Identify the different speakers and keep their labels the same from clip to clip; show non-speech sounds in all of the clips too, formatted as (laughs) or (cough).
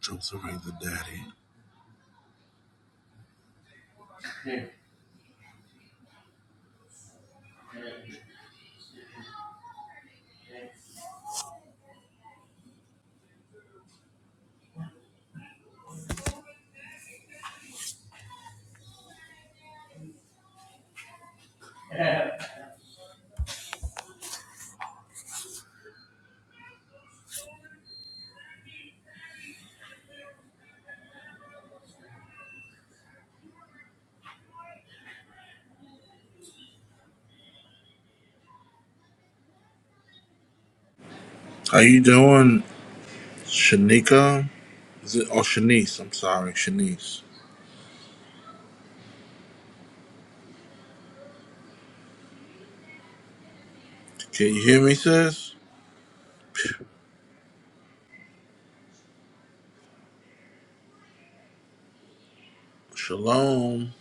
Speaker 1: Joseph ain't the daddy. How you doing, Shanika? Is it? Oh, Shanice. I'm sorry, Shanice. Can you hear me, sis? Shalom.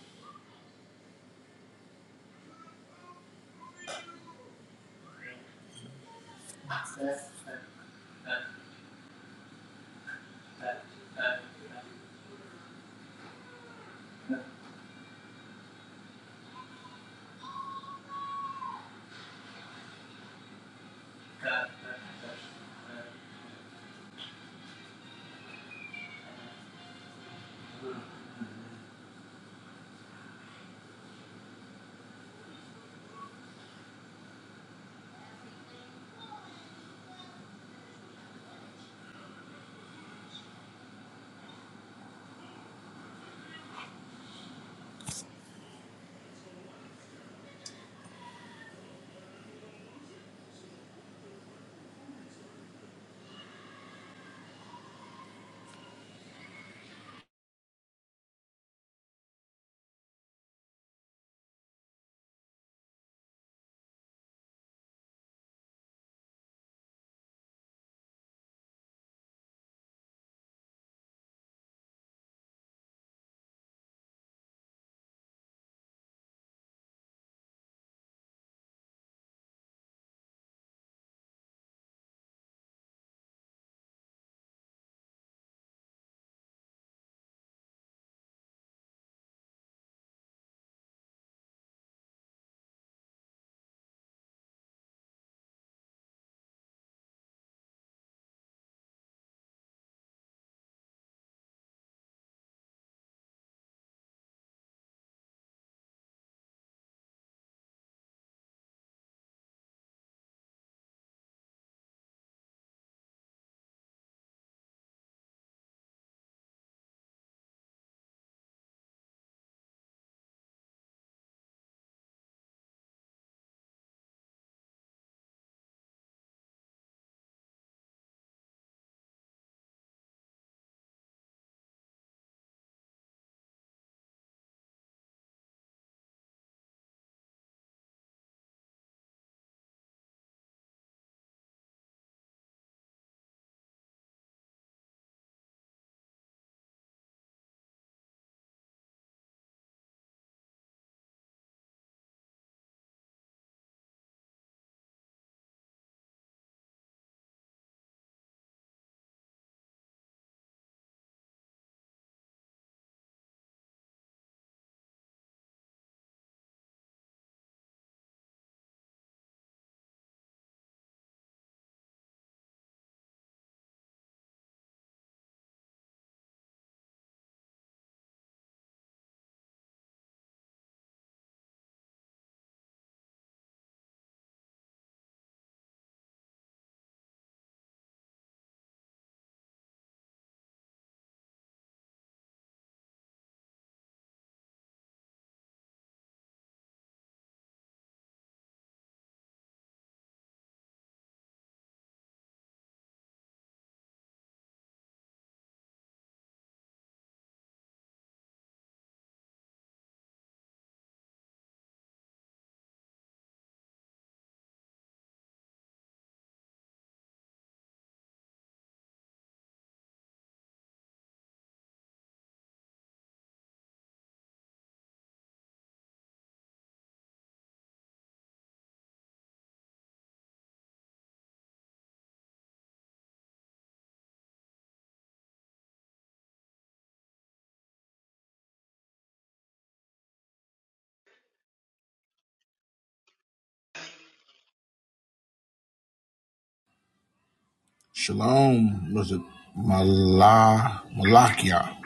Speaker 1: Shalom. Was it Mala Malakia?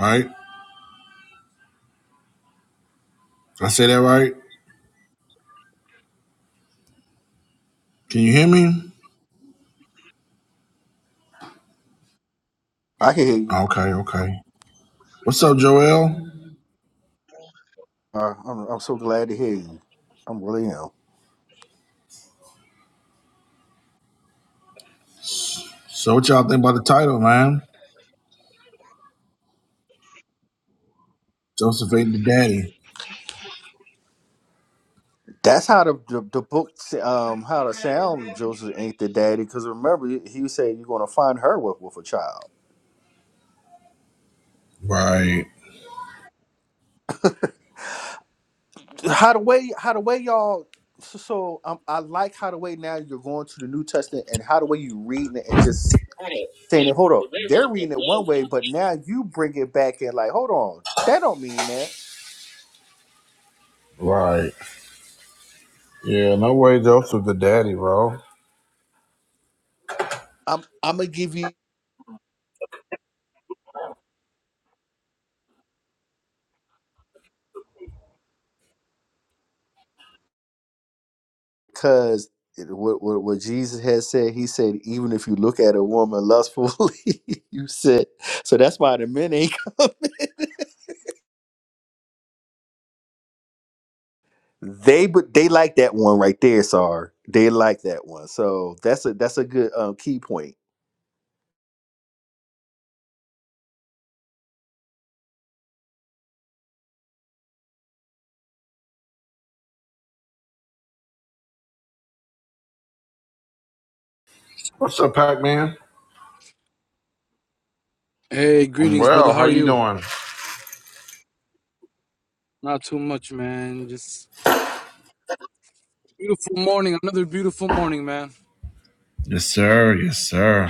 Speaker 1: Right? Did I say that right? Can you hear me?
Speaker 2: I can hear you.
Speaker 1: Okay, okay. What's up, Joel?
Speaker 2: Uh, I'm I'm so glad to hear you. I'm really am.
Speaker 1: So, what y'all think about the title, man? Joseph ain't the daddy.
Speaker 2: That's how the the, the book s- um how the sound Joseph ain't the daddy because remember he said you're gonna find her with with a child.
Speaker 1: Right.
Speaker 2: How the way how the way y'all so, so um, I like how the way now you're going to the New Testament and how the way you reading it and just saying it. Hold on, they're reading it one way, but now you bring it back and like hold on, that don't mean that.
Speaker 1: Right. Yeah. No way, Joseph the daddy, bro.
Speaker 2: I'm I'm gonna give you. because what, what what Jesus had said, he said, even if you look at a woman lustfully, (laughs) you said. So that's why the men ain't (laughs) coming. They but they like that one right there, Sar. They like that one. So that's a that's a good um, key point.
Speaker 1: What's up, Pac Man?
Speaker 3: Hey,
Speaker 1: I'm
Speaker 3: greetings, brother.
Speaker 1: well.
Speaker 3: How
Speaker 1: How
Speaker 3: are
Speaker 1: you
Speaker 3: you?
Speaker 1: doing?
Speaker 3: Not too much, man. Just beautiful morning. Another beautiful morning, man.
Speaker 1: Yes, sir. Yes, sir.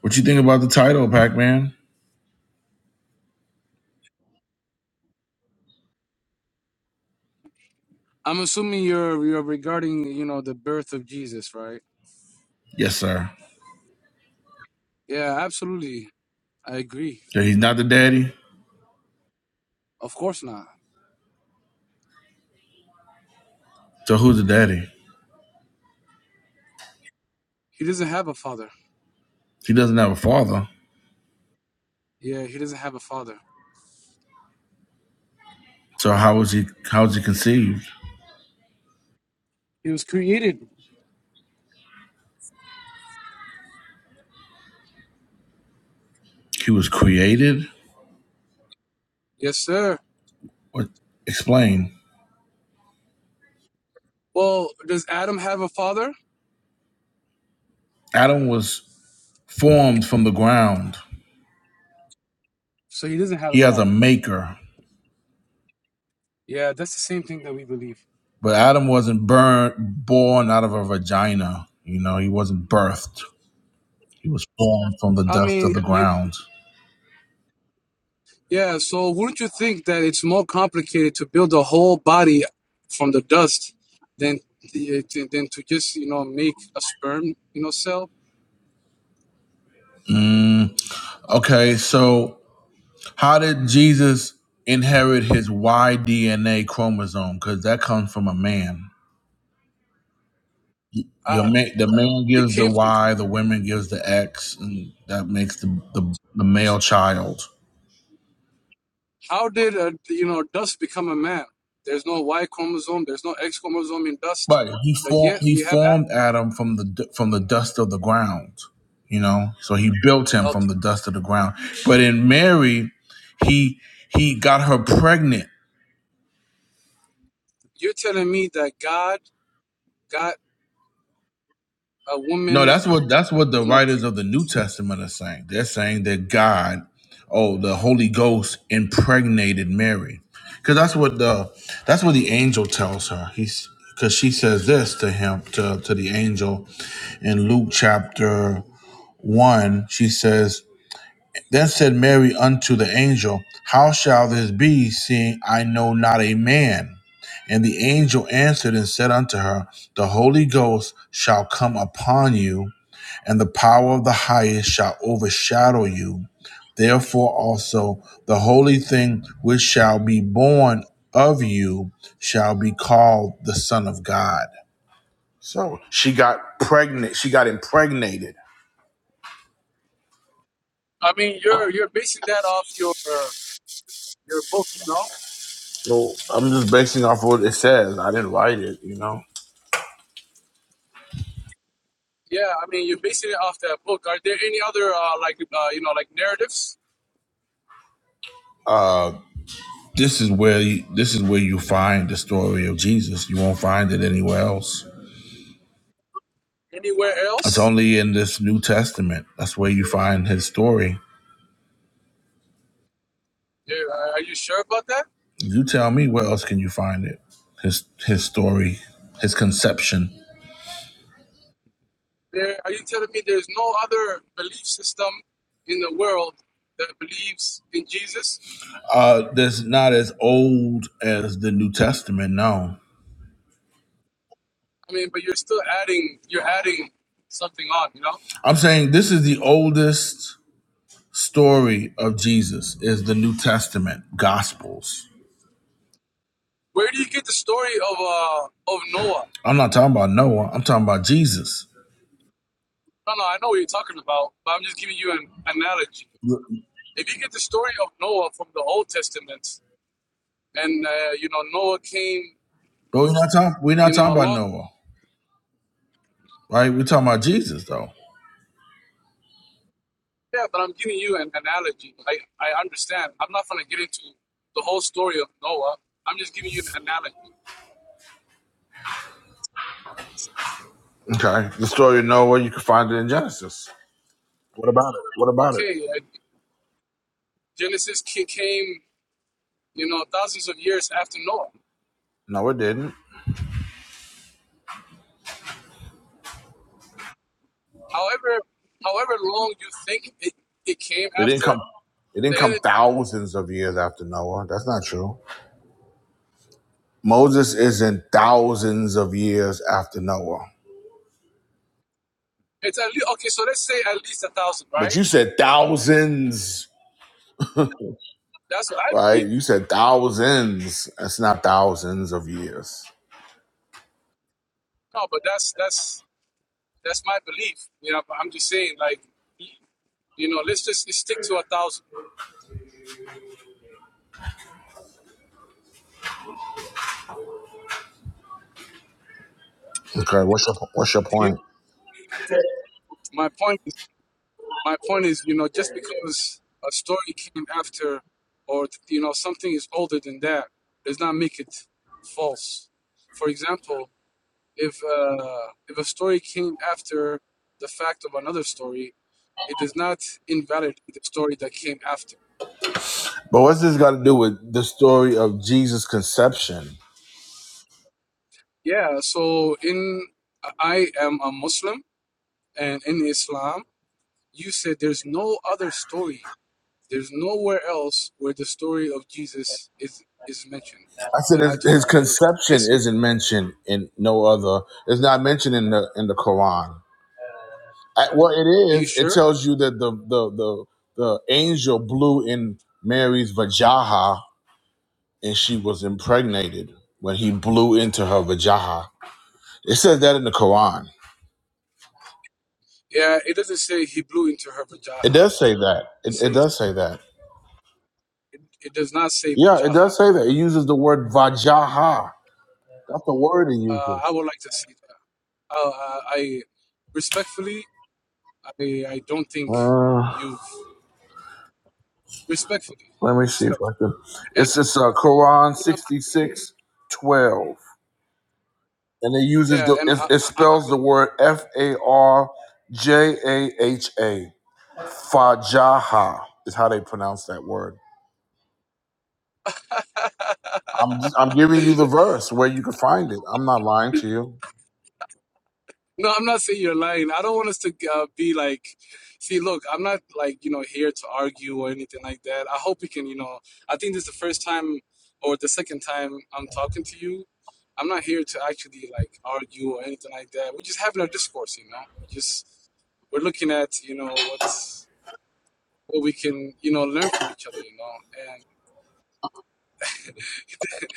Speaker 1: What you think about the title, Pac Man?
Speaker 3: I'm assuming you're you're regarding, you know, the birth of Jesus, right?
Speaker 1: Yes, sir.
Speaker 3: Yeah, absolutely. I agree.
Speaker 1: Yeah, he's not the daddy.
Speaker 3: Of course not.
Speaker 1: So who's the daddy?
Speaker 3: He doesn't have a father.
Speaker 1: He doesn't have a father.
Speaker 3: Yeah, he doesn't have a father.
Speaker 1: So how was he? How was he conceived?
Speaker 3: He was created.
Speaker 1: He was created.
Speaker 3: Yes, sir.
Speaker 1: What? Explain.
Speaker 3: Well, does Adam have a father?
Speaker 1: Adam was formed from the ground.
Speaker 3: So he doesn't have a
Speaker 1: He has a
Speaker 3: father.
Speaker 1: maker,
Speaker 3: Yeah, that's the same thing that we believe.
Speaker 1: but Adam wasn't burn, born out of a vagina. You know, he wasn't birthed. He was formed from the
Speaker 3: I
Speaker 1: dust
Speaker 3: mean,
Speaker 1: of the
Speaker 3: you.
Speaker 1: ground.
Speaker 3: Yeah, so wouldn't you think that it's more complicated to build a whole body from the dust than the, to- than to just you know make a sperm you know cell?
Speaker 1: Mm, okay, so How did Jesus inherit his Y DNA chromosome? Because that comes from a man. Your
Speaker 3: Uh,
Speaker 1: man, the
Speaker 3: uh,
Speaker 1: man
Speaker 3: it
Speaker 1: gives the
Speaker 3: came from
Speaker 1: Y, the woman gives the X, and that makes the the, the male child.
Speaker 3: how did uh you know dust become a man? There's no Y chromosome, there's no X chromosome in dust,
Speaker 1: But He
Speaker 3: but
Speaker 1: formed
Speaker 3: yet
Speaker 1: he
Speaker 3: we have. a-
Speaker 1: formed Adam from the from the dust of the ground. You know, so he built him
Speaker 3: Okay,
Speaker 1: from the dust of the ground. But in Mary, he he got her pregnant
Speaker 3: you're telling me that God got a
Speaker 1: No,
Speaker 3: woman,
Speaker 1: that's what that's what the
Speaker 3: you know?
Speaker 1: writers of the New Testament are saying. They're saying that God, oh, the Holy Ghost impregnated Mary, because that's what the that's what the angel tells her. He's because she says this to him to to the angel in Luke chapter one. She says, "Then said Mary unto the angel, How shall this be, seeing I know not a man?" And the angel answered and said unto her, The Holy Ghost shall come upon you and the power of the highest shall overshadow you. Therefore also the holy thing which shall be born of you shall be called the Son of God. So she got pregnant. She got impregnated.
Speaker 3: I mean, you're you're basing that off your your book, you know?
Speaker 1: So I'm just basing off what it says. I didn't write it, you know.
Speaker 3: Yeah, I mean, you're basing it off that book. Are there any other uh, like uh, you know like narratives
Speaker 1: Uh, this is where you, this is where you find the story of Jesus. You won't find it anywhere else.
Speaker 3: anywhere
Speaker 1: It's
Speaker 3: else?
Speaker 1: only in this New Testament. That's where you find his story
Speaker 3: There, uh, are you sure about that?
Speaker 1: You tell me where else can you find it? His his story, his conception.
Speaker 3: There, are you telling me there's no other belief system in the world that believes in Jesus?
Speaker 1: Uh that's not as old as the New Testament, no.
Speaker 3: I mean, but you're still adding you're adding something on. You know,
Speaker 1: I'm saying this is the oldest story of Jesus is the New Testament gospels.
Speaker 3: where do you get the story of uh of Noah?
Speaker 1: I'm not talking about Noah, I'm talking about Jesus.
Speaker 3: No, no, I know what you're talking about, but I'm just giving you an analogy.
Speaker 1: But
Speaker 3: If you get the story of Noah from the Old Testament, and uh, you know Noah came
Speaker 1: we're not talking we're
Speaker 3: you
Speaker 1: not talking
Speaker 3: know,
Speaker 1: about
Speaker 3: along.
Speaker 1: Noah, right? We're talking about Jesus though.
Speaker 3: Yeah, but I'm giving you an analogy. Like I understand. I'm not going to get into the whole story of Noah. I'm just giving you an analogy.
Speaker 1: Okay. The story of Noah you can find it in Genesis. What about it? What about it?
Speaker 3: Okay, uh, Genesis came, you know, thousands of years after Noah.
Speaker 1: No, it didn't.
Speaker 3: However, however long you think it, it came
Speaker 1: They didn't
Speaker 3: after,
Speaker 1: come. It didn't come thousands of years after Noah. That's not true. Moses isn't thousands of years after Noah.
Speaker 3: it's at least okay. So let's say at least a thousand,
Speaker 1: But
Speaker 3: right?
Speaker 1: you said thousands,
Speaker 3: That's what I
Speaker 1: right?
Speaker 3: believe.
Speaker 1: You said thousands. That's not thousands of years.
Speaker 3: No, but that's that's that's my belief. You know, but I'm just saying, like, you know, let's just stick to a thousand.
Speaker 1: Okay. What's your What's your
Speaker 3: Do you
Speaker 1: point?
Speaker 3: My point my point is, you know, just because a story came after, or you know, something is older than that, does not make it false. For example, if uh, if a story came after the fact of another story, it does not invalidate the story that came after.
Speaker 1: But what's this got to do with the story of Jesus' conception?
Speaker 3: Yeah. So in I am a Muslim, and in Islam, you said there's no other story There's nowhere else where the story of Jesus is is mentioned.
Speaker 1: I said
Speaker 3: And I
Speaker 1: his,
Speaker 3: told
Speaker 1: his
Speaker 3: you,
Speaker 1: conception
Speaker 3: listen,
Speaker 1: isn't mentioned in no other. It's not mentioned in the in the Quran. I- well, it
Speaker 3: are you
Speaker 1: is. It
Speaker 3: sure?
Speaker 1: tells you that the the the the angel blew in Mary's vajaha, and she was impregnated when he blew into her vajaha. It says that in the Quran.
Speaker 3: Yeah, it doesn't say he blew into her
Speaker 1: It
Speaker 3: vajaha.
Speaker 1: does say that.
Speaker 3: It
Speaker 1: It, it
Speaker 3: says
Speaker 1: does say that.
Speaker 3: it does not say
Speaker 1: Yeah, it
Speaker 3: vajaha.
Speaker 1: does say that. It uses the word vajaha. That's the word it
Speaker 3: Uh, I
Speaker 1: uses.
Speaker 3: would like to see that. Uh, I I- respectfully, I I don't think
Speaker 1: Uh,
Speaker 3: you've respectfully,
Speaker 1: let me see if
Speaker 3: respectfully.
Speaker 1: I can.
Speaker 3: And,
Speaker 1: It's it's uh, Quran
Speaker 3: and I'm-
Speaker 1: sixty six twelve, and it uses
Speaker 3: yeah,
Speaker 1: the
Speaker 3: and
Speaker 1: it,
Speaker 3: I,
Speaker 1: it spells the word F A R J A H A. Fajaha is how they pronounce that word.
Speaker 3: I'm (laughs)
Speaker 1: I'm I'm giving you the verse where you can find it. I'm not lying to you.
Speaker 3: No, I'm not saying you're lying. I don't want us to uh, be like, see, look, I'm not like, you know, here to argue or anything like that. I hope we can, you know, I think this is the first time or the second time I'm talking to you. I'm not here to actually like argue or anything like that. We're just having a discourse, you know. We just we're looking at, you know, what's what we can, you know, learn from each other, you know. And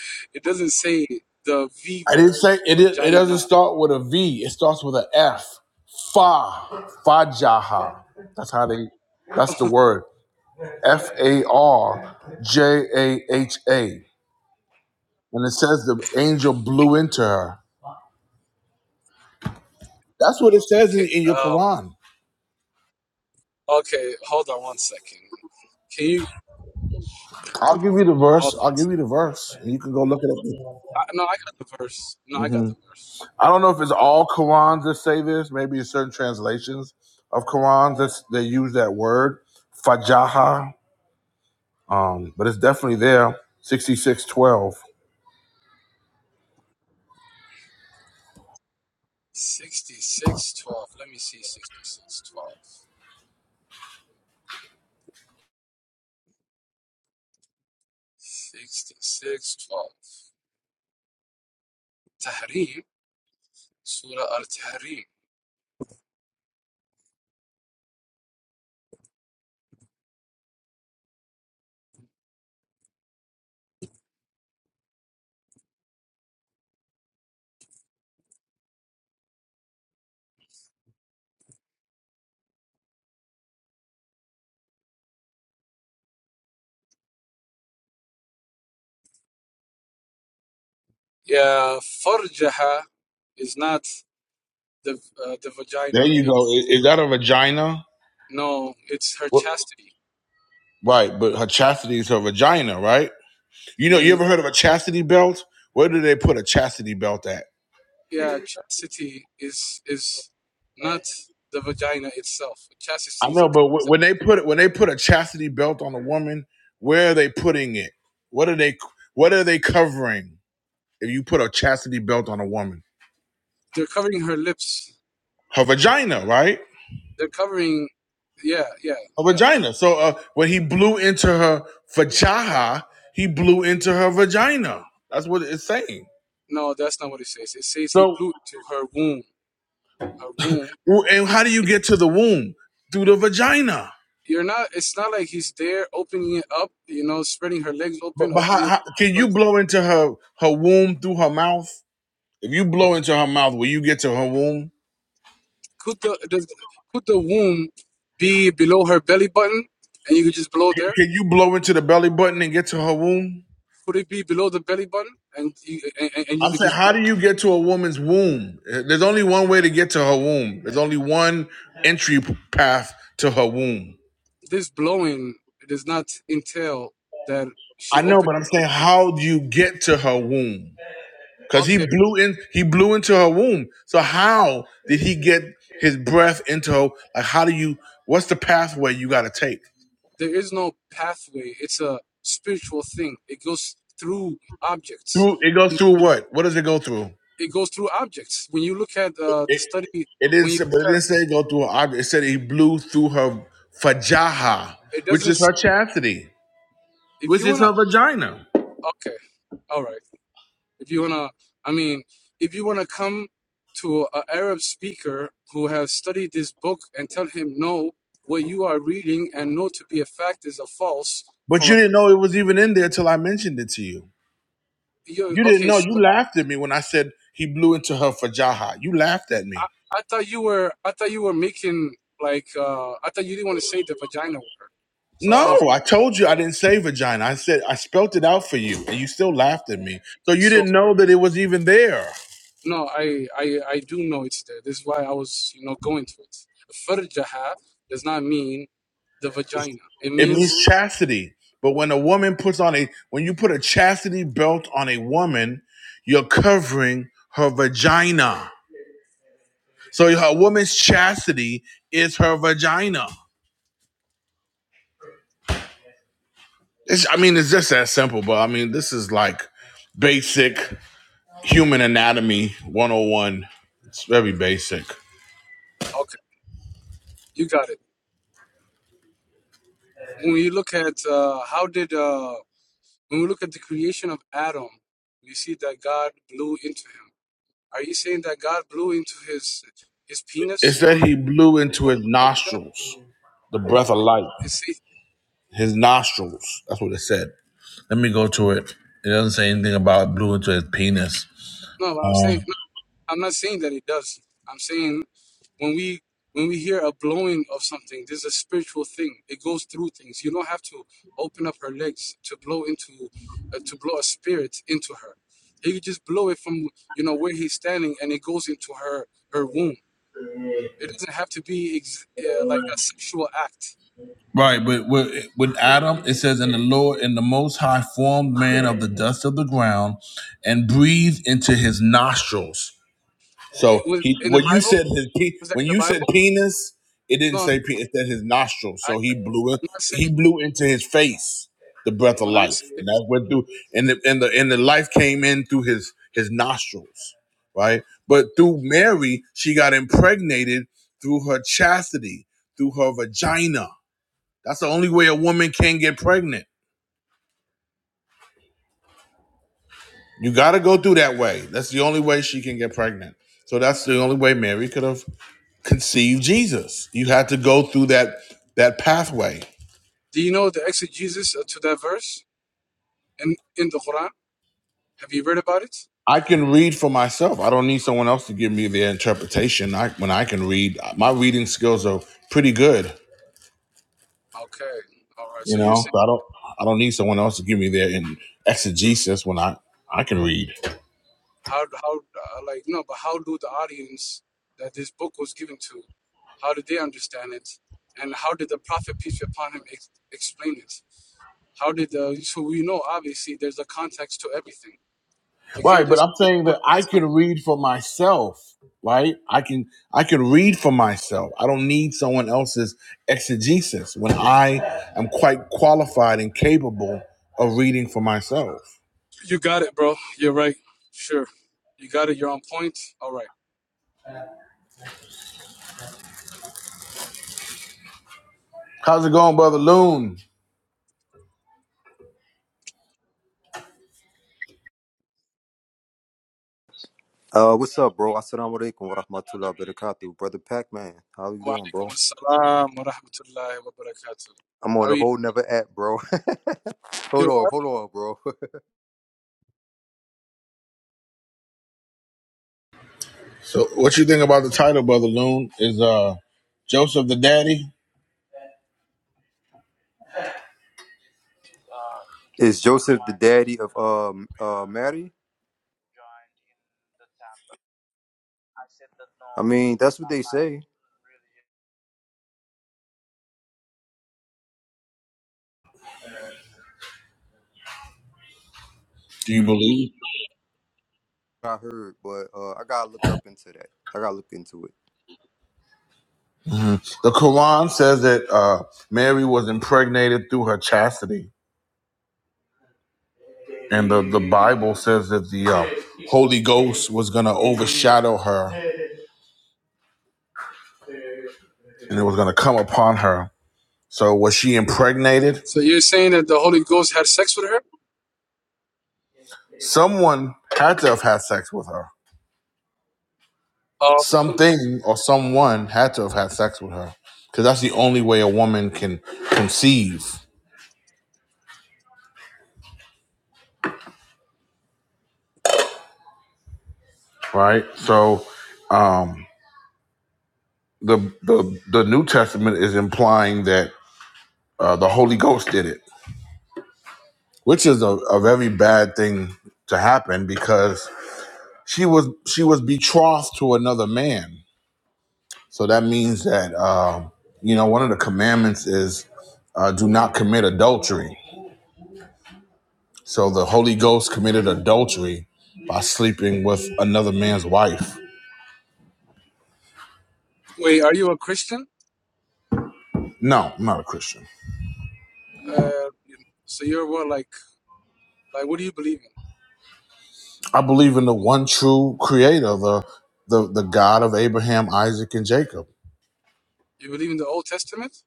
Speaker 3: (laughs) it doesn't say the V
Speaker 1: I didn't
Speaker 3: word,
Speaker 1: say it. It it doesn't
Speaker 3: vagina.
Speaker 1: start with a V. It starts with a F. Fa Fajaha. That's how they. That's the word. F A R J A H A. And it says the angel blew into her. That's what it says in,
Speaker 3: Okay.
Speaker 1: in your
Speaker 3: uh,
Speaker 1: Quran.
Speaker 3: Okay, hold on one second. Can you
Speaker 1: I'll give you the verse.
Speaker 3: hold on
Speaker 1: I'll
Speaker 3: one
Speaker 1: give you
Speaker 3: second?
Speaker 1: the verse, and you can go look it up.
Speaker 3: I, no, I got the verse. No, I
Speaker 1: Mhm.
Speaker 3: got the verse.
Speaker 1: I don't know if it's all Qurans that say this. Maybe it's certain translations of Qurans that they use that word fajaha. Um, but it's definitely there. Sixty-six twelve.
Speaker 3: Sixty-six twelve. Let me see. Sixty-six twelve. Sixty-six twelve. Tahrim. Surah Al Tahrim. Yeah, farjaha is not the uh, the
Speaker 1: There
Speaker 3: vagina.
Speaker 1: you go. I-
Speaker 3: It's
Speaker 1: Is, that a vagina?
Speaker 3: no, it's her
Speaker 1: What-
Speaker 3: chastity.
Speaker 1: Right, but her chastity is her vagina, right? You know, you
Speaker 3: Mm,
Speaker 1: ever heard of a chastity belt? Where do they put a chastity belt at?
Speaker 3: yeah, chastity is is not the vagina itself.
Speaker 1: I
Speaker 3: Chastity is a
Speaker 1: know, but wh-
Speaker 3: concept.
Speaker 1: when they put when they put a chastity belt on a woman, where are they putting it? What are they What are they covering? If you put a chastity belt on a woman.
Speaker 3: they're covering her lips
Speaker 1: her vagina, right?
Speaker 3: They're covering. Yeah, yeah,
Speaker 1: Her
Speaker 3: yeah.
Speaker 1: vagina. So uh, when he blew into her vagina, he blew into her vagina. That's what it's saying.
Speaker 3: No, that's not what it says. It says he
Speaker 1: So
Speaker 3: blew to her womb. Her womb.
Speaker 1: and how do you get to the womb through the vagina?
Speaker 3: You're not. It's not like he's there opening it up. You know, spreading her legs open,
Speaker 1: But, but how,
Speaker 3: opening it.
Speaker 1: how, can you
Speaker 3: But
Speaker 1: blow into her her womb through her mouth? If you blow into her mouth, will you get to her womb?
Speaker 3: could the, the could the womb be below her belly button, and you could just blow there?
Speaker 1: Can you blow into the belly button and get to her womb?
Speaker 3: Could it be below the belly button, and you and, and you
Speaker 1: I'm
Speaker 3: could
Speaker 1: saying,
Speaker 3: just
Speaker 1: how
Speaker 3: blow?
Speaker 1: do you get to a woman's womb? Uh, There's only one way to get to her womb. There's only one entry path to her womb.
Speaker 3: This blowing does not entail that she
Speaker 1: I know,
Speaker 3: opened.
Speaker 1: but I'm
Speaker 3: Her,
Speaker 1: saying, how do you get to her womb? Because
Speaker 3: okay,
Speaker 1: he blew in, he blew into her womb. So how did he get his breath into her? Like, how do you? What's the pathway you got to take?
Speaker 3: There is no pathway. It's a spiritual thing. It goes through objects.
Speaker 1: Through it goes through what? What does it go through?
Speaker 3: It goes through objects. When you look at uh, the
Speaker 1: It
Speaker 3: study,
Speaker 1: it didn't
Speaker 3: when you
Speaker 1: say, but it
Speaker 3: look at
Speaker 1: didn't say it go through her object. It said he blew through her fajaha,
Speaker 3: it
Speaker 1: which
Speaker 3: doesn't.
Speaker 1: is her chastity,
Speaker 3: If
Speaker 1: which
Speaker 3: you
Speaker 1: is
Speaker 3: wanna,
Speaker 1: her vagina.
Speaker 3: okay, all right. If you wanna, I mean, if you wanna come to an Arab speaker who has studied this book and tell him no, what you are reading and know to be a fact is a false
Speaker 1: But
Speaker 3: from
Speaker 1: you
Speaker 3: a
Speaker 1: didn't know it was even in there till I mentioned it to you.
Speaker 3: you.
Speaker 1: You didn't
Speaker 3: Okay,
Speaker 1: know.
Speaker 3: so
Speaker 1: You laughed at me when I said he blew into her fajaha. You laughed at me.
Speaker 3: I, I thought you were I thought you were making like uh I thought you didn't want to say the vagina word. So I was
Speaker 1: No, I told you I didn't say vagina. I said I spelt it out for you, and you still laughed at me. So you
Speaker 3: so
Speaker 1: didn't know that it was even there.
Speaker 3: no, I I I do know it's there. This is why I was, you know, going to it. Farjaha does not mean the vagina. It
Speaker 1: It
Speaker 3: means
Speaker 1: means chastity. But when a woman puts on a when you put a chastity belt on a woman, you're covering her vagina. So a woman's chastity is her vagina. It's, I mean, it's just that simple. But I mean, this is like basic human anatomy 101. It's very basic.
Speaker 3: okay, you got it. When we look at uh how did uh when we look at the creation of Adam, we see that God blew into him. Are you saying that God blew into his his
Speaker 1: It
Speaker 3: penis or,
Speaker 1: said he blew into
Speaker 3: or
Speaker 1: his
Speaker 3: something like that?
Speaker 1: nostrils. the breath of life,
Speaker 3: Is he,
Speaker 1: his nostrils. That's what it said. Let me go to it. It doesn't say anything about it blew into his penis.
Speaker 3: no, what I'm
Speaker 1: Um,
Speaker 3: saying I'm not saying that it does. I'm saying when we when we hear a blowing of something, this is a spiritual thing. It goes through things. You don't have to open up her legs to blow into uh, to blow a spirit into her. He could just blow it from you know where he's standing, and it goes into her her womb. It doesn't have to be ex- uh, like a sexual act.
Speaker 1: right, but with, with Adam, it says, "And the Lord, and the Most High, formed man of the dust of the ground, and breathed into his nostrils."
Speaker 3: It
Speaker 1: So
Speaker 3: was
Speaker 1: he
Speaker 3: in the
Speaker 1: when you
Speaker 3: Bible.
Speaker 1: said his pe-
Speaker 3: Was that in
Speaker 1: when
Speaker 3: the
Speaker 1: you said
Speaker 3: Bible?
Speaker 1: penis, it didn't
Speaker 3: No, no,
Speaker 1: say pe
Speaker 3: no.
Speaker 1: It said his nostrils.
Speaker 3: I,
Speaker 1: So he blew it.
Speaker 3: I'm not
Speaker 1: He
Speaker 3: saying.
Speaker 1: blew into his face the breath of
Speaker 3: When I
Speaker 1: life,
Speaker 3: say,
Speaker 1: and that went through. And the and the and the life came in through his his nostrils, right? But through Mary, she got impregnated through her chastity, through her vagina. That's the only way a woman can get pregnant. You got to go through that way. That's the only way she can get pregnant. So that's the only way Mary could have. conceive Jesus. You had to go through that that pathway.
Speaker 3: do you know the exegesis uh, to that verse in in the Quran? Have you read about it?
Speaker 1: I can read for myself. I don't need someone else to give me their interpretation. I, when I can read, my reading skills are pretty good.
Speaker 3: Okay, all right.
Speaker 1: You
Speaker 3: So you're
Speaker 1: know,
Speaker 3: saying
Speaker 1: so I don't I don't need someone else to give me their in exegesis when I I can read.
Speaker 3: how how uh, like no, but how do the audience that this book was given to, how did they understand it, and how did the Prophet peace be upon him ex- explain it? How did the so we know obviously there's a context to everything. You
Speaker 1: Right,
Speaker 3: can't
Speaker 1: but
Speaker 3: just
Speaker 1: I'm saying
Speaker 3: summarize
Speaker 1: that I can
Speaker 3: something.
Speaker 1: read for myself. Right, I can I can read for myself. I don't need someone else's exegesis when I am quite qualified and capable of reading for myself.
Speaker 3: You got it, bro. You're right. Sure, you got it. You're on point. All right.
Speaker 1: How's it going, Brother Loon?
Speaker 4: Uh, what's up, bro? Assalamu alaikum wa rahmatullahi wa barakatuh. Brother Pac-Man, how you
Speaker 3: Wa
Speaker 4: doing, bro?
Speaker 3: alaikum assalam wa rahmatullahi wa barakatuh.
Speaker 4: I'm on
Speaker 3: Are
Speaker 4: the
Speaker 3: you?
Speaker 4: whole never app, bro. (laughs) hold
Speaker 3: you-
Speaker 4: on, hold on, bro. (laughs)
Speaker 1: So, what you think about the title, Brother Loon? Is uh Joseph the daddy?
Speaker 4: Is Joseph the daddy of um uh Mary? I mean, that's what they say.
Speaker 1: Do you believe
Speaker 4: I heard, but uh, I gotta look up into that. I gotta look into it.
Speaker 1: the Quran says that uh, Mary was impregnated through her chastity, and the the Bible says that the uh, Holy Ghost was going to overshadow her, and it was going to come upon her. So, was she impregnated?
Speaker 3: So you're saying that the Holy Ghost had sex with her?
Speaker 1: Someone had to have had sex with her.
Speaker 3: Um,
Speaker 1: Something or someone had to have had sex with her because that's the only way a woman can conceive, right? So the the the New Testament is implying that uh, the Holy Ghost did it, which is a, a very bad thing to happen because she was she was betrothed to another man. So that means that um, you know one of the commandments is uh, do not commit adultery. So the Holy Ghost committed adultery by sleeping with another man's wife.
Speaker 3: wait, are you a Christian?
Speaker 1: No, I'm not a Christian.
Speaker 3: Uh, so you're what, like, like, what do you believe in?
Speaker 1: I believe in the one true Creator, the the, the God of Abraham, Isaac, and Jacob.
Speaker 3: You believe in the Old Testament,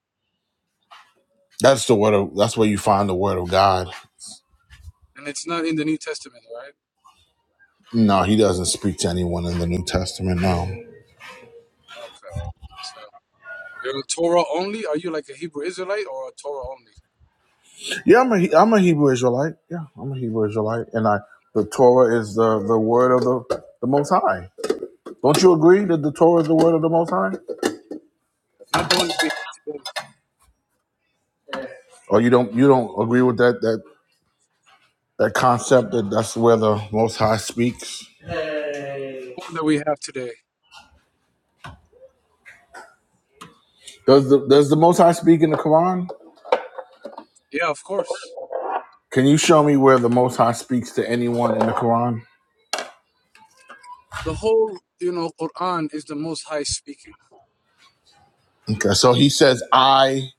Speaker 1: That's the word of that's where you find the word of God.
Speaker 3: and it's not in the New Testament, right?
Speaker 1: No, he doesn't speak to anyone in the New Testament. No.
Speaker 3: Okay, so you're a Torah only. Are you like a Hebrew Israelite or a Torah only?
Speaker 1: Yeah, I'm a He- I'm a Hebrew Israelite. Yeah, I'm a Hebrew Israelite, and I the Torah is the the word of the the Most High. Don't you agree that the Torah is the word of the Most High?
Speaker 3: Not the one that we have today.
Speaker 1: Or you don't you don't agree with that that that concept that that's where the Most High speaks?
Speaker 3: The one that we have today.
Speaker 1: Does the does the Most High speak in the Quran?
Speaker 3: Yeah, of course.
Speaker 1: Can you show me where the Most High speaks to anyone in the Quran?
Speaker 3: The whole, you know, Quran is the Most High speaking.
Speaker 1: Okay, so he says I.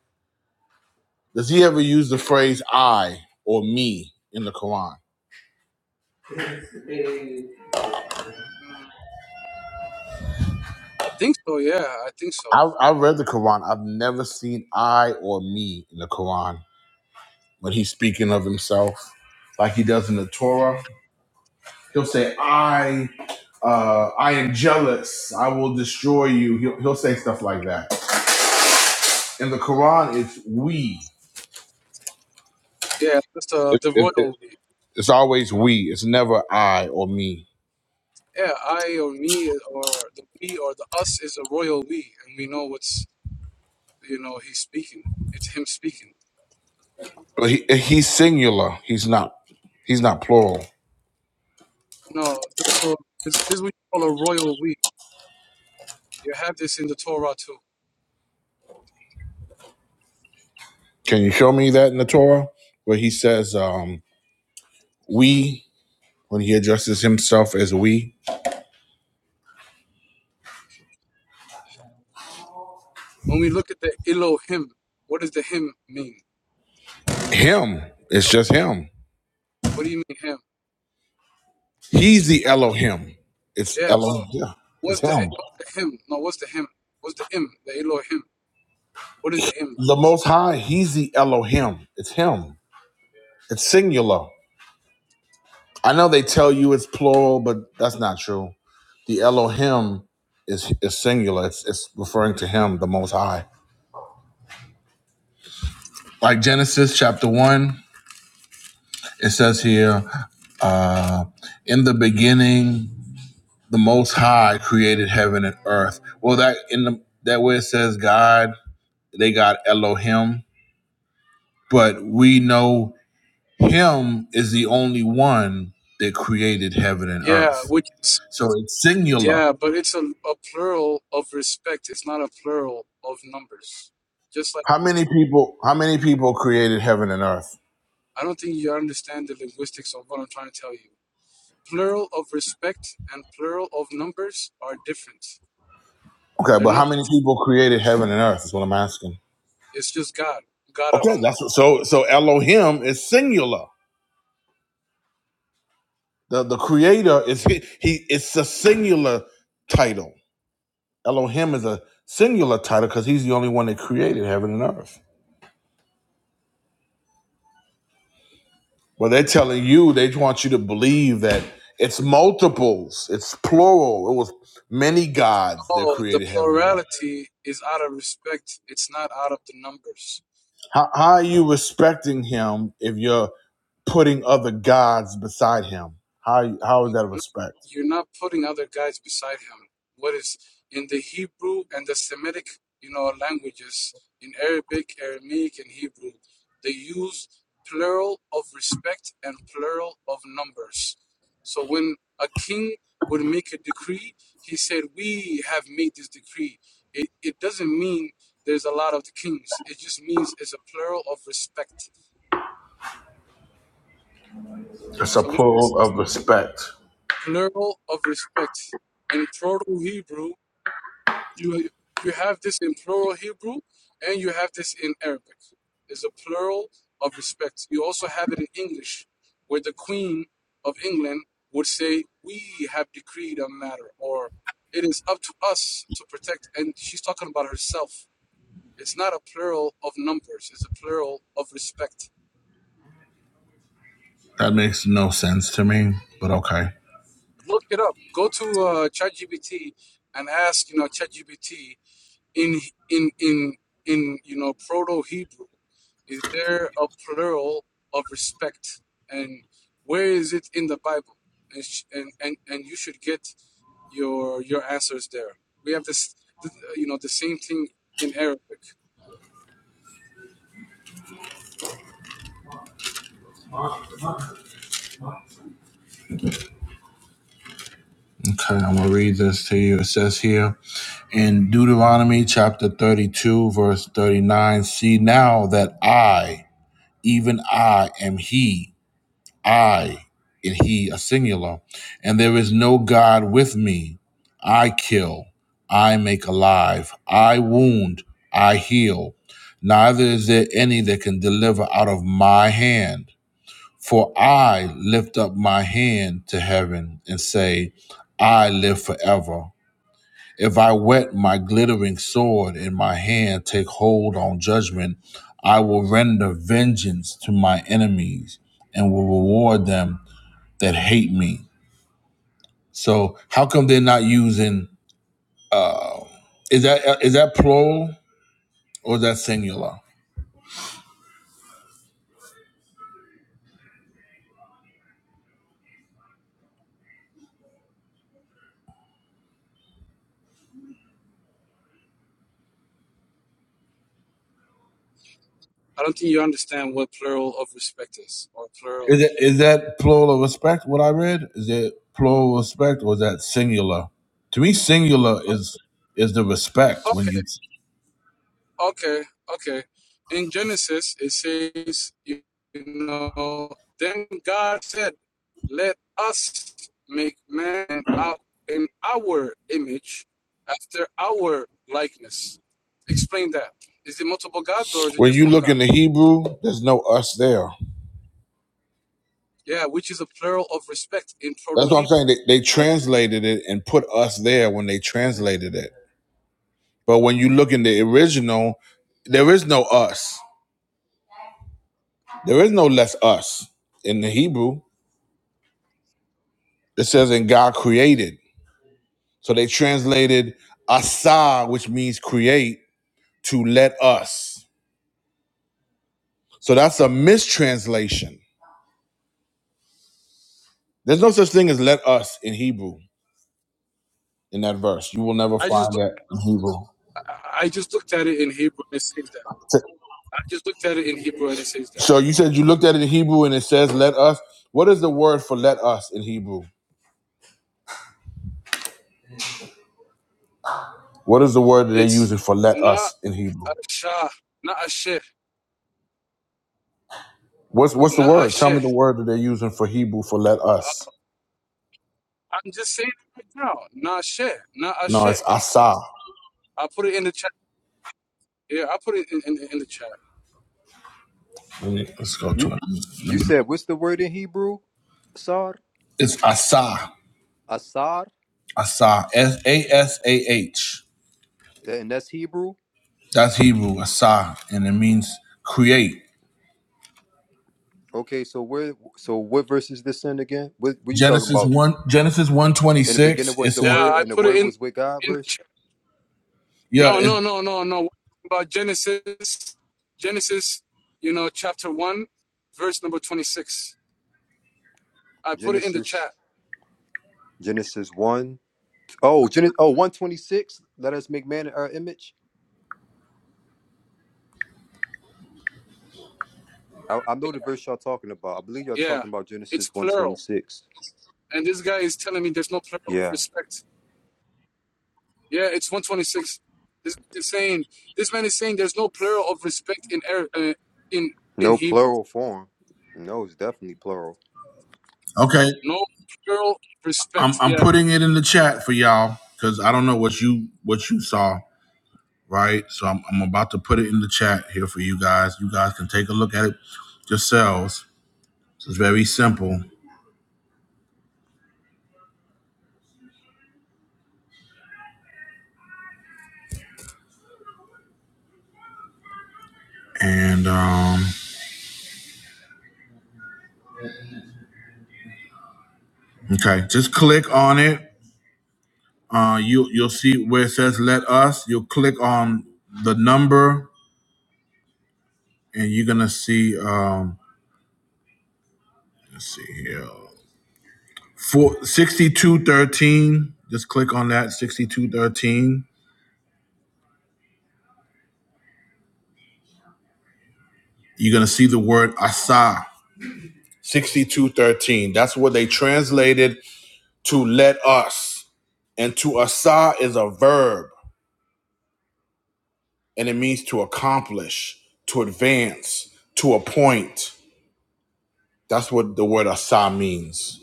Speaker 1: Does he ever use the phrase I or me in the Quran?
Speaker 3: Mm, I think so. Yeah, I think so.
Speaker 1: I, I read the Quran. I've never seen I or me in the Quran when he's speaking of himself, like he does in the Torah. He'll say, "I, uh, I am jealous. I will destroy you." He'll, he'll say stuff like that. In the Quran, it's we.
Speaker 3: Yeah, that's the
Speaker 1: It,
Speaker 3: the
Speaker 1: it, it,
Speaker 3: royal we.
Speaker 1: it's always we. It's never I or me.
Speaker 3: Yeah, I or me or the we or the us is a royal we, and we know what's You know, he's speaking. It's him speaking.
Speaker 1: But he, he's singular. He's not. He's not plural.
Speaker 3: No, th- so this, this is what you call a royal we. You have this in the Torah too.
Speaker 1: Can you show me that in the Torah where he says? Um, we when he addresses himself as we
Speaker 3: When we look at the Elohim, what does the him mean?
Speaker 1: him it's just him
Speaker 3: What do you mean him?
Speaker 1: he's the elohim it's
Speaker 3: Yeah,
Speaker 1: elohim
Speaker 3: but
Speaker 1: yeah it's
Speaker 3: what's the,
Speaker 1: him
Speaker 3: what's the him? No, what's the him? What's the im? The Elohim. What is the im?
Speaker 1: the most high he's the elohim it's him it's singular i know they tell you it's plural but that's not true the elohim is, is singular it's, it's referring to him the most high like genesis chapter 1 it says here uh in the beginning the Most High created heaven and earth. Well, that in the that way it says God, they got Elohim, but we know Him is the only one that created heaven and
Speaker 3: Yeah,
Speaker 1: earth.
Speaker 3: which is,
Speaker 1: So it's singular.
Speaker 3: yeah, but it's a, a plural of respect. It's not a plural of numbers. Just like,
Speaker 1: How many people? How many people created heaven and earth?
Speaker 3: I don't think you understand the linguistics of what I'm trying to tell you. plural of respect and plural of numbers are different.
Speaker 1: Okay,
Speaker 3: They're
Speaker 1: but how
Speaker 3: not.
Speaker 1: many people created heaven and earth? Is what I'm asking.
Speaker 3: It's just God, God
Speaker 1: Okay,
Speaker 3: alone.
Speaker 1: that's what, so. So Elohim is singular. The the Creator is he. he it's a singular title Elohim is a singular title because he's the only one that created heaven and earth. But they're telling you, they want you to believe that it's multiples, it's plural. It was many
Speaker 3: The,
Speaker 1: gods that
Speaker 3: no, the
Speaker 1: created heaven and earth.
Speaker 3: plurality is out of respect. It's not out of the numbers.
Speaker 1: How, how are you respecting him if you're putting other gods beside him? How, how is
Speaker 3: You're
Speaker 1: that
Speaker 3: not
Speaker 1: respect?
Speaker 3: you're not putting other guys beside him. What is in the Hebrew and the Semitic, you know, languages, in Arabic, Aramaic, and Hebrew, they use plural of respect and plural of numbers. So when a king would make a decree, he said, "We have made this decree." It it doesn't mean there's a lot of the kings. It just means it's a plural of respect.
Speaker 1: It's a
Speaker 3: So
Speaker 1: plural of respect.
Speaker 3: plural of respect in Proto Hebrew. You you have this in plural Hebrew, and you have this in Arabic. There's a plural of respect. You also have it in English, where the Queen of England would say, "We have decreed a matter," or "It is up to us to protect." And she's talking about herself. It's not a plural of numbers. It's a plural of respect.
Speaker 1: That makes no sense to me, but okay.
Speaker 3: Look it up. Go to uh, ChatGPT and ask, you know, ChatGPT. in in in in you know proto hebrew is there a plural of respect and where is it in the bible and sh- and and, and you should get your your answers there we have this th- you know the same thing in arabic
Speaker 1: Okay, I'm going to read this to you. It says here in Deuteronomy chapter 32, verse 39 See now that I, even I, am He, I, and He, a singular, and there is no God with me. I kill, I make alive, I wound, I heal. Neither is there any that can deliver out of my hand. For I lift up my hand to heaven and say, I live forever. If I wet my glittering sword in my hand, take hold on judgment, I will render vengeance to my enemies and will reward them that hate me. So, how come they're not using? Uh, is that is that plural or is that singular?
Speaker 3: i don't think you understand what plural of respect is or plural
Speaker 1: Is it is that plural of respect? What I read is it plural respect or is that singular? To me, singular is is the respect when you
Speaker 3: Okay, okay. In Genesis, it says, you know, then God said, let us make man out in our image after our likeness. Explain that. Is it multiple gods or is it
Speaker 1: When
Speaker 3: just
Speaker 1: you
Speaker 3: one
Speaker 1: look in
Speaker 3: God?
Speaker 1: the Hebrew, there's no us there.
Speaker 3: Yeah, which is a plural of respect in Proto
Speaker 1: That's what I'm
Speaker 3: Hebrew.
Speaker 1: saying. They, they
Speaker 3: I,
Speaker 1: translated it and put us there when they translated it. But when you look in the original, there is no us. There is no less us in the Hebrew. It says, and God created. So they translated asa, which means create, to let us. So that's a mistranslation. There's no such thing as let us in Hebrew in that verse. You will never
Speaker 3: I
Speaker 1: find
Speaker 3: just
Speaker 1: that in Hebrew.
Speaker 3: I I just looked at it in Hebrew and it says that. I just looked at it in Hebrew and it says that.
Speaker 1: So you said you looked at it in Hebrew and it says let us. What is the word for let us in Hebrew? What is the word that they're
Speaker 3: It's
Speaker 1: using for let
Speaker 3: na
Speaker 1: us in Hebrew?
Speaker 3: asha, na not na sheh,
Speaker 1: What's what's the word? Tell me the word that they're using for Hebrew for let
Speaker 3: Uh,
Speaker 1: us.
Speaker 3: I'm just saying it right now. Nah, shit. Nah, uh,
Speaker 1: No, it's
Speaker 3: shit.
Speaker 1: asa.
Speaker 3: I put it in the chat. Yeah, I put it in, in, in the chat.
Speaker 1: Let me, let's go
Speaker 4: You
Speaker 1: to
Speaker 4: you
Speaker 1: it.
Speaker 4: said what's the word in Hebrew? Sar,
Speaker 1: It's asa.
Speaker 4: asar,
Speaker 1: Asa. S A S A H.
Speaker 4: and that's Hebrew.
Speaker 1: That's Hebrew, asa, and it means create.
Speaker 4: Okay, so where so what verse is this in again? What what you talking
Speaker 1: Genesis
Speaker 4: about?
Speaker 1: one Genesis one twenty
Speaker 4: In the
Speaker 1: six.
Speaker 4: beginning
Speaker 1: It
Speaker 4: was the
Speaker 3: Yeah,
Speaker 1: says,
Speaker 4: word,
Speaker 3: I
Speaker 4: and the
Speaker 3: put it
Speaker 4: word
Speaker 3: in
Speaker 4: was with God.
Speaker 3: in the
Speaker 4: Verse.
Speaker 3: chat.
Speaker 1: "Yeah,
Speaker 3: No,
Speaker 1: it's,
Speaker 3: no, no, no, no. About Genesis, Genesis, you know, chapter one, verse number twenty-six. I put it in the
Speaker 4: Genesis
Speaker 3: chat.
Speaker 4: Genesis one. Oh, Genesis Oh, one twenty six. Let us make man in our image. I, I know the verse y'all talking about. I believe y'all
Speaker 3: Yeah,
Speaker 4: talking about
Speaker 3: it's
Speaker 4: Genesis
Speaker 3: plural.
Speaker 4: 126.
Speaker 3: And this guy is telling me there's no plural of
Speaker 4: Yeah.
Speaker 3: respect. Yeah, it's one twenty-six. This is saying this man is saying there's no plural of respect in Ar- uh, in in
Speaker 4: No
Speaker 3: Hebrew.
Speaker 4: plural form. No, it's definitely plural.
Speaker 1: okay."
Speaker 3: No plural
Speaker 1: I'm
Speaker 3: respect.
Speaker 1: I'm
Speaker 3: Yeah.
Speaker 1: putting it in the chat for y'all because I don't know what you what you saw, right? So I'm I'm about to put it in the chat here for you guys. You guys can take a look at it yourselves. It's very simple, and um, okay, just click on it. Uh, you you'll see where it says "Let Us." You'll click on the number, and you're gonna see. Um, let's see here. For 6213, just click on that 6213. You're going to see the word Asa. 6213. That's what they translated to let us. And to Asa is a verb and it means to accomplish, to advance, to appoint. That's what the word Asa means.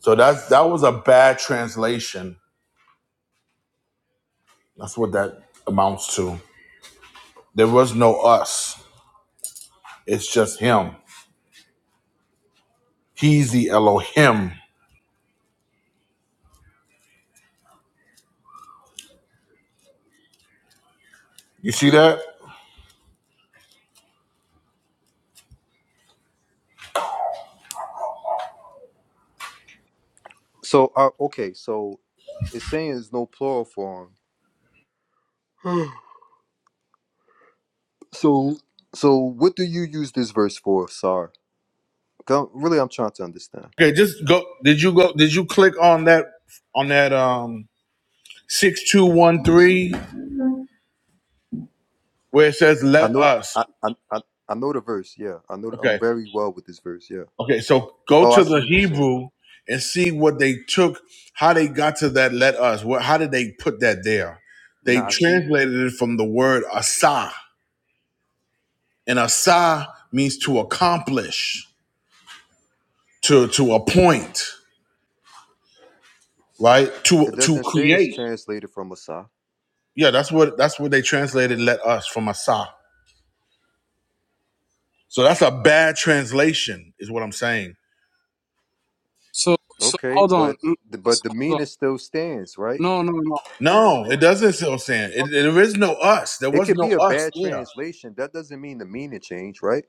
Speaker 1: So that's that was a bad translation. That's what that amounts to. There was no us. It's just him. He's the Elohim You see that?
Speaker 4: So uh, okay, so it's saying it's no plural form. So so what do you use this verse for, Sar? 'Cause I'm- Really I'm trying to understand.
Speaker 1: Okay, just go. Did you go? Did you click on that on that um six two one three where it says
Speaker 4: I
Speaker 1: "Let
Speaker 4: know
Speaker 1: us"?
Speaker 4: I I I, I know the verse, yeah. I know I'm
Speaker 1: Okay,
Speaker 4: very well with this verse, yeah.
Speaker 1: okay. So go
Speaker 4: Oh, I
Speaker 1: to
Speaker 4: see
Speaker 1: the
Speaker 4: what you're saying.
Speaker 1: Hebrew and see what they took, how they got to that "Let us." What? How did they put that there? They
Speaker 4: Nah, I see.
Speaker 1: translated it from the word "asa," and "asa" means to accomplish, to to appoint, right? To
Speaker 4: It
Speaker 1: to
Speaker 4: doesn't
Speaker 1: cre-
Speaker 4: say it's translated from Asa.
Speaker 1: yeah. That's what that's what they translated "Let us" from "asa." So that's a bad translation, is what I'm saying.
Speaker 3: So so
Speaker 4: Okay,
Speaker 3: hold on.
Speaker 4: but
Speaker 3: Mm,
Speaker 4: the, but
Speaker 3: So,
Speaker 4: the
Speaker 3: hold
Speaker 4: meaning
Speaker 3: on.
Speaker 4: still stands, right?
Speaker 3: No no no.
Speaker 1: No, it doesn't. So saying it, there is no us. There
Speaker 4: It
Speaker 1: was
Speaker 4: could
Speaker 1: no
Speaker 4: be a
Speaker 1: us.
Speaker 4: bad
Speaker 1: Yeah,
Speaker 4: translation. That doesn't mean the meaning changed, right?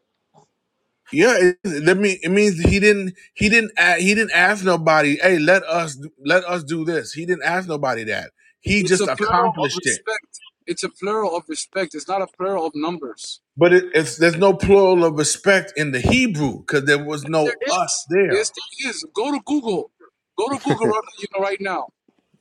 Speaker 1: yeah. It, it, that mean, it means he didn't. He didn't. a- He didn't ask nobody. Hey, let us let us do this. He didn't ask nobody that. He
Speaker 3: It's
Speaker 1: just
Speaker 3: a plural of
Speaker 1: accomplished it.
Speaker 3: respect. It's a plural of respect. It's not a plural of numbers.
Speaker 1: But it, it's, there's no plural of respect in the Hebrew because there was
Speaker 3: Yes, there
Speaker 1: no us
Speaker 3: is.
Speaker 1: there.
Speaker 3: Yes, there is. Go to Google. Go to
Speaker 4: (laughs)
Speaker 3: Google right, you know, right now.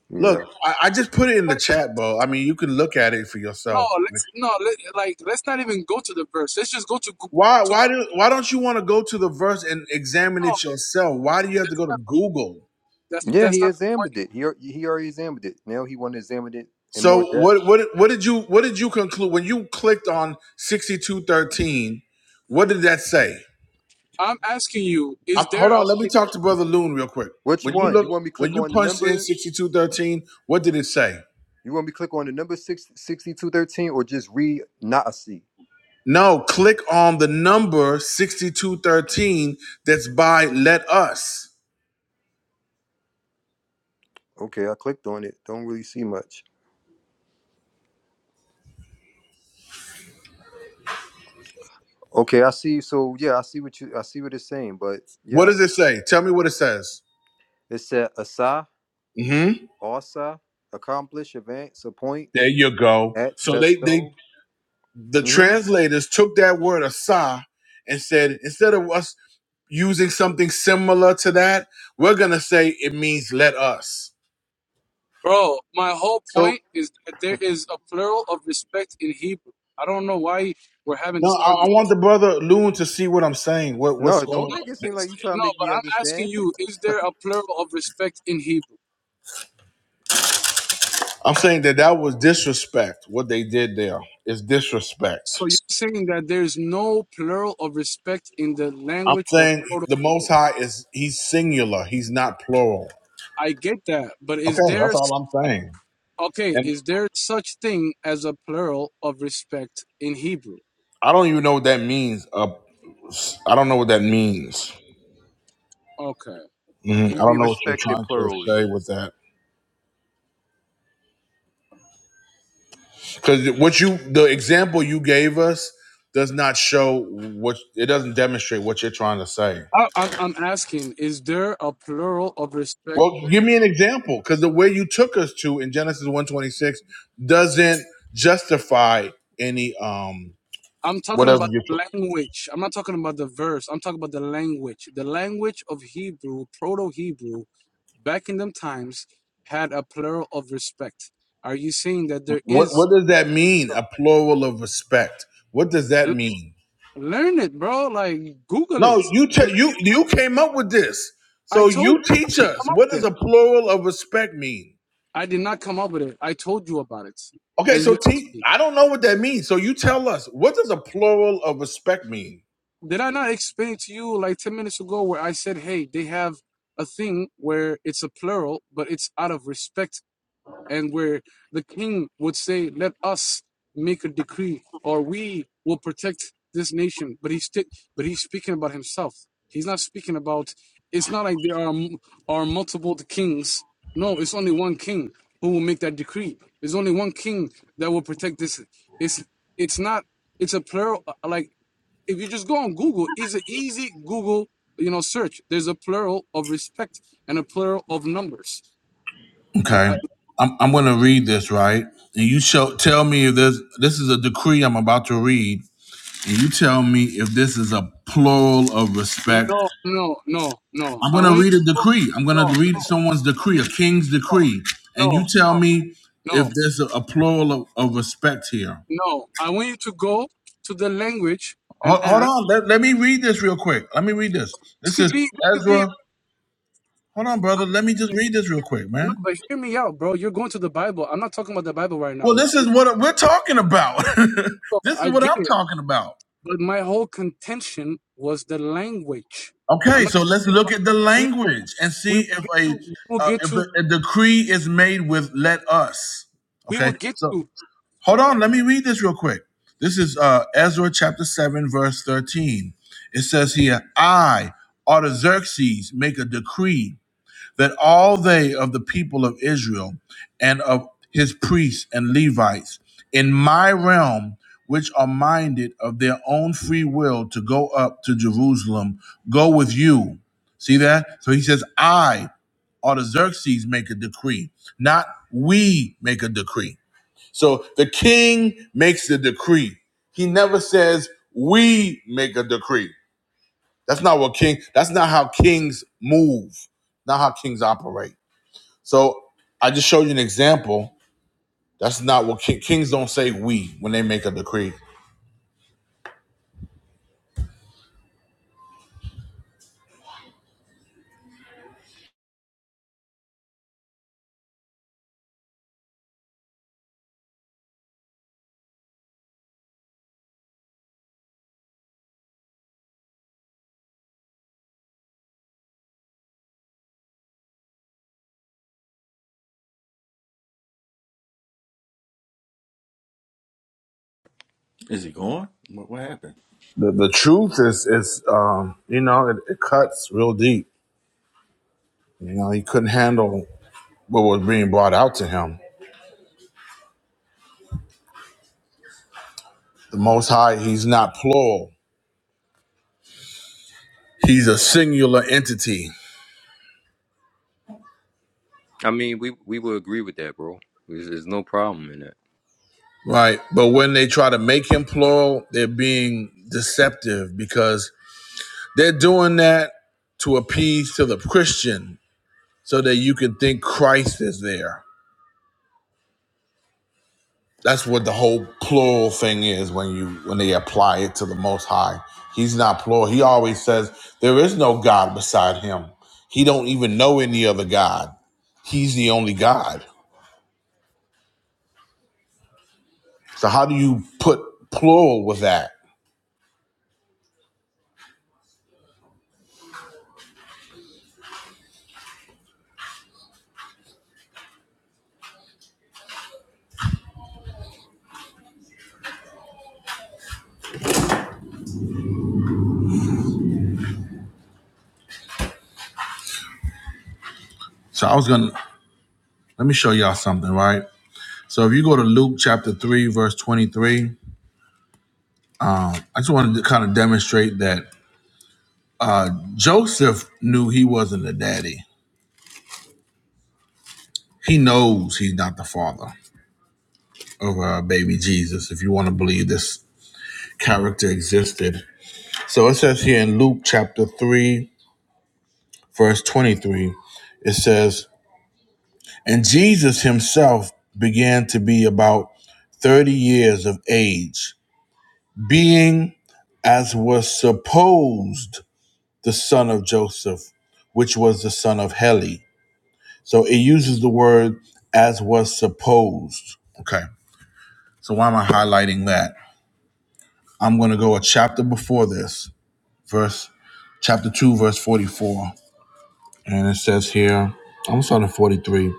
Speaker 4: yeah.
Speaker 1: Look, I, I just put it in the
Speaker 3: Heck,
Speaker 1: chat, bro. I mean, you can look at it for
Speaker 3: No,
Speaker 1: yourself.
Speaker 3: let's no let, like let's not even go to the verse. Let's just go to Goo-
Speaker 1: Why
Speaker 3: to.
Speaker 1: why do why don't you want to go to the verse and examine
Speaker 3: No,
Speaker 1: it yourself? Why do you have to
Speaker 3: that's
Speaker 1: go to Google?
Speaker 3: that's,
Speaker 4: Yeah,
Speaker 3: that's
Speaker 4: he
Speaker 3: not the
Speaker 4: examined
Speaker 3: point.
Speaker 4: it. He al- he already examined it. Now he want to examine it in more
Speaker 1: So
Speaker 4: depth.
Speaker 1: what what what did you what did you conclude when you clicked on 6213? What did that say?
Speaker 3: I'm asking you: Is
Speaker 1: Um
Speaker 3: there
Speaker 1: hold
Speaker 3: a
Speaker 1: on, let me talk to Brother Loon real quick.
Speaker 4: Which
Speaker 1: When you
Speaker 4: one?
Speaker 1: look
Speaker 4: You want me to
Speaker 1: when
Speaker 4: click
Speaker 1: you
Speaker 4: on the
Speaker 1: punched in
Speaker 4: number?
Speaker 1: 6213, what did it say?
Speaker 4: You want me to click on the number six sixty two thirteen or just read Naasi?
Speaker 1: No, click on the number 6213 that's by Let Us.
Speaker 4: Okay, I clicked on it. Don't really see much. Okay, I see. So yeah, I see what you I see what it's saying, but
Speaker 1: What
Speaker 4: yeah.
Speaker 1: does it say? Tell me what it says.
Speaker 4: It said Asa
Speaker 1: hmm
Speaker 4: also accomplish, advance,
Speaker 1: There
Speaker 4: appoint,
Speaker 1: you go.
Speaker 4: at,
Speaker 1: So they they
Speaker 4: bestow.
Speaker 1: the
Speaker 4: hmm
Speaker 1: translators took that word asa and said instead of us using something similar to that we're gonna say it means let us
Speaker 3: Bro, my whole
Speaker 4: So
Speaker 3: point is that there is a plural of respect in Hebrew. I don't know why we're having
Speaker 1: now
Speaker 3: this
Speaker 1: i, I
Speaker 3: argument.
Speaker 1: want the brother loon to see what i'm saying what, what's
Speaker 4: no,
Speaker 1: going
Speaker 4: don't
Speaker 3: No,
Speaker 1: on?
Speaker 4: make it seem like
Speaker 3: is,
Speaker 4: you trying to
Speaker 3: no,
Speaker 4: make
Speaker 3: but
Speaker 4: me
Speaker 3: I'm asking
Speaker 4: understand.
Speaker 3: you, is there
Speaker 4: (laughs)
Speaker 3: a plural of respect in Hebrew?
Speaker 1: i'm saying that that was disrespect what they did there is disrespect
Speaker 3: So you're saying that there's no plural of respect in the
Speaker 1: i'm
Speaker 3: language of
Speaker 1: saying the most
Speaker 3: Proto-Hebrew.
Speaker 1: high is he's singular he's not plural
Speaker 3: I get that, but
Speaker 1: okay
Speaker 3: is there
Speaker 1: that's
Speaker 3: s-
Speaker 1: all i'm saying
Speaker 3: okay,
Speaker 1: and
Speaker 3: is there such thing as a plural of respect in Hebrew?
Speaker 1: i don't even know what that means uh, i don't know what that means
Speaker 3: Okay.
Speaker 1: Mhm. i
Speaker 4: Can you
Speaker 3: Okay.
Speaker 1: don't
Speaker 4: be
Speaker 1: know what you're
Speaker 4: respected
Speaker 1: trying to
Speaker 4: plurally,
Speaker 1: say with that Because what you the example you gave us does not show what it doesn't demonstrate what you're trying to say.
Speaker 3: I, I'm I'm asking, is there a plural of respect?
Speaker 1: Well, give me an example because the way you took us to in Genesis 126 doesn't justify any um
Speaker 3: I'm talking
Speaker 1: whatever
Speaker 3: about
Speaker 1: you
Speaker 3: language. I'm not talking about the verse. I'm talking about the language. The language of Hebrew, Proto Hebrew, back in them times, had a plural of respect. Are you saying that there
Speaker 1: what what
Speaker 3: is?
Speaker 1: does that mean? A plural of respect. What does
Speaker 3: l-
Speaker 1: that mean?
Speaker 3: Learn it, bro. Like Google
Speaker 1: No,
Speaker 3: it.
Speaker 1: you
Speaker 3: Well,
Speaker 1: te- you
Speaker 3: you know,
Speaker 1: you came up with this.
Speaker 3: I
Speaker 1: So
Speaker 3: told
Speaker 1: you
Speaker 3: you. I
Speaker 1: teach
Speaker 3: didn't
Speaker 1: us
Speaker 3: come up
Speaker 1: what
Speaker 3: with
Speaker 1: does
Speaker 3: it.
Speaker 1: a plural of respect mean?
Speaker 3: I did not come up with it. I told you about it,
Speaker 1: Okay,
Speaker 3: and
Speaker 1: so
Speaker 3: you asked
Speaker 1: T,
Speaker 3: me.
Speaker 1: I don't know what that means. So you tell us, what does a plural of respect mean?
Speaker 3: Did I not explain it to you like ten minutes ago, where I said, "Hey, they have a thing where it's a plural, but it's out of respect and where the king would say, "Let us make a decree, or we will protect this nation." But he's sti- but he's speaking about himself. He's not speaking about. It's not like there are are multiple kings. No, it's only one king who will make that decree. There's only one king that will protect this. It's it's not. It's a plural. uh, Like if you just go on Google, it's an easy Google you know search. There's a plural of respect and a plural of numbers. I. I,
Speaker 1: Okay. I'm, I'm going to read this, right? And you show, tell me if this, this is a decree I'm about to read. And you tell me if this is a plural of respect.
Speaker 3: No, no, no, no.
Speaker 1: I'm
Speaker 3: I
Speaker 1: going
Speaker 3: want
Speaker 1: to
Speaker 3: you
Speaker 1: read
Speaker 3: to
Speaker 1: a
Speaker 3: go.
Speaker 1: decree. I'm going
Speaker 3: No,
Speaker 1: to read
Speaker 3: no,
Speaker 1: someone's decree, a king's
Speaker 3: no,
Speaker 1: decree. And you
Speaker 3: no,
Speaker 1: tell
Speaker 3: no,
Speaker 1: me if
Speaker 3: no,
Speaker 1: there's a, a plural of, of respect here.
Speaker 3: no. I want you to go to the language and
Speaker 1: Hold, hold
Speaker 3: ask.
Speaker 1: on. Let, let me read this real quick. Let me read this.
Speaker 3: This
Speaker 1: This
Speaker 3: could
Speaker 1: is
Speaker 3: be, this could be.
Speaker 1: Ezra. Hold on, brother. Let me just read this real quick,
Speaker 3: No,
Speaker 1: man.
Speaker 3: but hear me out, bro. You're going to the Bible. I'm not talking about the Bible right
Speaker 1: Well,
Speaker 3: now.
Speaker 1: this is what we're talking about. (laughs)
Speaker 3: So,
Speaker 1: this is
Speaker 3: I
Speaker 1: what
Speaker 3: get
Speaker 1: I'm
Speaker 3: it,
Speaker 1: talking about.
Speaker 3: but my whole contention was the language. I'm
Speaker 1: Okay,
Speaker 3: not.
Speaker 1: so let's look at the
Speaker 3: We
Speaker 1: language and
Speaker 3: we
Speaker 1: see
Speaker 3: will
Speaker 1: if
Speaker 3: get
Speaker 1: a
Speaker 3: to. We will
Speaker 1: uh,
Speaker 3: get
Speaker 1: if
Speaker 3: to.
Speaker 1: the, a decree is made with "let us."
Speaker 3: We will
Speaker 1: Okay,
Speaker 3: get to. uh,
Speaker 1: hold on. Let me read this real quick. This is uh, Ezra chapter seven, verse thirteen. It says here, "I, Artaxerxes, make a decree." that all they of the people of Israel and of his priests and Levites in my realm, which are minded of their own free will to go up to Jerusalem, go with you. See that? So he says, I, Artaxerxes, make a decree, not we make a decree. So the king makes the decree. He never says, we make a decree. That's not what king, that's not how kings move, not how kings operate. So I just showed you an example. That's not what ki- kings don't say. We when they make a decree.
Speaker 2: Is it gone? What, what happened?
Speaker 1: The, the truth is, is um, you know, it, it cuts real deep. You know, he couldn't handle what was being brought out to him. The Most High, he's not plural. He's a singular entity,
Speaker 4: I mean, we we would agree with that, bro. There's, there's no problem in that.
Speaker 1: right? But when they try to make him plural, they're being deceptive because they're doing that to appease to the Christian so that you can think Christ is there. That's what the whole plural thing is when you when they apply it to the Most High. He's not plural. He always says there is no God beside Him. He don't even know any other God. He's the only God. So how do you put plural with that? So I was gonna let me show y'all something, right? So if you go to Luke chapter three, verse twenty-three, I just wanted to kind of demonstrate that uh, Joseph knew he wasn't the daddy. He knows he's not the father. of uh, baby Jesus, if you want to believe this character existed. So it says here in Luke chapter 3, verse 23, it says, And Jesus himself began to be about 30 years of age, being as was supposed the son of Joseph, which was the son of Heli. So it uses the word as was supposed. Okay. So why am I highlighting that? I'm going to go a chapter before this verse chapter 2, verse 44. And it says here, I'm starting at 43.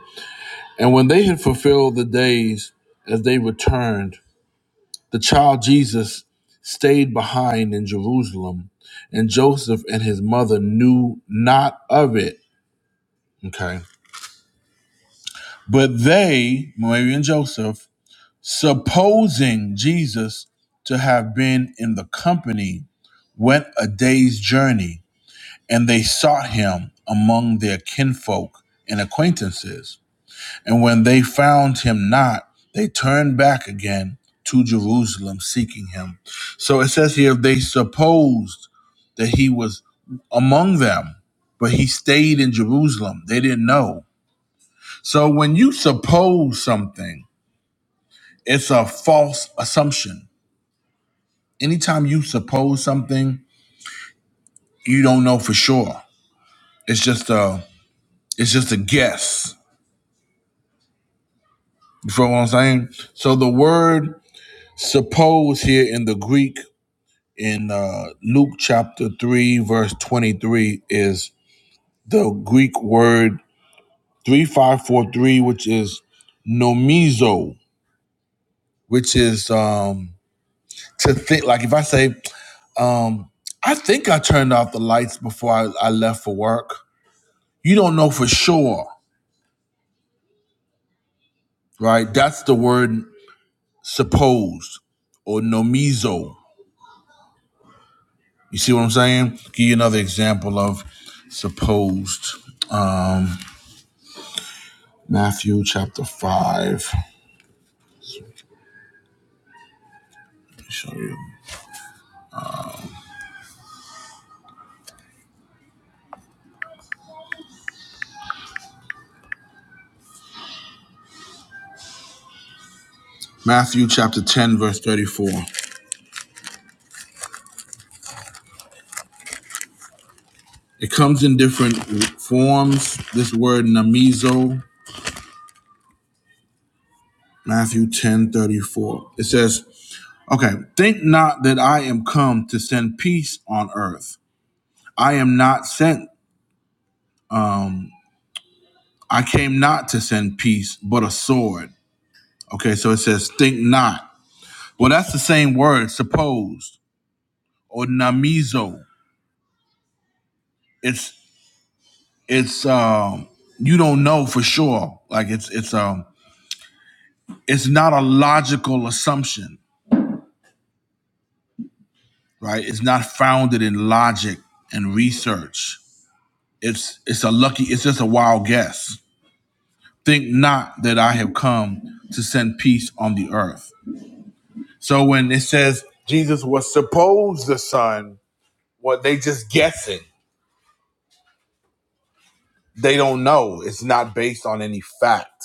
Speaker 1: And when they had fulfilled the days as they returned, the child Jesus stayed behind in Jerusalem, and Joseph and his mother knew not of it. Okay. But they, Mary and Joseph, supposing Jesus to have been in the company, went a day's journey and they sought him among their kinfolk and acquaintances. And when they found him not, they turned back again to Jerusalem seeking him. So it says here they supposed that he was among them, but he stayed in Jerusalem. They didn't know. So when you suppose something, it's a false assumption. Anytime you suppose something, you don't know for sure. It's just a it's just a guess You feel what I'm saying? So the word suppose here in the Greek in uh, Luke chapter 3, verse 23 is the Greek word 3543, which is nomizo, which is um, to think. Like if I say, um, I think I turned off the lights before I, I left for work. You don't know for sure, right? That's the word "suppose" or nomizo. You see what I'm saying? Give you another example of supposed Matthew chapter 5. Let me show you. Matthew chapter 10, verse 34. It comes in different forms. This word namizo, Matthew 10 34. It says, Okay, think not that I am come to send peace on earth. I am not sent. I came not to send peace, but a sword. Okay, so it says, think not. Well, that's the same word, supposed. or namizo. It's it's um you don't know for sure. Like it's it's um it's not a logical assumption, right? It's not founded in logic and research. It's it's a lucky it's just a wild guess. Think not that I have come to send peace on the earth. So when it says Jesus was supposed the son, what they just guessing. They don't know. It's not based on any fact.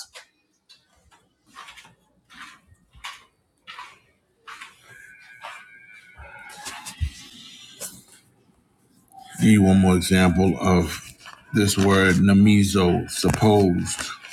Speaker 1: Give you one more example of this word namizo, supposed. So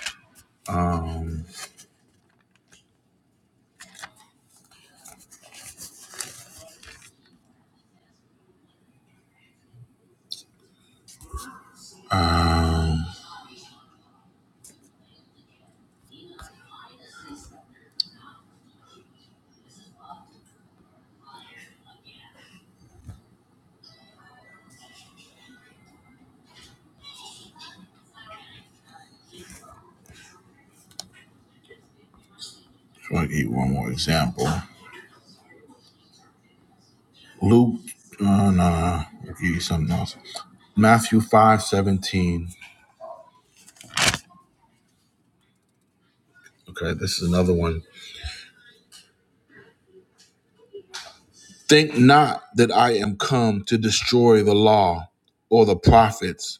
Speaker 1: I'll give you one more example. Luke, uh, nah, I'll give you something else. Matthew five seventeen. Okay, this is another one. Think not that I am come to destroy the law or the prophets.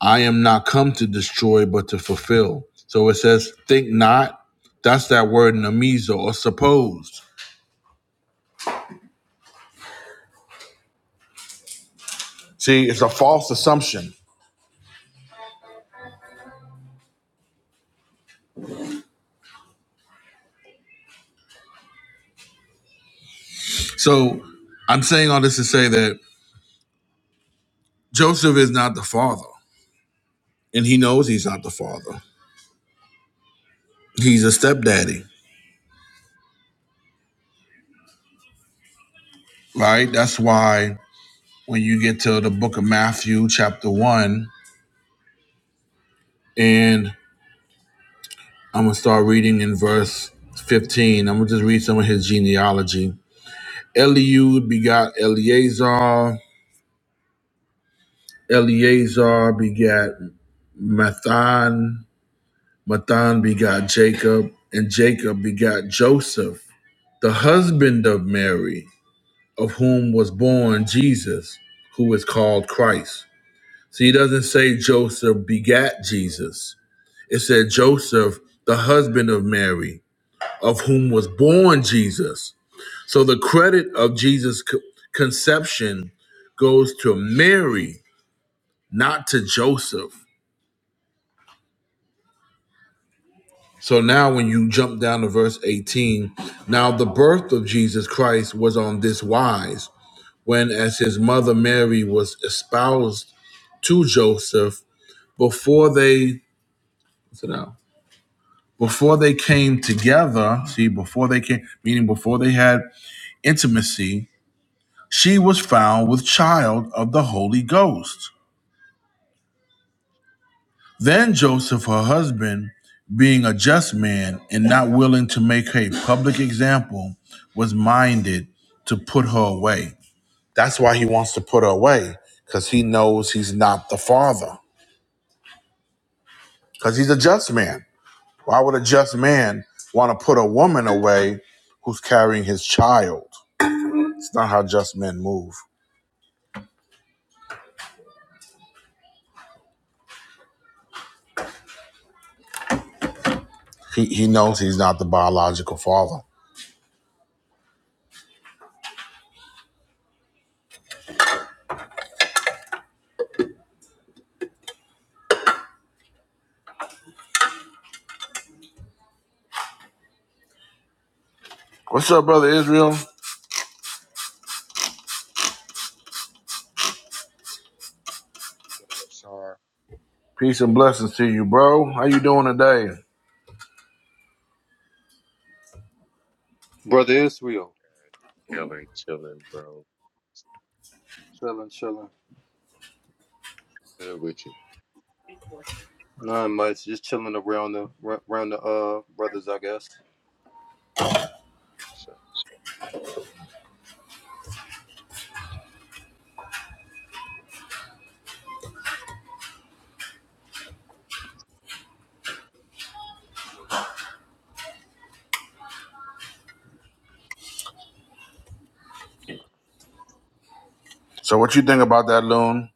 Speaker 1: I am not come to destroy, but to fulfill. So it says, think not. That's that word namizo or supposed. See, it's a false assumption. So I'm saying all this to say that Joseph is not the father, and he knows he's not the father. He's a stepdaddy, right? That's why when you get to the book of Matthew, chapter 1, and I'm going to start reading in verse 15, I'm going to just read some of his genealogy. Eliud begot Eleazar, Eleazar begat Mathan, Matan begot Jacob, and Jacob begot Joseph, the husband of Mary, of whom was born Jesus, who is called Christ. See, he doesn't say Joseph begat Jesus. It said Joseph, the husband of Mary, of whom was born Jesus. So the credit of Jesus' conception goes to Mary, not to Joseph. So now, when you jump down to verse 18, now the birth of Jesus Christ was on this wise when, as his mother Mary was espoused to Joseph, before they, what's it now? Before they came together, see, before they came, meaning before they had intimacy, she was found with child of the Holy Ghost. Then Joseph, her husband, being a just man and not willing to make her a public example, was minded to put her away. That's why he wants to put her away, because he knows he's not the father, because he's a just man. Why would a just man want to put a woman away who's carrying his child? It's not how just men move. He, he knows he's not the biological father. What's up, brother Israel?
Speaker 5: What up, Sar?
Speaker 1: Peace and blessings to you, bro. How you doing today?
Speaker 4: Brother Israel,
Speaker 5: Chilling, chilling, bro.
Speaker 4: chilling, chilling.
Speaker 5: Good with you.
Speaker 4: Not much, just chilling around the around the uh brothers, I guess.
Speaker 5: So,
Speaker 1: So what you think about that, Loon?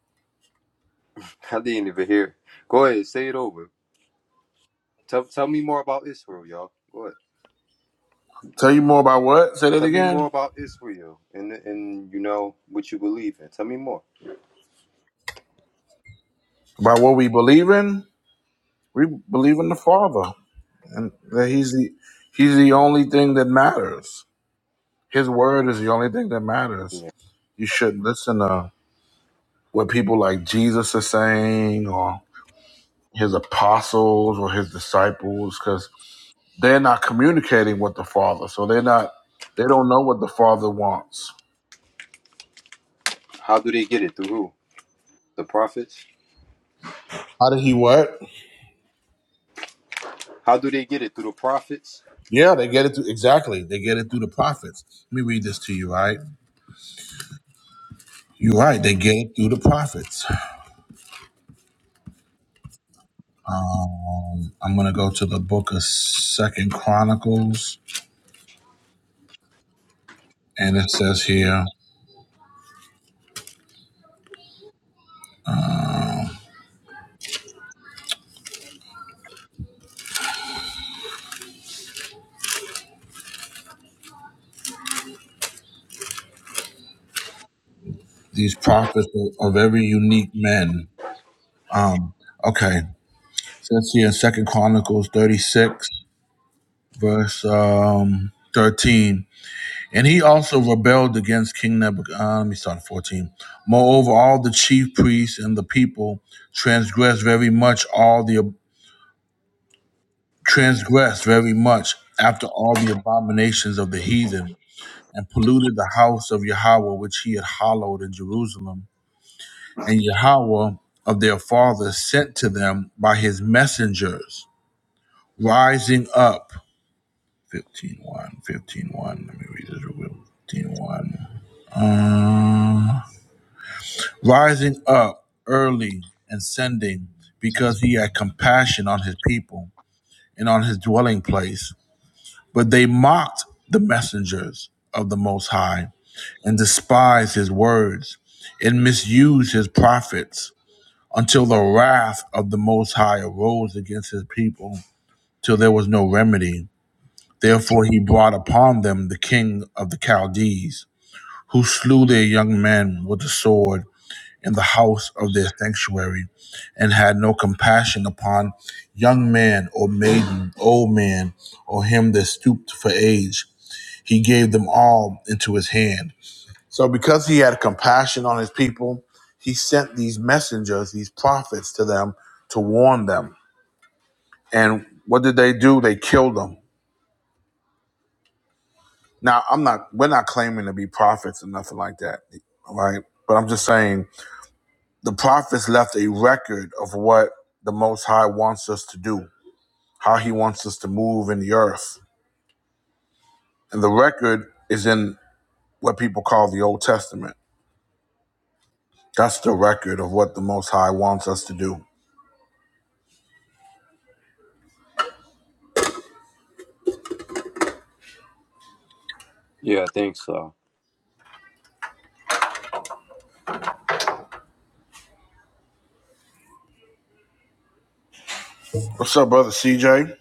Speaker 4: (laughs) I didn't even hear. Go ahead, say it over. Tell tell me more about Israel, y'all. Go ahead.
Speaker 1: Tell you more about what? Say that
Speaker 4: Tell me more
Speaker 1: again.
Speaker 4: about Israel and and you know what you believe in. Tell me more.
Speaker 1: About what we believe in? We believe in the Father, and that He's the He's the only thing that matters. His word is the only thing that matters.
Speaker 4: Yeah.
Speaker 1: You shouldn't listen to what people like Jesus are saying, or His apostles, or His disciples, because they're not communicating with the Father, so they're not. They don't know what the Father wants.
Speaker 4: How do they get it through who? The prophets?
Speaker 1: How did He what?
Speaker 4: How do they get it through the prophets?
Speaker 1: Yeah, they get it through exactly. They get it through the prophets. Let me read this to you, right? You're right. They get it through the prophets. Um, I'm going to go to the book of Second Chronicles, and it says here these prophets were of every unique men. Um, okay, it says here in Second Chronicles 36, verse um, 13, and he also rebelled against King Nebuchadnezzar. Uh, let me start at 14. Moreover, all the chief priests and the people transgressed very much all the transgressed very much after all the abominations of the heathen, and polluted the house of Yahweh which he had hallowed in Jerusalem. And Yahweh of their fathers sent to them by his messengers, rising up. fifteen one, fifteen one. Let me read this real quick. 15 one. uh, rising up early and sending because he had compassion on his people and on his dwelling place But they mocked the messengers of the Most High and despised his words and misused his prophets until the wrath of the Most High arose against his people till there was no remedy. Therefore, he brought upon them the king of the Chaldees, who slew their young men with the sword in the house of their sanctuary, and had no compassion upon young man or maiden, old man, or him that stooped for age he gave them all into his hand. So because he had compassion on his people, he sent these messengers, these prophets to them to warn them. And what did they do? They killed them. Now, I'm not we're not claiming to be prophets or nothing like that, right? But I'm just saying the prophets left a record of what the most high wants us to do, how he wants us to move in the earth. And the record is in what people call the Old Testament. That's the record of what the most high wants us to do.
Speaker 4: Yeah, I think so.
Speaker 1: What's up, brother CJ?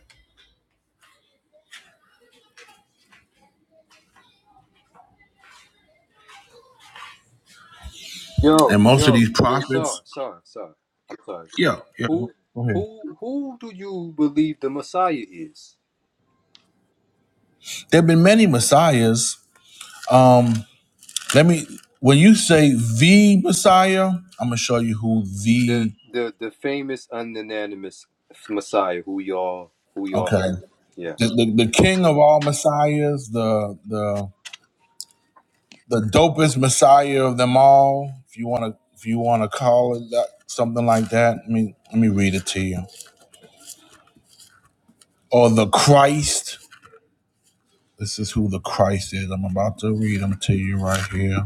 Speaker 4: Yo,
Speaker 1: and most of
Speaker 4: yo,
Speaker 1: these
Speaker 4: yo, sir,
Speaker 1: prophets.
Speaker 4: sir, sir. I'm sorry.
Speaker 1: Yeah, yeah.
Speaker 4: Who,
Speaker 1: Go ahead.
Speaker 4: who, who do you believe the Messiah is?
Speaker 1: There have been many messiahs. Um, let me. When you say the Messiah, I'm gonna show you who
Speaker 4: The,
Speaker 1: the.
Speaker 4: the, the famous unanimous Messiah who y'all, who y'all
Speaker 1: Okay,
Speaker 4: know. Yeah.
Speaker 1: the, the, the king of all messiahs, the the the dopest messiah of them all. If you wanna, if you wanna call it that, something like that. Let me let me read it to you. Or the Christ. This is who the Christ is. I'm about to read them to you right here.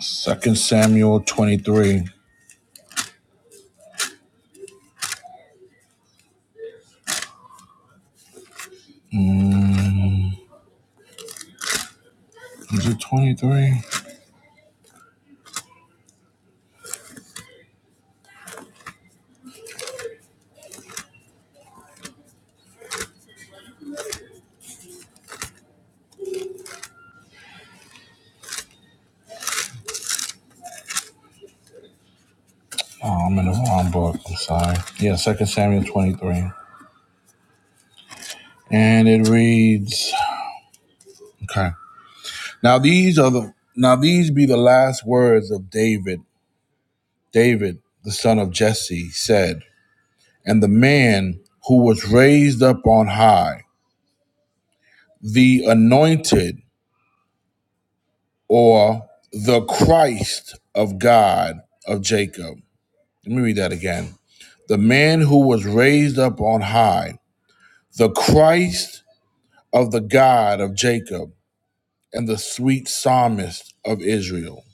Speaker 1: Second Samuel 23. Is it 23? Oh, I'm in the wrong book. I'm sorry. Yeah, Second Samuel 23. And it reads, okay. Now these are the now these be the last words of David. David, the son of Jesse, said, and the man who was raised up on high, the anointed or the Christ of God of Jacob. Let me read that again the man who was raised up on high, the Christ of the God of Jacob and the sweet psalmist of Israel.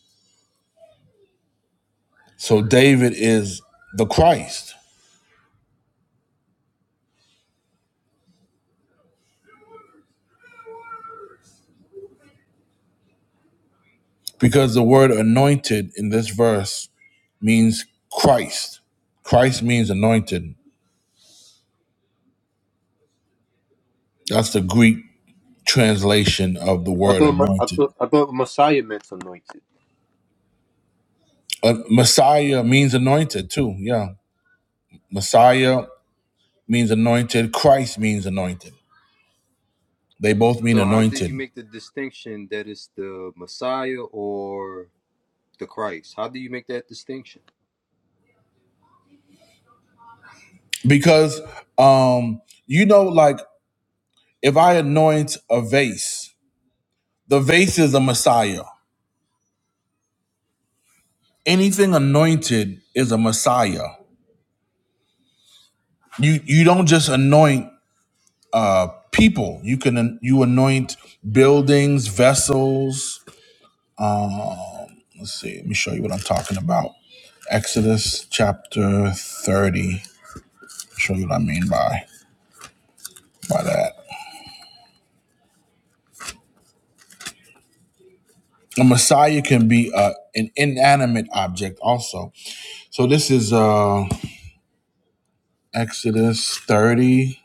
Speaker 1: So David is the Christ because the word anointed in this verse means Christ. Christ means anointed. That's the Greek translation of the
Speaker 4: I
Speaker 1: word
Speaker 4: thought, Ma- I
Speaker 1: anointed.
Speaker 4: thought, I thought Messiah meant anointed.
Speaker 1: Uh, Messiah means anointed too. Yeah. Messiah means anointed. Christ means anointed. They both mean
Speaker 4: So how do you
Speaker 1: anointed
Speaker 4: make the distinction that it's the Messiah or the Christ? How do you make that distinction?
Speaker 1: because um you know like If I anoint a vase, the vase is a Messiah. Anything anointed is a Messiah. You you don't just anoint uh, people. You can you anoint buildings, vessels. Uh, let's see. Let me show you what I'm talking about. Exodus chapter 30. Show you what I mean by by that. A Messiah can be uh, an inanimate object also. So this is uh, Exodus 30.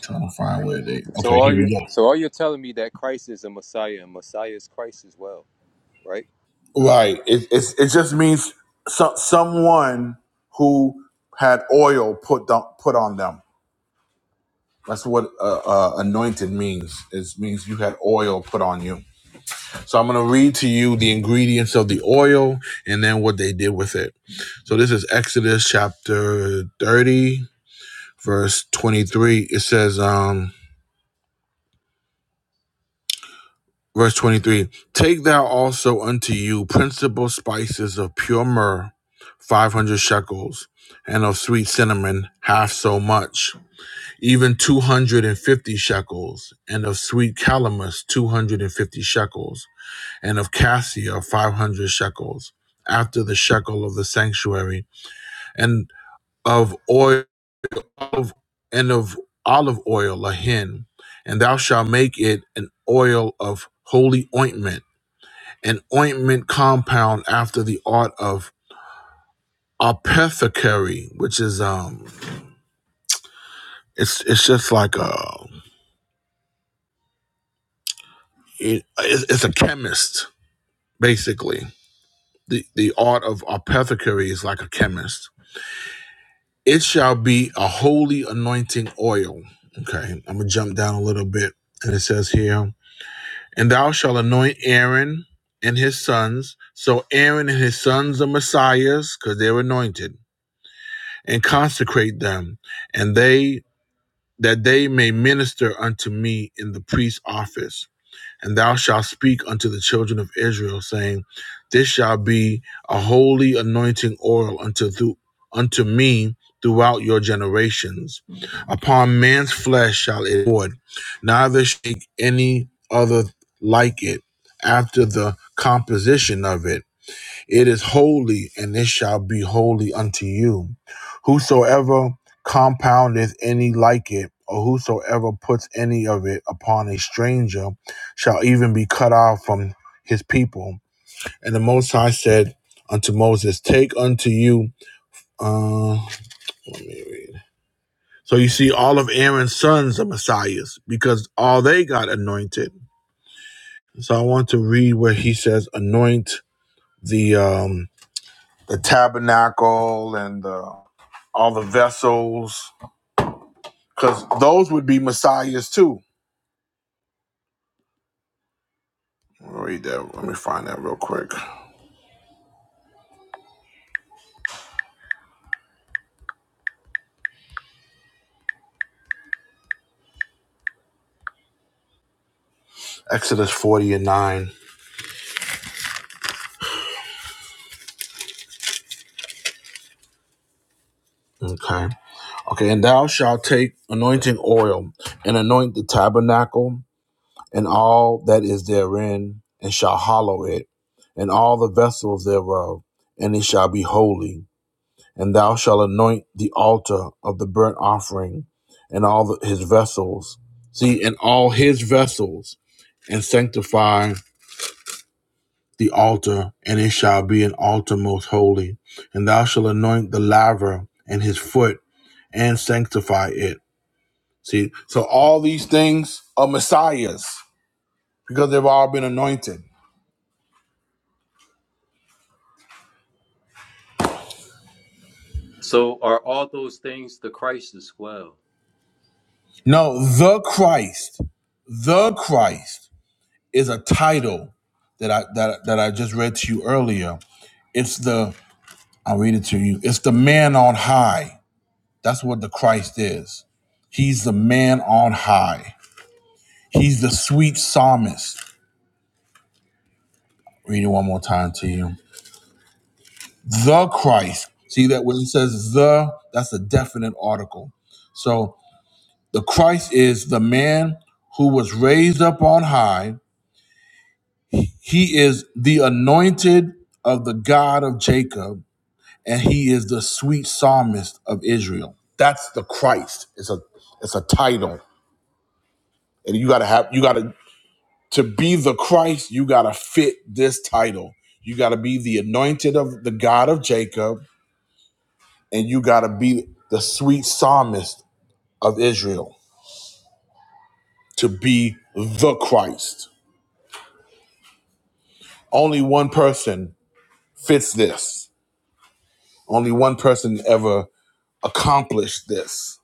Speaker 1: Trying to find where they.
Speaker 4: So
Speaker 1: Okay,
Speaker 4: are
Speaker 1: here
Speaker 4: you
Speaker 1: we go.
Speaker 4: so are you telling me that Christ is a Messiah and Messiah is Christ as well, right?
Speaker 1: Right. It it's, it just means so, someone who had oil put on, put on them. That's what uh, uh, anointed means. It means you had oil put on you. So I'm going to read to you the ingredients of the oil and then what they did with it. So this is Exodus chapter 30, verse 23. It says, um, verse 23 Take thou also unto you principal spices of pure myrrh five hundred shekels, and of sweet cinnamon half so much, even two hundred and fifty shekels, and of sweet calamus two hundred and fifty shekels, and of cassia five hundred shekels, after the shekel of the sanctuary, and of oil of, and of olive oil a hin, and thou shalt make it an oil of holy ointment, an ointment compound after the art of apothecary, which is um It's it's just like a it, it's it's a chemist basically. The the art of apothecary is like a chemist. It shall be a holy anointing oil. Okay, I'm gonna jump down a little bit, and it says here, and thou shalt anoint Aaron and his sons. So Aaron and his sons are messiahs because they're anointed, and consecrate them, and they that they may minister unto me in the priest's office And thou shalt speak unto the children of Israel, saying, This shall be a holy anointing oil unto thu- unto me throughout your generations. Upon man's flesh shall it pour, neither shake any other like it after the composition of it. It is holy, and it shall be holy unto you. Whosoever compoundeth any like it, or whosoever puts any of it upon a stranger, shall even be cut off from his people. And the Most High said unto Moses, Take unto you, uh, let me read. So you see, all of Aaron's sons are messiahs because all they got anointed. So I want to read where he says, Anoint the um, the tabernacle and the all the vessels, because those would be messiahs too. Let me Read that. Let me find that real quick. Exodus 40 and 9. Okay. Okay. And thou shalt take anointing oil and anoint the tabernacle and all that is therein, and shall hallow it, and all the vessels thereof, and it shall be holy. And thou shalt anoint the altar of the burnt offering and all the, his vessels. See, and all his vessels, and sanctify the altar, and it shall be an altar most holy. And thou shalt anoint the laver and his foot, and sanctify it. See, so all these things are messiahs because they've all been anointed.
Speaker 4: So are all those things the Christ as well?
Speaker 1: No, the Christ, the Christ is a title that I that, that I just read to you earlier. It's the I'll read it to you. It's the man on high. That's what the Christ is. He's the man on high. He's the sweet psalmist. Read it one more time to you. The Christ. See that when it says the, that's a definite article. So the Christ is the man who was raised up on high. He is the anointed of the God of Jacob, and he is the sweet psalmist of Israel. That's the Christ. It's a it's a title. And you gotta have you gotta to be the Christ, you gotta fit this title. You gotta be the anointed of the God of Jacob and you got to be the sweet psalmist of Israel to be the Christ. Only one person fits this. Only one person ever accomplished this.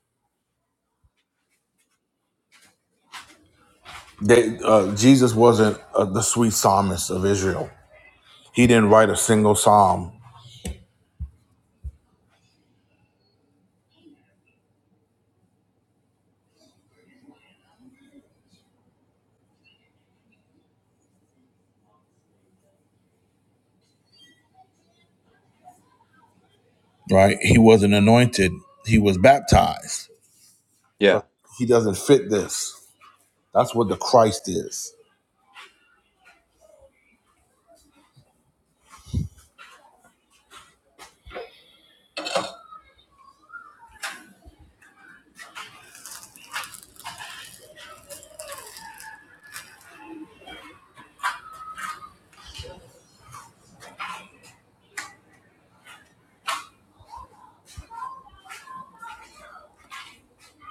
Speaker 1: They, uh, Jesus wasn't uh, the sweet psalmist of Israel. He didn't write a single psalm, right? He wasn't anointed. He was baptized. So
Speaker 4: Yeah.
Speaker 1: he doesn't fit this. That's what the Christ is.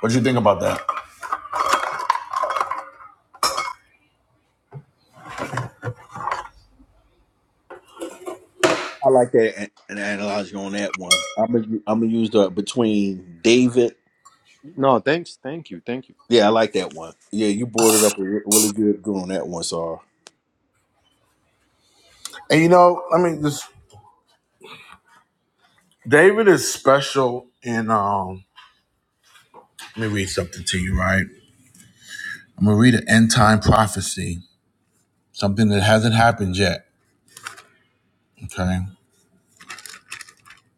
Speaker 1: What do you think about that?
Speaker 2: I like that an, an analogy on that one. I'm gonna I'm gonna use the between David.
Speaker 4: No, thanks. Thank you. Thank you.
Speaker 2: Yeah, I like that one. Yeah, you boarded up a re- really good good on that one, Sar.
Speaker 1: And you know, I mean, this David is special in um Let me read something to you, right? I'm gonna read an end time prophecy, something that hasn't happened yet. Okay.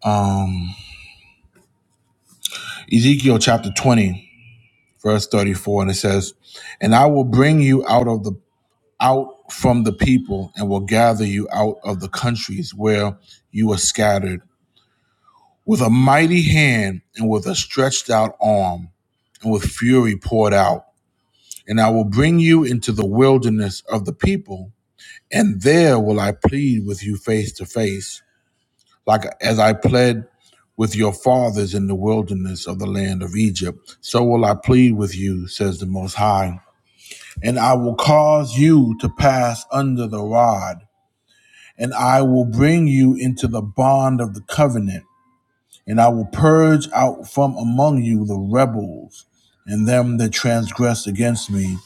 Speaker 1: Um, Ezekiel chapter 20, verse 34, and it says, And I will bring you out of the out from the people and will gather you out of the countries where you were scattered with a mighty hand and with a stretched out arm and with fury poured out. And I will bring you into the wilderness of the people, and there will I plead with you face to face like as I pled with your fathers in the wilderness of the land of Egypt, so will I plead with you, says the Most High. And I will cause you to pass under the rod, and I will bring you into the bond of the covenant. And I will purge out from among you the rebels and them that transgress against me.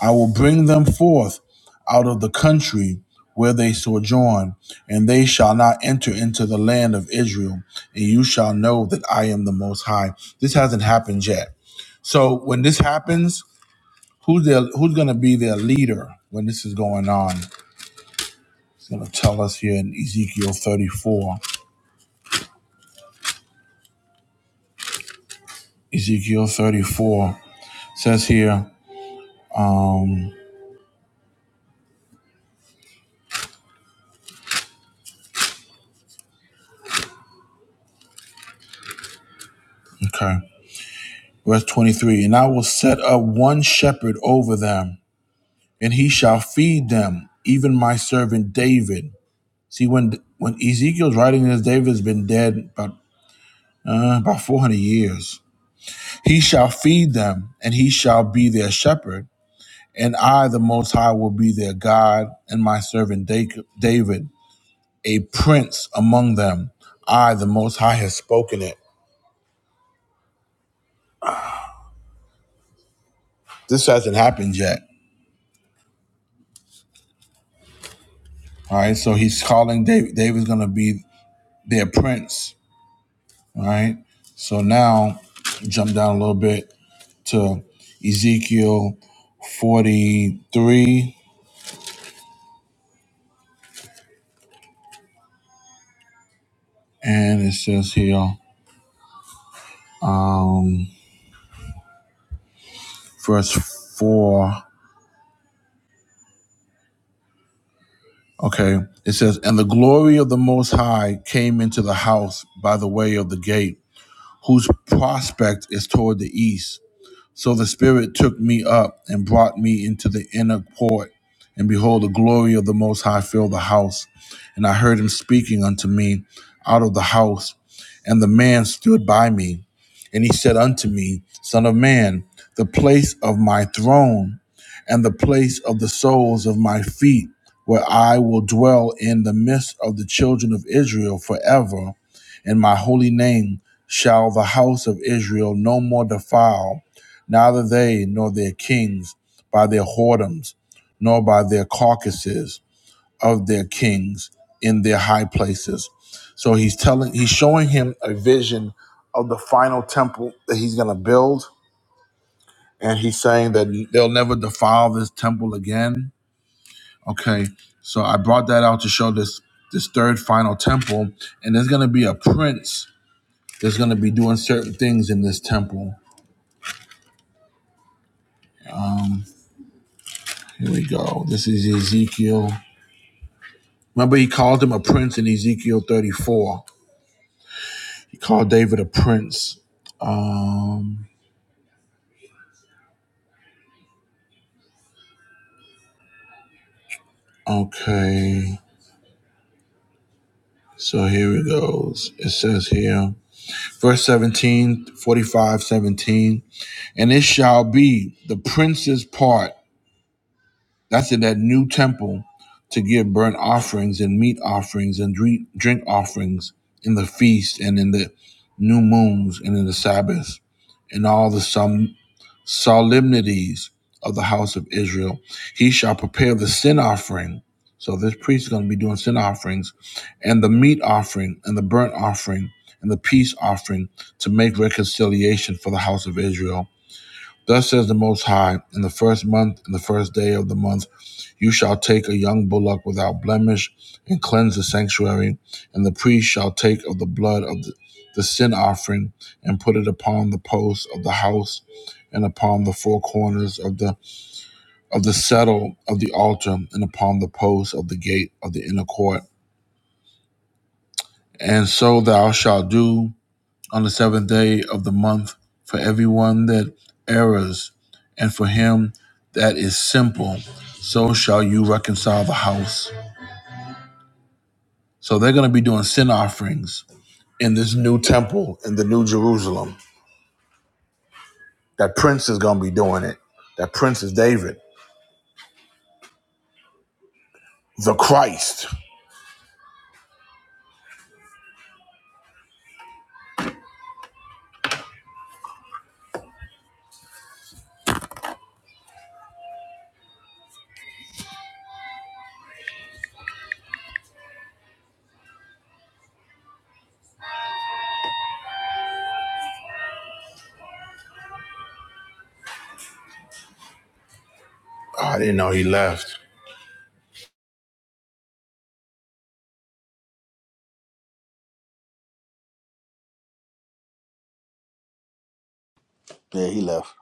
Speaker 1: I will bring them forth out of the country where they sojourn, and they shall not enter into the land of Israel. And you shall know that I am the Most High. This hasn't happened yet. So when this happens, who's their, who's going to be their leader when this is going on? It's going to tell us here in Ezekiel 34. Ezekiel 34 says here. um, Okay. Verse 23 And I will set up one shepherd over them, and he shall feed them, even my servant David. See, when when Ezekiel's writing this, David's been dead about, uh, about 400 years. He shall feed them, and he shall be their shepherd. And I, the Most High, will be their God, and my servant David, a prince among them. I, the Most High, has spoken it. This hasn't happened yet. All right, so he's calling David. David's going to be their prince. All right. So now jump down a little bit to Ezekiel 43. And it says here, um, verse 4. Okay. It says, And the glory of the Most High came into the house by the way of the gate, whose prospect is toward the east. So the Spirit took me up and brought me into the inner court. And behold, the glory of the Most High filled the house. And I heard him speaking unto me out of the house. And the man stood by me. And he said unto me, Son of man, the place of my throne and the place of the soles of my feet, where I will dwell in the midst of the children of Israel forever. In my holy name shall the house of Israel no more defile neither they nor their kings by their whoredoms, nor by their carcasses of their kings in their high places. So he's telling, he's showing him a vision of the final temple that he's going to build. And he's saying that they'll never defile this temple again. Okay. So I brought that out to show this, this third final temple. And there's going to be a prince that's going to be doing certain things in this temple. Um, Here we go. This is Ezekiel Remember, he called him a prince in Ezekiel 34. He called David a prince. Um, okay. So here it goes. It says here, verse 17, 45, 17. And it shall be the prince's part, that's in that new temple, to give burnt offerings and meat offerings and drink, offerings in the feast and in the new moons and in the sabbaths and all the solemnities of the house of Israel. He shall prepare the sin offering. So this priest is going to be doing sin offerings and the meat offering and the burnt offering and the peace offering to make reconciliation for the house of Israel Thus says the Most High, in the first month, in the first day of the month, you shall take a young bullock without blemish and cleanse the sanctuary, and the priest shall take of the blood of the, the sin offering and put it upon the posts of the house and upon the four corners of the of the settle of the altar and upon the posts of the gate of the inner court. And so thou shalt do on the seventh day of the month for everyone that errs, and for him that is simple, so shall you reconcile the house. So they're going to be doing sin offerings in this new temple in the new Jerusalem. That prince is going to be doing it. That prince is David, the Christ. Oh, I didn't know he left.
Speaker 2: Yeah, he left.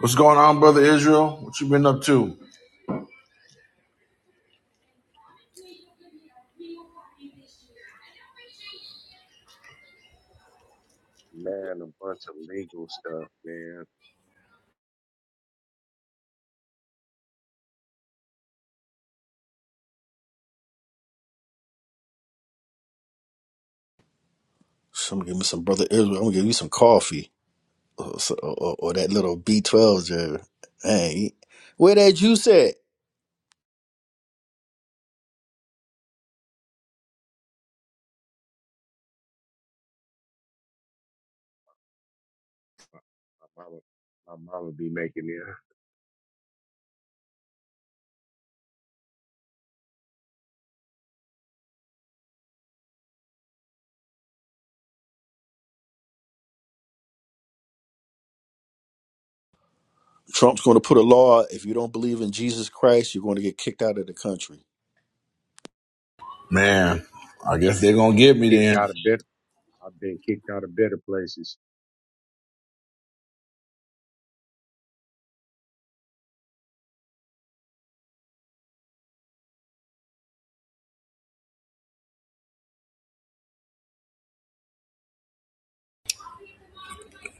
Speaker 1: What's going on, brother Israel? What you been up to?
Speaker 5: man, a bunch of legal stuff, man.
Speaker 2: So I'm gonna give me some brother Israel. I'm gonna give you some coffee. or, so- or, or that little B12 jerk. Hey, where that juice at?
Speaker 5: My mama, my mama be making me. (laughs)
Speaker 2: Trump's going to put a law if you don't believe in Jesus Christ, you're going to get kicked out of the country.
Speaker 1: Man, I
Speaker 5: man,
Speaker 1: guess they're
Speaker 5: I,
Speaker 1: going to
Speaker 5: I've
Speaker 1: get
Speaker 5: been
Speaker 1: me
Speaker 5: kicked
Speaker 1: then.
Speaker 5: out of better. I've been kicked out of better places.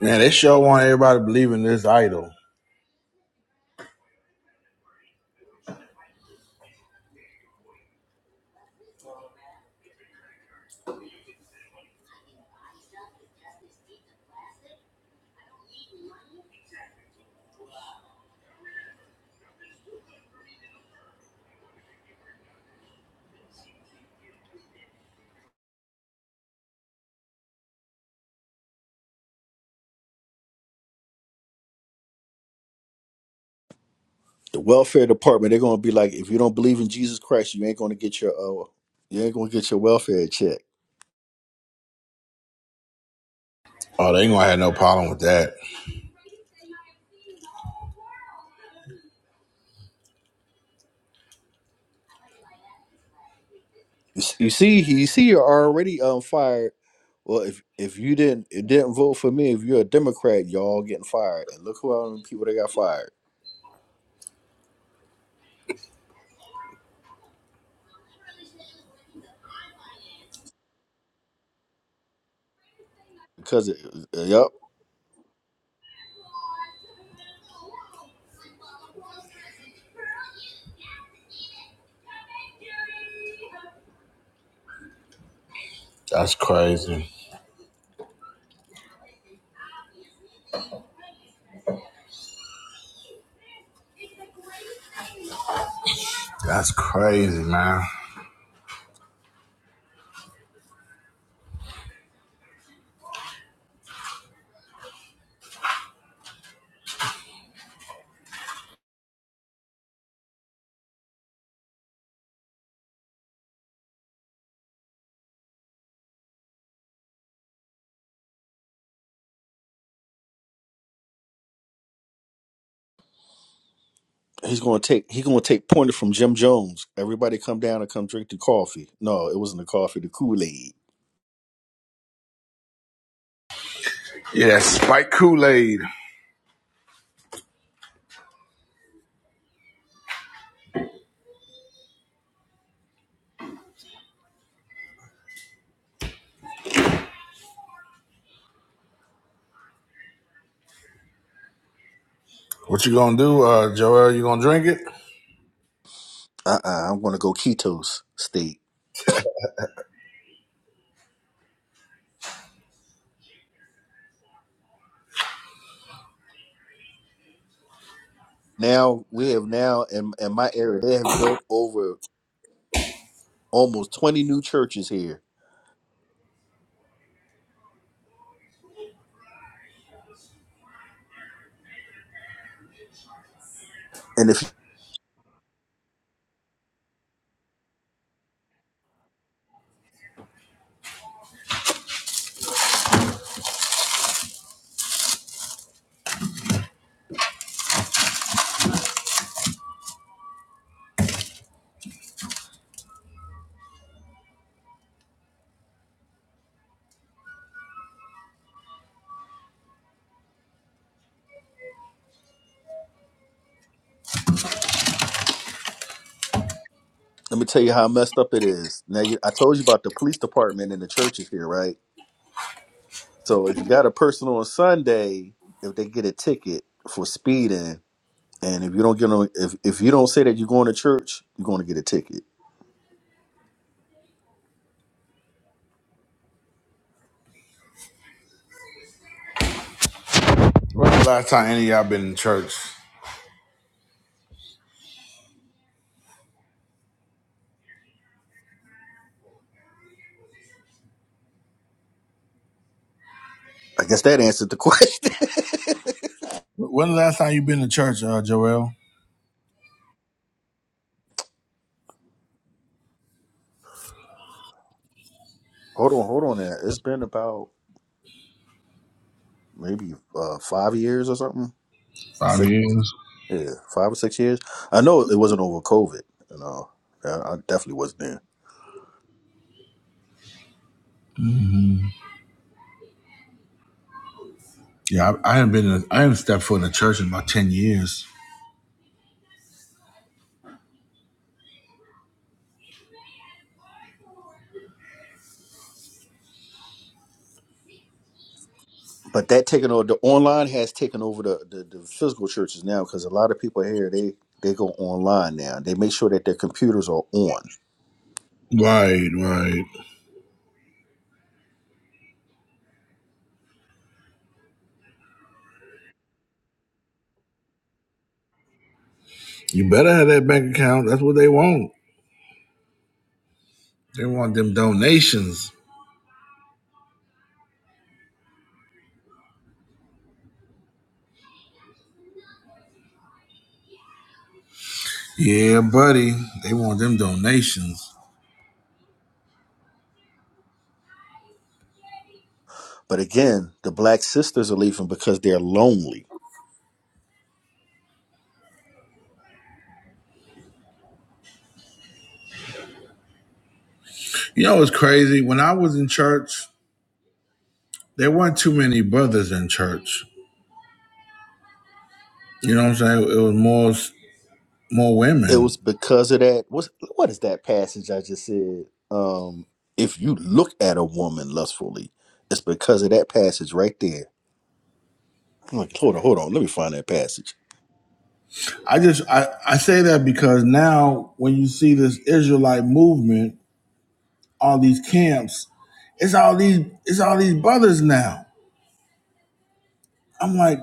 Speaker 1: Man, they sure want everybody believing this idol.
Speaker 2: The welfare department, they're going to be like, if you don't believe in Jesus Christ, you ain't going to get your uh, you ain't going to get your welfare check.
Speaker 1: Oh, they ain't going to have no problem with that.
Speaker 2: You s- you see, you see, you're already um fired. Well, if if you didn't it didn't vote for me, if you're a Democrat, y'all getting fired. And look who all the people that got fired because it, yep.
Speaker 1: That's crazy. That's crazy, man.
Speaker 2: he's gonna take he's gonna take pointer from Jim Jones. Everybody come down and come drink the coffee. No, it wasn't the coffee, the Kool Aid.
Speaker 1: Yeah, that spike Kool-Aid. What you gonna do, uh, Joel? You gonna drink it?
Speaker 2: Uh uh-uh, uh, I'm gonna go ketos state. Now we have now in in my area they have built over almost 20 new churches here. And if let me tell you how messed up it is. Now you, I told you about the police department and the churches here, right? So if you got a person on Sunday, if they get a ticket for speeding, and if you don't get on, if if you don't say that you're going to church, you're going to get a ticket
Speaker 1: When the last time any of y'all been in church?
Speaker 2: I guess that answered the question. (laughs)
Speaker 1: When the last time you been to church, uh, Joel?
Speaker 2: hold on, hold on. There, it's been about maybe uh, five years or something.
Speaker 1: Five
Speaker 2: Six,
Speaker 1: years.
Speaker 2: yeah, five or six years. I know it wasn't over COVID. You know, I, I definitely wasn't there.
Speaker 1: Yeah, I, I haven't been. in- I haven't stepped foot in a church in about ten years.
Speaker 2: But that taking over the online has taken over the the, the physical churches now because a lot of people here they they go online now. They make sure that their computers are on.
Speaker 1: Right, right. You better have that bank account. That's what they want. They want them donations. Yeah, buddy. They want them donations.
Speaker 2: But again, the black sisters are leaving because they're lonely.
Speaker 1: You know what's crazy? When I was in church, there weren't too many brothers in church. You know what I'm saying? It was more more
Speaker 2: It was
Speaker 1: women.
Speaker 2: because of that. What's, what is that passage I just said? Um, if you look at a woman lustfully, it's because of that passage right there. I'm like, hold on, hold on. Let me find that passage.
Speaker 1: I just I, I say that because now when you see this Israelite movement, all these camps, it's all these it's all these brothers now. I'm like,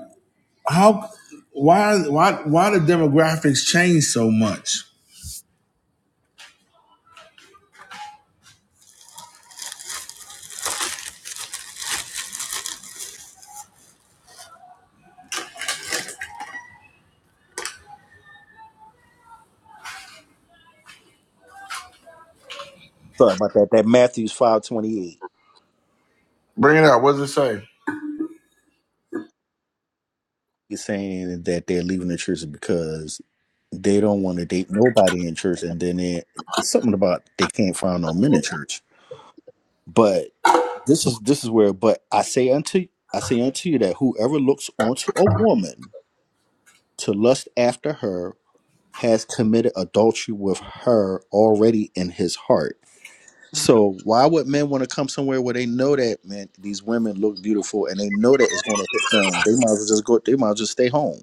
Speaker 1: how why why why the demographics change so much?
Speaker 2: Sorry about that. That Matthew's 528.
Speaker 1: Bring it out. What does it say?
Speaker 2: is saying that they're leaving the church because they don't want to date nobody in church, and then they, it's something about they can't find no men in church. But this is this is where. But I say unto I say unto you that whoever looks onto a woman to lust after her has committed adultery with her already in his heart. So why would men want to come somewhere where they know that man these women look beautiful and they know that it's going to hit them? They might as well just go. They might as well just stay home.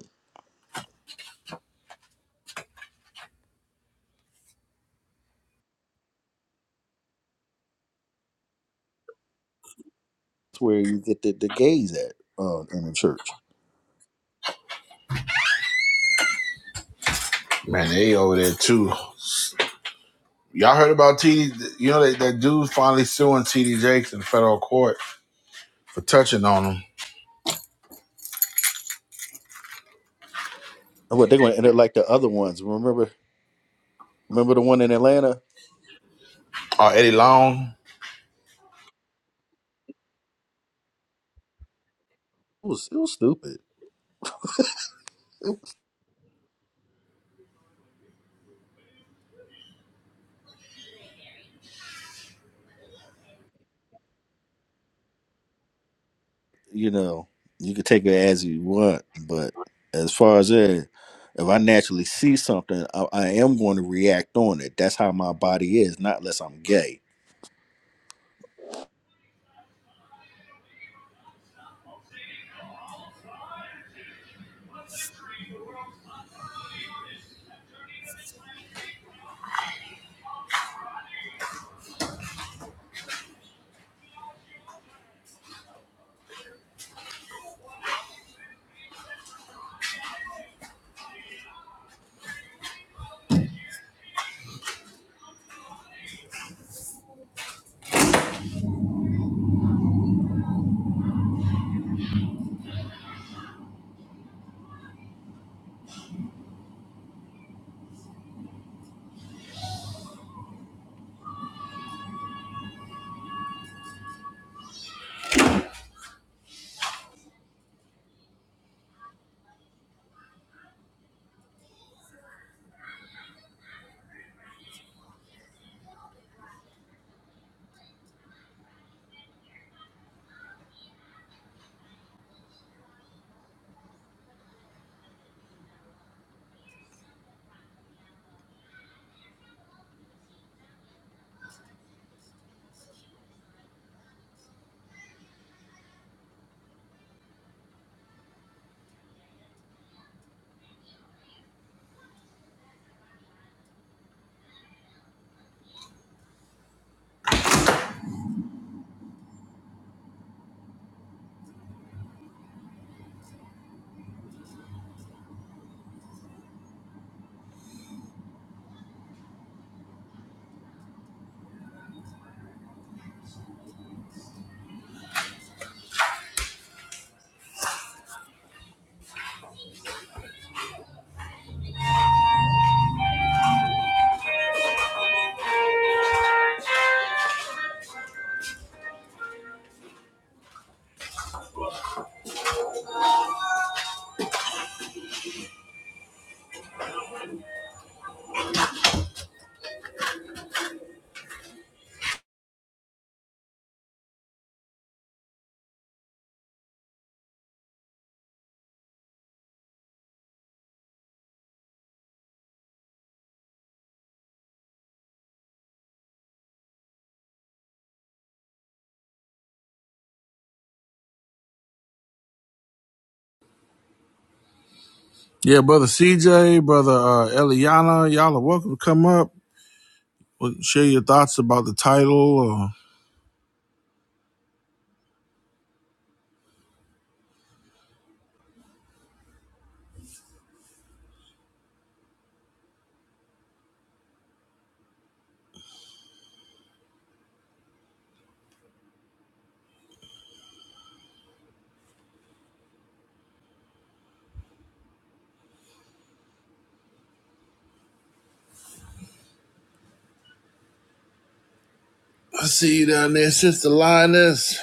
Speaker 2: That's where you get the, the gays at uh, in the church.
Speaker 1: Man, they over there too. Y'all heard about TD? You know that that dude finally suing TD Jakes in federal court for touching on him.
Speaker 2: what they're going to end up (laughs) like the other ones. Remember, remember the one in Atlanta?
Speaker 1: Oh, Eddie Long.
Speaker 2: It was it was stupid. You know, you could take it as you want, but as far as that, if I naturally see something, I, I am going to react on it. That's how my body is. Not unless I'm gay.
Speaker 1: Yeah, brother CJ, brother uh, Eliana, y'all are welcome to come up. Well, Share your thoughts about the title. Or... I see you down there, sister Lioness.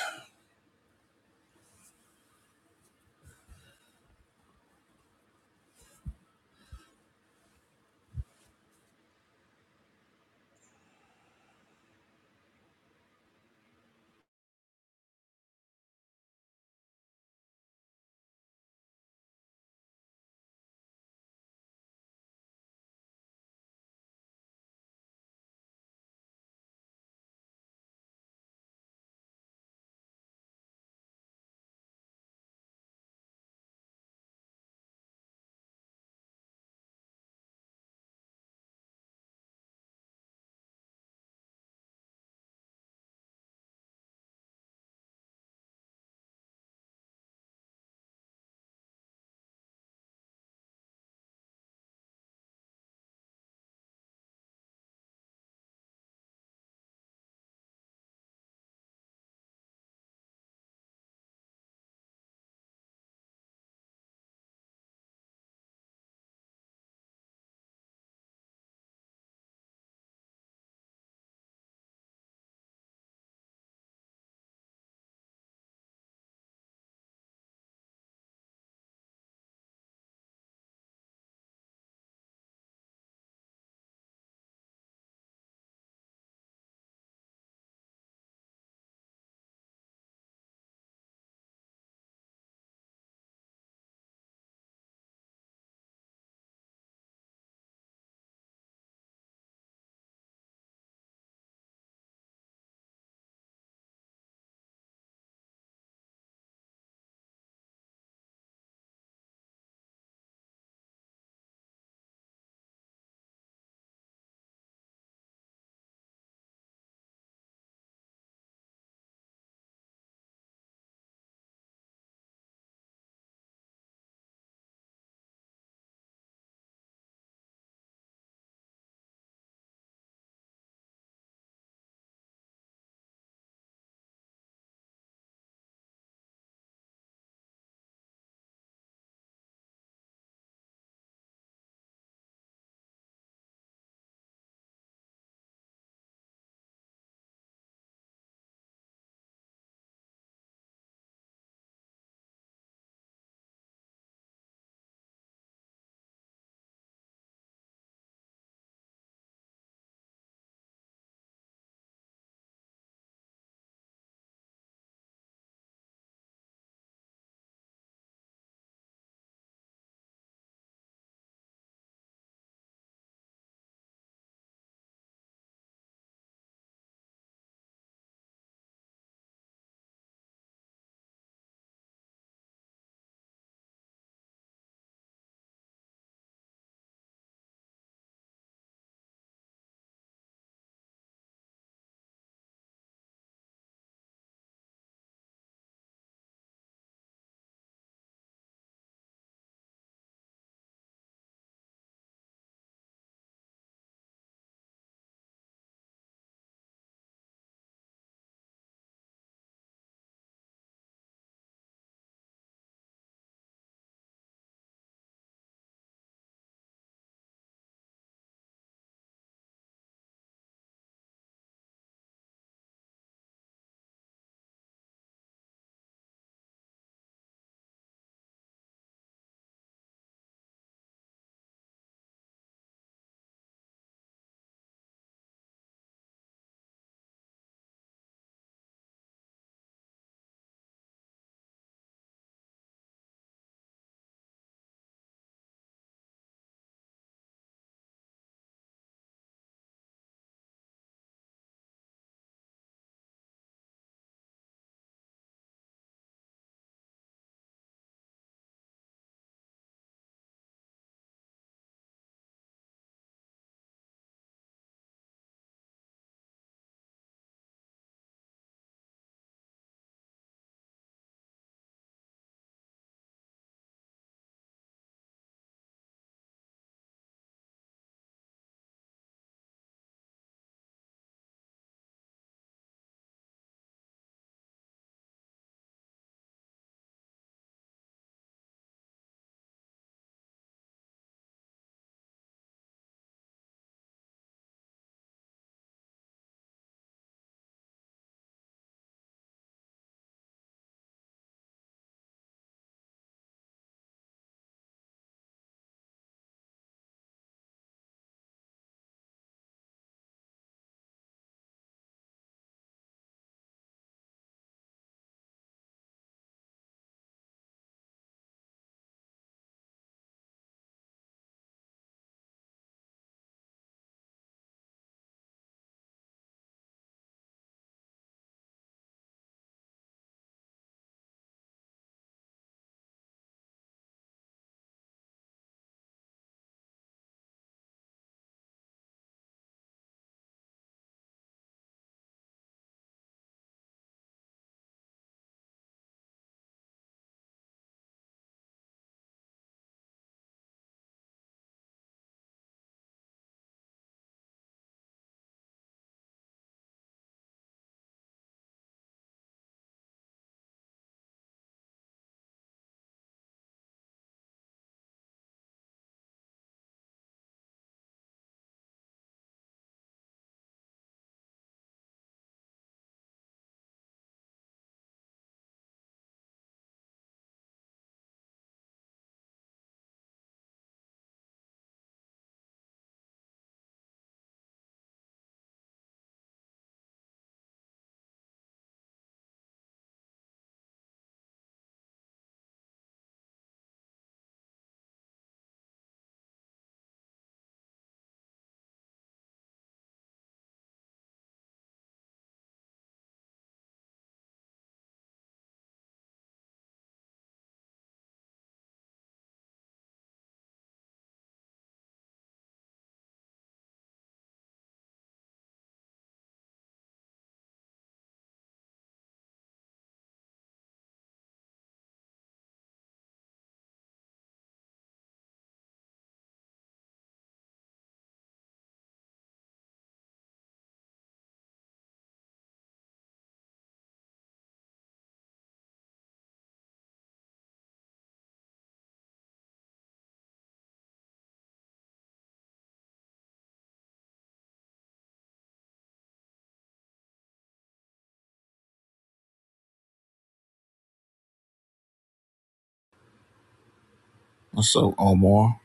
Speaker 1: What's up, Omar?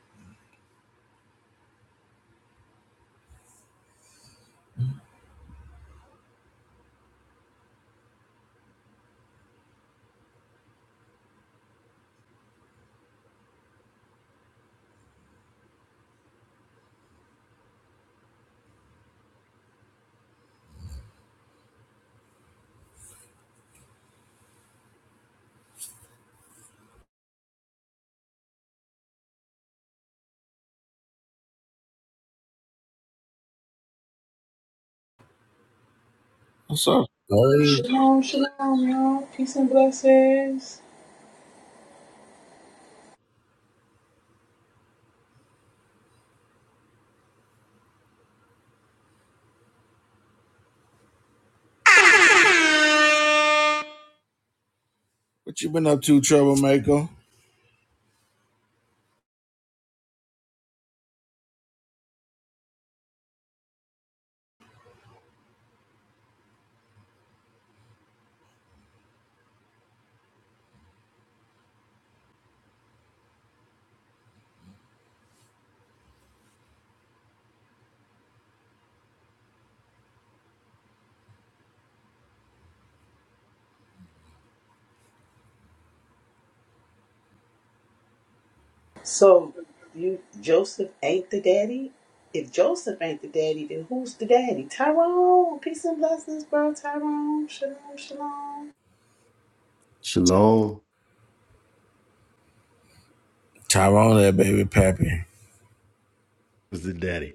Speaker 1: What's up? Larry?
Speaker 6: Shalom, shalom, y'all. Peace and blessings.
Speaker 1: What you been up to, troublemaker?
Speaker 6: So you Joseph ain't the daddy? If Joseph ain't the daddy, then who's the daddy? Tyrone. Peace and blessings, bro. Tyrone. Shalom, shalom.
Speaker 7: Shalom.
Speaker 1: Tyrone, that baby pappy.
Speaker 7: Was the daddy?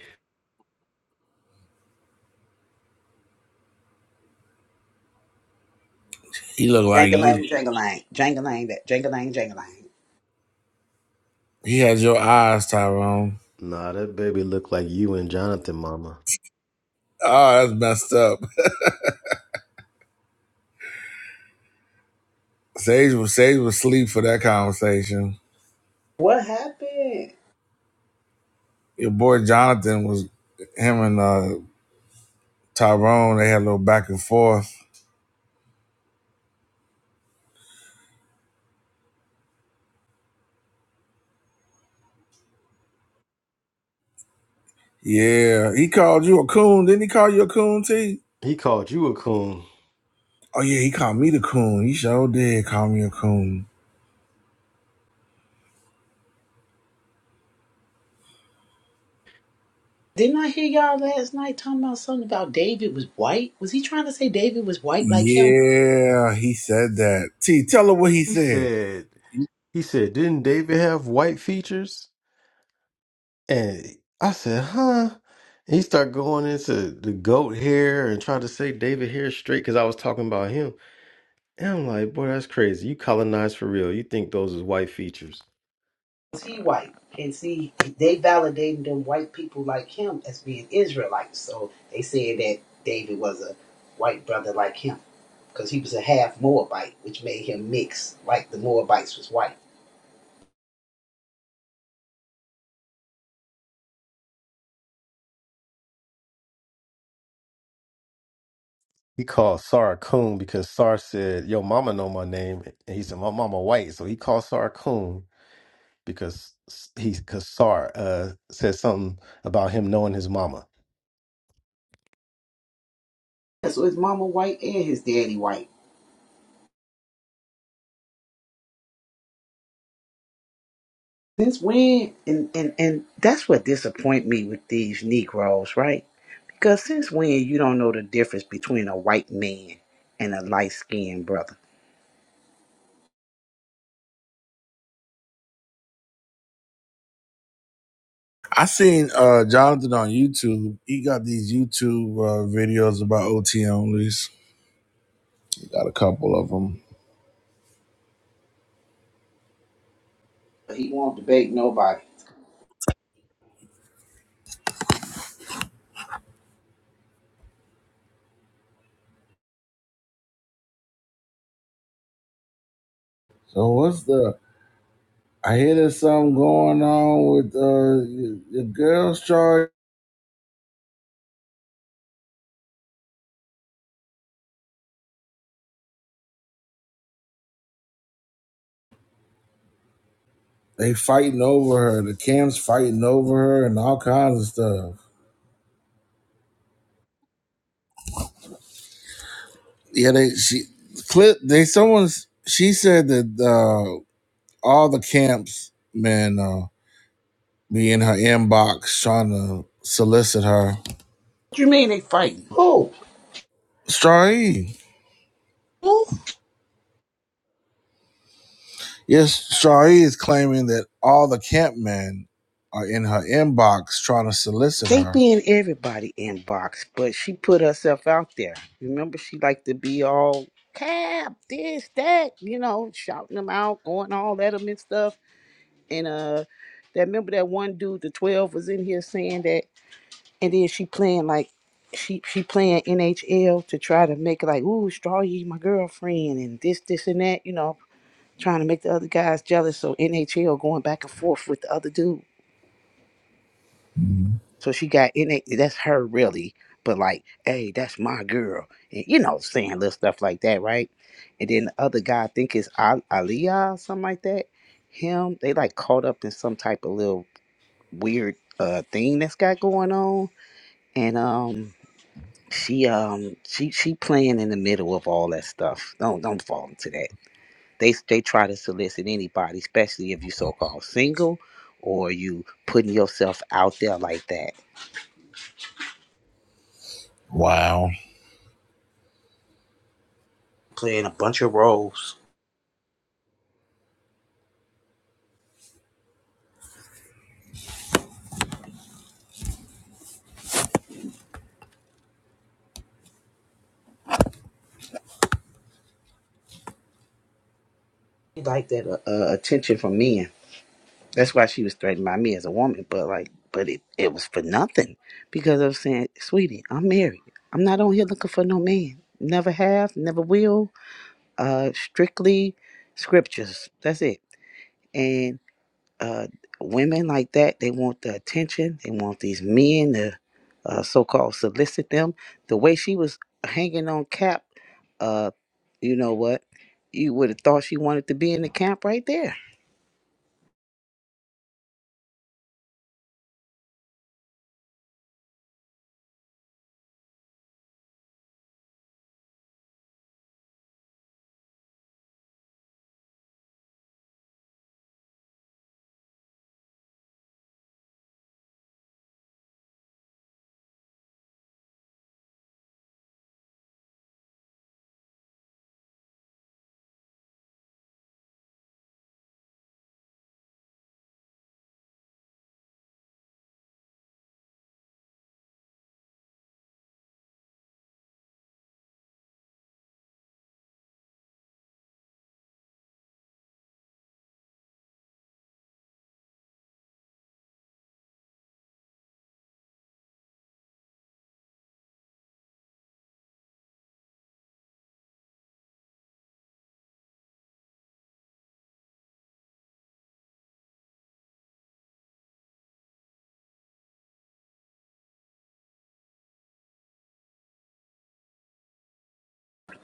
Speaker 1: He look like you.
Speaker 6: Jangalang, jangalang, jangalang, that jangalang, jangalang.
Speaker 1: He has your eyes, Tyrone.
Speaker 7: Nah, that baby looked like you and Jonathan, mama.
Speaker 1: Oh, that's messed up. Sage was Sage was asleep for that conversation.
Speaker 6: What happened?
Speaker 1: Your boy Jonathan was him and uh, Tyrone. They had a little back and forth Yeah, he called you a coon. Didn't he call you a coon, T?
Speaker 7: He called you a coon.
Speaker 1: Oh, yeah, he called me the coon. He sure did call me a coon.
Speaker 6: Didn't I hear y'all last night talking about something about David was white? Was he trying to say David was white like him?
Speaker 1: Yeah, he said that. T, tell her what he
Speaker 7: He
Speaker 1: said.
Speaker 7: said, he said, didn't David have white features? And I said, huh? And he started going into the goat hair and tried to say David hair straight because I was talking about him. And I'm like, boy, that's crazy. You colonized for real. You think those is white features.
Speaker 6: was he white? And see, they validated them white people like him as being Israelites. So they said that David was a white brother like him because he was a half Moabite, which made him mix like the Moabites was white.
Speaker 7: He called Sarah coon because Sar said, yo, mama know my name. And he said, my mama white. So he called Sarah coon. because he because Sar uh, said something about him knowing his mama.
Speaker 6: So his mama white and his daddy white. Since when? And and and that's what disappoint me with these Negroes, right? Because since when you don't know the difference between a white man and a light skinned brother?
Speaker 1: I seen uh Jonathan on YouTube. He got these YouTube uh, videos about OT onlys. He got a couple of them.
Speaker 6: He won't debate nobody. What
Speaker 1: So what's the? I hear there's something going on with uh the girls, Charlie. They fighting over her. The Cam's fighting over her and all kinds of stuff. Yeah, they she clip they someone's she said that uh all the camps men uh be in her inbox trying to solicit her.
Speaker 6: do you mean they fighting? Who?
Speaker 1: Strae.
Speaker 6: Who?
Speaker 1: Yes, Strae is claiming that all the camp men are in her inbox trying to solicit
Speaker 6: They
Speaker 1: her.
Speaker 6: be in everybody inbox, but she put herself out there. Remember, she liked to be all cap this, that, you know, shouting them out, going all at them and stuff. And uh, that remember that one dude, the twelve, was in here saying that, and then she playing like she she playing NHL to try to make it like, ooh, Strawye, my girlfriend, and this, this, and that, you know, trying to make the other guys jealous. So NHL going back and forth with the other dude. So she got in it. That's her really, but like, hey, that's my girl, and you know, saying little stuff like that, right? And then the other guy, I think it's Al- Aliyah, or something like that. Him, they like caught up in some type of little weird uh thing that's got going on, and um, she um, she she playing in the middle of all that stuff. Don't don't fall into that. They they try to solicit anybody, especially if you so called single or you putting yourself out there like that
Speaker 1: Wow.
Speaker 6: playing a bunch of roles. She liked that uh, uh, attention from men. That's why she was threatened by me as a woman. But like, but it, it was for nothing because I was saying, sweetie, I'm married. I'm not on here looking for no man. Never have, never will. Uh, strictly scriptures. That's it. And. uh, women like that. They want the attention. They want these men to uh, so-called solicit them. The way she was hanging on Cap, uh, you know what? You would have thought she wanted to be in the camp right there.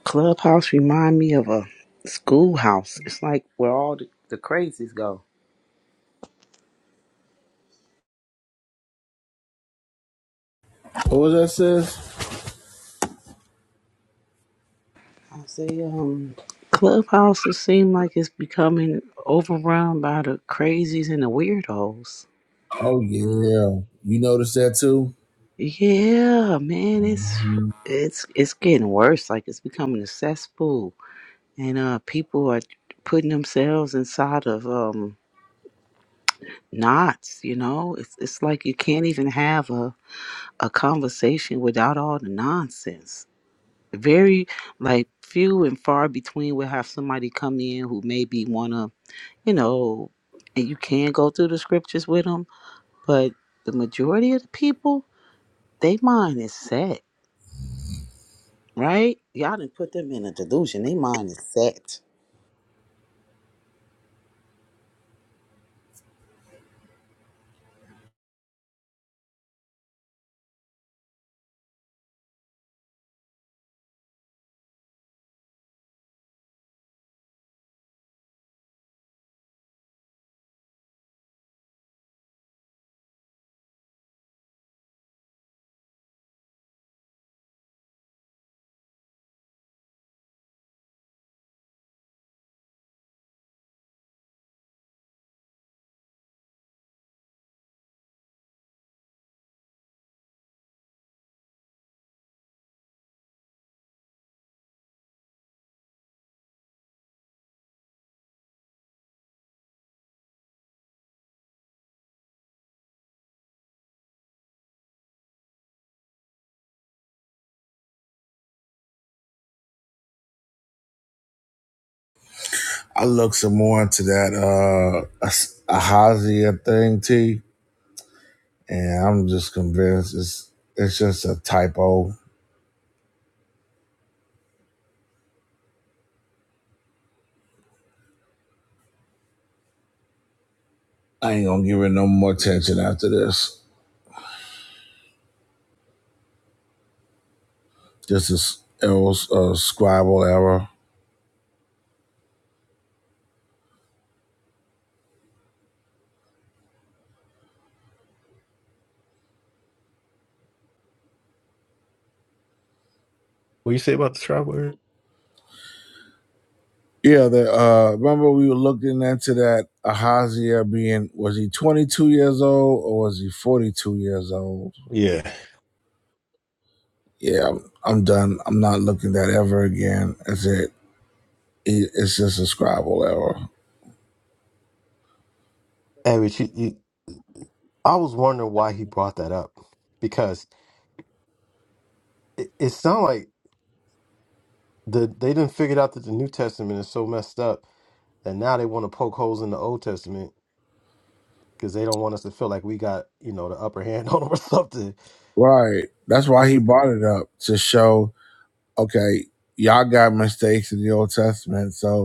Speaker 6: Clubhouse remind me of a schoolhouse. It's like where all the, the crazies go.
Speaker 1: What was that sis?
Speaker 6: I say, um, clubhouses seem like it's becoming overrun by the crazies and the weirdos.
Speaker 1: Oh yeah. You noticed that too?
Speaker 6: Yeah, man, it's it's it's getting worse. Like it's becoming a cesspool, and uh, people are putting themselves inside of um knots. You know, it's it's like you can't even have a a conversation without all the nonsense. Very like few and far between will have somebody come in who maybe wanna, you know, and you can go through the scriptures with them, but the majority of the people, they mind is set right? Y'all didn't put them in a delusion. They mind is set.
Speaker 1: I looked some more into that uh Ah- Ahazia thing, T. And I'm just convinced it's it's just a typo. I ain't gonna give it no more attention after this. Just a s- error, uh, scribal error.
Speaker 7: What you say about the traveler?
Speaker 1: Yeah, the uh, remember we were looking into that Ahaziah being was he 22 years old or was he 42 years old?
Speaker 7: Yeah,
Speaker 1: Yeah, I'm, I'm done. I'm not looking that ever again. That's it. It- It's just a scribble error,
Speaker 7: Hey, Rich, you, you, I was wondering why he brought that up because it, it sounds like the they didn't figure out that the New Testament is so messed up that now they want to poke holes in the Old Testament because they don't want us to feel like we got you know the upper hand (laughs) on them or something.
Speaker 1: right? That's why he brought it up to show. Okay, y'all got mistakes in the Old Testament, so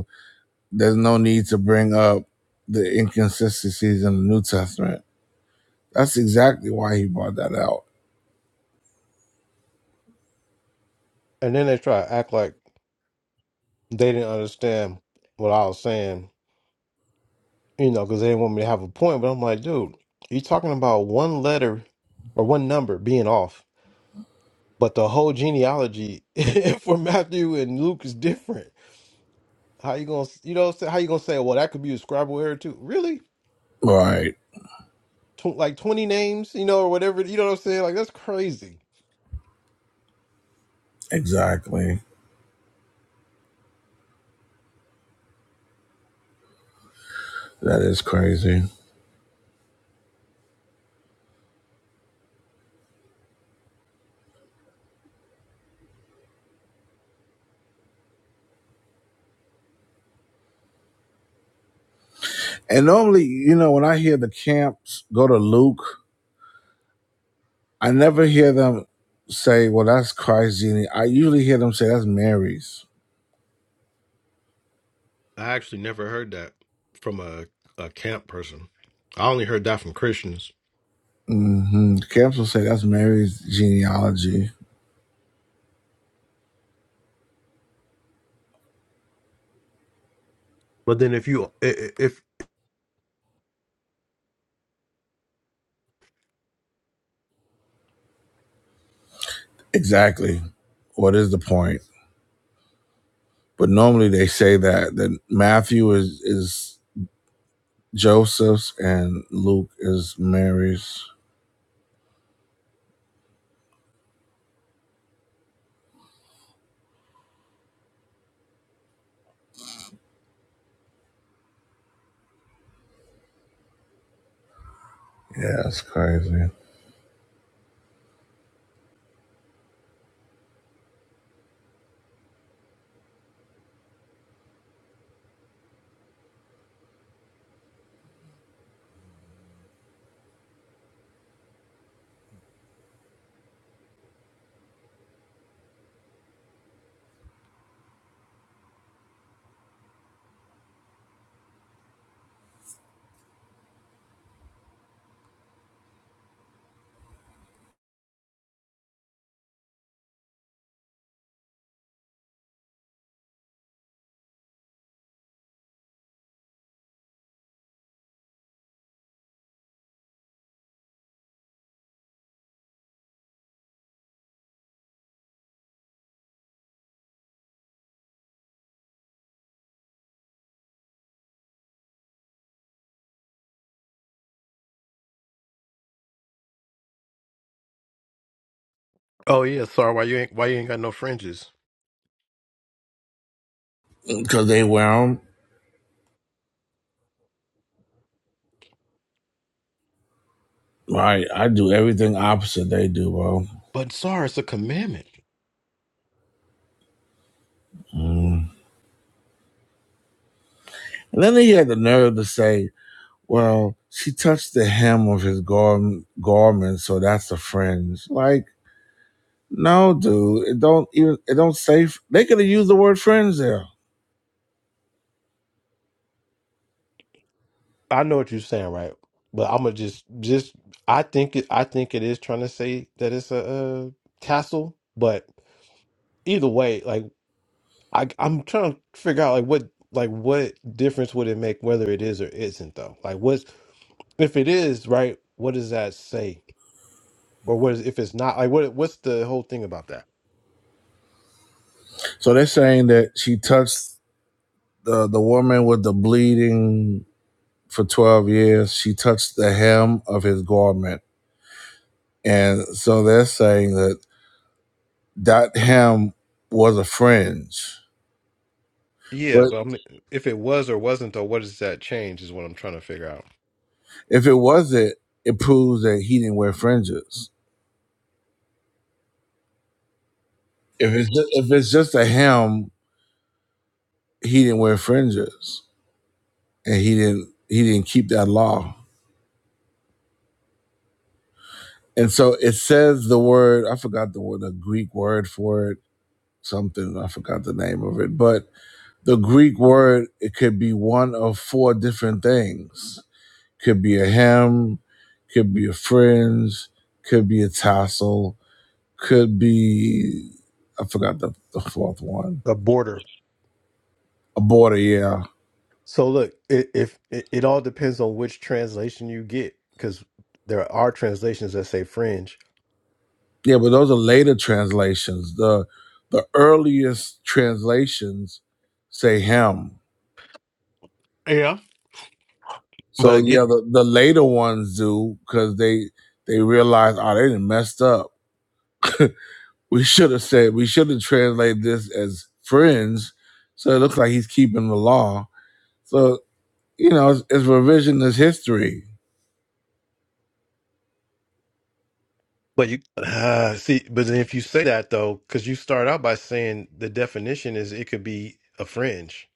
Speaker 1: There's no need to bring up the inconsistencies in the New Testament. That's exactly why he brought that out.
Speaker 7: and then they try to act like they didn't understand what I was saying you know, because they didn't want me to have a point. But I'm like, dude, you're talking about one letter or one number being off, but the whole genealogy (laughs) for Matthew and Luke is different. How you gonna, you know, how you gonna say, well, that could be a scribal error too? Really?
Speaker 1: Right.
Speaker 7: Tw- like 20 names, you know, or whatever. You know what I'm saying? Like that's crazy.
Speaker 1: Exactly. That is crazy. And normally, you know, when I hear the camps go to Luke, I never hear them say, well, that's Christ's genie. I usually hear them say, that's Mary's.
Speaker 7: I actually never heard that from a, a camp person. I only heard that from Christians.
Speaker 1: hmm Camps will say, that's Mary's genealogy.
Speaker 7: But then if you i- i- if
Speaker 1: Exactly. What is the point? But normally they say that, that Matthew is, is Joseph's and Luke is Mary's. Yeah, it's crazy.
Speaker 7: oh yeah, sorry, why you ain't why you ain't got no fringes?
Speaker 1: Because they wear 'em. Right. I do everything opposite they do, bro.
Speaker 7: But sorry, it's a commandment.
Speaker 1: Mm. And then he had the nerve to say, well, she touched the hem of his gar- garment, so that's a fringe. Like, no, dude, it don't even, it don't say, f- they could have used the word fringe there.
Speaker 7: I know what you're saying, right? But I'm gonna just just I think it I think it is trying to say that it's a, uh castle, but either way, like I I'm trying to figure out like what like what difference would it make whether it is or isn't though? Like what's if it is right? What does that say? Or what is if it's not? Like what what's the whole thing about that?
Speaker 1: So they're saying that she touched the, the woman with the bleeding for 12 years. She touched the hem of his garment. And so they're saying that that ham was a fringe.
Speaker 7: Yeah,
Speaker 1: But
Speaker 7: but I'm, if it was or wasn't though, what does that change? Is what I'm trying to figure out.
Speaker 1: if it wasn't, it proves that he didn't wear fringes. If it's just, if it's just a ham, he didn't wear fringes, and he didn't he didn't keep that law. And so it says the word I forgot the word the Greek word for it something I forgot the name of it, but the Greek word it could be one of four different things Could be a him, could be a fringe, could be a tassel, could be I forgot the, the fourth one.
Speaker 7: A border.
Speaker 1: A border, yeah.
Speaker 7: So look, it, if it, it all depends on which translation you get, because there are translations that say fringe,
Speaker 1: Yeah, but those are later translations. The the earliest translations say him.
Speaker 7: Yeah. But
Speaker 1: So
Speaker 7: again,
Speaker 1: yeah, the, the later ones do because they they realize oh they done messed up. (laughs) We should have said we should have translated this as friends, so it looks like he's keeping the law. So You know, it's, it's revisionist history.
Speaker 7: but you uh, see, but then if you say that though, because you start out by saying the definition is it could be a fringe,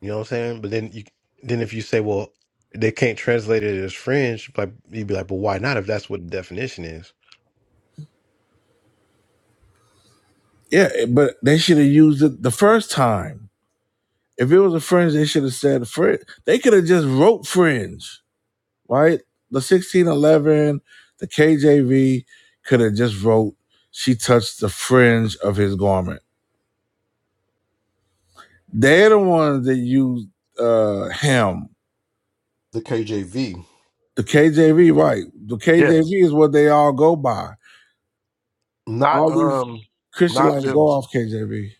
Speaker 7: you know what I'm saying? But then you then if you say, well, they can't translate it as fringe, like you'd be like, but why not if that's what the definition is?
Speaker 1: Yeah, but they should have used it the first time. If it was a fringe, they should have said fringe. They could have just wrote fringe, right? The 1611, the KJV could have just wrote, she touched the fringe of his garment. They're the ones that used uh, him.
Speaker 7: the KJV.
Speaker 1: The KJV, right. The
Speaker 7: Yeah.
Speaker 1: KJV is what they all go by.
Speaker 7: Not
Speaker 1: All these
Speaker 7: um
Speaker 1: Christian
Speaker 7: not
Speaker 1: like
Speaker 7: them.
Speaker 1: go off KJV.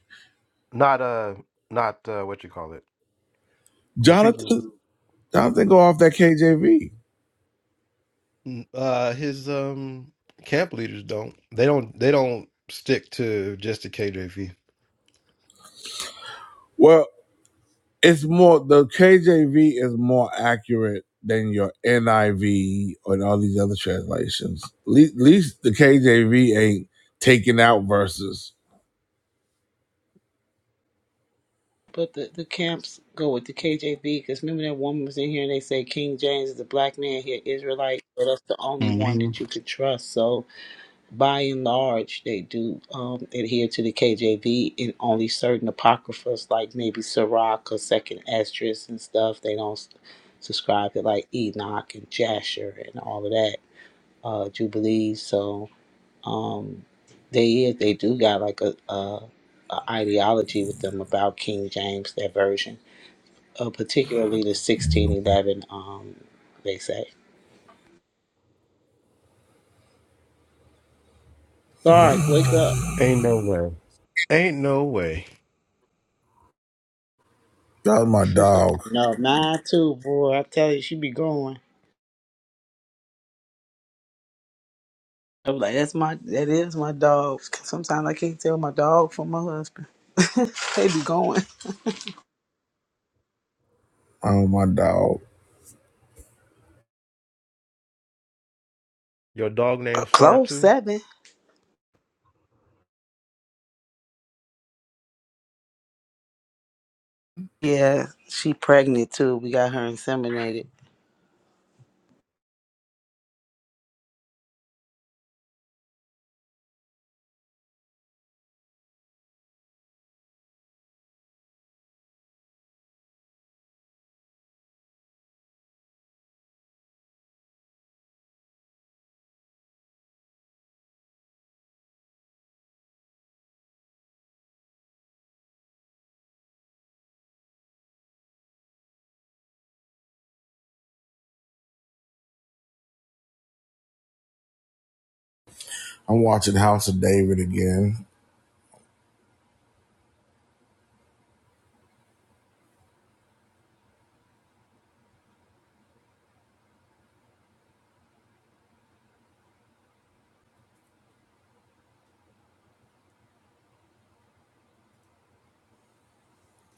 Speaker 7: Not uh, not uh, what you call it. The people.
Speaker 1: Jonathan, Jonathan go off that KJV.
Speaker 7: Mm, Uh, his um camp leaders don't. They don't. They don't stick to just the KJV.
Speaker 1: Well, it's more the KJV is more accurate than your NIV and all these other translations. At least, least the KJV ain't taking out verses.
Speaker 6: But the, the camps go with the KJV because remember that woman was in here and they say King James is a black man here, Israelite, but that's the only one
Speaker 7: hmm
Speaker 6: that you could trust. So by and large, they do um, adhere to the KJV in only certain apocryphas like maybe Sirach or Second Esdras and stuff. They don't s- subscribe to like Enoch and Jasher and all of that uh, Jubilees. So. Um, they is they do got like a, a, a ideology with them about King James, their version, uh, particularly the sixteen eleven. Um, they say, Sark, wake up.
Speaker 7: Ain't no way. Ain't no way.
Speaker 1: That was my dog.
Speaker 6: No, mine too, boy. I tell you, she be going. I'm like, that's my that is my dog. Sometimes I can't tell my dog from my husband. (laughs) they be going
Speaker 1: Oh my dog.
Speaker 7: Your dog
Speaker 6: Uh,
Speaker 7: named
Speaker 6: close
Speaker 7: Sartu.
Speaker 6: seven. Yeah, she pregnant too. We got her inseminated.
Speaker 1: I'm watching House of David again.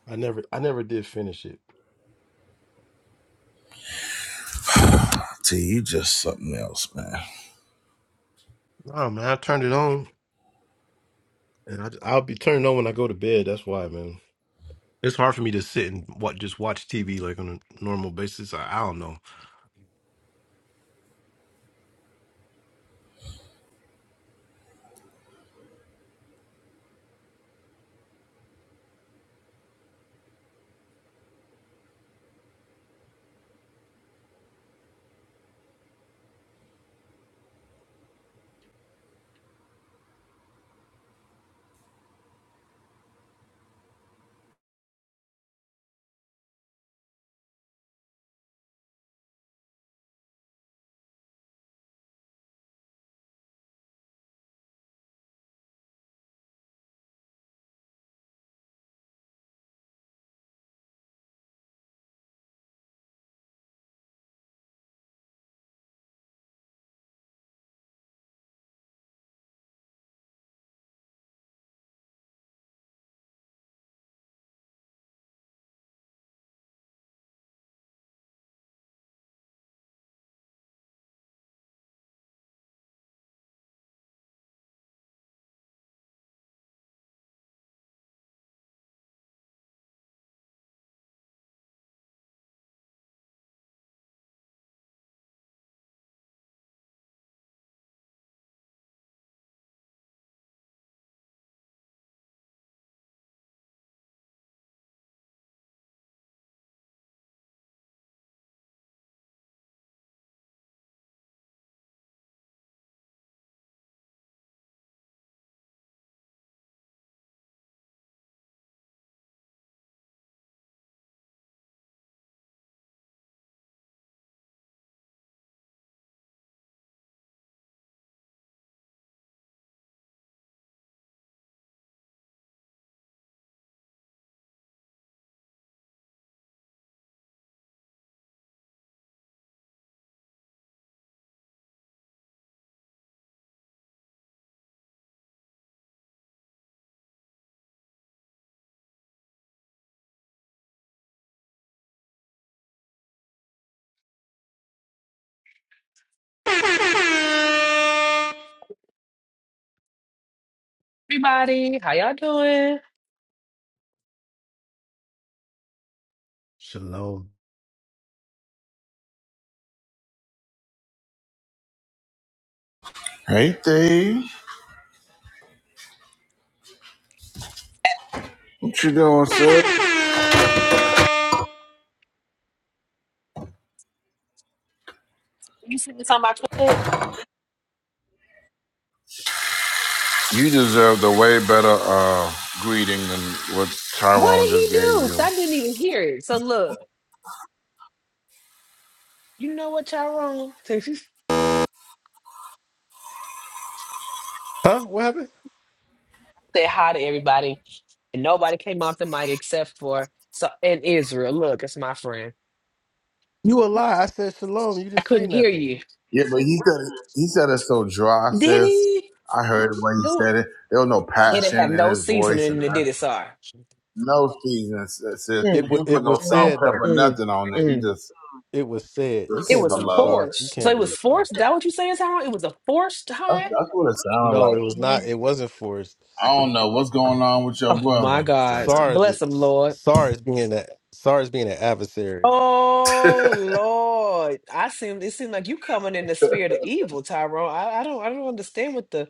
Speaker 7: I never, I never did finish it.
Speaker 1: T, you you just something else, man.
Speaker 7: Oh man, I turned it on, and I, I'll be turning it on when I go to bed. That's why, man. It's hard for me to sit and what just watch TV like on a normal basis. I, I don't know.
Speaker 8: How y'all doing?
Speaker 7: Shalom.
Speaker 1: Hey Dave. What you doing, sir?
Speaker 8: You seen this on my Twitter?
Speaker 1: You deserve the way better uh greeting than what
Speaker 8: What
Speaker 1: Tyrone
Speaker 8: did he
Speaker 1: just gave
Speaker 8: do?
Speaker 1: you.
Speaker 8: Because I didn't even hear it. So look, you know what y'all wrong? (laughs) So she
Speaker 7: Huh? What happened?
Speaker 8: said hi to everybody, and nobody came off the mic except for so and Israel. Look, it's my friend.
Speaker 7: You a lie. I said shalom. You
Speaker 8: I
Speaker 7: didn't say
Speaker 8: couldn't hear
Speaker 7: nothing.
Speaker 8: you.
Speaker 1: Yeah, but he said it, he said it so dry,
Speaker 8: Did
Speaker 1: sis.
Speaker 8: he?
Speaker 1: I heard it when he said
Speaker 8: Go.
Speaker 1: it. There was no
Speaker 8: It didn't have
Speaker 1: passion
Speaker 8: no
Speaker 1: in his voice
Speaker 8: seasoning
Speaker 1: and
Speaker 8: in it,
Speaker 1: no
Speaker 8: did it, Sar?
Speaker 1: no season, sis. sis.
Speaker 7: It
Speaker 1: He
Speaker 8: Mm,
Speaker 7: was,
Speaker 1: didn't
Speaker 7: it
Speaker 1: put no
Speaker 7: was
Speaker 1: salt,
Speaker 8: mm,
Speaker 7: said though.
Speaker 1: pepper,
Speaker 8: mm,
Speaker 1: nothing on it. He
Speaker 8: mm.
Speaker 1: just,
Speaker 7: It was said. You
Speaker 1: just
Speaker 8: It
Speaker 7: can't
Speaker 8: was
Speaker 7: believe
Speaker 1: hello.
Speaker 7: sorry. You
Speaker 8: forced. So
Speaker 7: can't
Speaker 8: it was
Speaker 7: believe sorry.
Speaker 8: forced. Is that what you saying, Tyrone? It was a forced
Speaker 1: That's,
Speaker 8: high?
Speaker 1: that's what it sounded
Speaker 7: No,
Speaker 1: like
Speaker 7: it was
Speaker 1: to
Speaker 7: not.
Speaker 1: me.
Speaker 7: It wasn't forced.
Speaker 1: I don't know what's going on with your
Speaker 8: Oh my
Speaker 1: brother. But
Speaker 8: God.
Speaker 1: the-
Speaker 7: Sar is
Speaker 8: Bless him, Lord.
Speaker 7: Sar is being that Sar is being an adversary.
Speaker 8: Oh Lord. I seem it seemed like you coming in the spirit of evil, Tyrone. I, I don't I don't understand what the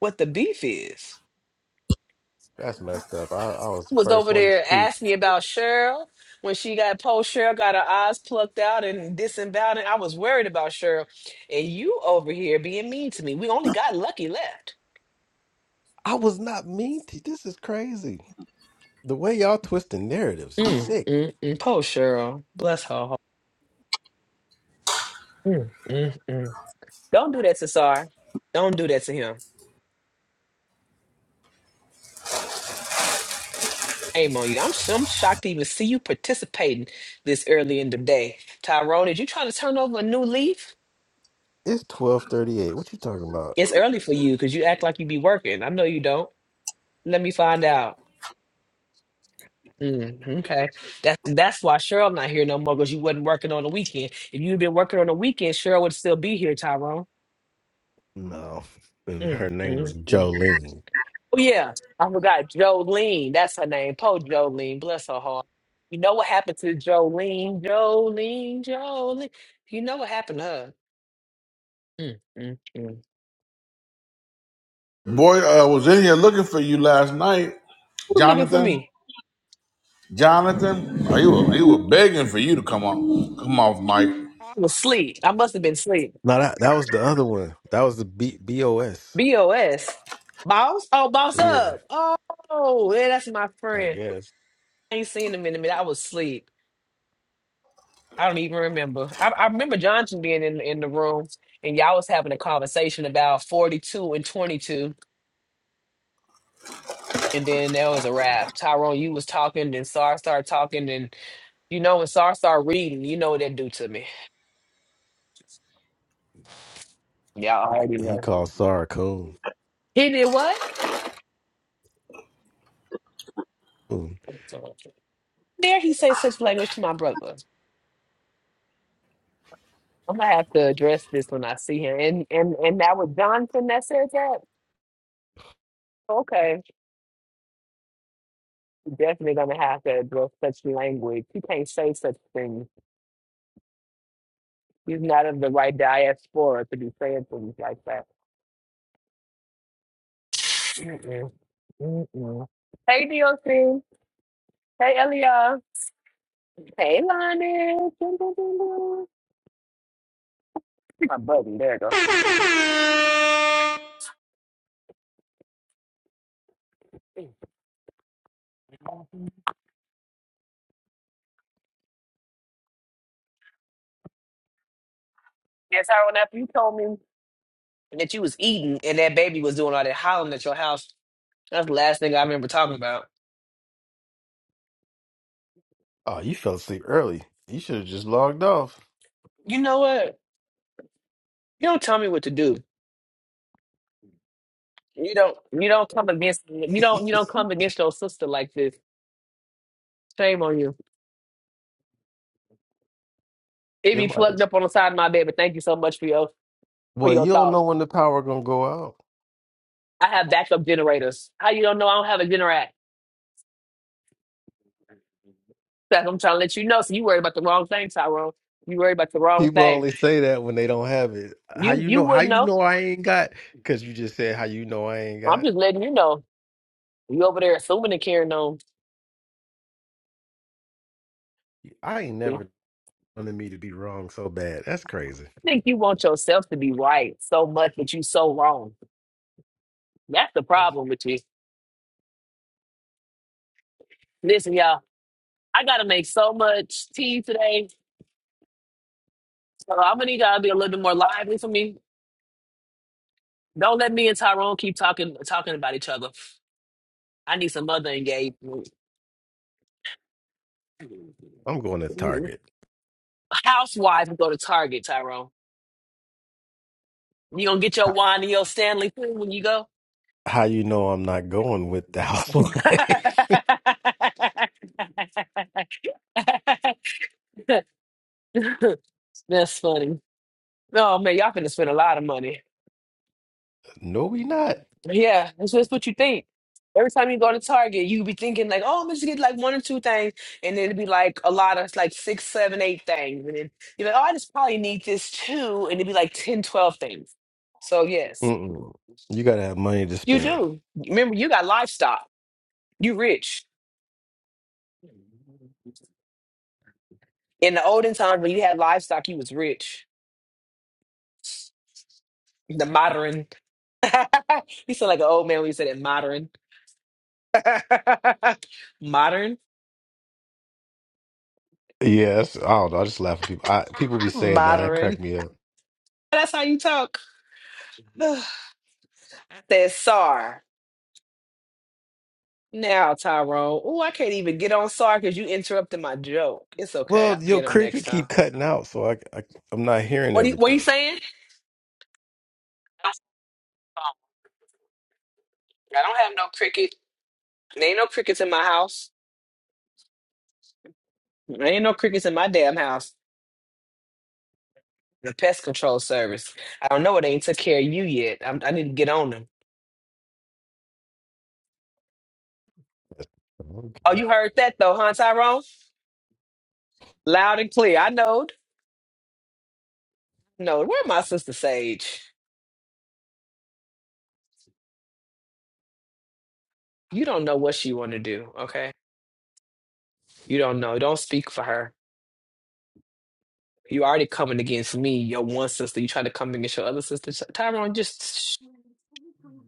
Speaker 8: what the beef is.
Speaker 7: That's messed up. I, I was the
Speaker 8: was
Speaker 7: first
Speaker 8: over
Speaker 7: one to
Speaker 8: there
Speaker 7: speak.
Speaker 8: asking me about Cheryl when she got post Cheryl got her eyes plucked out and disemboweled. And I was worried about Cheryl, and you over here being mean to me. We only got Lucky left.
Speaker 7: I was not mean to. This is crazy. The way y'all twisting narratives is
Speaker 8: Mm,
Speaker 7: sick.
Speaker 8: mm, mm. Poor Cheryl. Bless her heart. Mm, mm, mm. Don't do that to Sar. Don't do that to him. Shame on you. I'm, sh- I'm shocked to even see you participating this early in the day. Tyrone, Did you try to turn over a new leaf?
Speaker 7: It's twelve thirty eight. What you talking about?
Speaker 8: It's early for you because you act like you be working. I know you don't. Let me find out. Mm, okay. That's that's why Cheryl not here no more because you wasn't working on the weekend. If you'd been working on the weekend, Cheryl would still be here, Tyrone.
Speaker 7: No, and
Speaker 8: Mm,
Speaker 7: her name was
Speaker 8: mm, mm.
Speaker 7: Jolene.
Speaker 8: Oh, yeah. I forgot Jolene. That's her name. Po Jolene. Bless her heart. You know what happened to Jolene? Jolene, Jolene. You know what happened to her? Mm, mm, mm.
Speaker 1: Boy, I uh, was in here
Speaker 8: Who
Speaker 1: looking for you last night,
Speaker 8: was looking for
Speaker 1: Jonathan.
Speaker 8: me?
Speaker 1: Jonathan, oh, he was, he was begging for you to come on, come off, Mike.
Speaker 8: I was asleep. I must have been asleep.
Speaker 7: No, that that was the other one. That was the B B O S.
Speaker 8: BOS. Boss? Oh, boss
Speaker 7: Yeah,
Speaker 8: up. Oh, yeah, that's my
Speaker 7: I
Speaker 8: friend.
Speaker 7: guess
Speaker 8: I ain't seen him in a minute. I was asleep. I don't even remember. I, I remember Johnson being in, in the room and y'all was having a conversation about 42 and 22. And then there was a wrap. Tyrone, you was talking, then Sar started talking. And you know, when Sar started reading, you know what that do to me. Y'all already
Speaker 7: he
Speaker 8: know.
Speaker 7: called Sarah Coon.
Speaker 8: He did what?
Speaker 7: Coon.
Speaker 8: dare he say such language to my brother? I'm gonna have to address this when I see him. And and and that was Johnson that said that. Okay, definitely gonna have to address such language. He can't say such things. He's not of the right diaspora to be saying things like that. Mm-mm. Mm-mm. Hey, DOC. Hey, Elia. Hey, Lonnie. Dun, dun, dun, dun. My big ol'. Yes, Harold, after you told me that you was eating and that baby was doing all that howling at your house That's the last thing I remember talking about.
Speaker 7: Oh, you fell asleep early. You should have just logged off.
Speaker 8: You know what? You don't tell me what to do. You don't. You don't come against. You
Speaker 7: (laughs)
Speaker 8: don't. You don't come against your sister like this. Shame on you. It
Speaker 7: It
Speaker 8: be
Speaker 7: might have-
Speaker 8: plugged up on the side of my bed. But thank you so much for your for
Speaker 7: Well,
Speaker 8: your
Speaker 7: you don't
Speaker 8: thought.
Speaker 7: know when the power gonna go out.
Speaker 8: I have backup generators. How you don't know I don't have a generator? That's what I'm trying to let you know. So you worried about the wrong thing, Tyrone. You worried about the wrong
Speaker 7: People
Speaker 8: thing.
Speaker 7: only say that when they don't have it. How
Speaker 8: You
Speaker 7: you
Speaker 8: you
Speaker 7: know? How
Speaker 8: wouldn't
Speaker 7: you
Speaker 8: know.
Speaker 7: know I ain't got? Because you just said how you know I ain't
Speaker 8: I'm
Speaker 7: got.
Speaker 8: just letting you know. You over there assuming and carrying on.
Speaker 7: I ain't
Speaker 8: I
Speaker 7: never wanted me to be wrong so bad. That's crazy.
Speaker 8: think you want yourself to be right so much, but you so wrong. That's the problem with you. Listen, y'all, I gotta make so much tea today, so I'm gonna need y'all to be a little bit more lively for me. Don't let me and Tyrone keep talking talking about each other. I need some other engagement.
Speaker 7: I'm going to Target.
Speaker 8: Housewives go to Target, Tyrone. You gonna get your
Speaker 7: How,
Speaker 8: wine and your Stanley too when you go?
Speaker 7: how you know I'm not going with the housewife?
Speaker 8: (laughs) That's funny. No man, y'all finna spend a lot of money.
Speaker 7: (laughs) no, we not.
Speaker 8: Yeah, that's just what you think. Every time you go to Target, you be thinking like, "Oh, I'm just get like one or two things," and it'd be like a lot of like six, seven, eight things, and then you're like, "Oh, I just probably need this too," and it'd be like ten, twelve things. So yes,
Speaker 7: Mm-mm. You gotta have money to
Speaker 8: you
Speaker 7: spend.
Speaker 8: do. Remember, you got livestock. You rich. In the olden times when you had livestock, you was rich. The modern. (laughs) you sound like an old man when you said it. Modern. (laughs) modern.
Speaker 7: Yes, I don't know. I just laugh at people. I, people be
Speaker 8: (laughs)
Speaker 7: saying that. That
Speaker 8: Modern.
Speaker 7: crack me up.
Speaker 8: (laughs) That's how you talk. (sighs) Says Sar. Now, Tyrone. Oh, I can't even get on Sar because you interrupted my joke. It's okay. I'll
Speaker 7: Well, your
Speaker 8: get him next
Speaker 7: cricket
Speaker 8: time.
Speaker 7: keep cutting out, so I, I I'm not hearing
Speaker 8: What are you, what you
Speaker 7: everything.
Speaker 8: saying? I I don't have no cricket. There ain't no crickets in my house. There ain't no crickets in my damn house. The pest control service. I don't know. It ain't took care of you yet. I'm, I need to get on them. Oh,
Speaker 7: Okay.
Speaker 8: you heard that though, huh, Tyrone? Loud and clear. I knowed. No, where my sister Sage? You don't know what she want to do, okay? You don't know. Don't speak for her. You already coming against me, your one sister. You try to come against your other sister. Sh- Tyrone, just shh.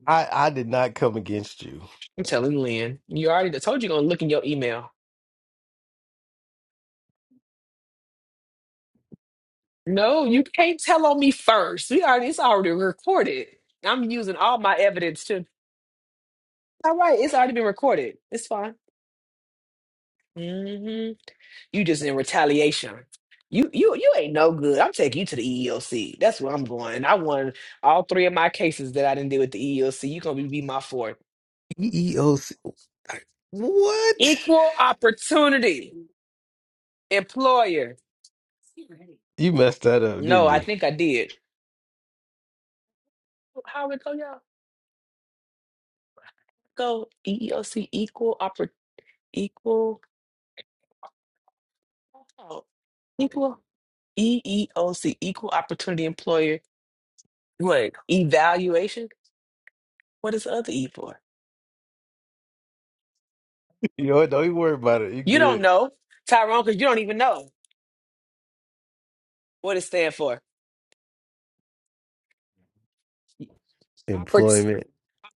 Speaker 7: I I did not come against you.
Speaker 8: I'm telling Lynn. You already I told you gonna look in your email. No, you can't tell on me first. We already it's already recorded. I'm using all my evidence to all right, it's already been recorded. It's fine. hmm You just in retaliation. You you you ain't no good. I'm taking you to the EEOC. That's where I'm going. I won all three of my cases that I didn't deal with the EEOC. you gonna be my fourth.
Speaker 7: EEOC. What?
Speaker 8: Equal opportunity employer.
Speaker 7: You messed that up,
Speaker 8: No,
Speaker 7: didn't
Speaker 8: I
Speaker 7: you? (laughs)
Speaker 8: think I did. How we go, y'all? Go EEOC equal oppor equal oh, equal EEOC equal opportunity employer. What evaluation? What is the other E for? (laughs)
Speaker 7: You know what? Don't even worry about it. You
Speaker 8: You don't
Speaker 7: good.
Speaker 8: know, Tyrone, because you don't even know what it stands for. Oppor-
Speaker 7: Employment.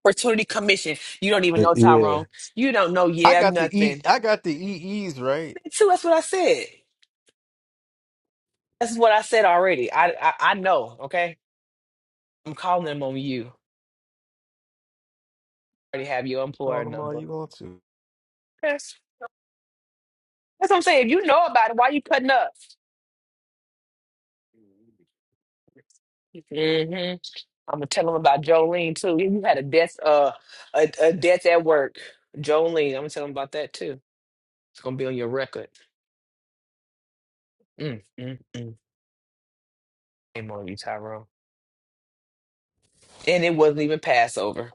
Speaker 8: Opportunity Commission. You don't even
Speaker 7: Uh,
Speaker 8: know,
Speaker 7: Yeah.
Speaker 8: Tyrone. You don't know.
Speaker 7: I
Speaker 8: Yeah,
Speaker 7: got the E
Speaker 8: nothing.
Speaker 7: I got the EEs right.
Speaker 8: Me too. That's what I said. That's what I said already. I I, I know. Okay, I'm calling them on you. already have your
Speaker 7: Call
Speaker 8: employer
Speaker 7: them all
Speaker 8: number.
Speaker 7: you want to.
Speaker 8: That's, that's what I'm saying. If you know about it, why you cutting up? hmm I'm gonna tell them about Jolene too. You had a death, uh, a, a death at work. Jolene, I'm gonna tell them about that too. It's gonna be on your record. Mm, mm, mm. Shame on you, Tyrone. And it wasn't even Passover.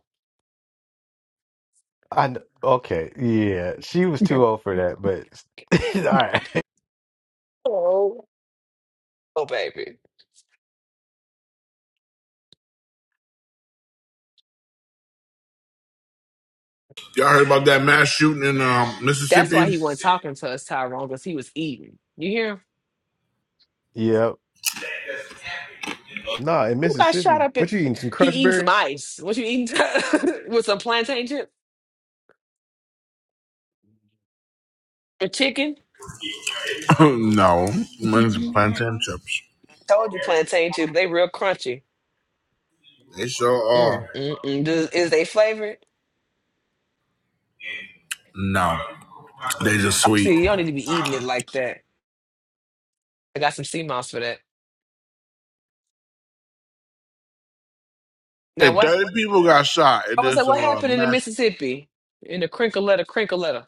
Speaker 7: I know. okay. Yeah. She was too old for that, but (laughs) all right.
Speaker 8: Oh, oh, baby.
Speaker 1: Y'all heard about that mass shooting in um,
Speaker 8: That's why
Speaker 1: Mississippi?
Speaker 8: he wasn't talking to us, Tyrone, because he was eating. You hear him?
Speaker 7: Yep. Nah, in
Speaker 8: Who got shot
Speaker 7: Mississippi.
Speaker 8: up? At...
Speaker 7: What you eating? Some
Speaker 8: He
Speaker 7: crunch
Speaker 8: eating some
Speaker 7: berries?
Speaker 8: ice. What you eating? (laughs) With some plantain chips? The chicken?
Speaker 1: (clears throat) (laughs) no, mine's
Speaker 8: Mhm.
Speaker 1: plantain chips.
Speaker 8: I told you plantain chips. They real crunchy.
Speaker 1: They sure are.
Speaker 8: Mm, mm, mm. Does, is they flavored?
Speaker 1: No, they just
Speaker 8: Oh,
Speaker 1: sweet.
Speaker 8: See, you don't need to be eating it like that. I got some sea moss for that. Now
Speaker 1: And
Speaker 8: what?
Speaker 1: thirty people got shot at
Speaker 8: I was like,
Speaker 1: this
Speaker 8: what
Speaker 1: uh
Speaker 8: happened in the
Speaker 1: mass.
Speaker 8: Mississippi? In the crinkle letter, crinkle letter.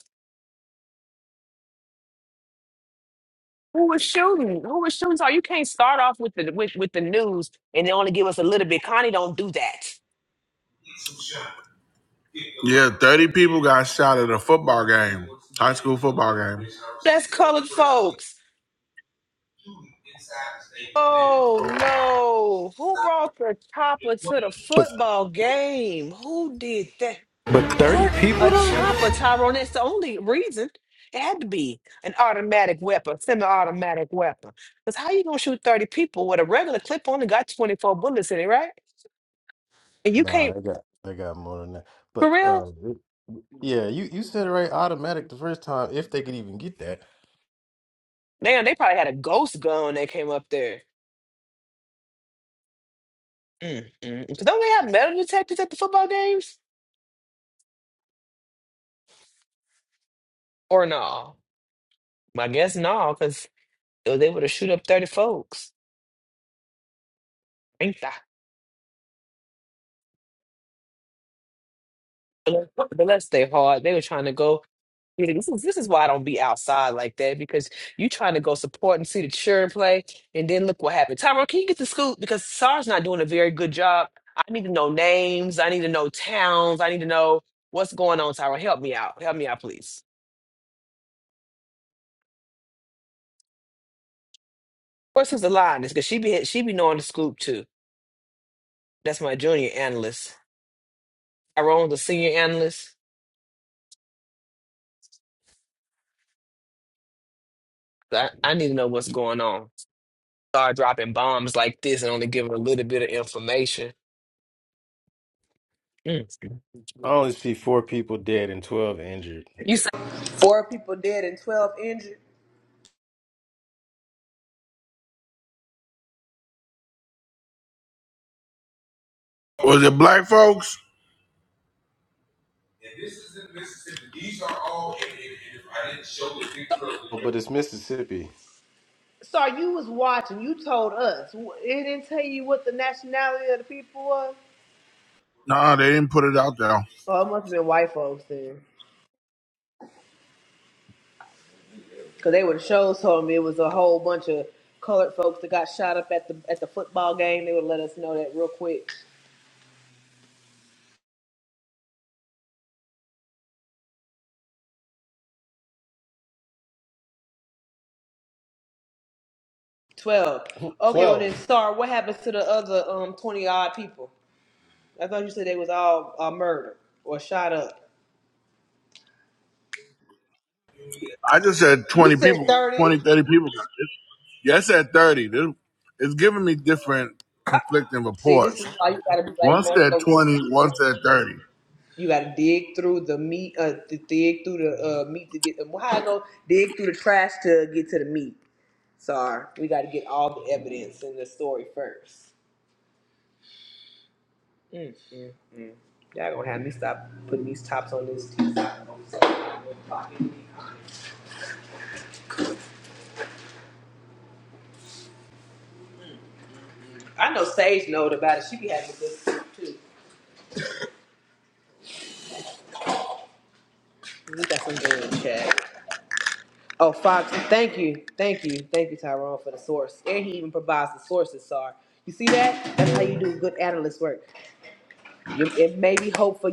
Speaker 8: Who was shooting? Who was shooting? So you can't start off with the with, with the news and they only give us a little bit. Connie, don't do that.
Speaker 1: Yeah, thirty people got shot at a football game, high school football game.
Speaker 8: That's colored folks. Oh no! Who brought the chopper to the
Speaker 7: But
Speaker 8: football game? Who did that?
Speaker 7: but 30 people
Speaker 8: What a
Speaker 7: though?
Speaker 8: chopper, Tyrone! That's the only reason. It had to be an automatic weapon, semi-automatic weapon. Because how you gonna shoot thirty people with a regular clip only got twenty-four bullets in it, right? And you
Speaker 7: Nah,
Speaker 8: can't
Speaker 7: they got they got more than that. But
Speaker 8: for real.
Speaker 7: um, it- yeah, you you said it right. Automatic the first time, if they could even get that.
Speaker 8: Man, they probably had a ghost gun when they came up there. Mm-mm. Don't they have metal detectors at the football games? Or no? I guess no, because. They was able to shoot up 30 folks. Ain't that? Bless bless they hard. They were trying to go. you know, This is, this is why I don't be outside like that because you trying to go support and see the children play, and then look what happened. Tyrone, can you get the scoop? Because SAR's not doing a very good job. I need to know names. I need to know towns. I need to know what's going on, Tyrone. Help me out. Help me out, please. Of course, who's the line? Because she be she be knowing the scoop too. That's my junior analyst. Tyrone's the senior analyst. I, I need to know what's going on. start dropping bombs like this and only giving a little bit of information. Mm.
Speaker 7: I only see four people dead and twelve injured.
Speaker 8: You say,
Speaker 1: Was it black folks?
Speaker 7: Oh, But it's Mississippi.
Speaker 1: No, they didn't put it out there.
Speaker 7: (laughs) Twelve.
Speaker 1: I just said
Speaker 8: You
Speaker 1: twenty
Speaker 8: said
Speaker 1: people,
Speaker 8: 30.
Speaker 1: 20 30 people. Yeah, I said thirty. This- It's giving me different conflicting
Speaker 8: See, this
Speaker 1: reports.
Speaker 8: is why you gotta be
Speaker 1: One
Speaker 8: like Lawrence
Speaker 1: said
Speaker 8: LaRosa.
Speaker 1: twenty, one said thirty.
Speaker 8: You gotta dig through the meat, uh, to dig through the uh, meat to get the how I go dig through the trash to get to the meat. Sorry, we gotta get all the evidence in the story first. Mm, mm, mm. Y'all gonna have me stop putting these tops on this. tea. I know Sage knowed about it. She be having good soup too. We got some good chat. Oh, Fox, thank you. Thank you. Thank you, Tyrone, for the source. And he even provides the sources, Sar. You see that? That's how you do good analyst work. You- It may be hopeful.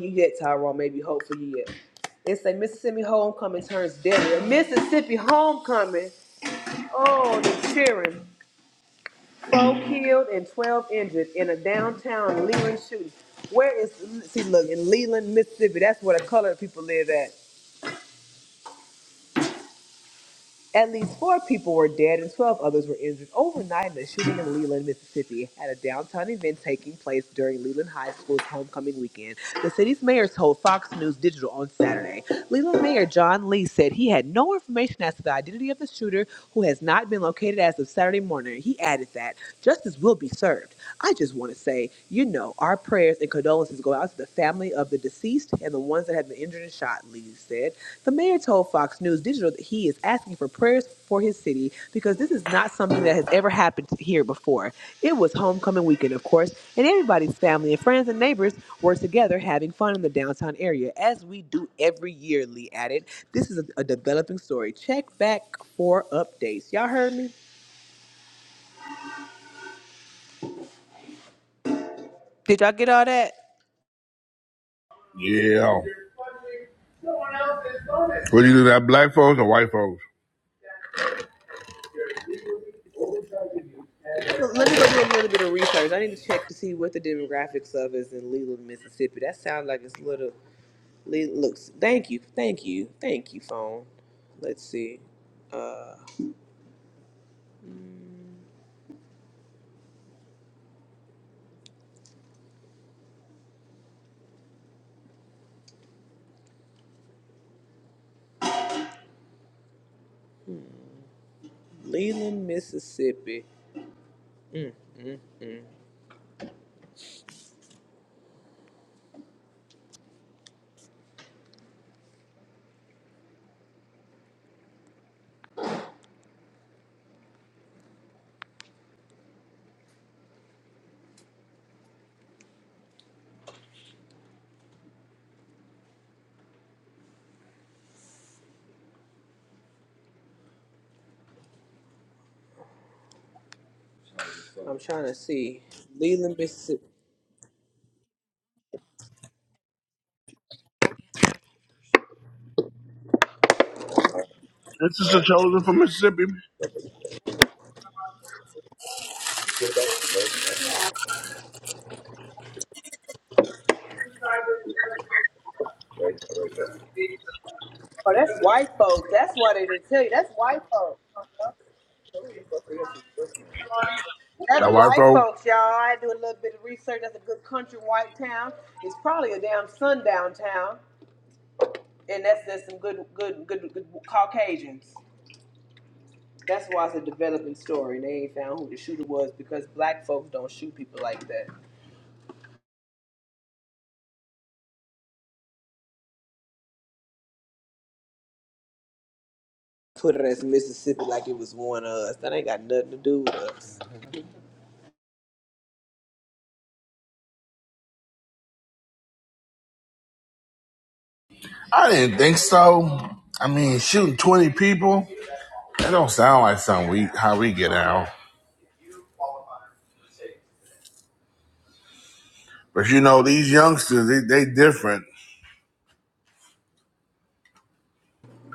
Speaker 1: Yeah. What do you do? That black folks or white folks?
Speaker 8: I'm gonna- Let me go do a little bit of research. I need to check to see what the demographics of is in Leland, Mississippi. That sounds like it's little. Le- looks. Thank you. Thank you. Thank you, phone. Let's see. Leland, Mississippi. I'm trying to see. Leland, Mississippi.
Speaker 1: This is the chosen from Mississippi.
Speaker 8: Oh, that's white folks. That's why they didn't tell you. That's white folks. That's
Speaker 1: That white
Speaker 8: white
Speaker 1: folk.
Speaker 8: folks, y'all. I do a little bit of research. That's a good country white town. It's probably a damn sundown town, and that's that's some good, good, good, good Caucasians. That's why it's a developing story. They ain't found who the shooter was because black folks don't shoot people like that. Put it as Mississippi like it was one of us. That ain't got nothing to do with us.
Speaker 1: I didn't think so. I mean, shooting 20 people, that don't sound like something we how we get out. But you know, these youngsters, they, they different.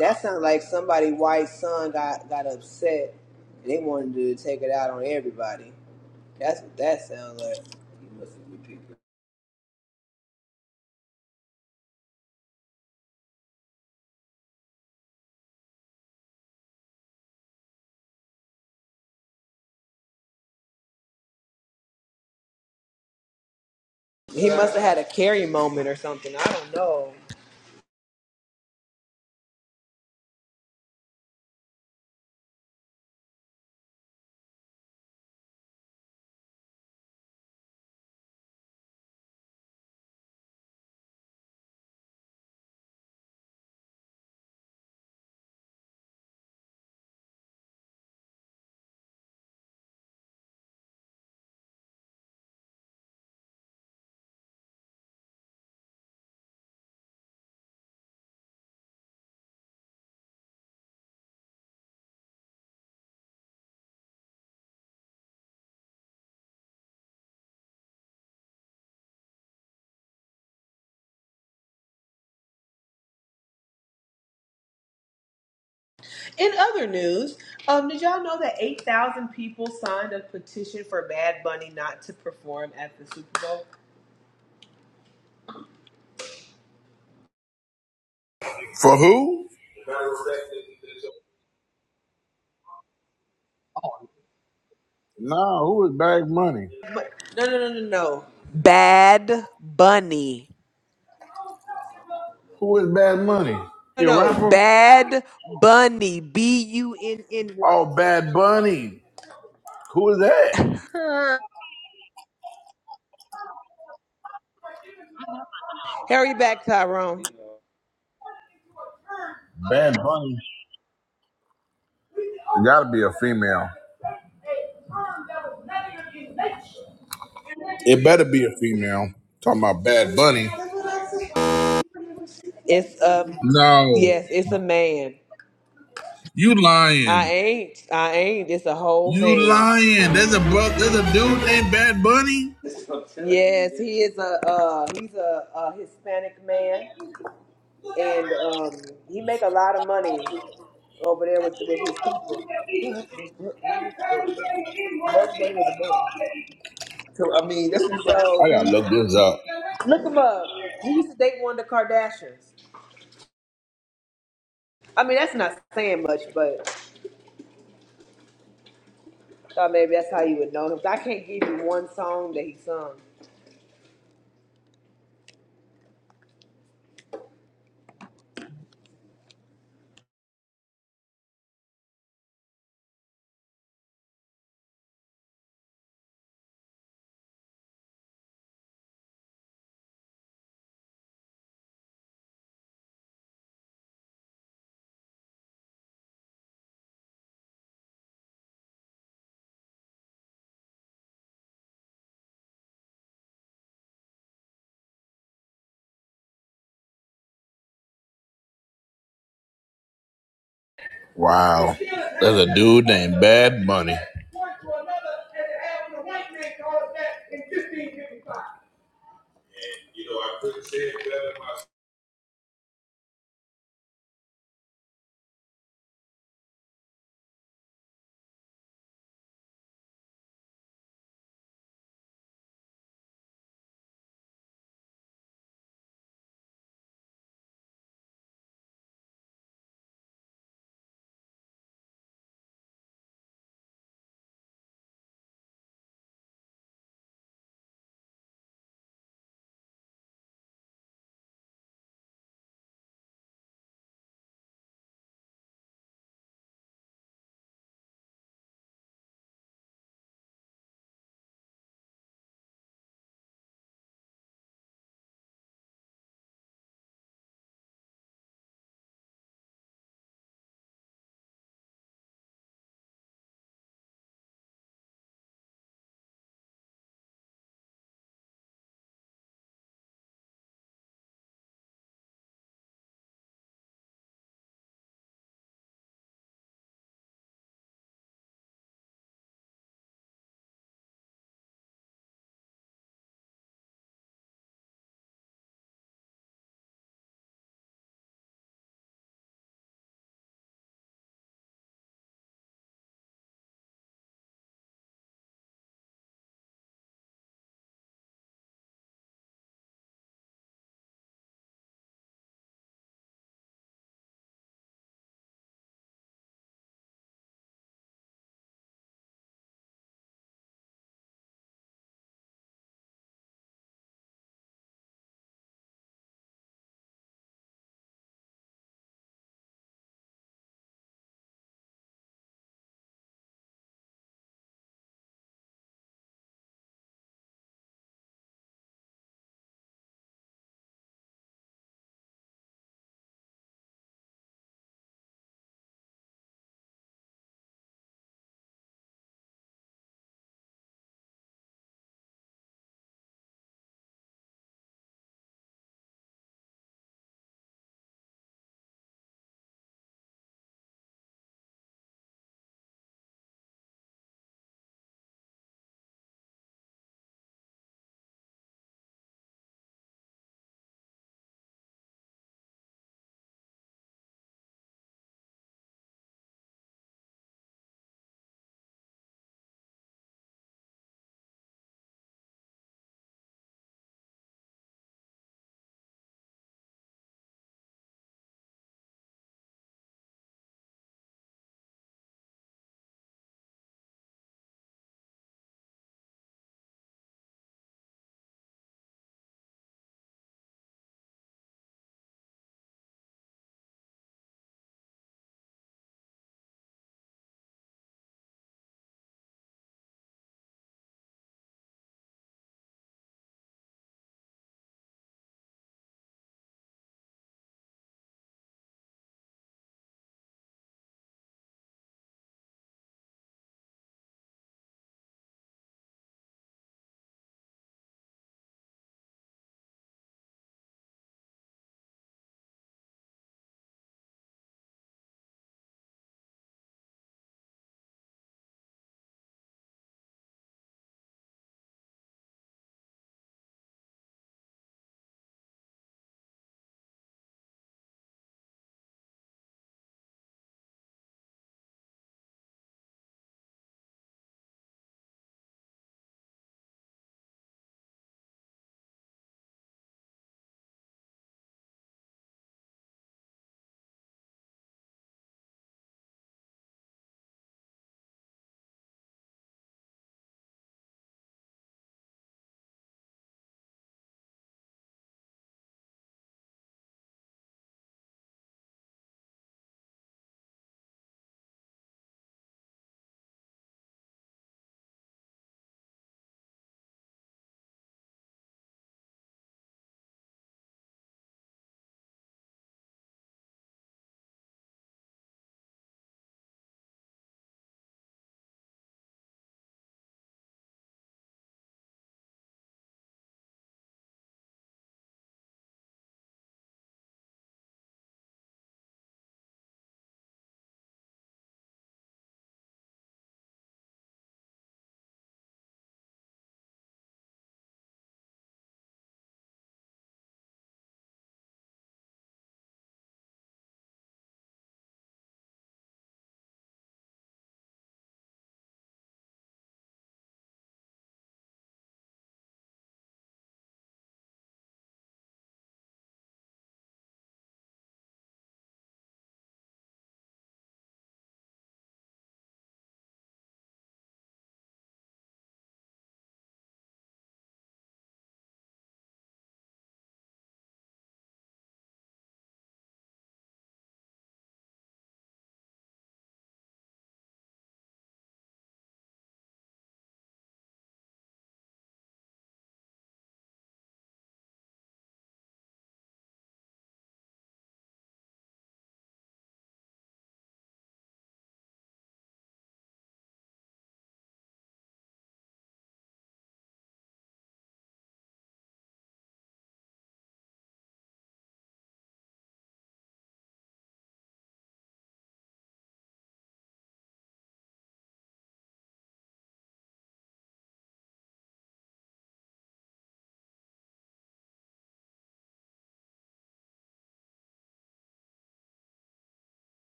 Speaker 8: That sounds like somebody white son got got upset and they wanted to take it out on everybody. That's what that sounds like. You must be people. He must have had a carry moment or something. I don't know. In other news, um, did y'all know that 8,000 people signed a petition for Bad Bunny not to perform at the Super Bowl?
Speaker 1: For who? Nah, who is Bad Money?
Speaker 8: No, no, no, no, no. Bad Bunny.
Speaker 1: Who is Bad Money?
Speaker 8: No,
Speaker 1: You a
Speaker 8: no.
Speaker 1: rapper?
Speaker 8: Bad Bunny. B U N N
Speaker 1: Oh, Bad Bunny. Who is that?
Speaker 8: Y. (laughs) Harry back, Tyrone.
Speaker 1: Bad Bunny. It gotta be a female. It better be a female. Talking about Bad Bunny.
Speaker 8: It's um
Speaker 1: No,
Speaker 8: yes, it's a man.
Speaker 1: you
Speaker 8: I
Speaker 1: lying.
Speaker 8: ain't. I ain't. It's a whole
Speaker 1: You
Speaker 8: man.
Speaker 1: lying. There's a bro- there's a dude named Bad Bunny.
Speaker 8: Yes, he is a uh, he's a, a Hispanic man, and um, he make a lot of money over there with with his people. Bugs Bunny was a boy. So, I mean, that's what you got.
Speaker 1: I
Speaker 8: So
Speaker 1: gotta look
Speaker 8: he-
Speaker 1: this up.
Speaker 8: look him up. He used to date one of the Kardashians. I mean, that's not saying much, but thought maybe that's how you would know him. I can't give you one song that he sung.
Speaker 1: Wow. There's a dude named Bad Bunny.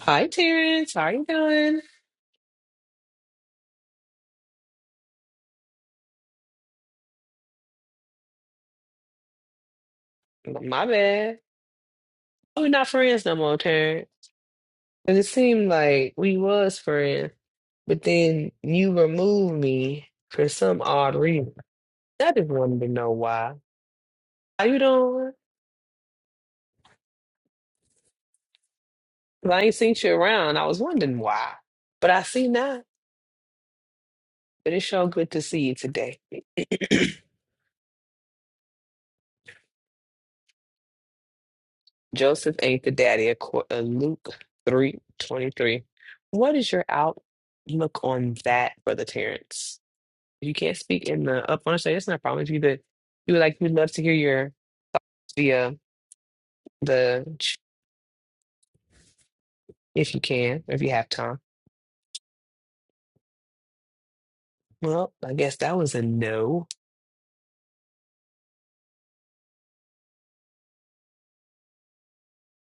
Speaker 8: Hi, Terrence. How you doing? My bad. We're not friends no more, Terrence. And it seemed like we was friends. But then you removed me for some odd reason. I just wanted to know why. How you doing? 'Cause I ain't seen you around. I was wondering why. But I see now. But it's so good to see you today. (clears throat) Joseph ain't the daddy of cour- uh, Luke three twenty three. What is your outlook on that, Brother Terrence? If you can't speak in the up on stage, it's not a problem. If you could, you would like, we'd love to hear your the uh, the ch- if you can, or if you have time. Well, I guess that was a no.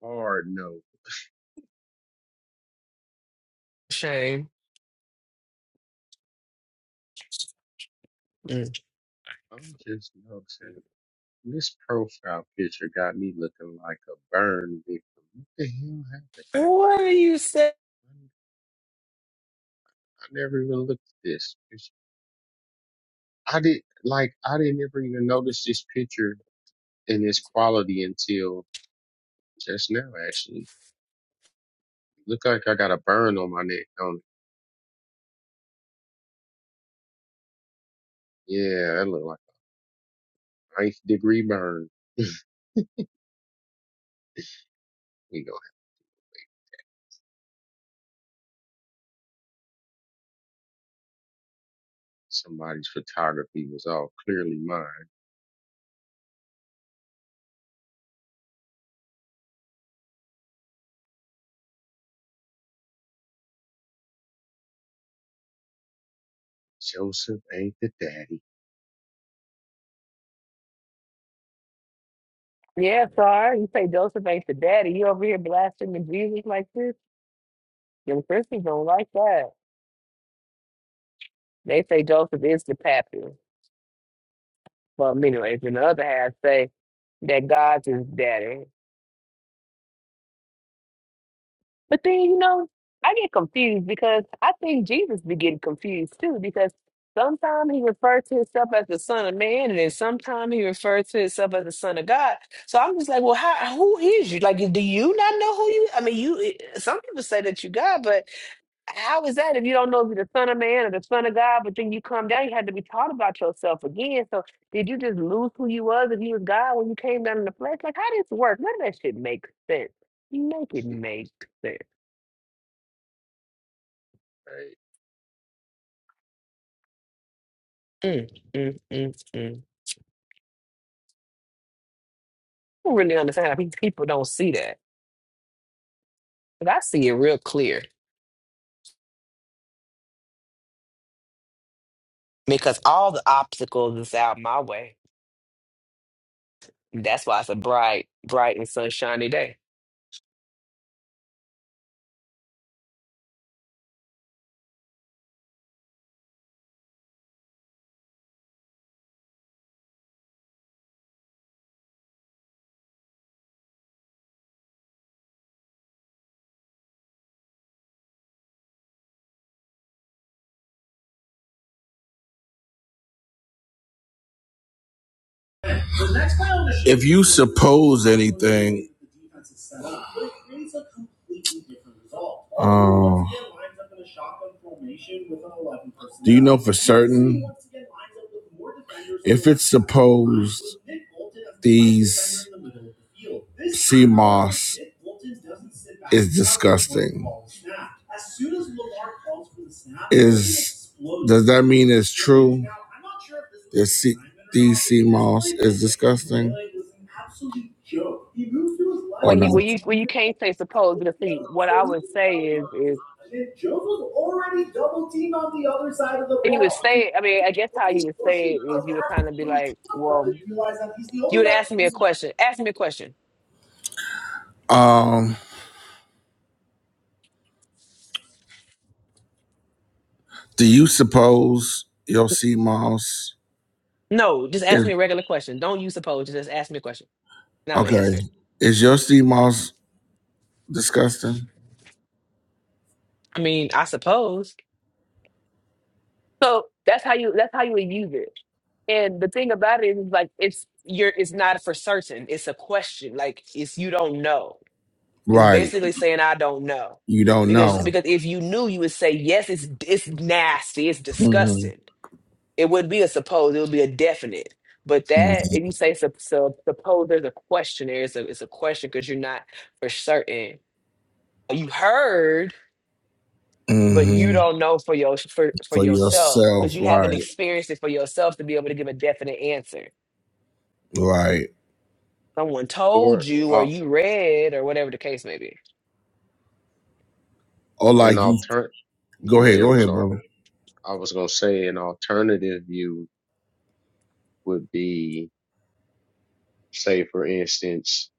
Speaker 5: Hard no.
Speaker 8: Shame. Mm.
Speaker 5: I'm just noticing this profile picture got me looking like a burn victim. What the hell
Speaker 8: What do you say?
Speaker 5: happened? I never even looked at this. picture. I did like I didn't ever even notice this picture and its quality until Just now, actually. Look like I got a burn on my neck. Um, yeah, that look like a ninth degree burn. You know, somebody's photography was all clearly mine. Joseph ain't the daddy,
Speaker 8: Yeah, sorry. You say Joseph ain't the daddy. You over here blaspheming Jesus like this? Them Christians don't like that. They say Joseph is the pappy. Well, anyways, and the other half say that God's his daddy. But then, you know, I get confused because I think Jesus be getting confused too, because sometimes he refers to himself as the Son of Man, and then sometimes he refers to himself as the Son of God. So I'm just like, well, how, who is you? Like, do you not know who you? I mean, you. eh, Some people say that you God, but how is that if you don't know if you're the Son of Man or the Son of God? But then you come down, you had to be taught about yourself again. So did you just lose who you was if you was God when you came down in the flesh? Like, how does this work? None of that shit makes sense. Make it make sense.
Speaker 5: right?
Speaker 8: Mm, mm, mm, mm. I don't really understand how pe- people don't see that. But I see it real clear because all the obstacles is out my way. That's why it's a bright, bright and sunshiny day.
Speaker 1: If you suppose anything, oh, Do you know for certain if it's supposed these sea moss is disgusting? Is does that mean it's true? That sea, these sea moss is disgusting, or
Speaker 8: Well, you,
Speaker 1: not?
Speaker 8: well, you, well, you can't say suppose, but see, what I would say is, is and you would say, it- I mean, I guess how you would say it is, you would kind of be like, well, you would ask me a question. Ask me a question.
Speaker 1: Um, do you suppose your sea moss
Speaker 8: No, just
Speaker 1: is?
Speaker 8: ask me a regular question. Don't you suppose? Just ask me a question, and I'm gonna
Speaker 1: Okay.
Speaker 8: answer it.
Speaker 1: Is your sea moss disgusting?
Speaker 8: I mean, I suppose. So that's how you that's how you would use it. And the thing about it is like it's you're it's not for certain. It's a question. Like it's you don't know. It's
Speaker 1: Right.
Speaker 8: basically saying I don't know.
Speaker 1: You don't
Speaker 8: Because
Speaker 1: know.
Speaker 8: because if you knew you would say yes, it's it's nasty, it's
Speaker 1: Mm-hmm.
Speaker 8: disgusting. It would be a supposed, it would be a definite. But that if you say sup- sup- suppose there's a question there, it's a it's a question because you're not for certain. You heard but
Speaker 1: Mm-hmm.
Speaker 8: you don't know for your for, for
Speaker 1: For
Speaker 8: yourself
Speaker 1: yourself.
Speaker 8: because you haven't
Speaker 1: Right.
Speaker 8: experienced it for yourself to be able to give a definite answer.
Speaker 1: Right.
Speaker 8: Someone told
Speaker 5: Or
Speaker 8: you or
Speaker 5: uh,
Speaker 8: you read or whatever the case may be.
Speaker 1: Or
Speaker 5: an
Speaker 1: like you
Speaker 5: alternate.
Speaker 1: go
Speaker 5: Go
Speaker 1: ahead,
Speaker 5: ahead,
Speaker 1: go ahead,
Speaker 5: Rashard.
Speaker 1: brother.
Speaker 5: I was gonna say an alternative view would be, say, for instance,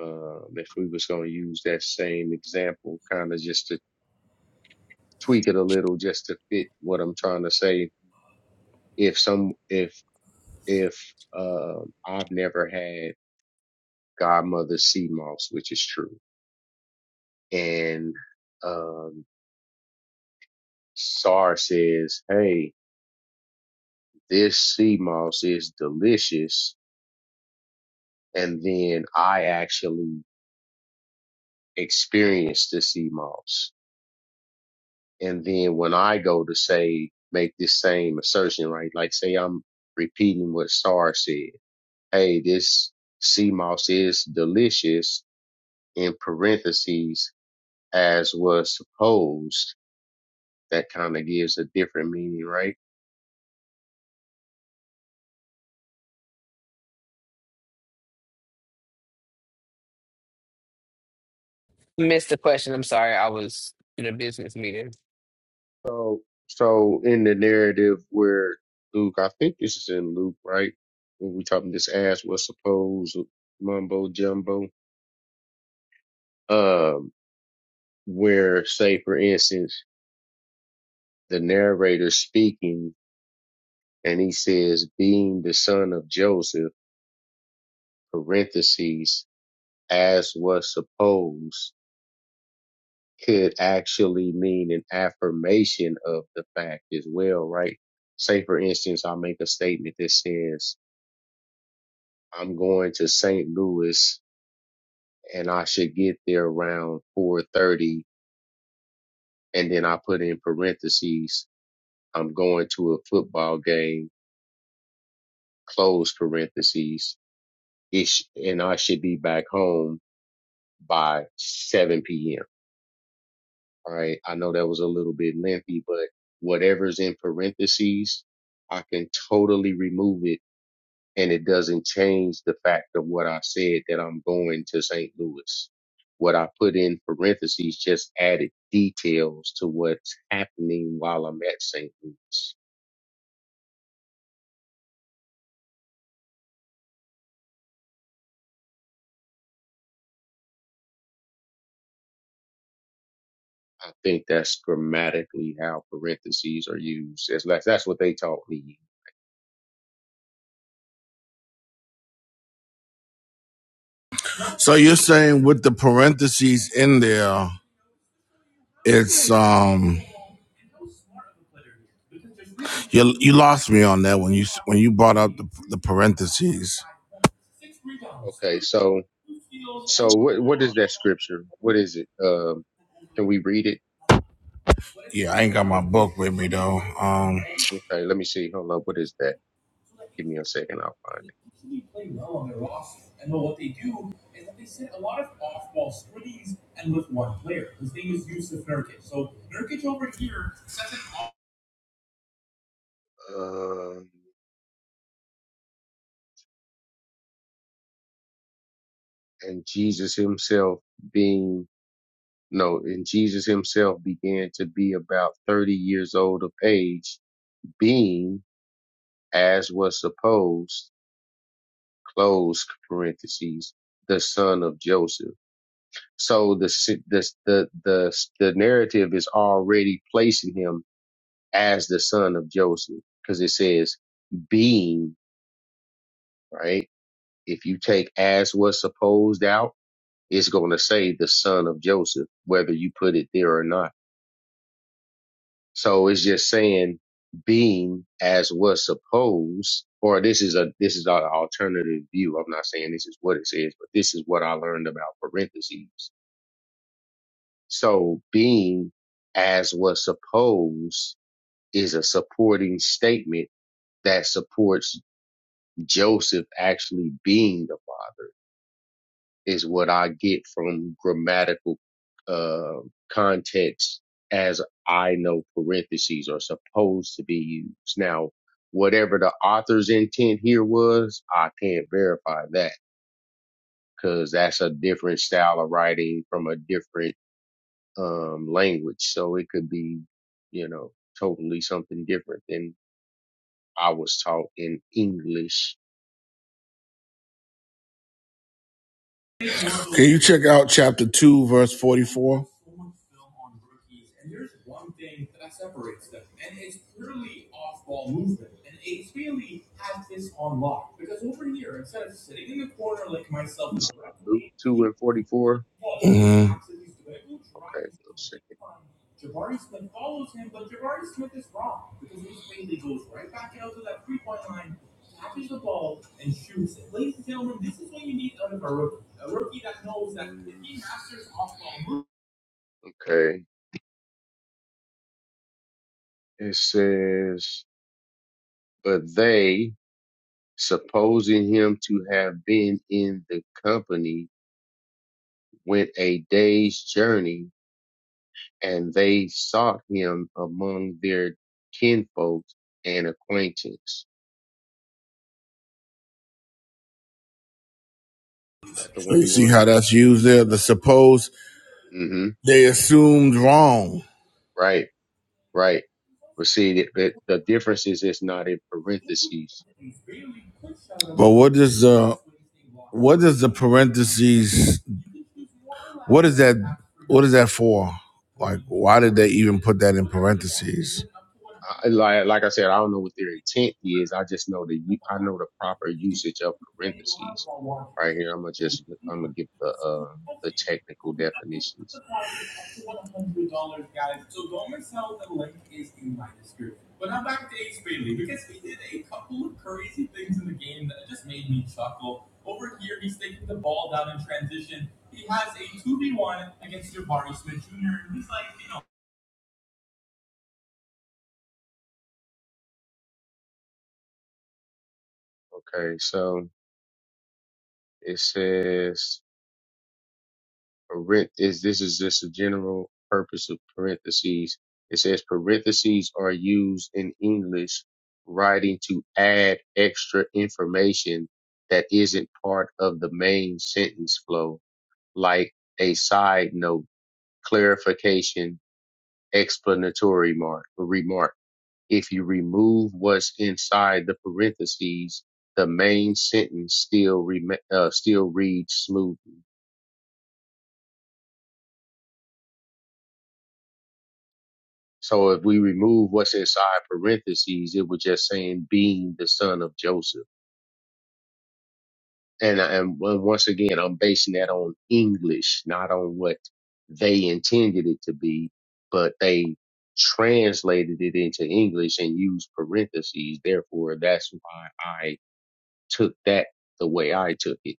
Speaker 5: uh, if we was gonna use that same example, kind of just to tweak it a little, just to fit what I'm trying to say if some if if um, I've never had Godmother Sea Moss, which is true. And um, SAR says, hey, this sea moss is delicious. And then I actually experience the sea moss. And then when I go to say, make this same assertion, right? Like say I'm repeating what SAR said. Hey, this sea moss is delicious in parentheses as was supposed that kind of gives a different meaning, right?
Speaker 8: Missed the question. I'm sorry. I was in a business meeting.
Speaker 5: So, so in the narrative where Luke, I think this is in Luke, right? When we talking this ass was supposed mumbo jumbo, um, where say for instance the narrator speaking and he says being the son of Joseph, parentheses as was supposed. could actually mean an affirmation of the fact as well, right? Say, for instance, I make a statement that says, I'm going to St. Louis and I should get there around 4.30. And then I put in parentheses, I'm going to a football game, close parentheses, it and I should be back home by 7 p.m All right. I know that was a little bit lengthy, but whatever's in parentheses, I can totally remove it and it doesn't change the fact of what I said that I'm going to St. Louis. What I put in parentheses just added details to what's happening while I'm at St. Louis. I think that's grammatically how parentheses are used. That's, that's that's what they taught me.
Speaker 1: So you're saying with the parentheses in there, it's um you you lost me on that when you when you brought up the, the parentheses.
Speaker 5: Okay. So, so what, what is that scripture? What is it? Um, can we read it?
Speaker 1: Yeah, I ain't got my book with me though. Um
Speaker 5: Okay, let me see. Hold up. What is that? Give me a second. I'll find it. Um, and Jesus himself being, no, and Jesus himself began to be about 30 years old of age, being, as was supposed, close parentheses, the son of Joseph. So the, si- the, the, the, the narrative is already placing him as the son of Joseph because it says being, right? If you take as was supposed out, it's going to say the son of Joseph, whether you put it there or not. So it's just saying being as was supposed, or this is a this is an alternative view. I'm not saying this is what it says, but this is what I learned about parentheses. So being as was supposed is a supporting statement that supports Joseph actually being the father. is what I get from grammatical uh, context as I know parentheses are supposed to be used. Now, whatever the author's intent here was, I can't verify that because that's a different style of writing from a different um, language. So it could be, you know, totally something different than I was taught in English.
Speaker 1: Can you check out chapter two, verse forty-four?
Speaker 5: Luke 2 and 44. Okay, give me a second. Mm, Okay. It says, but they, supposing him to have been in the company, went a day's journey, and they sought him among their kinfolks and acquaintance. That the
Speaker 1: So
Speaker 5: one
Speaker 1: you
Speaker 5: you
Speaker 1: see
Speaker 5: wanted?
Speaker 1: how that's used there. The supposed
Speaker 5: Mm-hmm.
Speaker 1: They assumed wrong.
Speaker 5: Right, right. But see, the, the, the difference is it's not in parentheses.
Speaker 1: But what is the what is the parentheses? What is that? What is that for? Like, why did they even put that in parentheses?
Speaker 5: I, like like I said, I don't know what their intent is. I just know the u- I know the proper usage of parentheses. Right here, I'm gonna just I'm gonna give the uh, the technical definitions. Okay, so it says parent is this is just a general purpose of parentheses. It says parentheses are used in English writing to add extra information that isn't part of the main sentence flow, like a side note clarification, explanatory mark, remark. If you remove what's inside the parentheses, the main sentence still rema uh, still reads smoothly. So if we remove what's inside parentheses, it was just saying being the son of Joseph. And and well, once again, I'm basing that on English, not on what they intended it to be, but they translated it into English and used parentheses. Therefore, that's why I. took that the way I took it.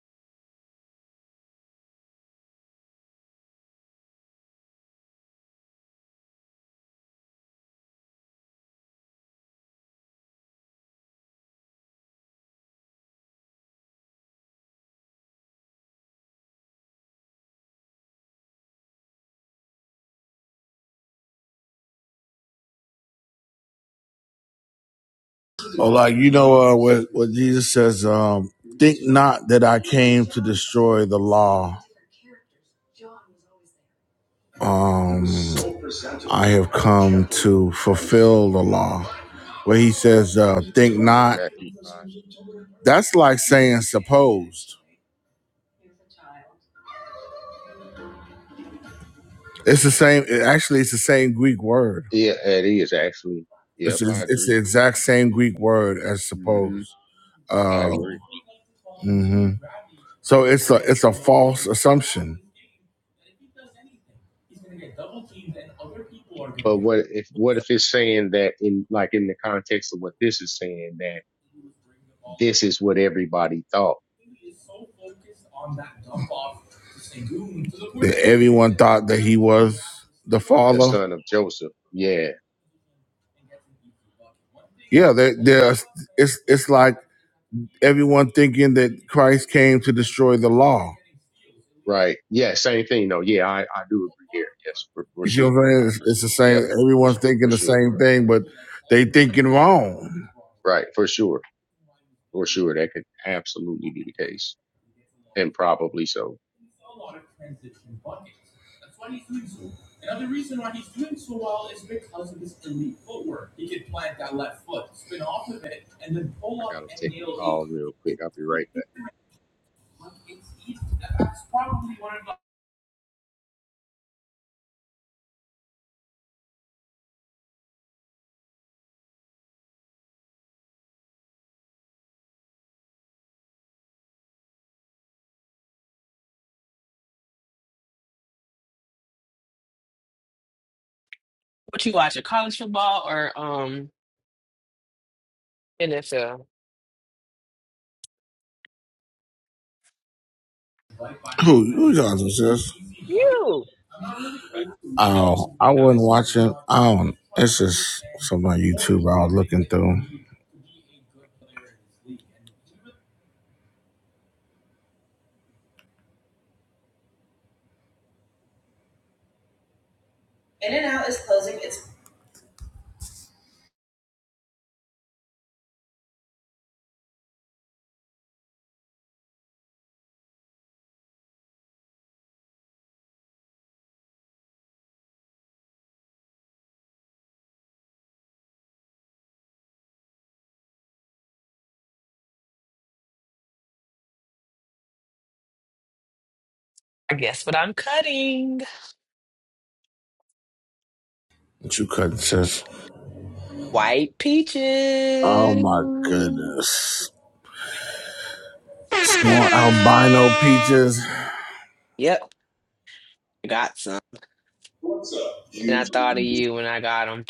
Speaker 1: Or like, you know, uh, what what Jesus says? Um, Think not that I came to destroy the law. Um, I have come to fulfill the law. Where he says, uh, "Think
Speaker 5: hmm
Speaker 1: not."
Speaker 5: Matthew 5.
Speaker 1: That's like saying supposed. It's the same. Actually, it's the same Greek word.
Speaker 5: Yeah, it is actually. Yep,
Speaker 1: It's
Speaker 5: I
Speaker 1: it's
Speaker 5: agree.
Speaker 1: the exact same Greek word as
Speaker 5: hmm
Speaker 1: suppose.
Speaker 5: I
Speaker 1: Um,
Speaker 5: agree.
Speaker 1: so it's a it's a false assumption
Speaker 5: But what if what if it's saying that in like in the context of what this is saying that this is what everybody thought?
Speaker 1: that everyone thought that he was the
Speaker 5: The
Speaker 1: father.
Speaker 5: son of Joseph. Yeah,
Speaker 1: Yeah, there, there's it's it's like everyone thinking that Christ came to destroy the law.
Speaker 5: right. Yeah, same thing though. Yeah, I, I do agree here. Yes. For, for
Speaker 1: You see what
Speaker 5: sure.
Speaker 1: I'm
Speaker 5: I
Speaker 1: saying? It's,
Speaker 5: agree.
Speaker 1: it's the
Speaker 5: Yep,
Speaker 1: same.
Speaker 5: for,
Speaker 1: Everyone's
Speaker 5: s-
Speaker 1: thinking
Speaker 5: for
Speaker 1: the
Speaker 5: sure.
Speaker 1: same thing, but they thinking wrong.
Speaker 5: Right, for sure. For sure. That could absolutely be the case. And probably so. I gotta take a call real quick. I'll be right back.
Speaker 8: What you watching? College football or um NFL?
Speaker 1: Who who y'all is this?
Speaker 8: You.
Speaker 1: Oh, I wasn't watching. I don't. It's just some on YouTube I was looking through.
Speaker 8: I guess what I'm cutting.
Speaker 1: But you couldn't, sis.
Speaker 8: White peaches.
Speaker 1: Oh my goodness. Small albino peaches
Speaker 8: Yep, I got some. And I thought of you when I got them.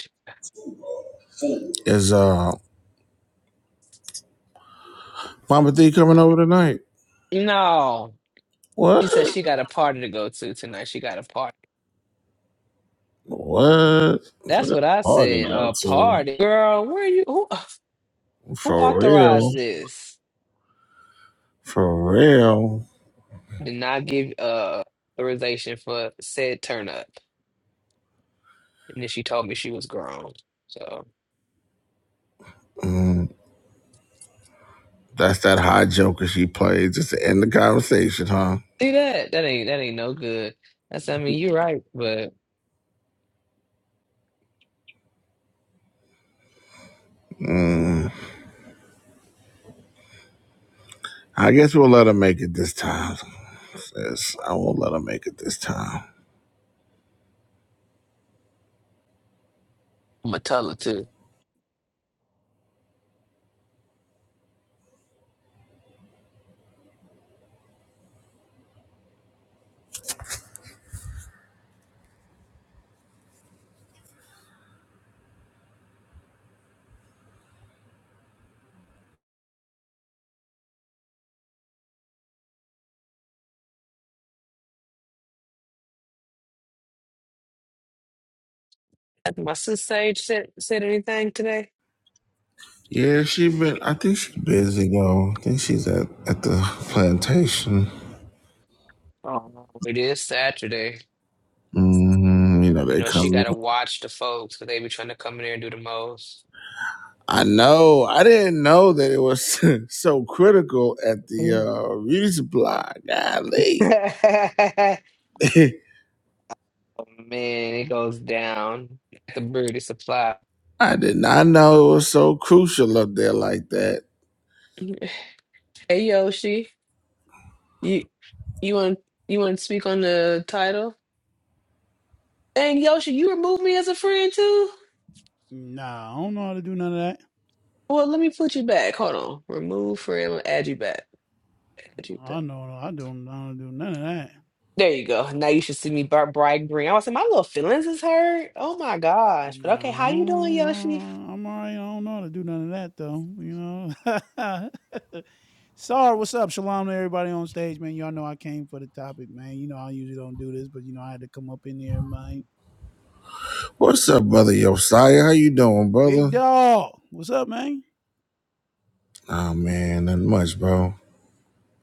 Speaker 1: is uh Mama D coming over tonight.
Speaker 8: No.
Speaker 1: What?
Speaker 8: She said she got a party to go to tonight. She got a party.
Speaker 1: What?
Speaker 8: That's what I
Speaker 1: Party
Speaker 8: said.
Speaker 1: go
Speaker 8: A
Speaker 1: to.
Speaker 8: party. Girl, where are you who who
Speaker 1: For real.
Speaker 8: authorized this?
Speaker 1: For real.
Speaker 8: Did not give uh authorization for said turn up. And then she told me she was grown. So
Speaker 1: Mm, that's that high joker she played just to end the conversation, huh?
Speaker 8: see that? That ain't that ain't no good. That's I mean, you're right, but.
Speaker 1: I guess we'll let her make it this time. Sis, I won't let her make it this time.
Speaker 8: I'm gonna tell her too. Has my sister Sage said said anything today?
Speaker 1: Yeah, she been. I think she's busy though. I think she's at at the plantation.
Speaker 8: Oh, it is Saturday.
Speaker 1: hmm You know
Speaker 8: You
Speaker 1: they
Speaker 8: know she
Speaker 1: come.
Speaker 8: gotta watch the folks, cause they be trying to come in there and do the most.
Speaker 1: I know. I didn't know that it was (laughs) so critical at the
Speaker 8: Mm.
Speaker 1: uh, resupply. Golly,
Speaker 8: (laughs)
Speaker 1: (laughs)
Speaker 8: oh man, it goes down at the Birdie Supply.
Speaker 1: I did not know it was so crucial up there like that.
Speaker 8: Hey Yoshi, you you want you want to speak on the title? Dang Yoshi, you remove me as a friend too.
Speaker 9: Nah, I don't know how to do none of that.
Speaker 8: Well, let me put you back. Hold on, remove friend, add you back. Add you back.
Speaker 9: I know I don't know how to do none of that.
Speaker 8: There you go. Now you should see me bra- brag bring. I was like, my little feelings is hurt. Oh my gosh. But okay,
Speaker 9: Nah, I
Speaker 8: how you
Speaker 9: don't-
Speaker 8: doing, Yoshi?
Speaker 9: uh, I'm all right. I don't know how to do none of that though. You know. (laughs) Sorry, what's up? Shalom to everybody on stage, man. Y'all know I came for the topic, man. You know I usually don't do this, but you know I had to come up in there, man.
Speaker 1: What's up, brother Josiah? How you doing,
Speaker 9: Big
Speaker 1: brother?
Speaker 9: dog, what's up, man?
Speaker 1: Oh man, nothing much, bro.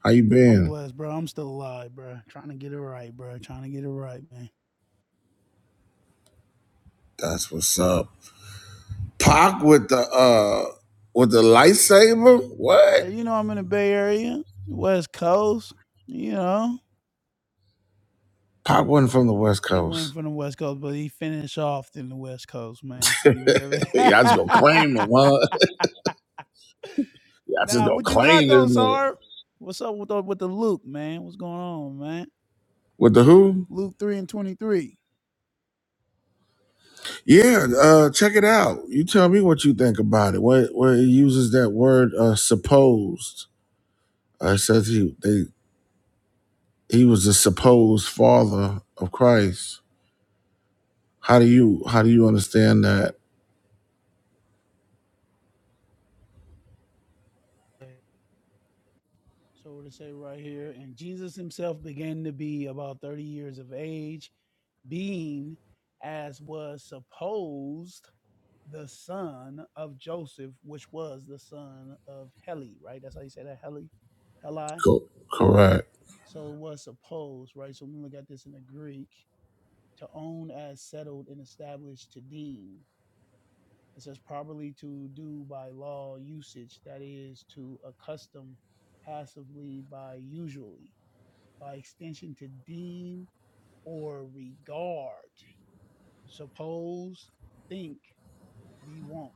Speaker 1: How you
Speaker 9: I'm
Speaker 1: been?
Speaker 9: blessed, bro. I'm still alive, bro. Trying to get it right, bro. Trying to get it right, man.
Speaker 1: That's what's up. Pac with the uh with the lightsaber. What?
Speaker 9: Like, you know I'm in the Bay Area, West Coast. You know.
Speaker 1: Pop wasn't from the West
Speaker 9: He went
Speaker 1: Coast.
Speaker 9: from the West Coast, but he finished off in the West Coast, man. You feel me?
Speaker 1: (laughs) Y'all just
Speaker 9: (laughs)
Speaker 1: gonna claim him, huh? (laughs) Y'all just
Speaker 9: nah,
Speaker 1: gonna
Speaker 9: what you got
Speaker 1: claim this
Speaker 9: though,
Speaker 1: man.
Speaker 9: Sarv? What's up with the, with the Luke, man? What's going on, man?
Speaker 1: With the who?
Speaker 9: Luke 3 and 23.
Speaker 1: Yeah, uh, check it out. You tell me what you think about it. Where where he uses that word uh, supposed. Uh, it says he they he was the supposed father of Christ. How do you how do you understand that?
Speaker 9: So what it say right here, and Jesus himself began to be about 30 years of age being as was supposed the son of Joseph, which was the son of Heli, right? That's how you say that, Heli, Heli.
Speaker 1: Co- correct.
Speaker 9: So it was supposed, right? So when we look at this in the Greek, to own as settled and established to deem. It says properly to do by law usage, that is to accustom passively by usually, by extension to deem or regard. Suppose, think, be wont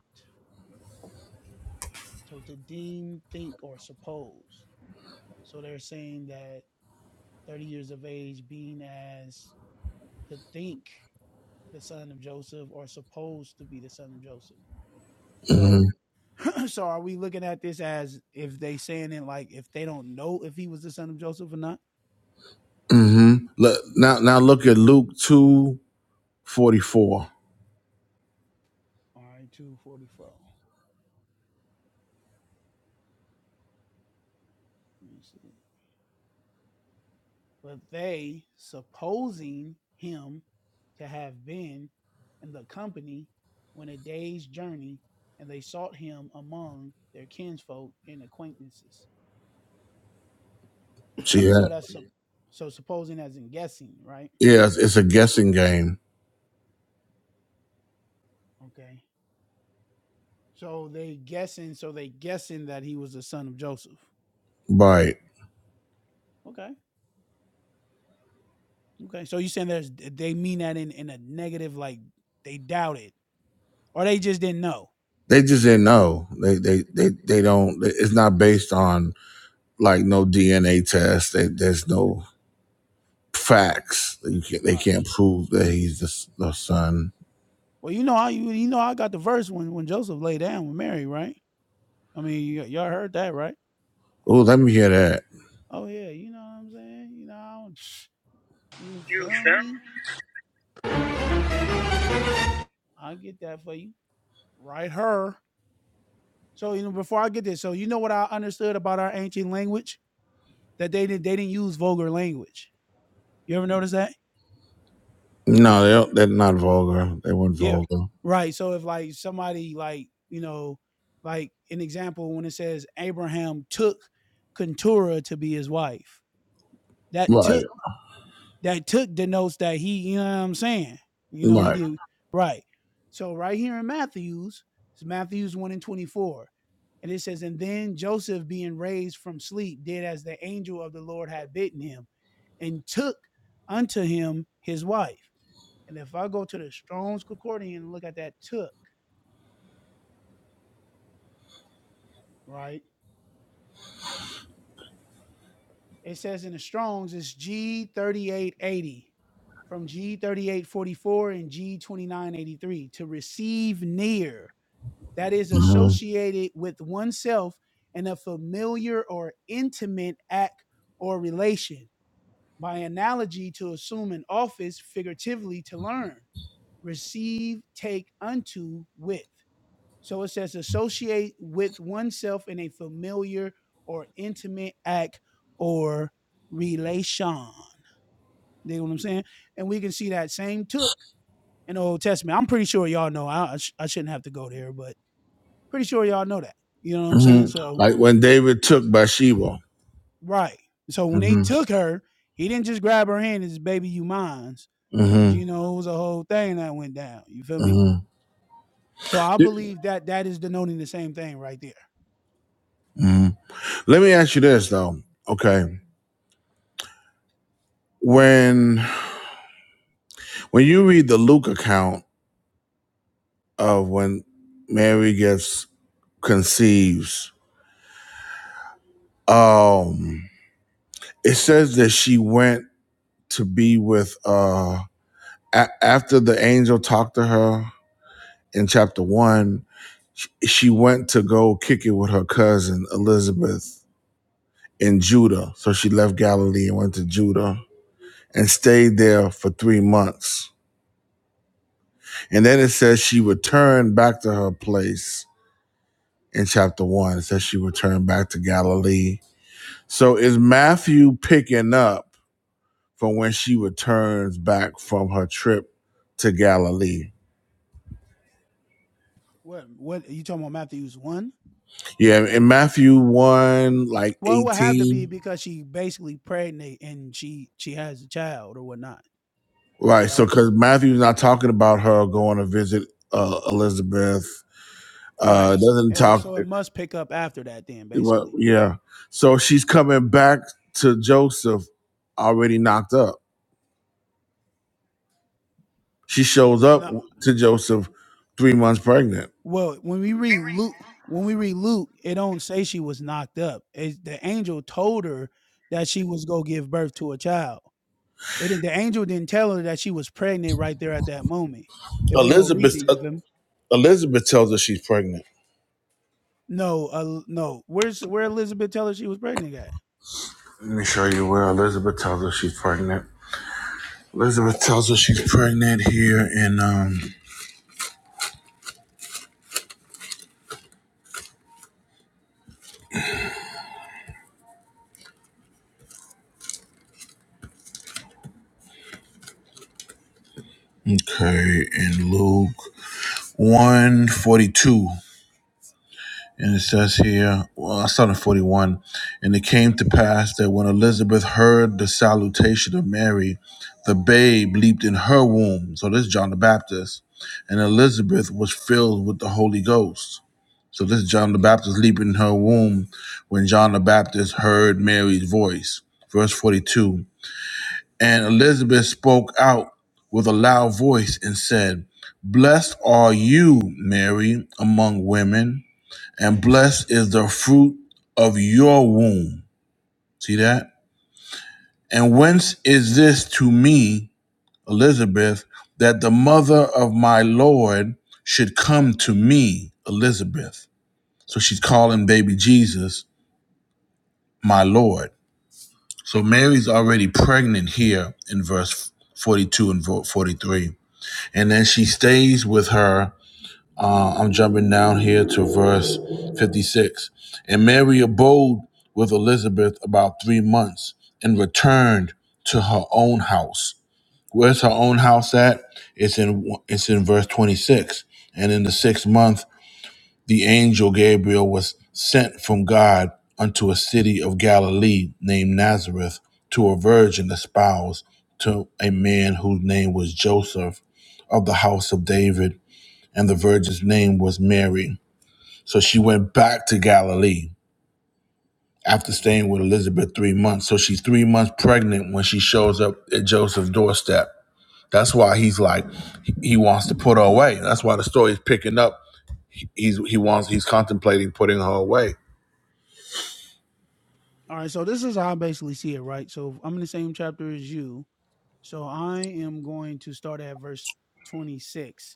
Speaker 9: So to deem, think, or suppose. So they're saying that 30 years of age being as to think the son of Joseph or supposed to be the son of Joseph. So mm. (clears throat) so are we looking at this as if they saying it like if they don't know if he was the son of Joseph or not?
Speaker 1: Mm-hmm. Look, now now look at Luke two forty four.
Speaker 9: All right, 244. Let me see. But they, supposing him to have been in the company, went a day's journey, and they sought him among their kinsfolk and acquaintances.
Speaker 1: See
Speaker 9: (clears throat) so
Speaker 1: that?
Speaker 9: that's sup- so supposing as in guessing, right?
Speaker 1: Yeah, it's, it's a guessing game.
Speaker 9: Okay. So they guessing, so they guessing that he was the son of Joseph.
Speaker 1: Right.
Speaker 9: Okay. Okay. So you saying there's they mean that in in a negative, like they doubted or they just didn't know,
Speaker 1: They just didn't know. They they they they don't. It's not based on like no DNA test. They, there's no facts. You can't, they
Speaker 9: right?
Speaker 1: can't prove that he's the, the son.
Speaker 9: Well, you know I you you know I got the verse when when Joseph lay down with Mary, right? I mean, you, y'all heard that, right?
Speaker 1: Oh, let me hear that.
Speaker 9: Oh yeah, you know what I'm saying? You know, I don't- (sniffs) you feel me? I get that for you, right? Her. So you know, before I get this, so you know what I understood about our ancient language that they didn't they didn't use vulgar language. You ever notice that?
Speaker 1: No, they don't, they're not vulgar. They weren't
Speaker 9: Yeah.
Speaker 1: vulgar.
Speaker 9: Right. So if like somebody like you know, like an example when it says Abraham took Keturah to be his wife, that took
Speaker 1: Right,
Speaker 9: that took the notes that he, you know what I'm saying? You know, he
Speaker 1: right.
Speaker 9: did right. So right here in Matthews, it's Matthews 1 and 24. And it says, And then Joseph, being raised from sleep, did as the angel of the Lord had bidden him, and took unto him his wife. And if I go to the Strong's Concordance and look at that took, right? It says in the Strong's, it's G3880 from G3844 and G2983 to receive near that is
Speaker 1: hmm
Speaker 9: associated with oneself in a familiar or intimate act or relation. By analogy, to assume an office, figuratively, to learn, receive, take unto, with. So it says associate with oneself in a familiar or intimate act or relation. You know what I'm saying? And we can see that same took in the Old Testament. I'm pretty sure y'all know. I, I, I shouldn't have to go there, but Pretty sure y'all know that. You know what I'm
Speaker 1: hmm
Speaker 9: saying? So
Speaker 1: Like when David took Bathsheba.
Speaker 9: right. So when he
Speaker 1: hmm
Speaker 9: took her, he didn't just grab her hand and just baby you mine. But
Speaker 1: hmm
Speaker 9: you know, it was a whole thing that went down. You feel me?
Speaker 1: hmm
Speaker 9: So I believe that that is denoting the same thing right there.
Speaker 1: hmm Let me ask you this though. Okay, when when you read the Luke account of when Mary gets conceives. Um, it says that she went to be with uh a- after the angel talked to her in chapter one. She went to go kick it with her cousin Elizabeth in Judah. So she left Galilee and went to Judah and stayed there for three months. And then it says she returned back to her place in chapter one. It says she returned back to Galilee. So is Matthew picking up? from when she returns back from her trip to Galilee.
Speaker 9: What what are you talking about Matthews one?
Speaker 1: Yeah, in Matthew 1, like
Speaker 9: Well, it would have to be
Speaker 1: 18.
Speaker 9: because she basically pregnant and she she has a child or whatnot,
Speaker 1: Right. So,
Speaker 9: right?
Speaker 1: because Matthew's not talking about her going to visit uh, Elizabeth, uh,
Speaker 9: Right.
Speaker 1: doesn't
Speaker 9: And
Speaker 1: talk.
Speaker 9: so it must pick up after that then,
Speaker 1: Well,
Speaker 9: basically.
Speaker 1: yeah. So she's coming back to Joseph already knocked up. She shows up
Speaker 9: No,
Speaker 1: to Joseph three months pregnant.
Speaker 9: Well, when we read Luke, when we read Luke, it don't say she was knocked up. It, the angel told her that she was gonna give birth to a child. It didn't, the angel didn't tell her that she was pregnant right there at that moment. If we go read it,
Speaker 1: Elizabeth, uh,
Speaker 9: you feel me?
Speaker 1: Elizabeth tells her she's pregnant.
Speaker 9: No, uh, no. Where's where Elizabeth tell her she was pregnant at?
Speaker 1: Let me show you where Elizabeth tells her she's pregnant. Elizabeth tells us she's pregnant here in um okay in Luke one forty two. And it says here, well, I started 41. And it came to pass that when Elizabeth heard the salutation of Mary, the babe leaped in her womb. So this is John the Baptist. And Elizabeth was filled with the Holy Ghost. So this is John the Baptist leaping in her womb when John the Baptist heard Mary's voice. Verse 42. And Elizabeth spoke out with a loud voice and said, Blessed are you, Mary, among women, and blessed is the fruit of your womb. See that? And whence is this to me, Elizabeth, that the mother of my Lord should come to me, Elizabeth? So she's calling baby Jesus my Lord. So Mary's already pregnant here in verse 42 and 43. And then she stays with her. Uh, I'm jumping down here to verse 56. And Mary abode with Elizabeth about three months and returned to her own house. Where's her own house at? It's in it's in verse 26. And in the sixth month, the angel Gabriel was sent from God unto a city of Galilee named Nazareth to a virgin espoused to a man whose name was Joseph of the house of David and the virgin's name was Mary. So she went back to Galilee after staying with Elizabeth three months. So she's three months pregnant when she shows up at Joseph's doorstep. That's why he's like, he he wants to put her away. That's why the story is picking up. He's he wants he's contemplating putting her away.
Speaker 9: All right, so this is how I basically see it, right? So I'm in the same chapter as you. So I am going to start at verse 26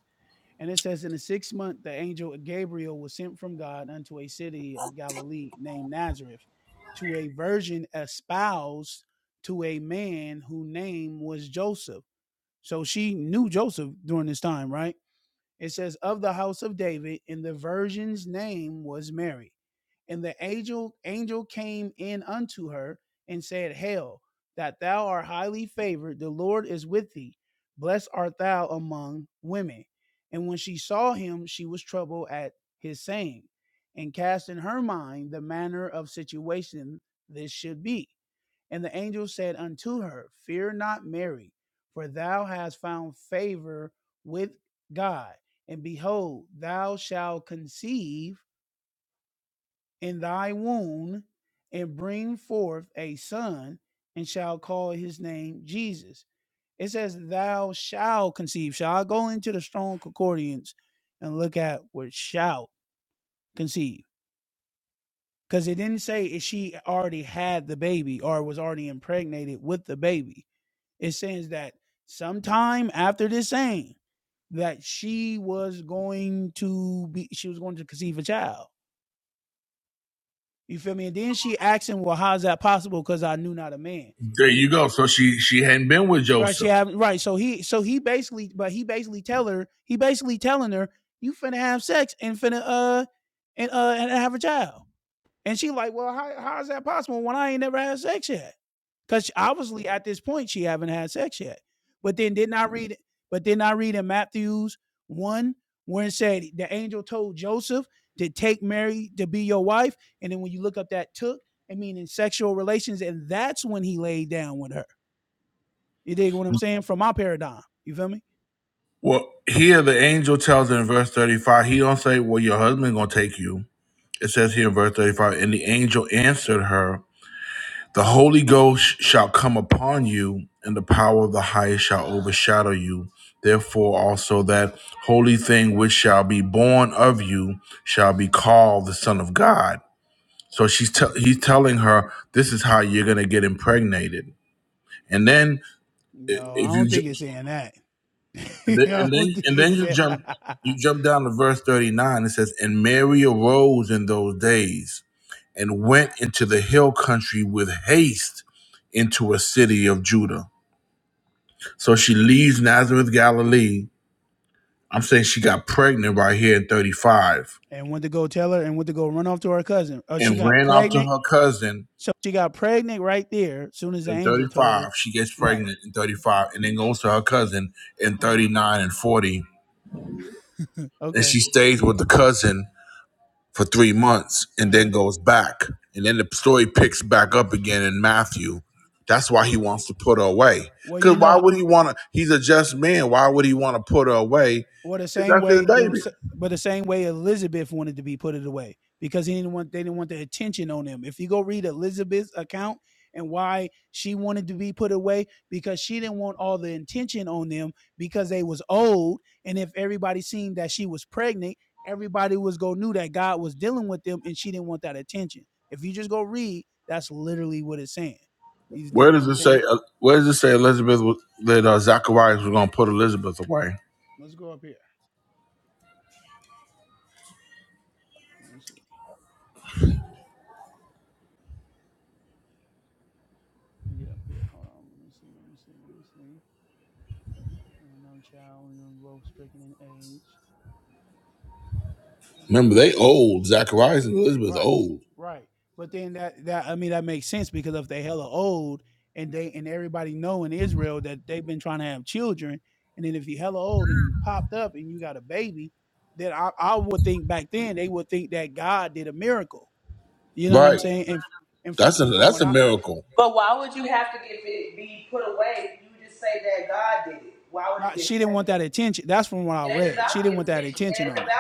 Speaker 9: And it says, In the sixth month, the angel Gabriel was sent from God unto a city of Galilee named Nazareth to a virgin espoused to a man whose name was Joseph. So she knew Joseph during this time, right? It says, of the house of David, and the virgin's name was Mary. And the angel, angel came in unto her and said, Hail, that thou art highly favored, the Lord is with thee. Blessed art thou among women. And when she saw him, she was troubled at his saying, and cast in her mind the manner of situation this should be. And the angel said unto her, Fear not, Mary, for thou hast found favor with God. And behold, thou shalt conceive in thy womb and bring forth a son, and shall call his name Jesus. It says, Thou shalt conceive. Shall I go into the strong concordance and look at what shall conceive? Because it didn't say if she already had the baby or was already impregnated with the baby It says that sometime after this saying that she was going to be she was going to conceive a child. You feel me? And then she asked him, Well, how's that possible? Because I knew not a man.
Speaker 1: There
Speaker 9: And it,
Speaker 1: you go. So she she hadn't been with
Speaker 9: right, she
Speaker 1: Joseph.
Speaker 9: have right. So he so he basically but he basically tell her, he basically telling her, you finna have sex and finna uh and uh and have a child. And she like, well, how, how is that possible when I ain't never had sex yet? Because obviously at this point she haven't had sex yet. But then didn't I read? But then I read in Matthew's one where it said the angel told Joseph to take Mary to be your wife, and then when you look up that took, I mean in sexual relations, and that's when he laid down with her. You dig what I'm saying? From my paradigm, you feel me?
Speaker 1: Well, here the angel tells her in verse thirty five. He don't say, "Well, your husband gonna take you." It says here in verse thirty five, and the angel answered her. The Holy Ghost shall come upon you, and the power of the highest shall overshadow you. Therefore, also that holy thing which shall be born of you shall be called the Son of God. So she's tell he's telling her this is how you're gonna get impregnated. And then i-
Speaker 9: No, I
Speaker 1: if you
Speaker 9: don't think
Speaker 1: ju-
Speaker 9: it's saying that. (laughs)
Speaker 1: and then
Speaker 9: I
Speaker 1: and
Speaker 9: don't
Speaker 1: then
Speaker 9: think
Speaker 1: and then
Speaker 9: it's
Speaker 1: you
Speaker 9: saying.
Speaker 1: jump
Speaker 9: (laughs)
Speaker 1: you jump down to verse thirty nine. It says, "And Mary arose in those days and went into the hill country with haste into a city of Judah." So she leaves Nazareth, Galilee. I'm saying she got pregnant right here in 35
Speaker 9: and went to go tell her and went to go run off to her cousin. Oh, she
Speaker 1: and
Speaker 9: got
Speaker 1: ran off to
Speaker 9: pregnant.
Speaker 1: her cousin
Speaker 9: So she got pregnant right there. As soon as the
Speaker 1: in
Speaker 9: angel told her,
Speaker 1: 35. She gets
Speaker 9: right?
Speaker 1: pregnant in 35 and then goes to her cousin in
Speaker 9: Uh-huh.
Speaker 1: 39 and 40. And
Speaker 9: Okay.
Speaker 1: she stays with the cousin for three months and
Speaker 9: Uh-huh.
Speaker 1: then goes back. And then the story picks back up again in Matthew. That's why he
Speaker 9: Okay.
Speaker 1: wants to put her away.
Speaker 9: Well,
Speaker 1: Because
Speaker 9: you know,
Speaker 1: why would he want to? He's a just man. Why would he want to put her away
Speaker 9: well the
Speaker 1: if
Speaker 9: same
Speaker 1: that's his
Speaker 9: way the
Speaker 1: baby?
Speaker 9: but the same way Elizabeth wanted to be put it away because he didn't want they didn't want the attention on him. If you go read Elizabeth's account and why she wanted to be put away because she didn't want all the attention on them because they was old and if everybody seen that she was pregnant, everybody was go knew that God was dealing with them and she didn't want that attention. If you just go read, that's literally what it's saying. He's did
Speaker 1: Where
Speaker 9: what
Speaker 1: does
Speaker 9: I'm
Speaker 1: it
Speaker 9: saying?
Speaker 1: say? Uh, where does it say Elizabeth was, that uh, Zacharias was going to put Elizabeth away?
Speaker 9: Let's go up here. Let me see. Let me get up here. Hold on. Let me see. Let me see. Let me see. Oh no, child, you're both stricken in age. they are not
Speaker 1: Remember, they
Speaker 9: that old.
Speaker 1: old Zacharias and Elizabeth
Speaker 9: Right.
Speaker 1: old.
Speaker 9: Right. But then that that I mean that makes sense because if they hella old and they and everybody know in Israel that they've been trying to have children, and then if you hella old and you popped up and you got a baby, then I, I would think back then they would think that God did a miracle. You know what I'm
Speaker 1: Right.
Speaker 9: saying? And and from
Speaker 1: That's a
Speaker 9: and from
Speaker 1: that's
Speaker 9: what
Speaker 1: a
Speaker 9: I
Speaker 1: miracle.
Speaker 9: Not she didn't want that attention. That's from what I read. She didn't want that attention on her.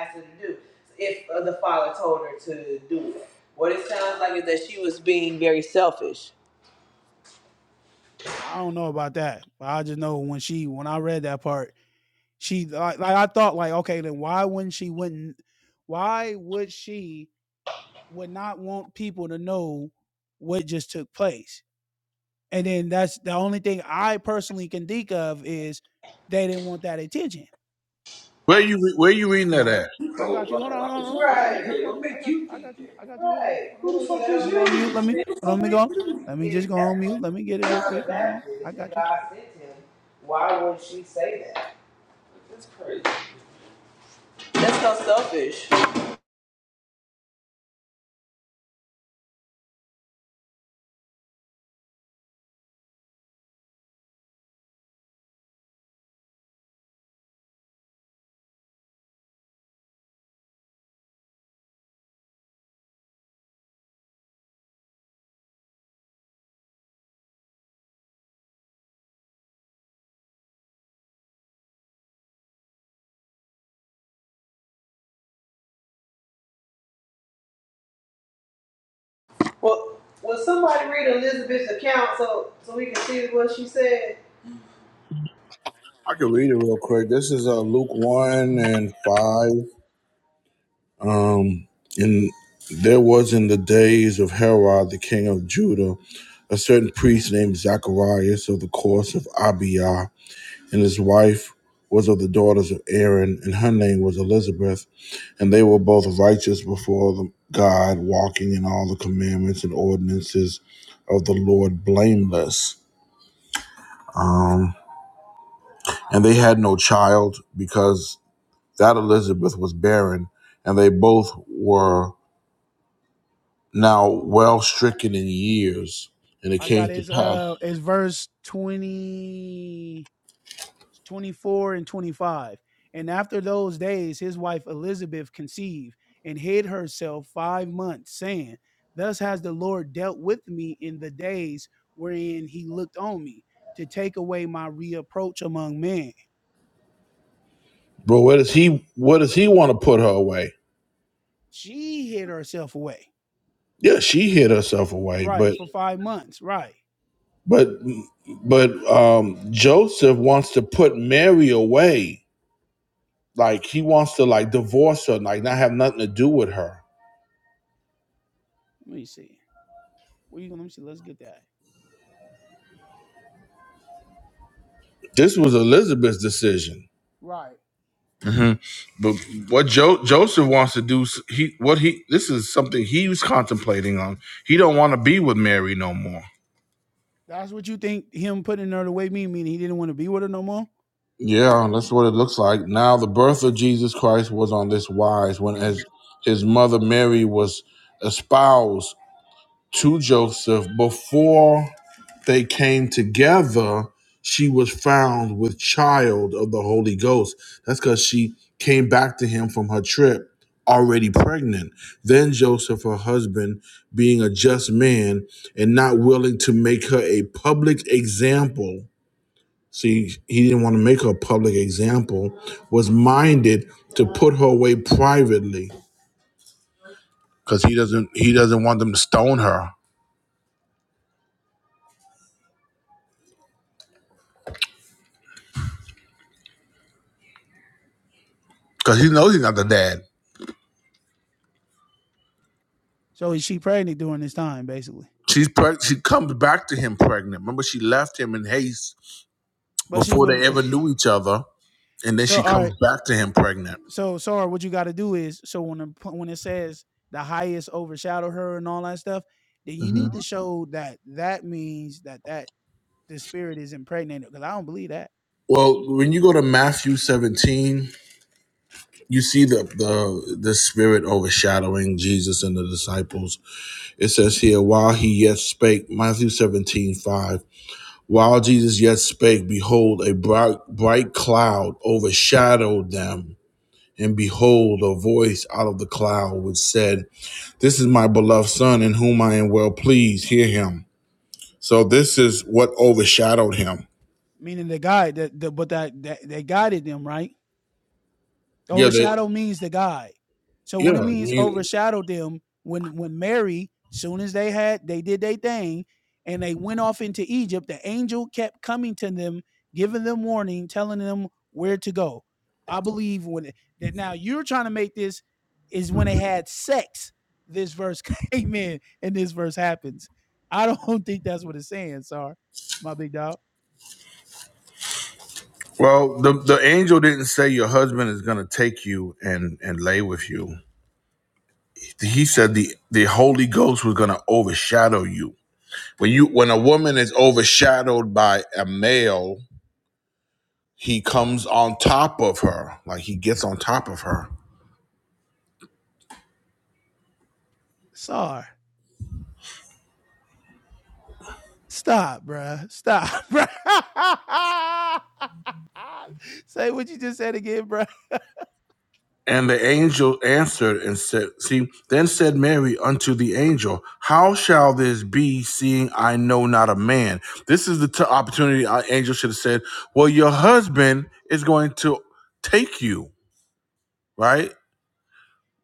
Speaker 8: Asked her to do if uh, the father told her to do it. What it sounds like is that she was being very selfish.
Speaker 9: I don't know about that, but I just know when she when I read that part, she like, like I thought like okay then why wouldn't she wouldn't why would she would not want people to know what just took place. And then that's the only thing I personally can think of is they didn't want that attention.
Speaker 1: Where you re- where you reading
Speaker 9: You know what i
Speaker 1: that at?
Speaker 9: I got you. Hold on, hold on, hold on. I got
Speaker 8: Right,
Speaker 9: you. I got you. I got you. I got you. I got you. Hold on,
Speaker 8: right.
Speaker 9: hold on,
Speaker 8: Who the
Speaker 9: hold
Speaker 8: fuck
Speaker 9: on. I'm
Speaker 8: is
Speaker 9: gonna go
Speaker 8: you?
Speaker 9: on mute. Let me hold on. Let me go. Let me just
Speaker 8: If
Speaker 9: go
Speaker 8: that
Speaker 9: on mute.
Speaker 8: was
Speaker 9: Let me get it real
Speaker 8: John
Speaker 9: quick.
Speaker 8: the
Speaker 9: Hold on.
Speaker 8: Baptist
Speaker 9: I
Speaker 8: and
Speaker 9: got you.
Speaker 8: God sent him, why would she say that? That's so selfish.
Speaker 1: I can read it real quick. This is uh, Luke one and five. Um, and there was in the days of Herod the king of Judah a certain priest named Zacharias of the course of Abia, and his wife was of the daughters of Aaron, and her name was Elizabeth. And they were both righteous before the God, walking in all the commandments and ordinances of the Lord blameless. Um, and they had no child because that Elizabeth was barren, and they both were now well stricken in years. And it
Speaker 9: I
Speaker 1: came
Speaker 9: got
Speaker 1: to
Speaker 9: his
Speaker 1: pass.
Speaker 9: uh his verse 20 24 and 25. And after those days his wife Elizabeth conceived and hid herself 5 months saying, "Thus has the Lord dealt with me in the days wherein he looked on me to take away my reproach among men."
Speaker 1: But where does he where does he want to put her away?
Speaker 9: She hid herself away.
Speaker 1: Yeah, she hid herself away,
Speaker 9: Right,
Speaker 1: but
Speaker 9: for 5 months, right.
Speaker 1: but but um Joseph wants to put Mary away Like he wants to like divorce her, like not have nothing to do with her.
Speaker 9: Let me see. Where you going to let me see. Let's get that.
Speaker 1: This was Elizabeth's decision.
Speaker 9: Right.
Speaker 1: hmm But what jo- Joseph wants to do, he what he this is something he was contemplating on. He don't want to be with Mary no more.
Speaker 9: That's what you think him putting her away mean meaning he didn't want to be with her no more?
Speaker 1: Yeah, that's what it looks like. Now the birth of Jesus Christ was on this wise when as his mother Mary was espoused to Joseph before they came together, she was found with child of the Holy Ghost. That's because she came back to him from her trip already pregnant. Then Joseph, her husband, being a just man and not willing to make her a public example, see, he didn't want to make her a public example, was minded to put her away privately because he doesn't he doesn't want them to stone her because he knows he's not the dad.
Speaker 9: So she pregnant during this time, basically.
Speaker 1: She's preg- she comes back to him pregnant. Remember, she left him in haste
Speaker 9: But she
Speaker 1: before they
Speaker 9: wouldn't.
Speaker 1: ever
Speaker 9: (laughs)
Speaker 1: knew each other, and then
Speaker 9: So
Speaker 1: she
Speaker 9: all
Speaker 1: comes
Speaker 9: right.
Speaker 1: back to him pregnant.
Speaker 9: So sorry, what you got to do is so when the, when it says the highest overshadow her and all that stuff, then you
Speaker 1: hmm
Speaker 9: need to show that that means that that the spirit is impregnated because I don't believe that.
Speaker 1: Well, when you go to Matthew 17, you see the, the the spirit overshadowing Jesus and the disciples. It says here, while he yet spake, Matthew 17 5. While Jesus yet spake, behold, a bright, bright cloud overshadowed them. And behold, a voice out of the cloud which said, This is my beloved son in whom I am well pleased. Hear him. So this is what overshadowed him.
Speaker 9: Meaning the guy that the but that that they guided them right.
Speaker 1: Yeah, that
Speaker 9: Overshadow means the guy. So when it
Speaker 1: yeah.
Speaker 9: means
Speaker 1: you-
Speaker 9: overshadowed them, when when Mary, soon as they had they did their thing and they went off into Egypt, the angel kept coming to them, giving them warning, telling them where to go. I believe when that now you're trying to make this is when they had sex. This verse (laughs) came in and this verse happens. I don't (laughs) think that's what it's saying, Sar. My big dog.
Speaker 1: well, the the angel didn't say your husband is gonna take you and and lay with you. He said the the Holy Ghost was gonna overshadow you. When you when a woman is overshadowed by a male, he comes on top of her, like he gets on top of her.
Speaker 9: Sar. Stop, bruh. Stop, bruh. (laughs) Say what you just said again, bruh.
Speaker 1: And the angel answered and said, See, then said Mary unto the angel, How shall this be, seeing I know not a man? This is the t- opportunity our angel should have said, Well, your husband is going to take you, right?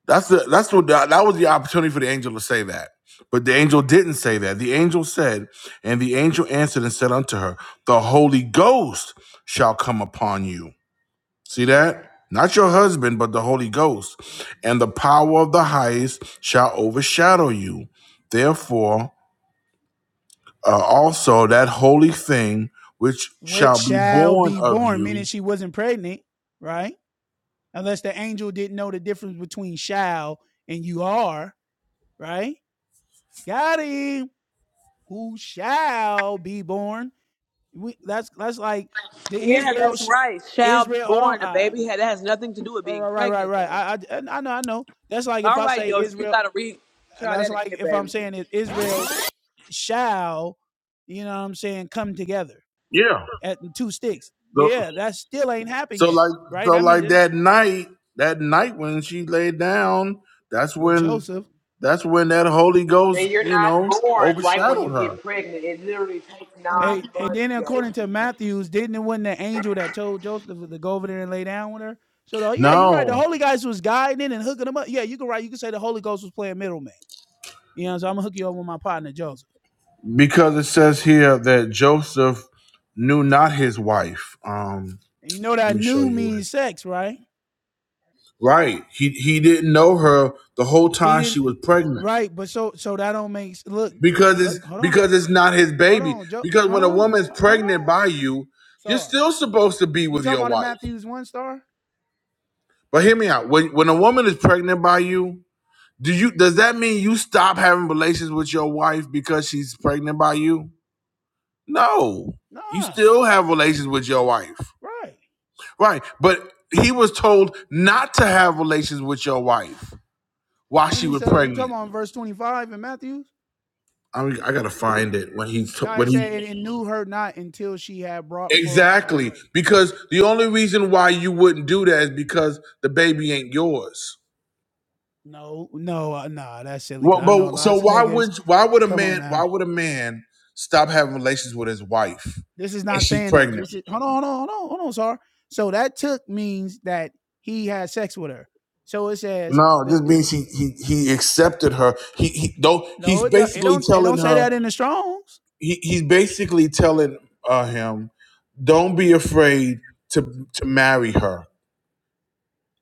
Speaker 1: That's the that's what that, that was the opportunity for the angel to say that. But the angel didn't say that. The angel said, and the angel answered and said unto her, The Holy Ghost shall come upon you See that? Not your husband, but the Holy Ghost. And the power of the highest shall overshadow you. Therefore, uh, also that holy thing which
Speaker 9: Which
Speaker 1: shall be
Speaker 9: shall
Speaker 1: born
Speaker 9: be
Speaker 1: of
Speaker 9: born, meaning
Speaker 1: you.
Speaker 9: she wasn't pregnant, right? Unless the angel didn't know the difference between shall and you are, right? Got him. Who shall be born? We, that's that's like the Israel. Israel. Hold on. I, right, right, right, right. right. I, I I know. I know. That's like if I say Israel. that's like if I'm saying is Israel sh- shall, you know what I'm saying, come together
Speaker 1: Yeah.
Speaker 9: at two sticks.
Speaker 1: So,
Speaker 9: Yeah, that still ain't happened
Speaker 1: so
Speaker 9: yet,
Speaker 1: like,
Speaker 9: right?
Speaker 1: so
Speaker 9: I mean,
Speaker 1: like
Speaker 9: it's
Speaker 1: that night, that night when she laid down, that's
Speaker 9: with
Speaker 1: when,
Speaker 9: Joseph.
Speaker 1: that's when that Holy Ghost, you know, overshadowed her.
Speaker 9: Hey, and then according to Matthews, didn't it wasn't the angel that told Joseph to go over there and lay down with her? So the, yeah, you're right. The
Speaker 1: No,
Speaker 9: Holy Ghost was guiding it and hooking them up. Yeah, you can right. You can say the Holy Ghost was playing middleman. You know, so I'm gonna hook you up with my partner Joseph.
Speaker 1: because it says here that Joseph knew not his wife. Um,
Speaker 9: And you know
Speaker 1: Let
Speaker 9: that
Speaker 1: me show
Speaker 9: new
Speaker 1: you
Speaker 9: means
Speaker 1: with.
Speaker 9: sex, right?
Speaker 1: Right. He he didn't know her the whole
Speaker 9: He
Speaker 1: time she
Speaker 9: didn't,
Speaker 1: was pregnant.
Speaker 9: right? But so so that don't make look.
Speaker 1: Because
Speaker 9: Look,
Speaker 1: it's
Speaker 9: hold on.
Speaker 1: because it's not his
Speaker 9: Hold
Speaker 1: baby.
Speaker 9: on, Joe.
Speaker 1: Because
Speaker 9: Hold
Speaker 1: when a
Speaker 9: on,
Speaker 1: woman's
Speaker 9: hold
Speaker 1: pregnant
Speaker 9: on.
Speaker 1: by you, you're
Speaker 9: Sorry,
Speaker 1: still supposed to be
Speaker 9: you
Speaker 1: with
Speaker 9: talking
Speaker 1: your
Speaker 9: about in
Speaker 1: wife.
Speaker 9: Matthew's one star?
Speaker 1: But hear me out. When when a woman is pregnant by you, do you does that mean you stop having relations with your wife because she's pregnant by you? No. You
Speaker 9: Nah,
Speaker 1: still have relations with your wife.
Speaker 9: right.
Speaker 1: Right. But he was told not to have relations with your wife while
Speaker 9: When
Speaker 1: she
Speaker 9: he
Speaker 1: was
Speaker 9: said you
Speaker 1: pregnant.
Speaker 9: talking about verse twenty five in Matthew's?
Speaker 1: I mean,
Speaker 9: I mean,
Speaker 1: I
Speaker 9: I
Speaker 1: gotta
Speaker 9: gotta
Speaker 1: find
Speaker 9: find
Speaker 1: it
Speaker 9: it.
Speaker 1: when he t-
Speaker 9: No, it
Speaker 1: when
Speaker 9: said
Speaker 1: he
Speaker 9: and, knew her not until she had brought forth exactly. her.
Speaker 1: exactly because
Speaker 9: Because
Speaker 1: the
Speaker 9: the
Speaker 1: only
Speaker 9: only
Speaker 1: reason
Speaker 9: reason
Speaker 1: why
Speaker 9: why
Speaker 1: you
Speaker 9: you
Speaker 1: wouldn't
Speaker 9: wouldn't
Speaker 1: do
Speaker 9: do
Speaker 1: that is because
Speaker 9: that is
Speaker 1: the baby ain't yours.
Speaker 9: because. No, no, uh, nah, that's silly.
Speaker 1: Well,
Speaker 9: Cause I know
Speaker 1: but so
Speaker 9: lots of
Speaker 1: why
Speaker 9: niggas.
Speaker 1: would why would a
Speaker 9: Come on
Speaker 1: man why
Speaker 9: now.
Speaker 1: would a man stop having relations with his wife
Speaker 9: This is
Speaker 1: and
Speaker 9: not
Speaker 1: she's
Speaker 9: saying that.
Speaker 1: pregnant?
Speaker 9: This is hold on, hold on, hold on, hold on, sir. So that took means that he had sex with her. So it says
Speaker 1: No,
Speaker 9: the,
Speaker 1: this
Speaker 9: the-
Speaker 1: means he he he accepted her. He he though he's
Speaker 9: no, it don't, it
Speaker 1: basically
Speaker 9: don't it don't
Speaker 1: telling
Speaker 9: say
Speaker 1: her
Speaker 9: that in the Strong's
Speaker 1: he, he's basically telling uh, him, don't be afraid to to marry her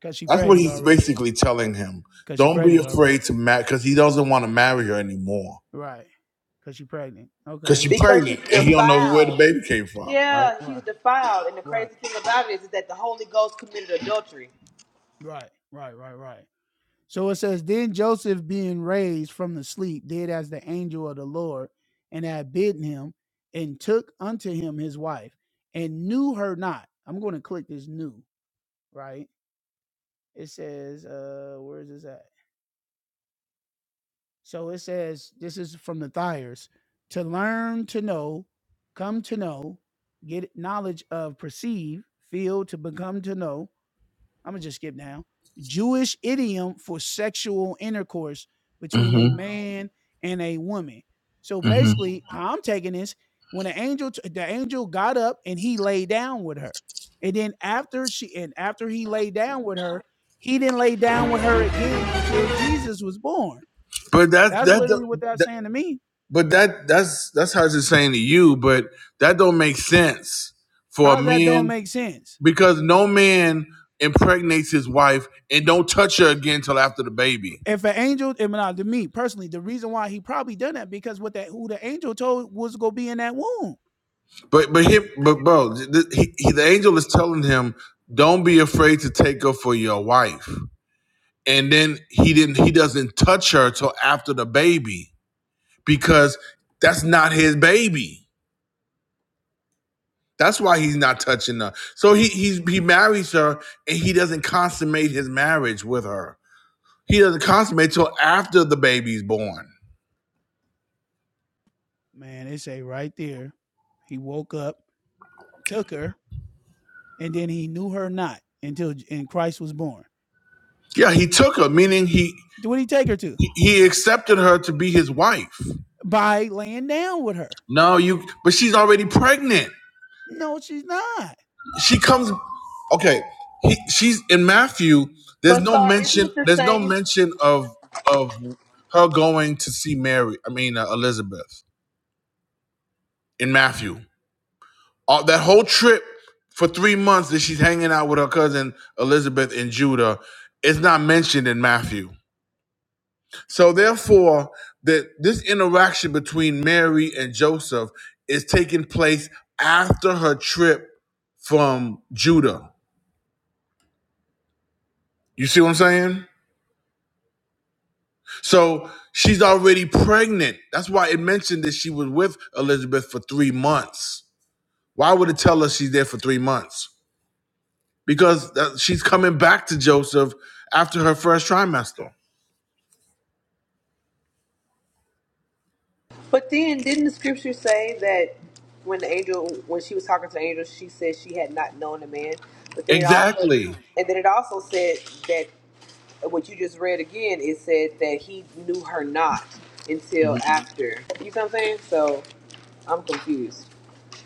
Speaker 9: because she
Speaker 1: That's what
Speaker 9: pregnant
Speaker 1: he's
Speaker 9: already.
Speaker 1: basically telling him.
Speaker 9: Because she
Speaker 1: Don't be
Speaker 9: pregnant already.
Speaker 1: afraid to marry because he doesn't want to marry her anymore
Speaker 9: Right. Because she pregnant.
Speaker 1: because
Speaker 9: Okay.
Speaker 1: she's pregnant and he don't know
Speaker 9: Right.
Speaker 1: where the baby came from.
Speaker 9: Right. Right. Right. Right. Right. Right. So it says, Then Joseph, being raised from the sleep, did as the angel of the Lord and had bidden him, and took unto him his wife, and knew her not. I'm going to click this new, right? It says, uh, where is this at? So it says, this is from the Thyers, to learn to know, come to know, get knowledge of, perceive, feel, to become to know, I'm gonna just skip down. Jewish idiom for sexual intercourse between a Mhm.
Speaker 1: Mm-hmm.
Speaker 9: man and a woman. So
Speaker 1: Mm-hmm.
Speaker 9: basically, Mhm. how I'm taking this, when the angel, the angel got up and he lay down with her, and then after she, and after he lay down with her, he didn't lay down with her again until Jesus was born.
Speaker 1: But that
Speaker 9: That's
Speaker 1: that,
Speaker 9: literally what that's
Speaker 1: that
Speaker 9: saying to me.
Speaker 1: but that that's that's how it's saying to you. But that don't make sense for a
Speaker 9: How that don't
Speaker 1: man
Speaker 9: make sense?
Speaker 1: because no man impregnates his wife and don't touch her again till after the baby.
Speaker 9: If an angel, I mean, uh, to me personally, the reason why he probably done that because what that who the angel told was gonna be in that womb.
Speaker 1: But but him but bro, the, he, the angel is telling him, don't be afraid to take her for your wife. and then he didn't he doesn't touch her till after the baby because that's not his baby that's why he's not touching her so he he's, he marries her and he doesn't consummate his marriage with her he doesn't consummate till after the baby's born
Speaker 9: Man, they say right there, he woke up, took her, and then he knew her not until and Christ was born.
Speaker 1: yeah he took her meaning he
Speaker 9: What did he take her to?
Speaker 1: he he accepted her to be his wife
Speaker 9: By laying down with her.
Speaker 1: no you but she's already pregnant
Speaker 9: No, she's not.
Speaker 1: she comes okay he, she's in matthew there's no mention there's no mention of of her going to see mary i mean uh, elizabeth in matthew all, that whole trip for three months that she's hanging out with her cousin elizabeth in judah is not mentioned in matthew so therefore that this interaction between mary and joseph is taking place after her trip from judah you see what i'm saying So she's already pregnant. That's why it mentioned that she was with Elizabeth for three months. Why would it tell us she's there for three months? Because that, she's coming back to Joseph after her first trimester. Exactly.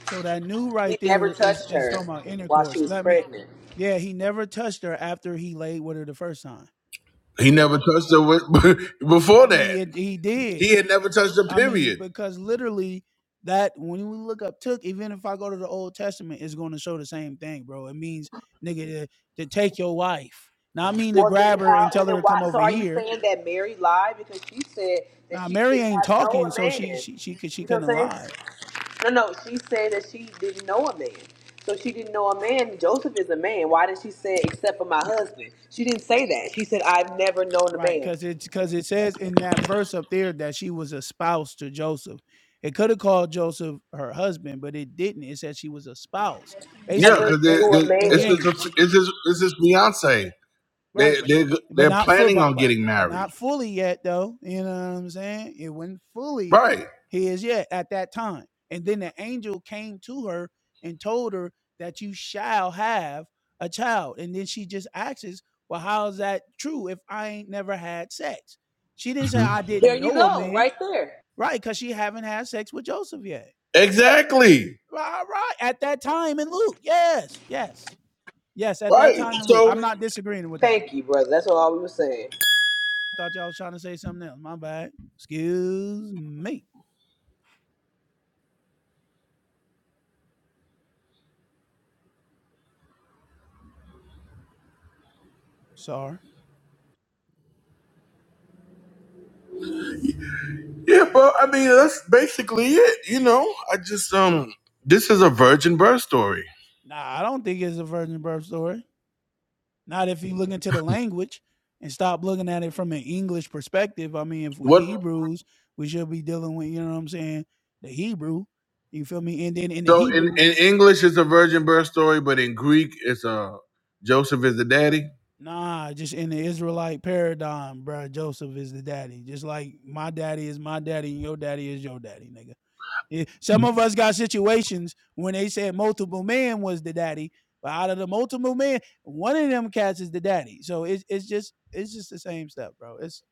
Speaker 9: So that new right there is is talking about intercourse. Let me. Yeah, he never touched her after he laid with her the first time.
Speaker 1: He never touched her with, (laughs) before
Speaker 9: I
Speaker 1: that.
Speaker 9: mean, it, he did.
Speaker 1: He had never touched her.
Speaker 9: I mean,
Speaker 1: Period.
Speaker 9: because literally that when you look up took, even if I go to the Old Testament, it's going to show the same thing, bro. It means nigga to, to take your wife. Now I mean to grab her and tell her to come over here. Now Mary ain't talking, so she she she could she couldn't lie, right? Because it's because it says in that verse up there that she was a spouse to Joseph. It could have called Joseph her husband, but it didn't. It said she was a spouse,
Speaker 1: Yeah,
Speaker 9: basically
Speaker 1: because
Speaker 9: enga-
Speaker 1: it's
Speaker 9: engaged.
Speaker 1: his, it's his, it's his fiance.
Speaker 9: Right,
Speaker 1: They
Speaker 9: but not,
Speaker 1: they
Speaker 9: but
Speaker 1: they're
Speaker 9: not full,
Speaker 1: planning
Speaker 9: but
Speaker 1: on
Speaker 9: but
Speaker 1: getting
Speaker 9: but
Speaker 1: married.
Speaker 9: not fully yet though. You know what I'm saying? It wasn't fully
Speaker 1: Right.
Speaker 9: his yet at that time. And then the angel came to her and told her that you shall have a child. And then she just asks, "Well, how's that true? If I ain't never had sex?" She didn't say
Speaker 1: hmm
Speaker 9: I didn't know a man, right? Because she haven't had sex with Joseph yet.
Speaker 1: Exactly.
Speaker 9: Right, right. At that time in Luke, yes, yes, yes. At that
Speaker 1: Right.
Speaker 9: time in Luke,
Speaker 1: So
Speaker 9: I'm not disagreeing with that. Thought y'all was trying to say something else. My bad. Excuse me. Sorry.
Speaker 1: Yeah, but I mean that's basically it. You know, I just um, this is a virgin birth story.
Speaker 9: Nah, I don't think it's a virgin birth story. Not if you look into the language and stop looking at it from an English perspective. I mean, if we
Speaker 1: What?
Speaker 9: Hebrews, we should be dealing with, you know what I'm saying, the Hebrew. You feel me? And then in the
Speaker 1: So in
Speaker 9: Hebrew,
Speaker 1: in English, it's a virgin birth story, but in Greek, it's a Joseph is the daddy.
Speaker 9: nah, just in the Israelite paradigm, bro. Joseph is the daddy. Just like my daddy is my daddy and your daddy is your daddy, nigga. Yeah, Some of us got situations when they said multiple men was the daddy, but out of the multiple men, one of them cats is the daddy. So it's it's just it's just the same stuff, bro. It's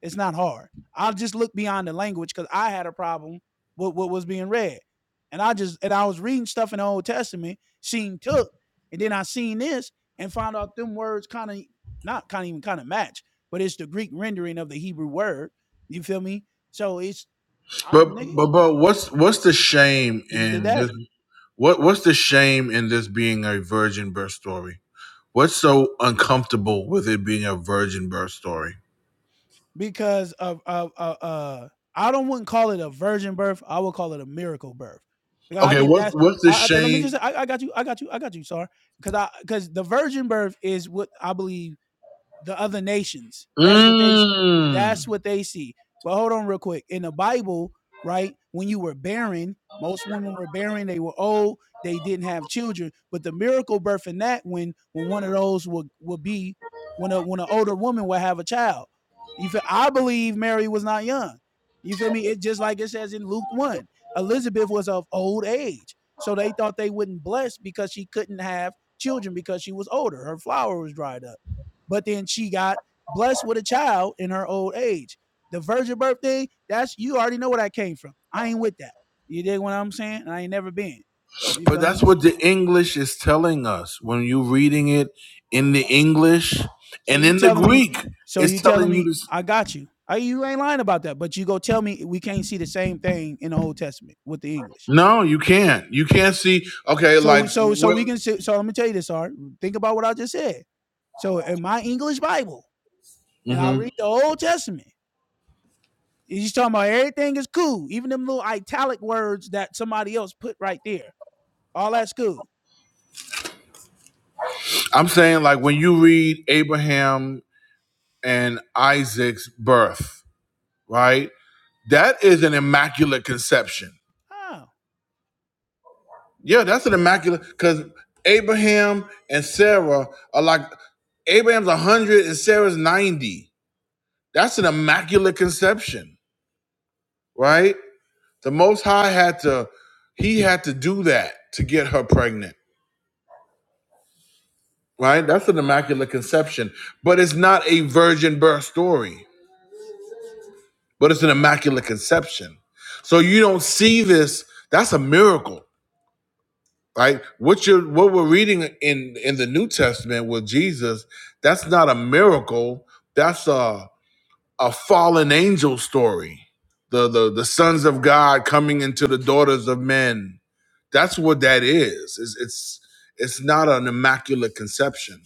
Speaker 9: it's not hard. I'll just look beyond the language because I had a problem with what was being read, and I just and I was reading stuff in the Old Testament, seen took, and then I seen this and found out them words kind of not kind of even kind of match, but it's the Greek rendering of the Hebrew word. You feel me? So it's
Speaker 1: But but but what's what's the shame
Speaker 9: he's the
Speaker 1: in this?
Speaker 9: daddy.
Speaker 1: What what's the shame in this being a virgin birth story? What's so uncomfortable with it being a virgin birth story?
Speaker 9: because of of uh, uh I don't wouldn't call it a virgin birth. I would call it a miracle birth. Because I
Speaker 1: Okay,
Speaker 9: think
Speaker 1: what's
Speaker 9: that's
Speaker 1: what's the
Speaker 9: I, I let me just
Speaker 1: shame?
Speaker 9: I, I got you I got you I got you sorry because I because the virgin birth is what I believe the other nations. That's what they
Speaker 1: Mmm.
Speaker 9: that's what they see. But hold on real quick. In the Bible, right, when you were barren, most women were barren, they were old, they didn't have children. But the miracle birth in that when when one of those will will be when a when an older woman will have a child. You feel I believe Mary was not young. You feel me? It just like it says in Luke 1. Elizabeth was of old age. So they thought they wouldn't bless because she couldn't have children because she was older. Her flower was dried up. But then she got blessed with a child in her old age. The virgin birthday, that's you already know where that came from. I ain't with that. You dig what I'm saying? And I ain't never been. You
Speaker 1: But
Speaker 9: feel
Speaker 1: that's
Speaker 9: me?
Speaker 1: what the English is telling us when you're reading it in the English
Speaker 9: So
Speaker 1: and
Speaker 9: you
Speaker 1: in the
Speaker 9: telling me,
Speaker 1: Greek.
Speaker 9: so
Speaker 1: It's
Speaker 9: you
Speaker 1: telling
Speaker 9: telling
Speaker 1: you
Speaker 9: me,
Speaker 1: this.
Speaker 9: I got you. I, you ain't lying about that, but you go tell me we can't see the same thing in the Old Testament with the English.
Speaker 1: No, you can't. You can't see. Okay,
Speaker 9: So
Speaker 1: like
Speaker 9: so so we
Speaker 1: what?
Speaker 9: can so let me tell you this, Art. Think about what I just said. So in my English Bible, and I'll
Speaker 1: Mhm.
Speaker 9: read the Old Testament, He's talking about everything is cool, even them little italic words that somebody else put right there. All that's cool.
Speaker 1: I'm saying, like when you read Abraham and Isaac's birth, right? That is an immaculate conception.
Speaker 9: Oh,
Speaker 1: Yeah, that's an immaculate because Abraham and Sarah are like Abraham's 100 and Sarah's 90. That's an immaculate conception. right? The Most High had to, he had to do that to get her pregnant, right? That's an immaculate conception, but it's not a virgin birth story, but it's an immaculate conception. So you don't see this. That's a miracle, right? What you what we're reading in in the New Testament with Jesus, that's not a miracle. That's a a fallen angel story. The the the sons of God coming into the daughters of men That's what that is. It's it's it's not an immaculate conception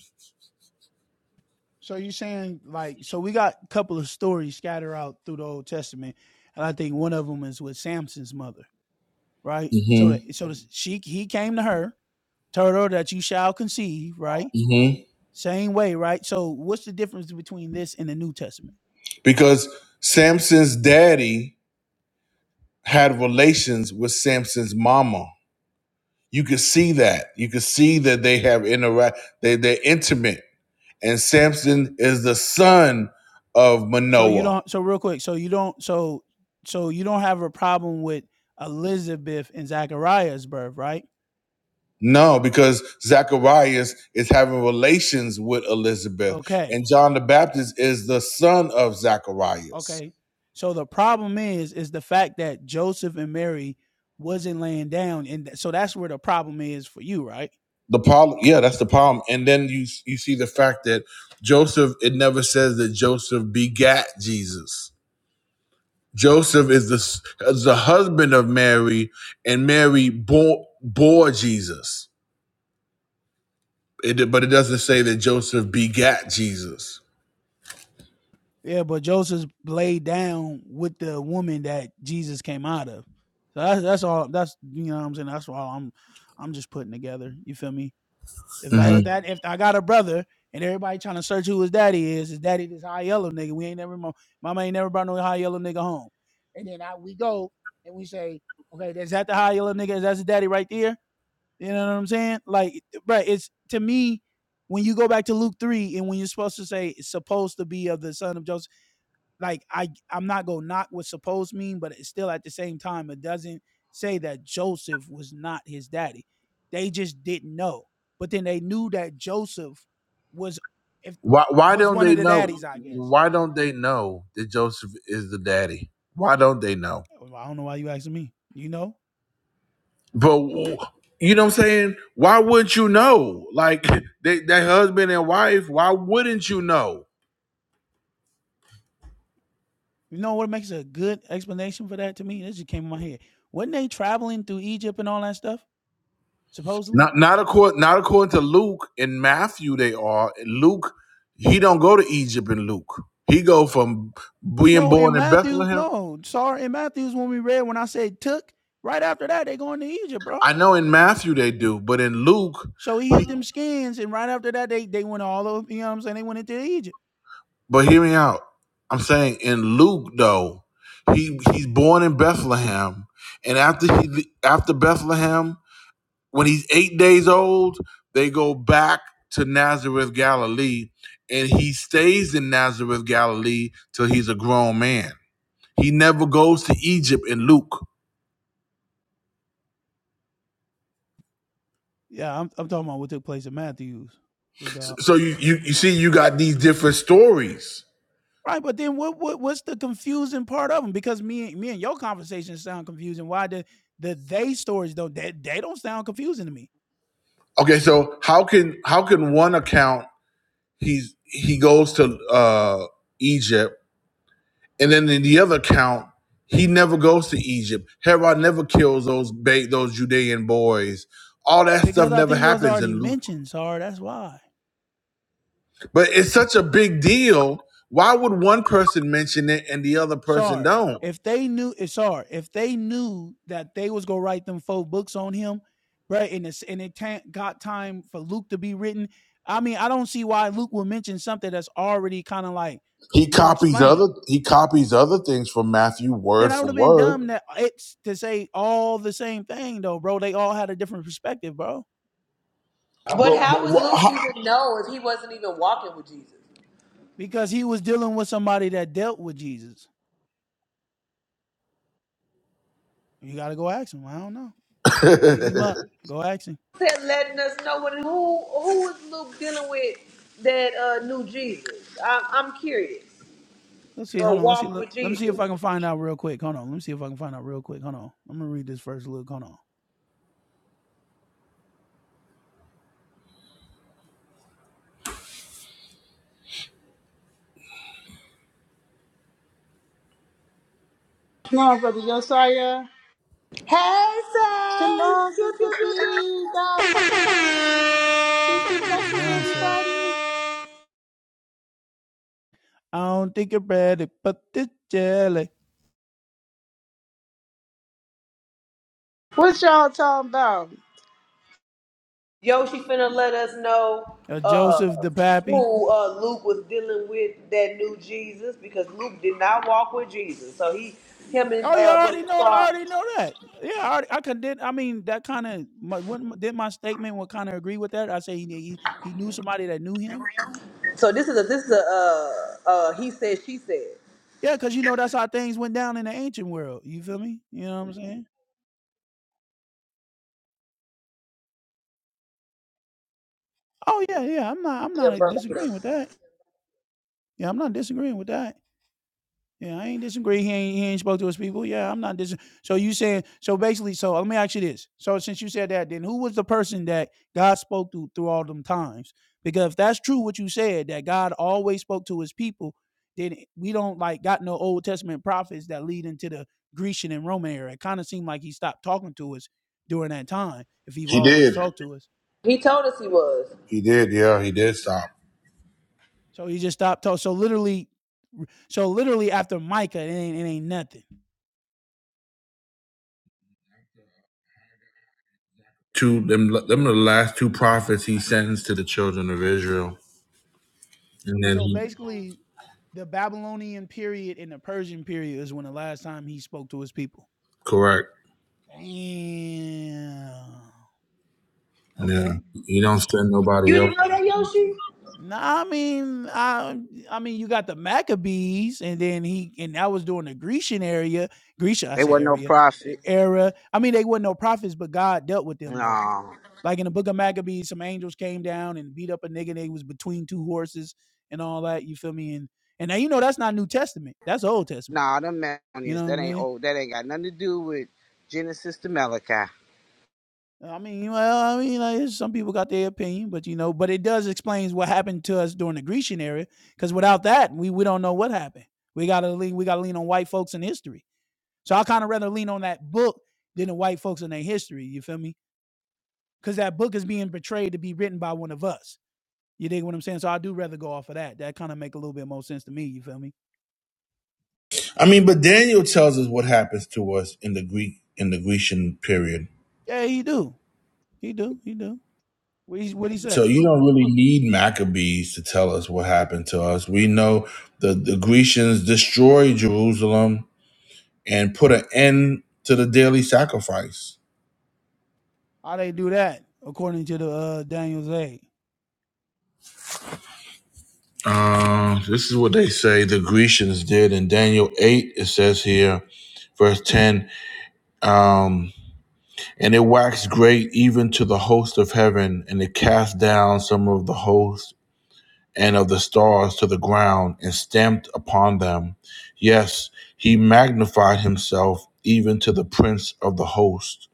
Speaker 9: so you're saying like so we got a couple of stories scattered out through the Old Testament, and I think one of them is with Samson's mother, right? So that
Speaker 1: Mm-hmm.
Speaker 9: so that she he came to her, told her that you shall conceive, right?
Speaker 1: Mm-hmm.
Speaker 9: Same way, right? So what's the difference between this and the New Testament?
Speaker 1: because Samson's daddy had relations with Samson's mama. You could see that. You could see that they have interact. They they're intimate, and Samson is the son of
Speaker 9: So you
Speaker 1: Manoah.
Speaker 9: don't so real quick, so you don't so so you don't have a problem with Elizabeth and Zachariah's birth, right?
Speaker 1: No, because Zacharias is having relations with Elizabeth,
Speaker 9: Okay.
Speaker 1: and John the Baptist is the son of Zacharias.
Speaker 9: Okay. So the problem is is the fact that Joseph and Mary wasn't laying down and th- so that's where the problem is for you, right?
Speaker 1: The problem, yeah, that's the problem. And then you you see the fact that Joseph, it never says that Joseph begat Jesus. Joseph is the s- is the husband of Mary, and Mary bore bore Jesus. It, but it doesn't say that Joseph begat Jesus.
Speaker 9: Yeah, but Joseph's laid down with the woman that Jesus came out of. So that's that's all. That's you know what I'm saying. That's all I'm I'm just putting together. You feel me? If I,
Speaker 1: hmm
Speaker 9: if that if I got a brother and everybody trying to search who his daddy is, his daddy this high yellow nigga. We ain't never mama ain't never brought no high yellow nigga home. And then I, we go and we say, okay, is that the high yellow nigga? Is that his daddy right there? You know what I'm saying? Like, right? It's to me when you go back to Luke three and when you're supposed to say it's supposed to be of the son of Joseph like I I'm not gonna knock what supposed mean, but it's still at the same time it doesn't say that Joseph was not his daddy. They just didn't know, but then they knew that Joseph was if
Speaker 1: Why why
Speaker 9: was
Speaker 1: don't
Speaker 9: one
Speaker 1: they
Speaker 9: of the
Speaker 1: know?
Speaker 9: daddies. I guess
Speaker 1: Why
Speaker 9: I don't
Speaker 1: don't
Speaker 9: know.
Speaker 1: they know that Joseph is the daddy? Why don't they know?
Speaker 9: Well, I don't know why you asking me. You know,
Speaker 1: But you know what I'm saying? Why wouldn't you know? Like (laughs) they, that husband and wife, why wouldn't you know?
Speaker 9: you know what makes a good explanation for that to me? This just came in my head. Wasn't they traveling through Egypt and all that stuff? Supposedly,
Speaker 1: Not not according not according to Luke and Matthew they are. Luke, he don't go to Egypt in Luke. He go from being
Speaker 9: no.
Speaker 1: born
Speaker 9: In
Speaker 1: in
Speaker 9: Matthew,
Speaker 1: Bethlehem.
Speaker 9: no. Sorry, in Matthews when we read when I said took right after that they going to Egypt, bro.
Speaker 1: I know in Matthew they do, but in Luke,
Speaker 9: So he
Speaker 1: he,
Speaker 9: hit them skins, and right after that, they they went all over. You know what I'm saying? They went into Egypt.
Speaker 1: but hear me out. I'm saying in Luke though, he he's born in Bethlehem, and after he after Bethlehem, when he's eight days old, they go back to Nazareth, Galilee, and he stays in Nazareth, Galilee till he's a grown man. He never goes to Egypt in Luke.
Speaker 9: Yeah, I'm, I'm talking about what took place at Matthews, big Yeah. dog.
Speaker 1: So you, you, you see, you got these different stories.
Speaker 9: Right, but then what, what what's the confusing part of them? Because me and me and your conversations sound confusing. Why the the they stories though? not they, they don't sound confusing to me?
Speaker 1: Okay, so how can how can one account he's he goes to uh, Egypt, and then in the other account he never goes to Egypt. Herod never kills those ba- those Judean boys. All that stuff
Speaker 9: Because I
Speaker 1: never
Speaker 9: think it was
Speaker 1: happens
Speaker 9: already
Speaker 1: in Luke.
Speaker 9: mentioned, sorry, that's why.
Speaker 1: But it's such a big deal. Why would one person mention it and the other person
Speaker 9: Sorry.
Speaker 1: don't?
Speaker 9: If they knew, eh, sorry, if they knew that they was gonna write them four books on him, right? And it's and it ta- got time for Luke to be written. I mean, I don't see why Luke would mention something that's already kind of like
Speaker 1: He
Speaker 9: been
Speaker 1: copies
Speaker 9: explained.
Speaker 1: other he copies other things from Matthew
Speaker 9: Then
Speaker 1: word
Speaker 9: I would
Speaker 1: for
Speaker 9: have been
Speaker 1: word.
Speaker 9: dumb that it's to say all the same thing though, bro. They all had a different perspective, bro.
Speaker 1: But wh-
Speaker 9: Because he was dealing with somebody that dealt with Jesus. You gotta go ask him. I don't know.
Speaker 1: wh-
Speaker 9: Go dig him
Speaker 1: (laughs)
Speaker 9: up. Go ask him. Let's see. Hold on. Let's see. Look. Let me see if I can find out real quick. Hold on. Let me see if I can find out real quick. Hold on. I'm gonna read this first. Look. Hold on.
Speaker 6: No, brother Josiah. The Lord is the big godmother. Peace and blessings,
Speaker 9: Beyonce.
Speaker 6: everybody.
Speaker 9: I don't think you're ready, but the jelly.
Speaker 6: What y'all talking about?
Speaker 9: Uh, Joseph the Pappy. Oh, you already know. I already know that. Yeah, I, already, I could did. I mean, that kind of did my statement would kind of agree with that. I say he, he he knew somebody that knew him. Yeah, because you know that's how things went down in the ancient world. You feel me? You know what I'm saying? Oh yeah, yeah. I'm not. I'm not uh, disagreeing with that. Yeah, I'm not disagreeing with that. Yeah, I ain't disagree. He ain't, he ain't spoke to his people. Yeah, I'm not dis. So you saying so basically? So let me ask you this. So since you said that, then who was the person that God spoke to through all them times? Because if that's true, what you said that God always spoke to His people, then we don't like got no Old Testament prophets that lead into the Grecian and Roman era. It kind of seemed like He stopped talking to us during that time. If He've
Speaker 1: he
Speaker 9: always
Speaker 1: did.
Speaker 9: talked to us,
Speaker 1: He did. Yeah, he did stop.
Speaker 9: so He just stopped talking. So literally, so literally after Micah, it ain't it ain't nothing.
Speaker 1: Two them them are the last two prophets he sends to the children of Israel, and then
Speaker 9: So
Speaker 1: he
Speaker 9: basically, the Babylonian period and the Persian period is when the last time he spoke to his people.
Speaker 1: correct.
Speaker 9: Damn.
Speaker 1: And then
Speaker 9: Okay.
Speaker 1: he don't send nobody else.
Speaker 9: Nah, I mean, I, I mean, you got the Maccabees, and then he, and that was during the Grecian area, Grecia, I
Speaker 6: It
Speaker 9: said
Speaker 6: wasn't no
Speaker 9: area, e-
Speaker 6: prophet.
Speaker 9: era. I mean, they weren't no prophets, but God dealt with them though.
Speaker 6: No.
Speaker 9: Like in the Book of Maccabees, some angels came down and beat up a nigga. They was between two horses and all that. You feel me? And and now you know that's not New Testament. That's Old Testament.
Speaker 6: Nah, them
Speaker 9: You
Speaker 6: Maccabees,
Speaker 9: know what
Speaker 6: that
Speaker 9: I'm
Speaker 6: ain't
Speaker 9: saying?
Speaker 6: old. That ain't got nothing to do with Genesis to Malachi.
Speaker 9: I mean, well, I mean, like, some people got their opinion, but you know, but it does explains what happened to us during the Grecian era. Because without that, we we don't know what happened. We gotta lean, we gotta lean on white folks in history. So I kind of rather lean on that book than the white folks in their history. You feel me? Because that book is being portrayed to be written by one of us. You dig what I'm saying? So I do rather go off of that. That kind of make a little bit more sense to me. You feel me?
Speaker 1: I mean, but Daniel tells us what happens to us in the Greek in the Grecian period.
Speaker 9: Yeah, he do, he do, he do. What he what he
Speaker 1: So
Speaker 9: say?
Speaker 1: you don't really need Maccabees to tell us what happened to us. We know the, the Grecians destroyed Jerusalem and put an end to the daily sacrifice.
Speaker 9: How they do that according to the uh, Daniel's aid?
Speaker 1: Uh, this is what they say the Grecians did in Daniel 8, it says here, verse 10 um, And it waxed great even to the host of heaven, and it cast down some of the host. and of the stars to the ground and stamped upon them. Yes, he magnified himself even to the prince of the host.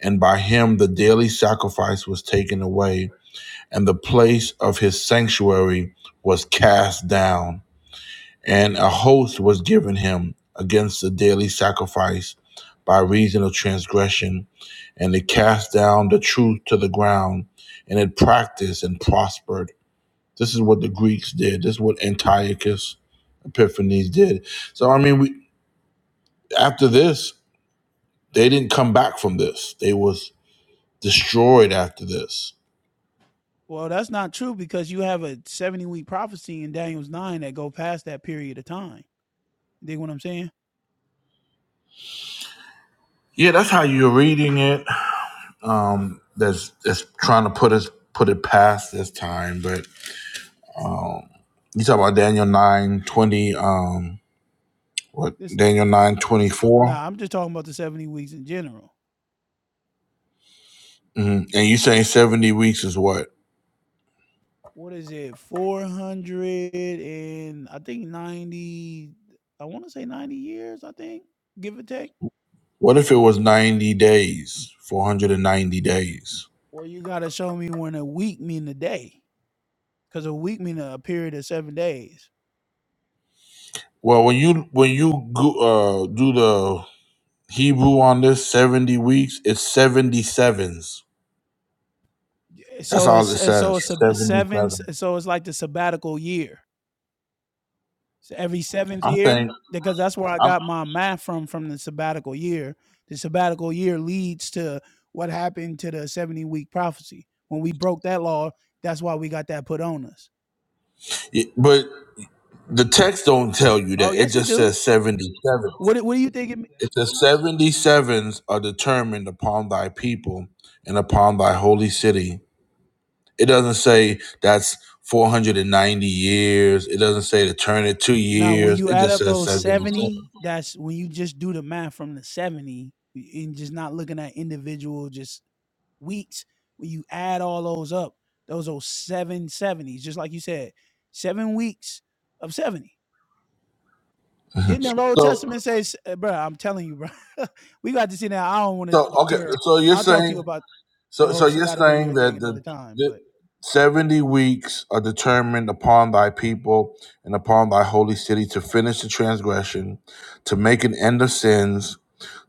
Speaker 1: And by him the daily sacrifice was taken away, and the place of his sanctuary was cast down. And a host was given him against the daily sacrifice by reason of transgression. And it cast down the truth to the ground, and it practiced and prospered this is what the Greeks did. This is what Antiochus Epiphanes did. So I mean, we after this, they didn't come back from this. They was destroyed after this.
Speaker 9: Well, that's not true because you have a 70 week prophecy in Daniel's 9 that go past that period of time. You dig what I'm saying?
Speaker 1: Yeah, that's how you're reading it. Um, that's that's trying to put us put it past this time. But you talk about Daniel nine twenty. Um, what
Speaker 9: This
Speaker 1: Daniel nine twenty four? twenty
Speaker 9: nah, I'm just talking about the 70 weeks in general.
Speaker 1: Mm-hmm. And you saying seventy weeks is what?
Speaker 9: what is it 400 and i think 90 i want to say 90 years i think give or take
Speaker 1: What if it was ninety days? Four hundred and ninety days.
Speaker 9: or you gotta show me when a week mean a day because a week mean a period of seven days
Speaker 1: Well, when you when you go, uh, do the Hebrew on this seventy weeks, it's seventy sevens.
Speaker 9: Yeah,
Speaker 1: That's
Speaker 9: so
Speaker 1: all
Speaker 9: it's
Speaker 1: it
Speaker 9: and so
Speaker 1: says.
Speaker 9: it's sab-
Speaker 1: Seventy
Speaker 9: seven
Speaker 1: seven.
Speaker 9: s- so it's like the sabbatical year so every seventh
Speaker 1: I'm
Speaker 9: year
Speaker 1: saying,
Speaker 9: because that's where i
Speaker 1: I'm,
Speaker 9: got my math from from the sabbatical year the sabbatical year leads to what happened to the 70 week prophecy when we broke that law that's why we got that put on us
Speaker 1: it- but the text don't tell you
Speaker 9: Oh,
Speaker 1: that. It
Speaker 9: yes, it
Speaker 1: just
Speaker 9: do.
Speaker 1: says seventy sevens.
Speaker 9: What do- What do you think? It, mean?
Speaker 1: It says seventy sevens are determined upon thy people and upon thy holy city. It doesn't say that's four hundred and ninety years. It doesn't say to turn it two
Speaker 9: now, when
Speaker 1: years.
Speaker 9: you
Speaker 1: It
Speaker 9: add
Speaker 1: just
Speaker 9: up
Speaker 1: says
Speaker 9: those
Speaker 1: seventy
Speaker 9: seventy, that's when you just do the math from the seventy y- and just not looking at individual just weeks. When you add all those up, those are seven seventies, just like you said, seven weeks of seventy.
Speaker 1: seven.
Speaker 9: Didn't
Speaker 1: (laughs)
Speaker 9: the Old
Speaker 1: So
Speaker 9: Testament say, s- uh, bruh, I'm telling you, bro, (laughs) we got to see now. I don't want to
Speaker 1: So okay,
Speaker 9: deter.
Speaker 1: so you're
Speaker 9: I'll talk to you
Speaker 1: saying
Speaker 9: about the
Speaker 1: so so
Speaker 9: whole
Speaker 1: you're
Speaker 9: sabbatical year
Speaker 1: saying
Speaker 9: thing
Speaker 1: that the,
Speaker 9: another time,
Speaker 1: the
Speaker 9: but
Speaker 1: seventy weeks are determined upon thy people and upon thy holy city to finish the transgression, to make an end of sins,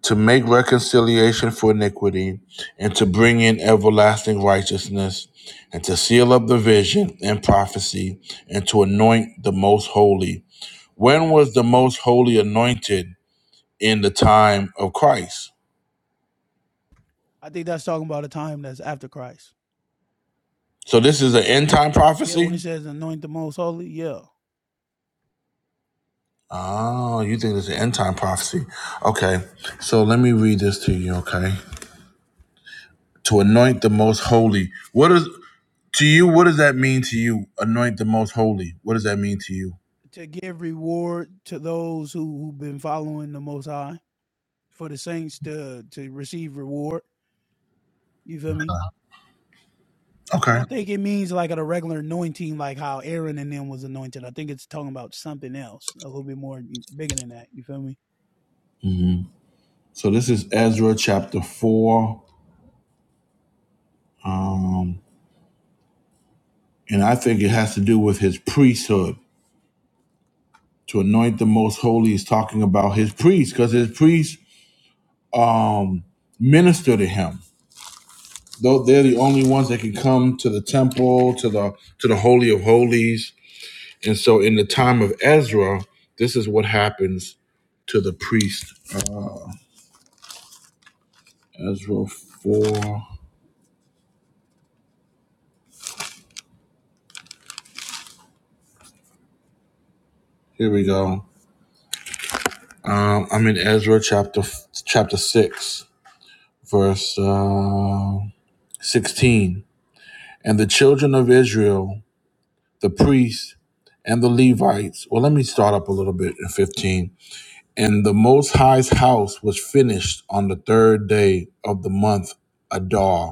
Speaker 1: to make reconciliation for iniquity, and to bring in everlasting righteousness, and to seal up the vision and prophecy, and to anoint the most holy. When was the most holy anointed in the time of Christ?
Speaker 9: I think that's talking about a time that's after Christ.
Speaker 1: So this is an end time
Speaker 9: Yeah,
Speaker 1: prophecy.
Speaker 9: when it says anoint the most holy, yeah.
Speaker 1: Oh, you think it's an end time prophecy? Okay, so let me read this to you. Okay, to anoint the most holy. What is to you? What does that mean to you? Anoint the most holy. What does that mean to you?
Speaker 9: To give reward to those who, who've been following the most high, for the saints to to receive reward. You feel me? I
Speaker 1: Okay,
Speaker 9: don't think it means like a regular anointing like how Aaron and them was anointed. I think it's talking about something else, a little bit more bigger than that. You feel me?
Speaker 1: so this is Ezra chapter four, um, and I think it has to do with his priesthood. To anoint the most holy is talking about his priests, because his priests um, minister to him. Though they're the only ones that can come to the temple, to the to the holy of holies And so, in the time of Ezra, this is what happens to the priest. Uh, Ezra four. Here we go. Um, I'm in Ezra chapter chapter six, verse uh, sixteen. And the children of Israel, the priests and the Levites. Well, let me start up a little bit in fifteen. And the Most High's house was finished on the third day of the month Adar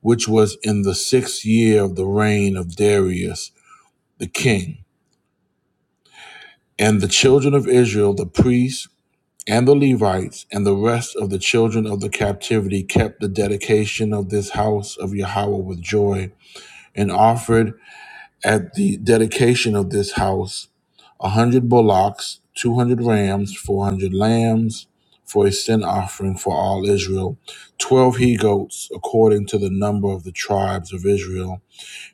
Speaker 1: which was in the sixth year of the reign of Darius the king. And the children of Israel, the priests and the Levites, and the rest of the children of the captivity kept the dedication of this house of Yahweh with joy, and offered at the dedication of this house a hundred bullocks, two hundred rams, four hundred lambs, for a sin offering for all Israel, twelve he goats, according to the number of the tribes of Israel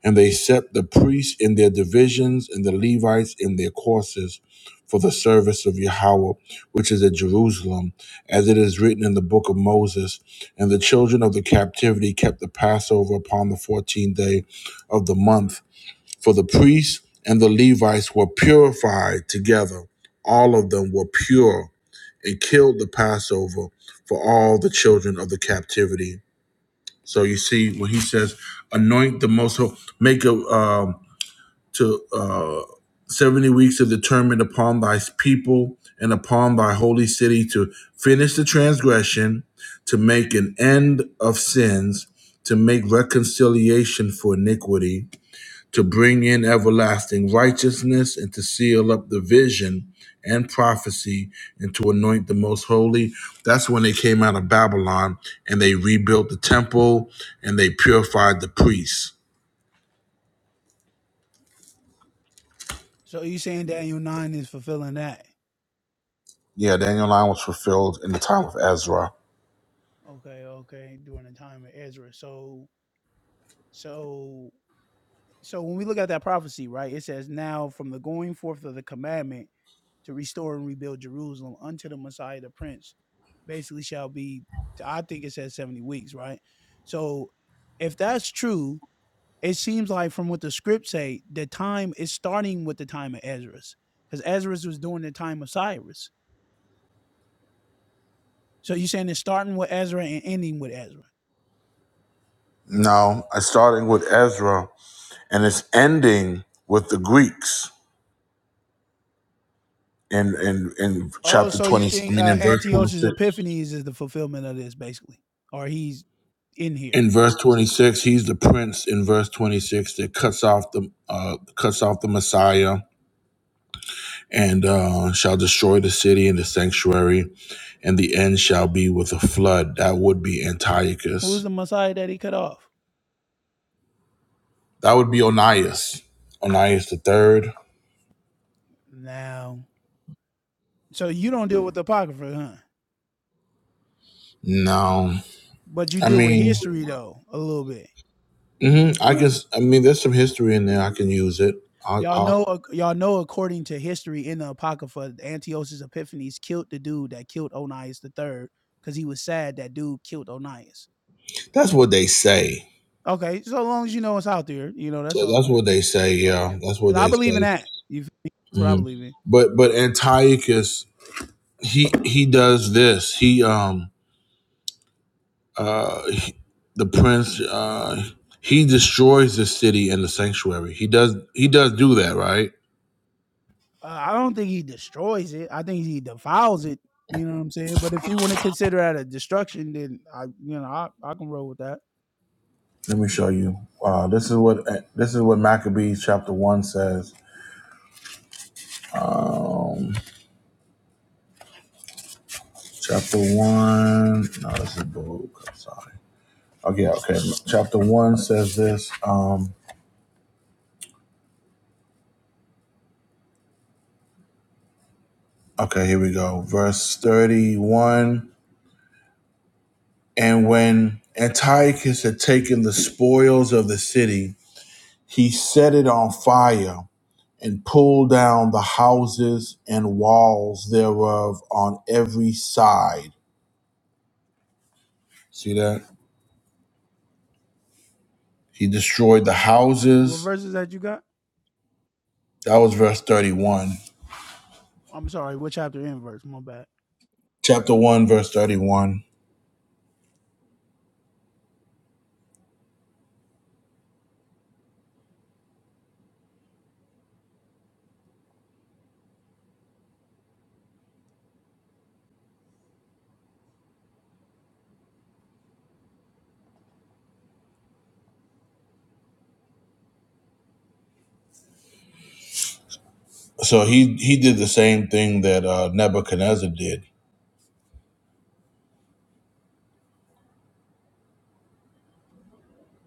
Speaker 1: And they set the priests in their divisions and the Levites in their courses for the service of Yahweh, which is at Jerusalem, as it is written in the book of Moses. And the children of the captivity kept the Passover upon the 14th day of the month. For the priests and the Levites were purified together. All of them were pure and killed the Passover for all the children of the captivity. So you see, when he says, anoint the most holy, make a, um, to uh, 70 weeks are determined upon thy people and upon thy holy city to finish the transgression, to make an end of sins, to make reconciliation for iniquity, to bring in everlasting righteousness, and to seal up the vision and prophecy, and to anoint the most holy. That's when they came out of Babylon and they rebuilt the temple and they purified the priests.
Speaker 9: So you saying Daniel nine is fulfilling that.
Speaker 1: Yeah, Daniel 9 was fulfilled in the time of Ezra.
Speaker 9: Okay, okay, during the time of Ezra. So so so when we look at that prophecy, right, it says now from the going forth of the commandment to restore and rebuild Jerusalem unto the Messiah the Prince, basically shall be, I think it says 70 weeks, right? So if that's true, it seems like from what the script say, the time is starting with the time of Ezra's. Because Ezra's was during the time of Cyrus. So you're saying it's starting with Ezra and ending with Ezra.
Speaker 1: No, it's starting with Ezra and it's ending with the Greeks in, in, in
Speaker 9: Oh,
Speaker 1: chapter
Speaker 9: so you
Speaker 1: 20, I
Speaker 9: think
Speaker 1: mean,
Speaker 9: uh,
Speaker 1: in verse
Speaker 9: Antiochus
Speaker 1: 26.
Speaker 9: Epiphanes is the fulfillment of this, basically. Or he's in here.
Speaker 1: In verse 26, he's the prince in verse 26 that cuts off the, uh, cuts off the Messiah and uh, shall destroy the city and the sanctuary, and the end shall be with a flood. That would be
Speaker 9: Who's
Speaker 1: Antiochus.
Speaker 9: the Messiah that he cut off?
Speaker 1: That would be Onias. Onias the third.
Speaker 9: Now, so you don't deal with the Apocrypha, huh?
Speaker 1: No,
Speaker 9: but you
Speaker 1: I
Speaker 9: do with
Speaker 1: mean,
Speaker 9: history though a little bit.
Speaker 1: hmm I guess I mean there's some history in there. I can use it. I,
Speaker 9: Y'all
Speaker 1: I,
Speaker 9: know, y'all know. According to history in the Apocrypha, Antiochus Epiphanes killed the dude that killed Onias the third because he was sad that dude killed Onias.
Speaker 1: that's what they say.
Speaker 9: Okay, so long as you know it's out there, you know that's
Speaker 1: Yeah,
Speaker 9: all
Speaker 1: That's
Speaker 9: good.
Speaker 1: what they say. Yeah,
Speaker 9: Okay,
Speaker 1: that's what
Speaker 9: because I
Speaker 1: they
Speaker 9: believe in
Speaker 1: say.
Speaker 9: that. You feel me? That's what I
Speaker 1: hmm
Speaker 9: believe in.
Speaker 1: But but Antiochus, he he does this. He um uh he, the prince uh he destroys the city and the sanctuary. He does he does do that, right?
Speaker 9: Uh, I don't think he destroys it. I think he defiles it. You know what I'm saying? But if you want to consider that a destruction, then I, you know, I, I can roll with that.
Speaker 1: Let me show you. Wow, this is what this is what Maccabees chapter one says. Um, chapter one. No, this is book. I'm sorry. Oh yeah, okay. Chapter one says this. Um, okay, here we go. Verse thirty-one. And when Antiochus had taken the spoils of the city, he set it on fire and pulled down the houses and walls thereof on every side. See that? He destroyed the
Speaker 9: What
Speaker 1: houses.
Speaker 9: verses that you got?
Speaker 1: That was verse thirty-one.
Speaker 9: I'm sorry, what chapter and verse? My bad.
Speaker 1: Chapter one, verse thirty-one. So he he did the same thing that uh, Nebuchadnezzar did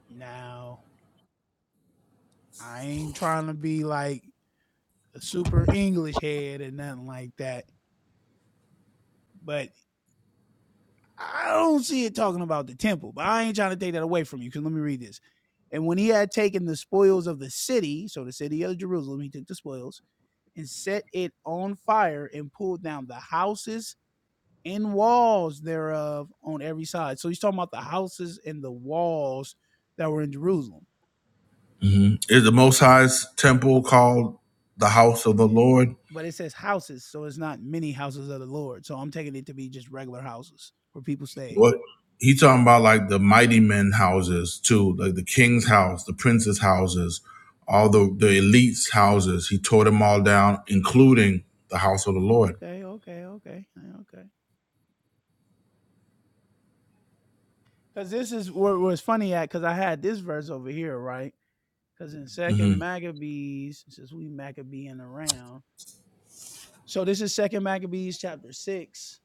Speaker 9: Now, I ain't trying to be like a super English head and nothing like that, but I don't see it talking about the temple. But I ain't trying to take that away from you because let me read this. And when he had taken the spoils of the city, so the city of Jerusalem, he took the spoils and set it on fire and pulled down the houses and walls thereof on every side. So he's talking about the houses and the walls that were in Jerusalem
Speaker 1: Is the Most High's temple called the house of the Lord?
Speaker 9: but it says houses, so it's not many houses of the Lord. So I'm taking it to be just regular houses where people stay.
Speaker 1: What he talking about, like the mighty men houses too, like the king's house, the prince's houses, all the the elites' houses. He tore them all down, including the house of the Lord.
Speaker 9: Okay, okay, okay, uh, okay. Because this is where where it's funny at. Because I had this verse over here, right? Because in Second Maccabees, since we Maccabean around, so this is Second Maccabees chapter six,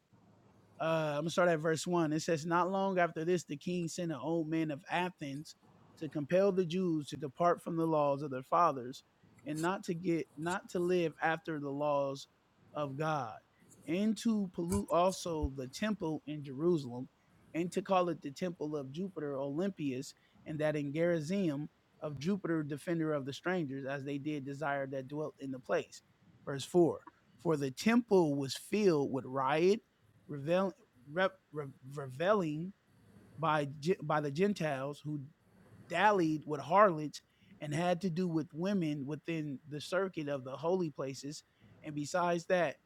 Speaker 9: Uh, I'm gonna start at verse one. It says, "Not long after this, the king sent an old man of Athens to compel the Jews to depart from the laws of their fathers and not to get not to live after the laws of God, and to pollute also the temple in Jerusalem, and to call it the temple of Jupiter Olympius, and that in Gerizim of Jupiter, defender of the strangers, as they did desire that dwelt in the place." Verse four. For the temple was filled with riot revel, re, re, reveling by by the Gentiles who dallied with harlots and had to do with women within the circuit of the holy places, and besides that,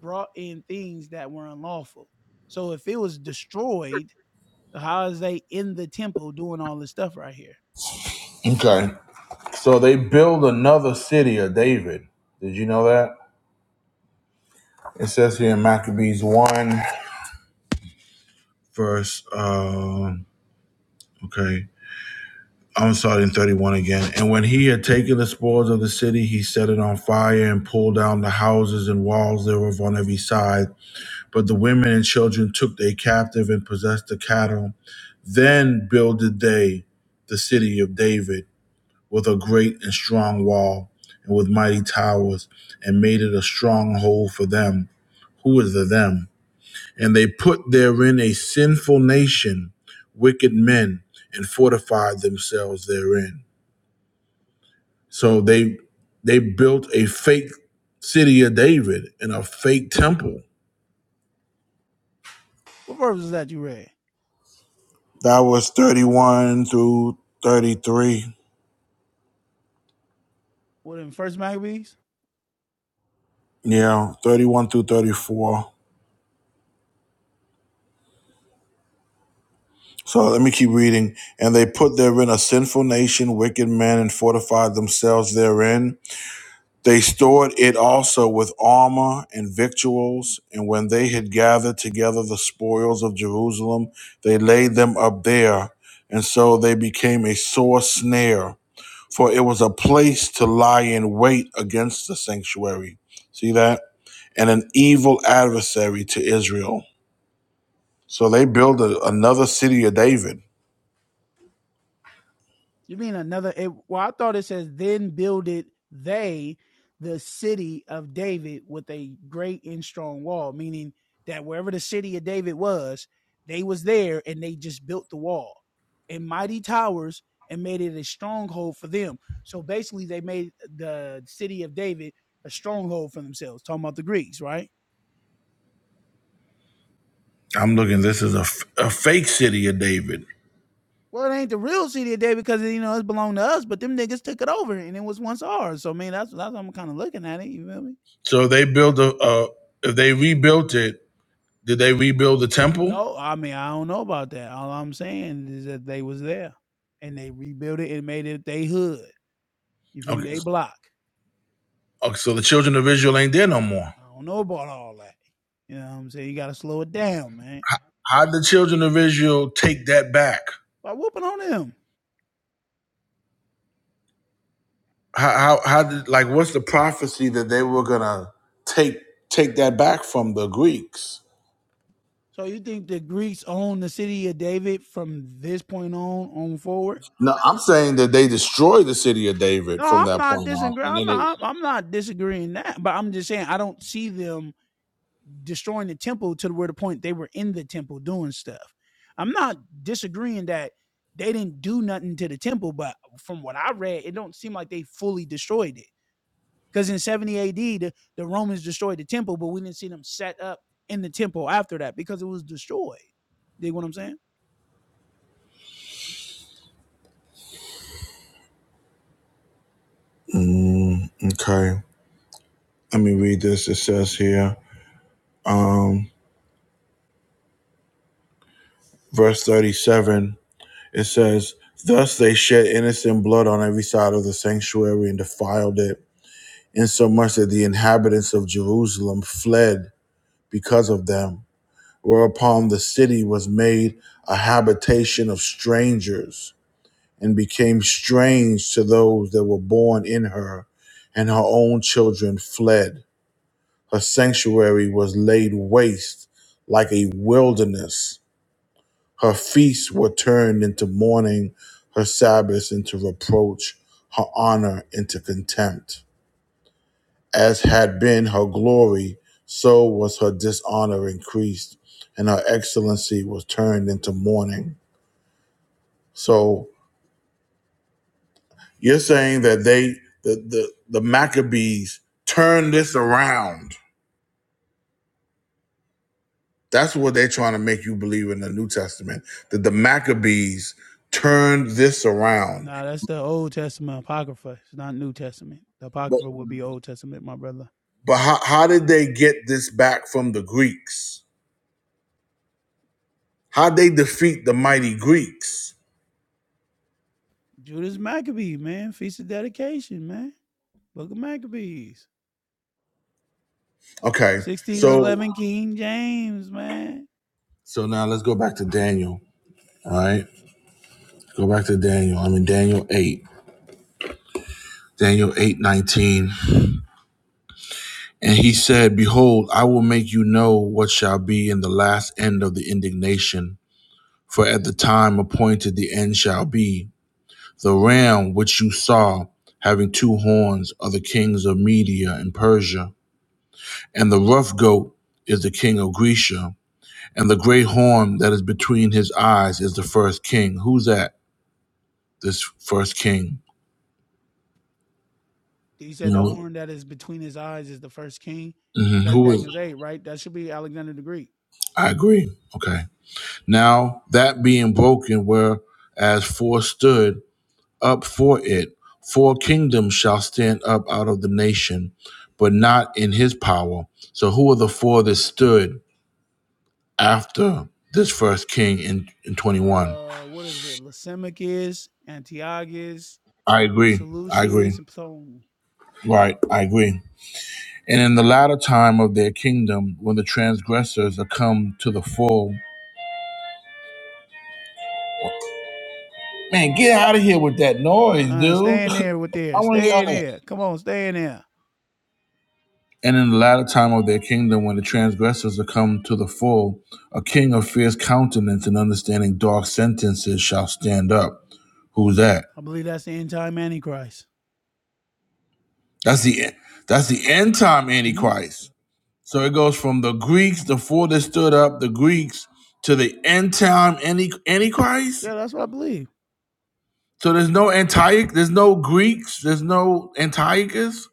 Speaker 9: brought in things that were unlawful. So if it was destroyed, how is they in the temple doing all this stuff right here?
Speaker 1: Okay, so they build another city of David. Did you know that? It says here in Maccabees one verse. Uh, okay, I'm starting 31 again. And when he had taken the spoils of the city, he set it on fire and pulled down the houses and walls thereof on every side. But the women and children took they captive and possessed the cattle. Then builded they the city of David with a great and strong wall and with mighty towers and made it a stronghold for them. Who is the them? And they put therein a sinful nation, wicked men, and fortified themselves therein. So they They built a fake city of David and a fake temple.
Speaker 9: What verse is that you read?
Speaker 1: That was 31 through 33.
Speaker 9: What in First Maccabees?
Speaker 1: Yeah, 31 through 34. So let me keep reading. And they put therein a sinful nation, wicked men, and fortified themselves therein. They stored it also with armor and victuals. And when they had gathered together the spoils of Jerusalem, they laid them up there. And so they became a sore snare for it was a place to lie in wait against the sanctuary. See that? And an evil adversary to Israel. So they build a, another city of David.
Speaker 9: You mean another? It, well, I thought it says, then builded they the city of David with a great and strong wall, meaning that wherever the city of David was, they was there and they just built the wall and mighty towers and made it a stronghold for them. So basically, they made the city of David a stronghold for themselves. Talking about the Greeks, right?
Speaker 1: I'm looking, this is a a fake city of David.
Speaker 9: Well, it ain't the real city of David because you know it belonged to us, but them niggas took it over and it was once ours. So, I mean, that's that's how I'm kind of looking at it. You feel me?
Speaker 1: So they build a, a, if they rebuilt it, did they rebuild the temple?
Speaker 9: No, I mean, I don't know about that. All I'm saying is that they was there and they rebuilt it and made it they hood. You feel me?
Speaker 1: Okay.
Speaker 9: They block.
Speaker 1: okay, so the children of Israel ain't there no more.
Speaker 9: I don't know about all that. You know what I'm saying? You gotta slow it down, man.
Speaker 1: How did the children of Israel take that back?
Speaker 9: By whooping on them.
Speaker 1: How, how, how did, like, what's the prophecy that they were going to take, take that back from the Greeks?
Speaker 9: So you think the Greeks own the city of David from this point on on forward?
Speaker 1: No, I'm saying that they destroyed the city of
Speaker 9: No,
Speaker 1: David from
Speaker 9: I'm
Speaker 1: that
Speaker 9: not
Speaker 1: point on,
Speaker 9: disagreeing.
Speaker 1: and
Speaker 9: I'm
Speaker 1: then they.
Speaker 9: not, I'm not disagreeing that, but I'm just saying I don't see them destroying the temple to where the point they were in the temple doing stuff. I'm not disagreeing that they didn't do nothing to the temple, but from what I read, it don't seem like they fully destroyed it. Because in 70 AD, the, the Romans destroyed the temple, but we didn't see them set up in the temple after that because it was destroyed. Dig what I'm saying?
Speaker 1: Mm, okay, let me read this. It says here, verse 37. It says, "Thus they shed innocent blood on every side of the sanctuary and defiled it, insomuch that the inhabitants of Jerusalem fled because of them. Whereupon the city was made a habitation of strangers." And became strange to those that were born in her, and her own children fled. Her sanctuary was laid waste like a wilderness. Her feasts were turned into mourning, her Sabbaths into reproach, her honor into contempt. As had been her glory, so was her dishonor increased, and her excellency was turned into mourning. So you're saying that they, the, the, the Maccabees, turned this around That's what they're trying to make you believe in the New Testament that the Maccabees turned this around.
Speaker 9: Nah, that's the Old Testament Apocrypha. It's not New Testament. The
Speaker 1: But
Speaker 9: Apocrypha would be Old Testament, my brother.
Speaker 1: but how, how did they get this back from the Greeks? How would they defeat the mighty Greeks?
Speaker 9: Judas Maccabee, man. Feast of Dedication, man. Book of Maccabees.
Speaker 1: Okay, so
Speaker 9: 1611 King James, man.
Speaker 1: so now let's go back to Daniel. All right, go back to Daniel. I'm in Daniel eight. Daniel eight nineteen, and he said, "Behold, I will make you know what shall be in the last end of the indignation." For at the time appointed, the end shall be. The ram which you saw having two horns are the kings of Media and Persia, and the rough goat is the king of Grecia, and the great horn that is between his eyes is the first king. Who's that? This first king.
Speaker 9: He
Speaker 1: You
Speaker 9: said the
Speaker 1: know,
Speaker 9: horn that is between his eyes is the first king.
Speaker 1: mhm,
Speaker 9: That's
Speaker 1: who is?
Speaker 9: Daniel's 8, right? That should be Alexander the Greek.
Speaker 1: I agree. Okay. Now that being broken, whereas four stood up for it, four kingdoms shall stand up out of the nation, but not in his power. So who are the four that stood? after this first king in, in 21.
Speaker 9: Uh, what is it? Lysimachus, Antiochus,
Speaker 1: I agree. I
Speaker 9: Seleucus,
Speaker 1: agree.
Speaker 9: and Ptolemy.
Speaker 1: Right. I agree. And in the latter time of their kingdom, when the transgressors are come to the full, man, get out of here with that noise,
Speaker 9: Uh-uh,
Speaker 1: dude.
Speaker 9: stay
Speaker 1: (laughs)
Speaker 9: in there with
Speaker 1: I
Speaker 9: there.
Speaker 1: want to
Speaker 9: Stay
Speaker 1: yell
Speaker 9: in
Speaker 1: that.
Speaker 9: there. Come on, stay in there.
Speaker 1: And in the latter time of their kingdom, when the transgressors are come to the full, a king of fierce countenance and understanding dark sentences shall stand up. Who's that?
Speaker 9: I believe that's the end time Antichrist.
Speaker 1: That's the that's the end time
Speaker 9: hmm
Speaker 1: antichrist. So it goes from the Greeks, the four that stood up, the Greeks, to the end time anti- Antichrist.
Speaker 9: Yeah, that's what I believe.
Speaker 1: So there's no Antioch, there's no Greeks, there's no Antiochus.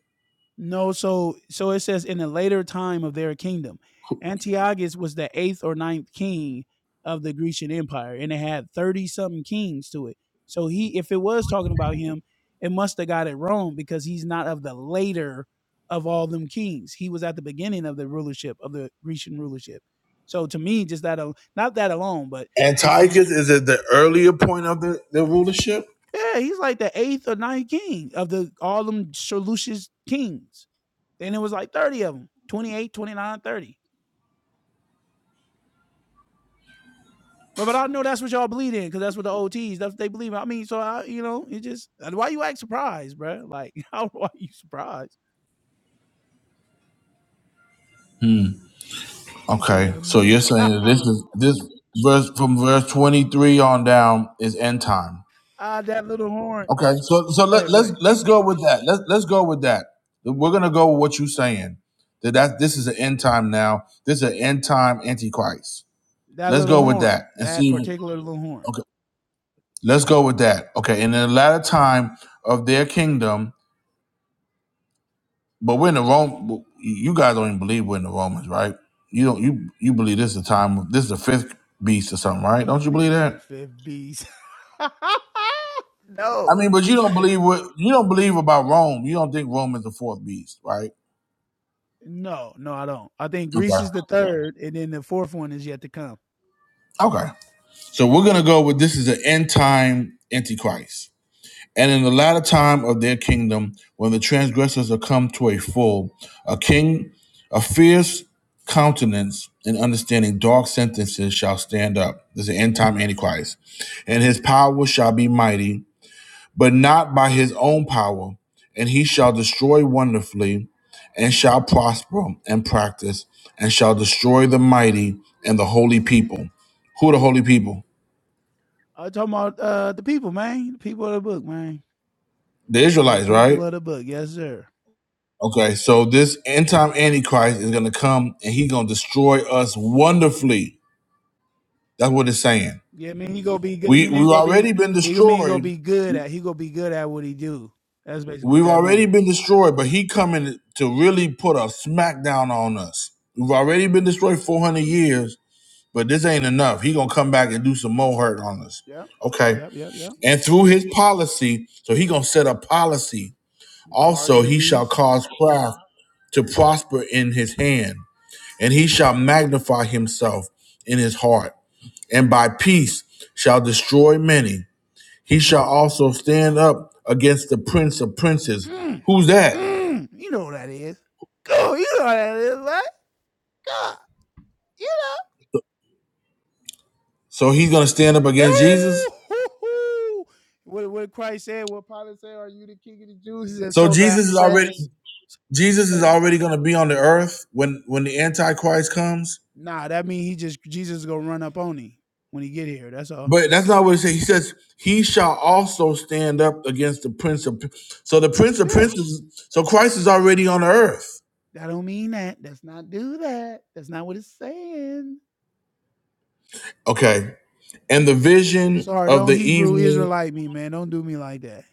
Speaker 9: No, so so it says in a later time of their kingdom, Antiochus was the eighth or ninth king of the Grecian Empire, and it had thirty something kings to it. So he, if it was talking about him, it must have got it wrong because he's not of the later of all them kings. He was at the beginning of the rulership of the Grecian rulership. So to me, just that, al- not that alone, but just to me,
Speaker 1: Antiochus is at the earlier point of the, the rulership.
Speaker 9: yeah, he's like the eighth or ninth king of the all them Seleucid kings. Then it was like 30 of them 28, 29, 30. But, but I know that's what y'all believe in because that's what the OTs, that's what they believe in. I mean, so I, you know, it just, uh, why you act surprised, bro? (laughs) Like, how why you surprised?
Speaker 1: Hmm.
Speaker 9: (laughs) He said,
Speaker 1: Okay, so
Speaker 9: hmm.
Speaker 1: you're
Speaker 9: (laughs)
Speaker 1: saying that
Speaker 9: ah,
Speaker 1: this is this verse from verse 23 on down is end time.
Speaker 9: that little horn.
Speaker 1: Okay, so so
Speaker 9: Go
Speaker 1: let,
Speaker 9: ahead, go
Speaker 1: let's
Speaker 9: ahead.
Speaker 1: let's go with that. Let's let's go with that. We're gonna go with what you're saying. That that this is an end time now. This is an end time antichrist.
Speaker 9: That
Speaker 1: Let's
Speaker 9: little
Speaker 1: go with
Speaker 9: horn,
Speaker 1: that and
Speaker 9: that
Speaker 1: see.
Speaker 9: particular little horn.
Speaker 1: Okay, let's go with that. Okay, and in the latter time of their kingdom, but we're in the Rome. You guys don't even believe we're in the Romans, right? You don't. You you believe this is the time. This is the fifth beast or something, right? Don't
Speaker 9: That
Speaker 1: you believe
Speaker 9: nigga said
Speaker 1: that?
Speaker 9: fifth beast. (laughs)
Speaker 1: I
Speaker 9: No.
Speaker 1: mean, but you don't believe what you don't believe about Rome. You don't think Rome is the fourth beast, right?
Speaker 9: no, no, I don't. I think Greece
Speaker 1: Okay.
Speaker 9: is the third, and then the fourth one is yet to come.
Speaker 1: Okay. So we're gonna go with this is an end time antichrist. And in the latter time of their kingdom, when the transgressors are come to a full, a king, a fierce countenance and understanding dark sentences shall stand up. This is the end time Antichrist. And his power shall be mighty, but not by his own power. And he shall destroy wonderfully, and shall prosper and practice, and shall destroy the mighty and the holy people. Who are the holy people?
Speaker 9: I'm talking about uh, the people, man. The people of the book, man.
Speaker 1: The
Speaker 9: The
Speaker 1: Israelites,
Speaker 9: people
Speaker 1: right?
Speaker 9: of the book, yes, sir.
Speaker 1: Okay, so this end time antichrist is gonna come and he's gonna destroy us wonderfully. That's what it's saying.
Speaker 9: Yeah, I mean he gonna be good. I
Speaker 1: We
Speaker 9: mean he
Speaker 1: we've
Speaker 9: gonna be
Speaker 1: already been
Speaker 9: he gonna mean he gonna
Speaker 1: destroyed.
Speaker 9: be good at he gonna be good at what he do. That's basically what
Speaker 1: We've
Speaker 9: that mean.
Speaker 1: already been destroyed, but he coming to really put a smackdown on us. We've already been destroyed 400 years, but this ain't enough. He gonna come back and do some more hurt on us.
Speaker 9: Yeah,
Speaker 1: Okay,
Speaker 9: yep, yep, yep.
Speaker 1: and through his policy, so he gonna set a policy.
Speaker 9: Mark
Speaker 1: Also,
Speaker 9: of the
Speaker 1: he shall
Speaker 9: beast.
Speaker 1: cause craft to prosper in his hand. and he shall magnify himself in his heart, and by peace shall destroy many. He shall also stand up against the prince of princes.
Speaker 9: Mm,
Speaker 1: Who's that?
Speaker 9: mm, you know what that is. Go, you know what that is, right? God, you
Speaker 1: So he's gonna stand up against Jesus.
Speaker 9: Ooh, what, what Christ said, what Pilate said, are you the king of the Jews? He said,
Speaker 1: So
Speaker 9: so thou
Speaker 1: Jesus is
Speaker 9: saidest.
Speaker 1: already Jesus is
Speaker 9: saith."
Speaker 1: already gonna be on the earth when when the Antichrist comes.
Speaker 9: Nah, that mean he just, Jesus is going to run up on him when he get here. That's all.
Speaker 1: But that's not what he says. He says he shall also stand up against the prince of. Princes. So the prince of
Speaker 9: Yeah.
Speaker 1: princes. So Christ is already on the earth.
Speaker 9: I don't mean that. That's not do that. That's not what it's saying.
Speaker 1: Okay. And the vision
Speaker 9: Sorry,
Speaker 1: of
Speaker 9: don't
Speaker 1: the
Speaker 9: Hebrew
Speaker 1: evening
Speaker 9: Israelite me, man. Don't do me like that.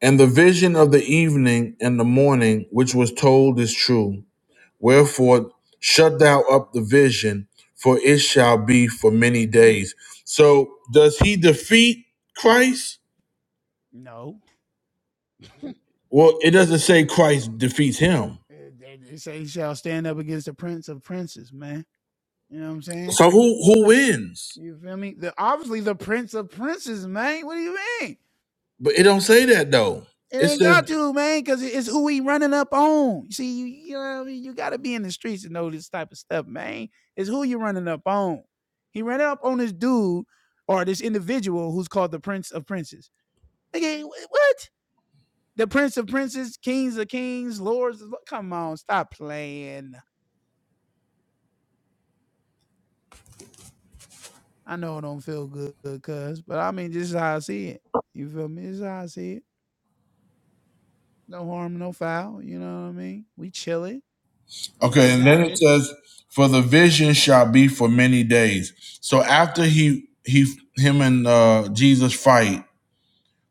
Speaker 1: And the vision of the evening and the morning which was told is true. Wherefore, shut thou up the vision, for it shall be for many
Speaker 9: Mm,
Speaker 1: days. So, does he defeat Christ?
Speaker 9: no.
Speaker 1: Well, it doesn't say Christ defeats him.
Speaker 9: (laughs) they, they say he shall stand up against the prince of princes, man. You know what I'm saying?
Speaker 1: So, who, who wins?
Speaker 9: You feel me? The, obviously the prince of princes, man. What do you mean?
Speaker 1: But it don't say that though.
Speaker 9: It
Speaker 1: It
Speaker 9: ain't
Speaker 1: says,
Speaker 9: got to, man, because it's who we running up on. You see, you, you know what I mean? You got to be in the streets to know this type of stuff, man. It's who you running up on. He ran up on this dude or this individual who's called the Prince of Princes. Okay, what? The Prince of Princes, Kings of Kings, Lords of Come on, stop playing. I know it don't feel good, cuz, but I mean, this is how I see it. You feel me? This is how I see it. No harm, no foul. You know what I mean? We chilling on the
Speaker 1: okay, and then it
Speaker 9: Sabbath.
Speaker 1: says, for the vision shall be for many days. So, after he, he, him and uh, Jesus fight,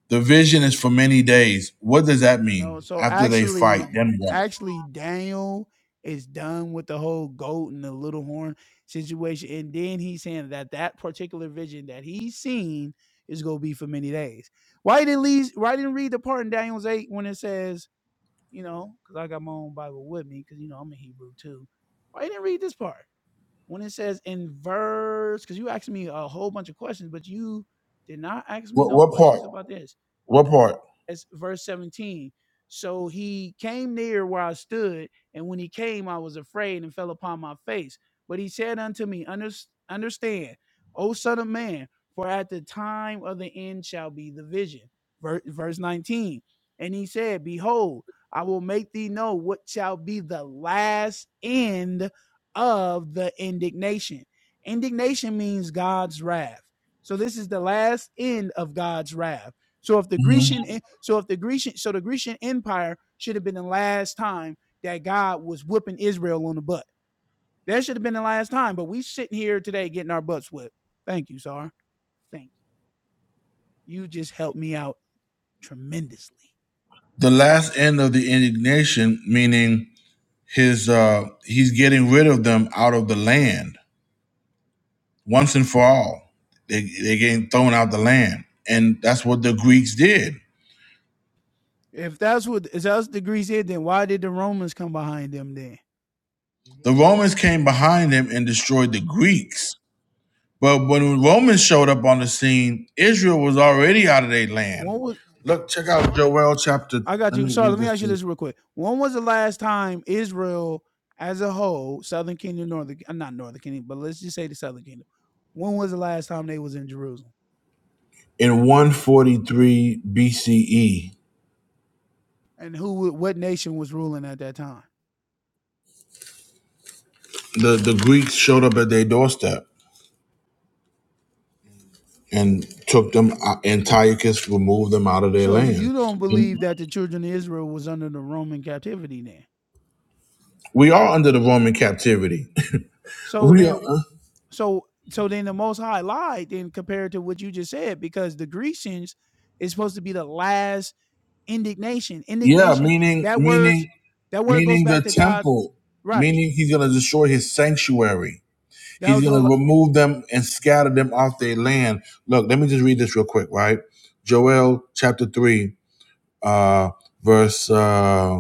Speaker 1: The vision is for many days. What does that mean?
Speaker 9: No, so
Speaker 1: After they fight,
Speaker 9: actually,
Speaker 1: then what?
Speaker 9: actually, Daniel is done with the whole goat and the little horn situation, and then he's saying that that particular vision that he's seen is gonna be for many days. Why didn't Lee, Why didn't read the part in Daniel's eight when it says, you know, because I got my own Bible with me, because you know I'm a Hebrew too. Why didn't read this part when it says in verse? Because you asked me a whole bunch of questions, but you did not ask me
Speaker 1: What,
Speaker 9: no
Speaker 1: what part?
Speaker 9: questions about this
Speaker 1: What part?
Speaker 9: as verse 17. So he came near where I stood, and when he came, I was afraid and fell upon my face. But he said unto me, "Unders- Understand, O son of man, for at the time of the end shall be the vision. Ver- Verse 19. And he said, Behold, I will make thee know what shall be the last end of the indignation. Indignation means God's wrath. So this is the last end of God's wrath so if the Grecian, so if the Grecian, so the Grecian Empire should have been the last time that God was whooping Israel on the butt. That should have been the last time. But we sitting here today getting our butts whipped. Thank you, Sar. Thank you. You just helped me out tremendously.
Speaker 1: The last end of the indignation, meaning his uh he's getting rid of them out of the land once and for all. They they getting thrown out the land, and that's what the Greeks did.
Speaker 9: If that's what if that's what the Greeks did, then why did the Romans come behind them then?
Speaker 1: The Romans came behind him and destroyed the Greeks. But when the Romans showed up on the scene, Israel was already out of their land.
Speaker 9: What was
Speaker 1: Look, check out Joel chapter.
Speaker 9: I got
Speaker 1: Let
Speaker 9: you.
Speaker 1: me
Speaker 9: Sorry,
Speaker 1: read
Speaker 9: let me
Speaker 1: this
Speaker 9: ask
Speaker 1: to
Speaker 9: you
Speaker 1: you.
Speaker 9: this real quick. When was the last time Israel, as a whole, Southern Kingdom, Northern, uh, not Northern Kingdom, but let's just say the Southern Kingdom. When was the last time they was in Jerusalem?
Speaker 1: In 143 BCE,
Speaker 9: And who, what nation was ruling at that time?
Speaker 1: the, the Greeks showed up at their doorstep and took them, uh, Antiochus removed them out of their
Speaker 9: So
Speaker 1: land.
Speaker 9: you don't
Speaker 1: And
Speaker 9: believe that the children of Israel was under the Roman captivity then?
Speaker 1: we are under the Roman captivity. (laughs)
Speaker 9: So
Speaker 1: we
Speaker 9: then,
Speaker 1: are,
Speaker 9: Mhm.
Speaker 1: uh,
Speaker 9: so so then the Most High lied then compared to what you just said because the Grecians is supposed to be the last indignation.
Speaker 1: yeah,
Speaker 9: Indignation
Speaker 1: meaning,
Speaker 9: That word,
Speaker 1: meaning,
Speaker 9: that word goes
Speaker 1: meaning the
Speaker 9: back to God.
Speaker 1: temple,
Speaker 9: Right.
Speaker 1: meaning he's going to destroy his sanctuary.
Speaker 9: That
Speaker 1: He's
Speaker 9: was
Speaker 1: going to
Speaker 9: the
Speaker 1: remove them and scatter them off their land. Look, let me just read this real quick, right? Joel chapter 3, uh, verse. uh,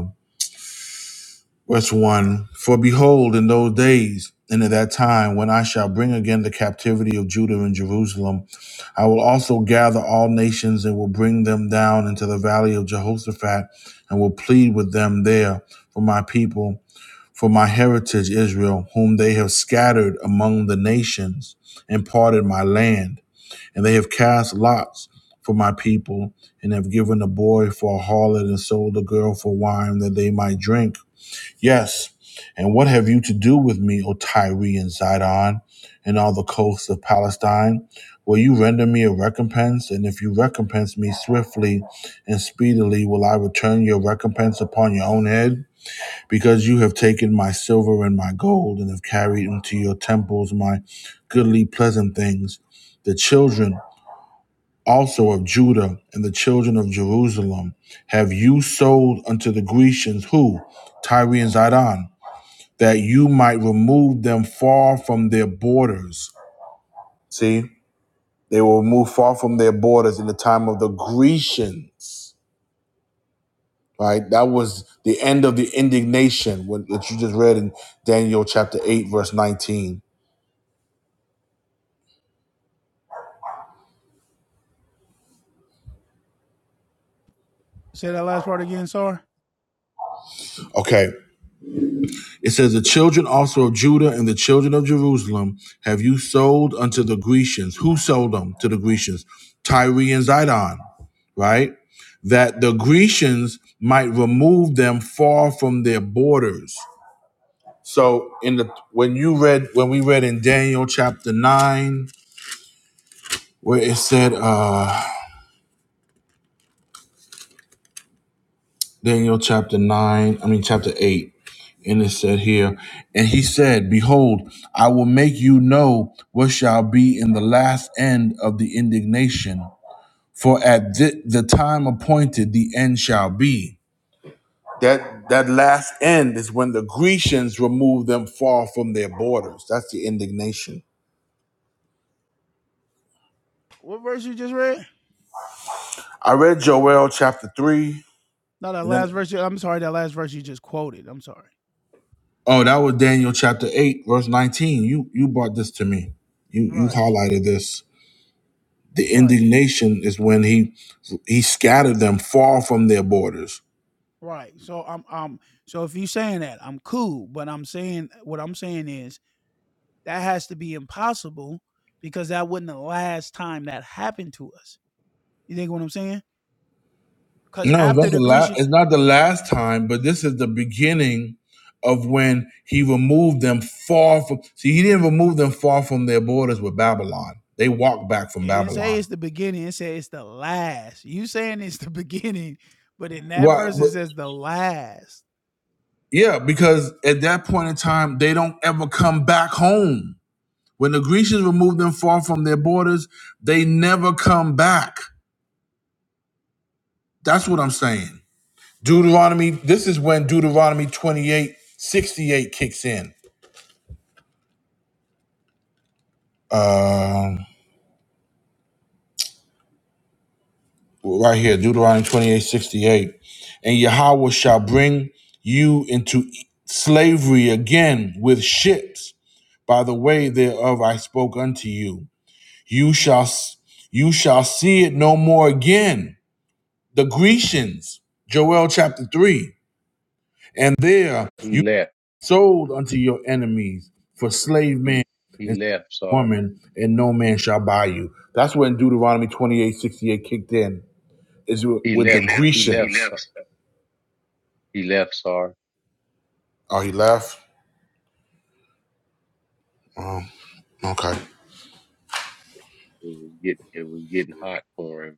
Speaker 1: Verse 1 For behold, in those days and at that time, when I shall bring again the captivity of Judah and Jerusalem, I will also gather all nations and will bring them down into the valley of Jehoshaphat and will plead with them there for my people, for my heritage Israel, whom they have scattered among the nations and parted my land. And they have cast lots for my people and have given a boy for a harlot and sold a girl for wine that they might drink Yes, and what have you to do with me, O Tyre and Zidon, and all the coasts of Palestine? Will you render me a recompense? And if you recompense me swiftly and speedily, will I return your recompense upon your own head? Because you have taken my silver and my gold, and have carried into your temples my goodly pleasant things. The children also of Judah and the children of Jerusalem have you sold unto the Grecians, who? Tyre and Zidon that you might remove them far from their borders. See, they were removed far from their borders in the time of the Grecians, right? That was the end of the indignation when- that you just read in Daniel chapter 8, verse 19.
Speaker 9: say that last part again. Sorry.
Speaker 1: Okay. It says, The children also of Judah and the children of Jerusalem have you sold unto the Grecians. Who sold them to the Grecians? Tyre and Zidon, right? That the Grecians might remove them far from their borders So in the when you read when we read in Daniel chapter nine, where it said uh Daniel chapter nine, I mean chapter eight, and it said here, and he said, Behold, I will make you know what shall be in the last end of the indignation. For at thi- the time appointed the end shall be. That that last end is when the Grecians remove them far from their borders. That's the indignation.
Speaker 9: What verse you just read?
Speaker 1: I read Joel chapter three.
Speaker 9: No, that
Speaker 1: and then.
Speaker 9: last verse. I'm sorry. That last verse you just quoted. I'm sorry.
Speaker 1: Oh, that was Daniel chapter 8, verse 19. You you brought this to me. You you
Speaker 9: Right.
Speaker 1: highlighted this. The
Speaker 9: Right.
Speaker 1: indignation is when he he scattered them far from their borders.
Speaker 9: Right. So I'm um. So if you saying that, I'm cool. But I'm saying what I'm saying is that has to be impossible because that wasn't the last time that happened to us. You think what I'm saying? Because
Speaker 1: No, it's
Speaker 9: after
Speaker 1: not
Speaker 9: the
Speaker 1: the last
Speaker 9: Grecian,
Speaker 1: it's not the last time, but this is the beginning of when he removed them far from see he didn't remove them far from their borders with Babylon. They walked back from
Speaker 9: It didn't say
Speaker 1: Babylon.
Speaker 9: it's the beginning. It said it's the last. You saying it's the (laughs) beginning, but in that
Speaker 1: Why
Speaker 9: verse
Speaker 1: but
Speaker 9: it says the last.
Speaker 1: yeah, because at that point in time, they don't ever come back home. When the Grecians removed them far from their borders, they never come back. That's what I'm saying. Deuteronomy, this is when Deuteronomy 28:68 kicks in. Um, right here, Deuteronomy 28:68, And Yahweh shall bring you into slavery again with ships by the way thereof I spoke unto you. You shall you shall see it no more again. The Grecians, Joel chapter 3. And there
Speaker 5: He left.
Speaker 1: sold unto your enemies for slave man
Speaker 5: He
Speaker 1: and
Speaker 5: he left, Sar.
Speaker 1: woman, and no man shall buy you. That's when Deuteronomy twenty-eight sixty-eight kicked in, is with
Speaker 5: He
Speaker 1: the Amen.
Speaker 5: left. He
Speaker 1: Grecians.
Speaker 5: left.
Speaker 1: Amen.
Speaker 5: Sar. He left, Sar.
Speaker 1: Oh, he left? Okay.
Speaker 5: It was get it was getting hot for him.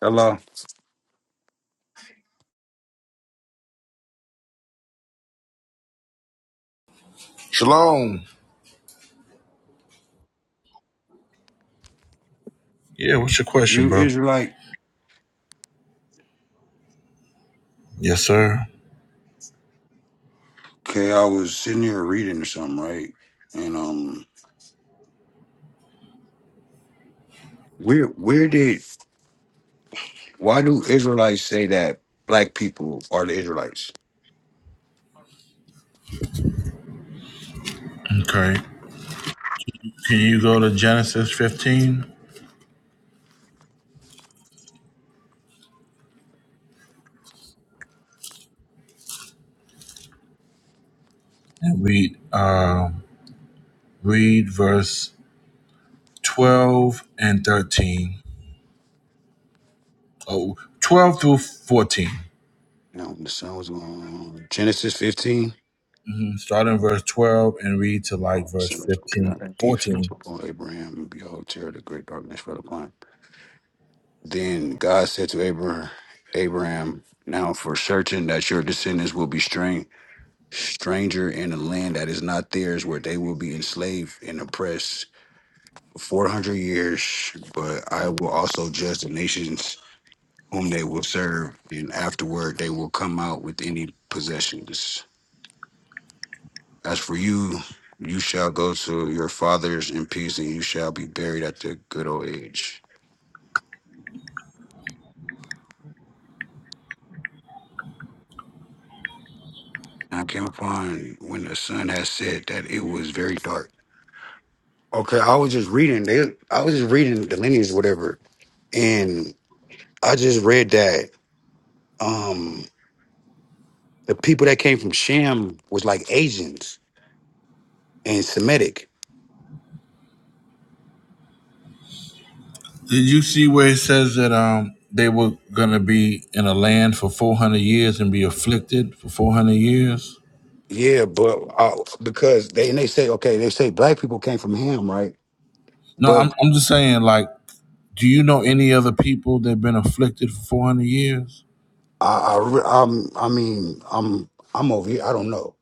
Speaker 10: Hello,
Speaker 1: Shalom. Yeah, what's your question,
Speaker 10: you
Speaker 1: bro?
Speaker 10: Israelite?
Speaker 1: Yes, sir.
Speaker 10: Okay, I was sitting here reading or something, right? And um, where where did why do Israelites say that black people are the Israelites?
Speaker 1: Okay. Can you go to Genesis 15 and read, uh, read verse 12 and 13? Oh, 12 through 14.
Speaker 10: Now the sun was going on. Genesis fifteen.
Speaker 1: Start in verse 12 and read to like verse
Speaker 10: So it was
Speaker 1: 15,
Speaker 10: not a deep sleep
Speaker 1: 14.
Speaker 10: upon Abraham, and behold, terror the great darkness fell upon him. Then God said to Abraham, Abraham, now for certain that your descendants will be strange stranger in a land that is not theirs, where they will be enslaved and oppressed 400 years, but I will also judge the nations whom they will serve, and afterward they will come out with any possessions. As for you, you shall go to your fathers in peace, and you shall be buried at the good old age. And I came upon when the sun had set that it was very dark. Okay, I was just reading. They, I was just reading the lineage, whatever, and I just read that um the people that came from Shem was like Asians and Semitic
Speaker 1: Did you see where it says that um they were going to be in a land for 400 years and be afflicted for 400 years?
Speaker 10: Yeah, but uh, because they and they say okay, they say black people came from Ham, right?
Speaker 1: No,
Speaker 10: But
Speaker 1: I'm, I'm just saying, like, do you know any other people that have been afflicted for 400 years?
Speaker 10: I, I re- I'm I mean I'm I'm over here. I don't know.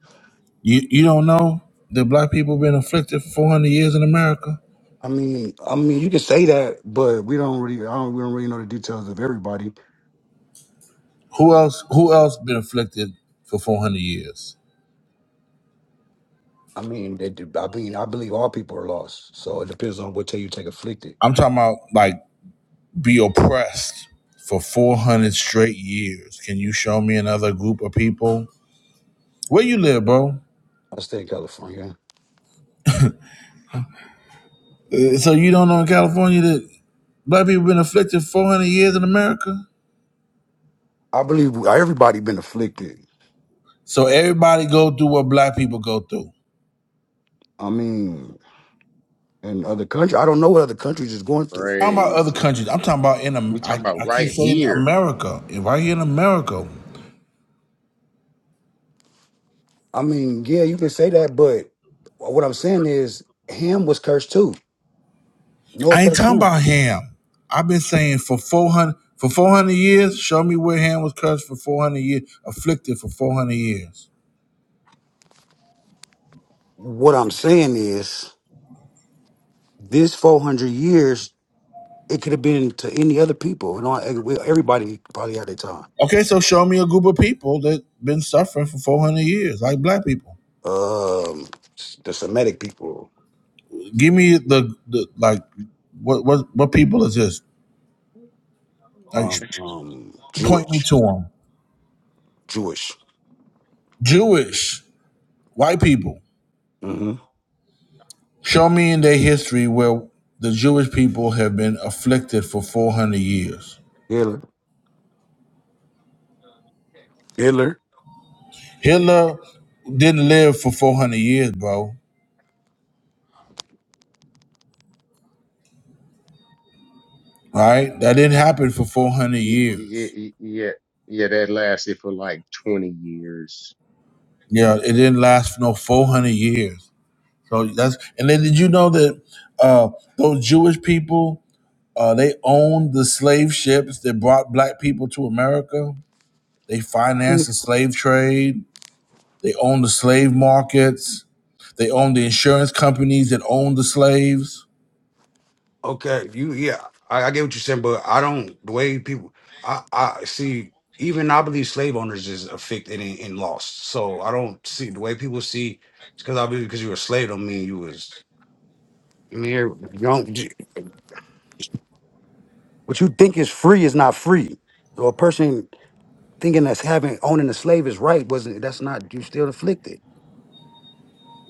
Speaker 1: You, you don't know that black people been afflicted for 400 years in America?
Speaker 10: I mean I mean you can say that, but we don't really I don't we don't really know the details of everybody.
Speaker 1: Who else, who else been afflicted for 400 years?
Speaker 10: I mean they, do- I mean I believe all people are lost. So it depends on what tell you take afflicted.
Speaker 1: I'm talking about like be oppressed for 400 straight years. Can you show me another group of people? Where you live, bro?
Speaker 10: I stay in California.
Speaker 1: Uh, So you don't know in California that black people been afflicted 400 years in America?
Speaker 10: I believe everybody been afflicted.
Speaker 1: So everybody go through what black people go through.
Speaker 10: I mean in other countries, I don't know what other countries is going through.
Speaker 1: I'm talking about other
Speaker 5: Crazy.
Speaker 1: countries. I'm talking about in, Am-
Speaker 5: We
Speaker 1: I,
Speaker 5: talking about
Speaker 1: I keep
Speaker 5: right
Speaker 1: saying
Speaker 5: here.
Speaker 1: America. If I hear in America,
Speaker 10: I mean, yeah, you can say that, but what I'm saying is Ham was cursed too.
Speaker 1: I
Speaker 10: No
Speaker 1: ain't
Speaker 10: cursed
Speaker 1: talking
Speaker 10: him.
Speaker 1: about ham. I've been saying for 400, for 400 years, show me where ham was cursed for 400 years, afflicted for 400 years.
Speaker 10: What I'm saying is this 400 years, it could have been to any other people. You know, eh, well, everybody probably had their time.
Speaker 1: Okay, so show me a group of people that been suffering for four hundred years, like black people.
Speaker 10: Um, the Semitic people,
Speaker 1: Give me the, the like, what what what people is this? Like,
Speaker 10: um, um,
Speaker 1: point me
Speaker 10: Jewish,
Speaker 1: to them.
Speaker 10: Jewish.
Speaker 1: Jewish white people.
Speaker 10: hmm
Speaker 1: Show me in their history where the Jewish people have been afflicted for four hundred years.
Speaker 10: Hitler, Hitler.
Speaker 1: Hitler didn't live for four hundred years, bro. Right? That didn't happen for four hundred
Speaker 5: Yeah,
Speaker 1: years.
Speaker 5: yeah, yeah, yeah. That lasted for like twenty years.
Speaker 1: Yeah, it didn't last for no four hundred years. So that's and then did you know that uh, those Jewish people uh, they owned the slave ships that brought black people to America. They financed the slave trade. They owned the slave markets. They owned the insurance companies that owned the slaves.
Speaker 10: Okay, you yeah, I, I get what you're saying, but I don't the way people I I see even I believe slave owners is affected and, and lost. So I don't see the way people see because I believe because you were a slave don't mean you was I mean you're- you don't you- what you think is free is not free. So a person thinking that's having owning a slave is right wasn't that's not you still afflicted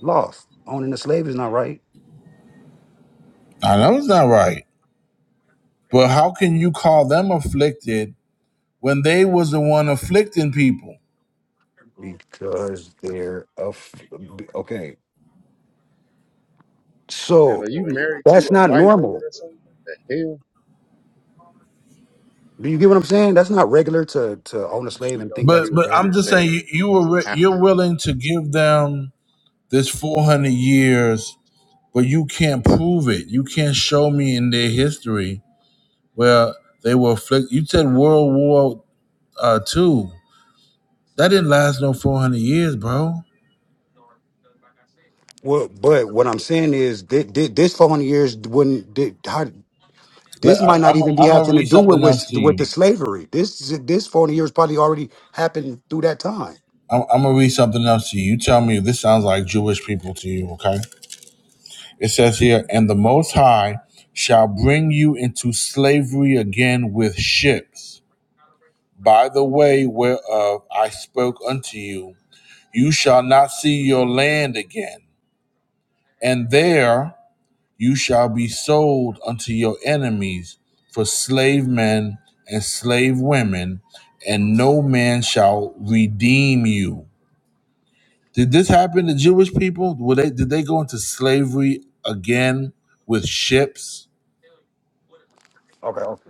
Speaker 10: lost owning a slave is not right
Speaker 1: I know it's not right, but how can you call them afflicted when they was the one afflicting people?
Speaker 10: because they're a okay
Speaker 5: Man,
Speaker 10: so
Speaker 5: are you married to
Speaker 10: that's
Speaker 5: a
Speaker 10: not
Speaker 5: white
Speaker 10: normal
Speaker 5: woman or something? The hell?
Speaker 10: Do you get what I'm saying? That's not regular to to own a slave
Speaker 5: We
Speaker 10: and
Speaker 5: don't
Speaker 10: think
Speaker 1: But
Speaker 10: that's
Speaker 5: get
Speaker 1: but
Speaker 5: what
Speaker 10: okay.
Speaker 5: you're
Speaker 1: I'm just saying you,
Speaker 5: saying.
Speaker 1: you were
Speaker 5: Hi.
Speaker 1: you're willing to give them this 400 years but you can't prove it. You can't show me in their history where they were afflicted. You said World War uh, Two. That didn't last no 400 years, bro.
Speaker 10: Well, but what I'm saying is that this 400 years wouldn't. thi- how,
Speaker 1: Let,
Speaker 10: this
Speaker 1: I'm,
Speaker 10: might not
Speaker 1: I'm,
Speaker 10: even be
Speaker 1: I'm gonna
Speaker 10: having to
Speaker 1: read
Speaker 10: do with
Speaker 1: something else to
Speaker 10: with, with
Speaker 1: you.
Speaker 10: the slavery. This this 400 years probably already happened through that time.
Speaker 1: I'm, I'm gonna read something else to you. You tell me if this sounds like Jewish people to you, okay? It says here, and the Most High shall bring you into slavery again with ships. By the way whereof I spoke unto you, you shall not see your land again and there you shall be sold unto your enemies for slave men and slave women, and no man shall redeem you. Did this happen to Jewish people? Were they did they go into slavery again with ships?
Speaker 10: Okay. okay.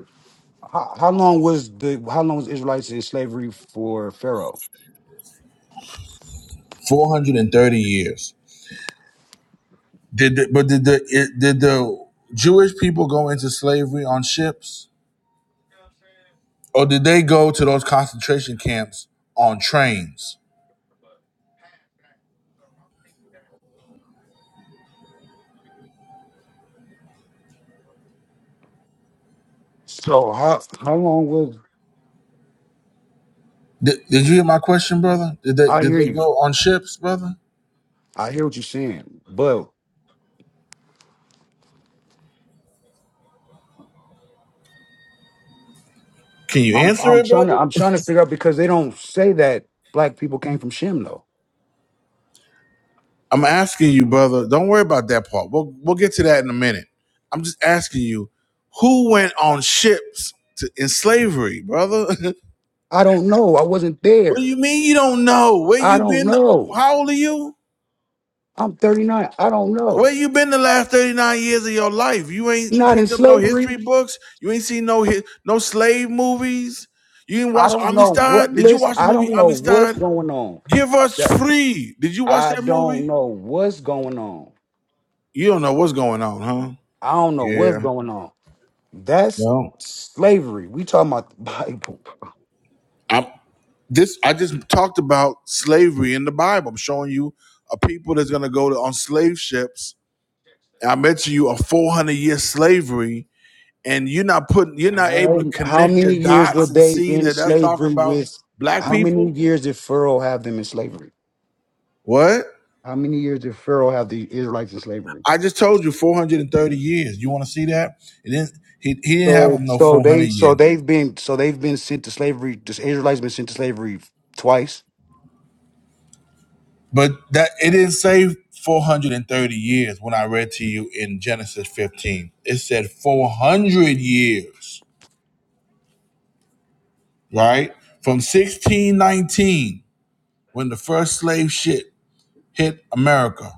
Speaker 10: how, how long was the how long was Israelites in slavery for Pharaoh?
Speaker 1: Four hundred and thirty years. Did the, but did the it, did the Jewish people go into slavery on ships, or did they go to those concentration camps on trains?
Speaker 10: So how how long was
Speaker 1: Did, did you hear my question, brother? Did they
Speaker 10: I
Speaker 1: did
Speaker 10: hear
Speaker 1: they
Speaker 10: you.
Speaker 1: go on ships, brother?
Speaker 10: I hear what you're saying, but
Speaker 1: Can you
Speaker 10: I'm
Speaker 1: answer
Speaker 10: I'm
Speaker 1: it,
Speaker 10: trying to
Speaker 1: brother?
Speaker 10: I'm trying to figure out because they don't say that black people came from Shem though.
Speaker 1: I'm asking you, brother. Don't worry about that part. We'll we'll get to that in a minute. I'm just asking you, who went on ships to, in slavery, brother? (laughs)
Speaker 10: I don't know. I wasn't
Speaker 1: what do
Speaker 10: there.
Speaker 1: you mean you don't know? Where
Speaker 10: I
Speaker 1: you
Speaker 10: don't
Speaker 1: been?
Speaker 10: know.
Speaker 1: How old are you?
Speaker 10: I'm 39. I don't know.
Speaker 1: Where you been the last 39 years of your life? You ain't
Speaker 10: Not in
Speaker 1: picked up no
Speaker 10: slavery.
Speaker 1: history books. You ain't seen no hi- no slave movies. You didn't
Speaker 10: I
Speaker 1: watch
Speaker 10: don't know what
Speaker 1: Amistad? Did you
Speaker 10: listen.
Speaker 1: watch the
Speaker 10: I
Speaker 1: movie
Speaker 10: don't know what's
Speaker 1: Amistad?
Speaker 10: going on.
Speaker 1: Give us
Speaker 10: That
Speaker 1: free. Did you watch
Speaker 10: I
Speaker 1: that
Speaker 10: don't
Speaker 1: movie?
Speaker 10: know what's going on.
Speaker 1: You don't know what's going on, huh?
Speaker 10: I don't know what's
Speaker 1: Yeah.
Speaker 10: going on. That's
Speaker 1: No.
Speaker 10: slavery. We talking about the Bible.
Speaker 1: I'm this I just talked about slavery in the Bible. I'm showing you a people that's gonna go to, on slave ships. And I mentioned you a 400 year slavery, and you're not putting, you're not able
Speaker 10: How,
Speaker 1: to
Speaker 10: how
Speaker 1: connect the
Speaker 10: many years were
Speaker 1: dots and
Speaker 10: they
Speaker 1: see
Speaker 10: in
Speaker 1: that that's talking
Speaker 10: slavery
Speaker 1: about
Speaker 10: with
Speaker 1: black
Speaker 10: how many
Speaker 1: people.
Speaker 10: years did Pharaoh have them in slavery?
Speaker 1: What?
Speaker 10: How many years did Pharaoh have the Israelites in slavery?
Speaker 1: I just told you 430 years. You want to see that? It didn't. He, he didn't have
Speaker 10: So
Speaker 1: them no
Speaker 10: so
Speaker 1: 400
Speaker 10: they so
Speaker 1: years.
Speaker 10: they've been so they've been sent to slavery. The Israelites been sent to slavery twice.
Speaker 1: But that it didn't say 430 years when I read to you in Genesis 15. It said 400 years, right? From 1619, when the first slave ship hit America,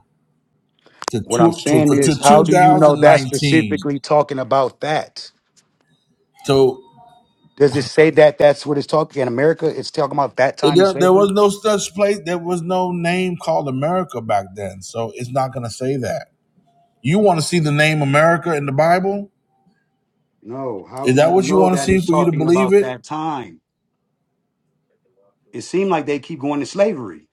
Speaker 1: to,
Speaker 10: What I'm
Speaker 1: two, to,
Speaker 10: saying
Speaker 1: to
Speaker 10: is, how do you know that's
Speaker 1: 2019.
Speaker 10: specifically talking about that?
Speaker 1: So
Speaker 10: Does it say that that's what it's talking in America? It's talking about that
Speaker 1: it,
Speaker 10: time in
Speaker 1: there, there
Speaker 10: slavery.
Speaker 1: was no such place, there was no name called America back then. So it's not going to say that. You want to see the name America in the Bible?
Speaker 10: No, how
Speaker 1: Is
Speaker 10: do
Speaker 1: that
Speaker 10: you
Speaker 1: what you
Speaker 10: know
Speaker 1: want to
Speaker 10: that
Speaker 1: see
Speaker 10: it's
Speaker 1: for you to
Speaker 10: talking
Speaker 1: believe
Speaker 10: about
Speaker 1: it?
Speaker 10: that time? It seemed like they keep going to slavery.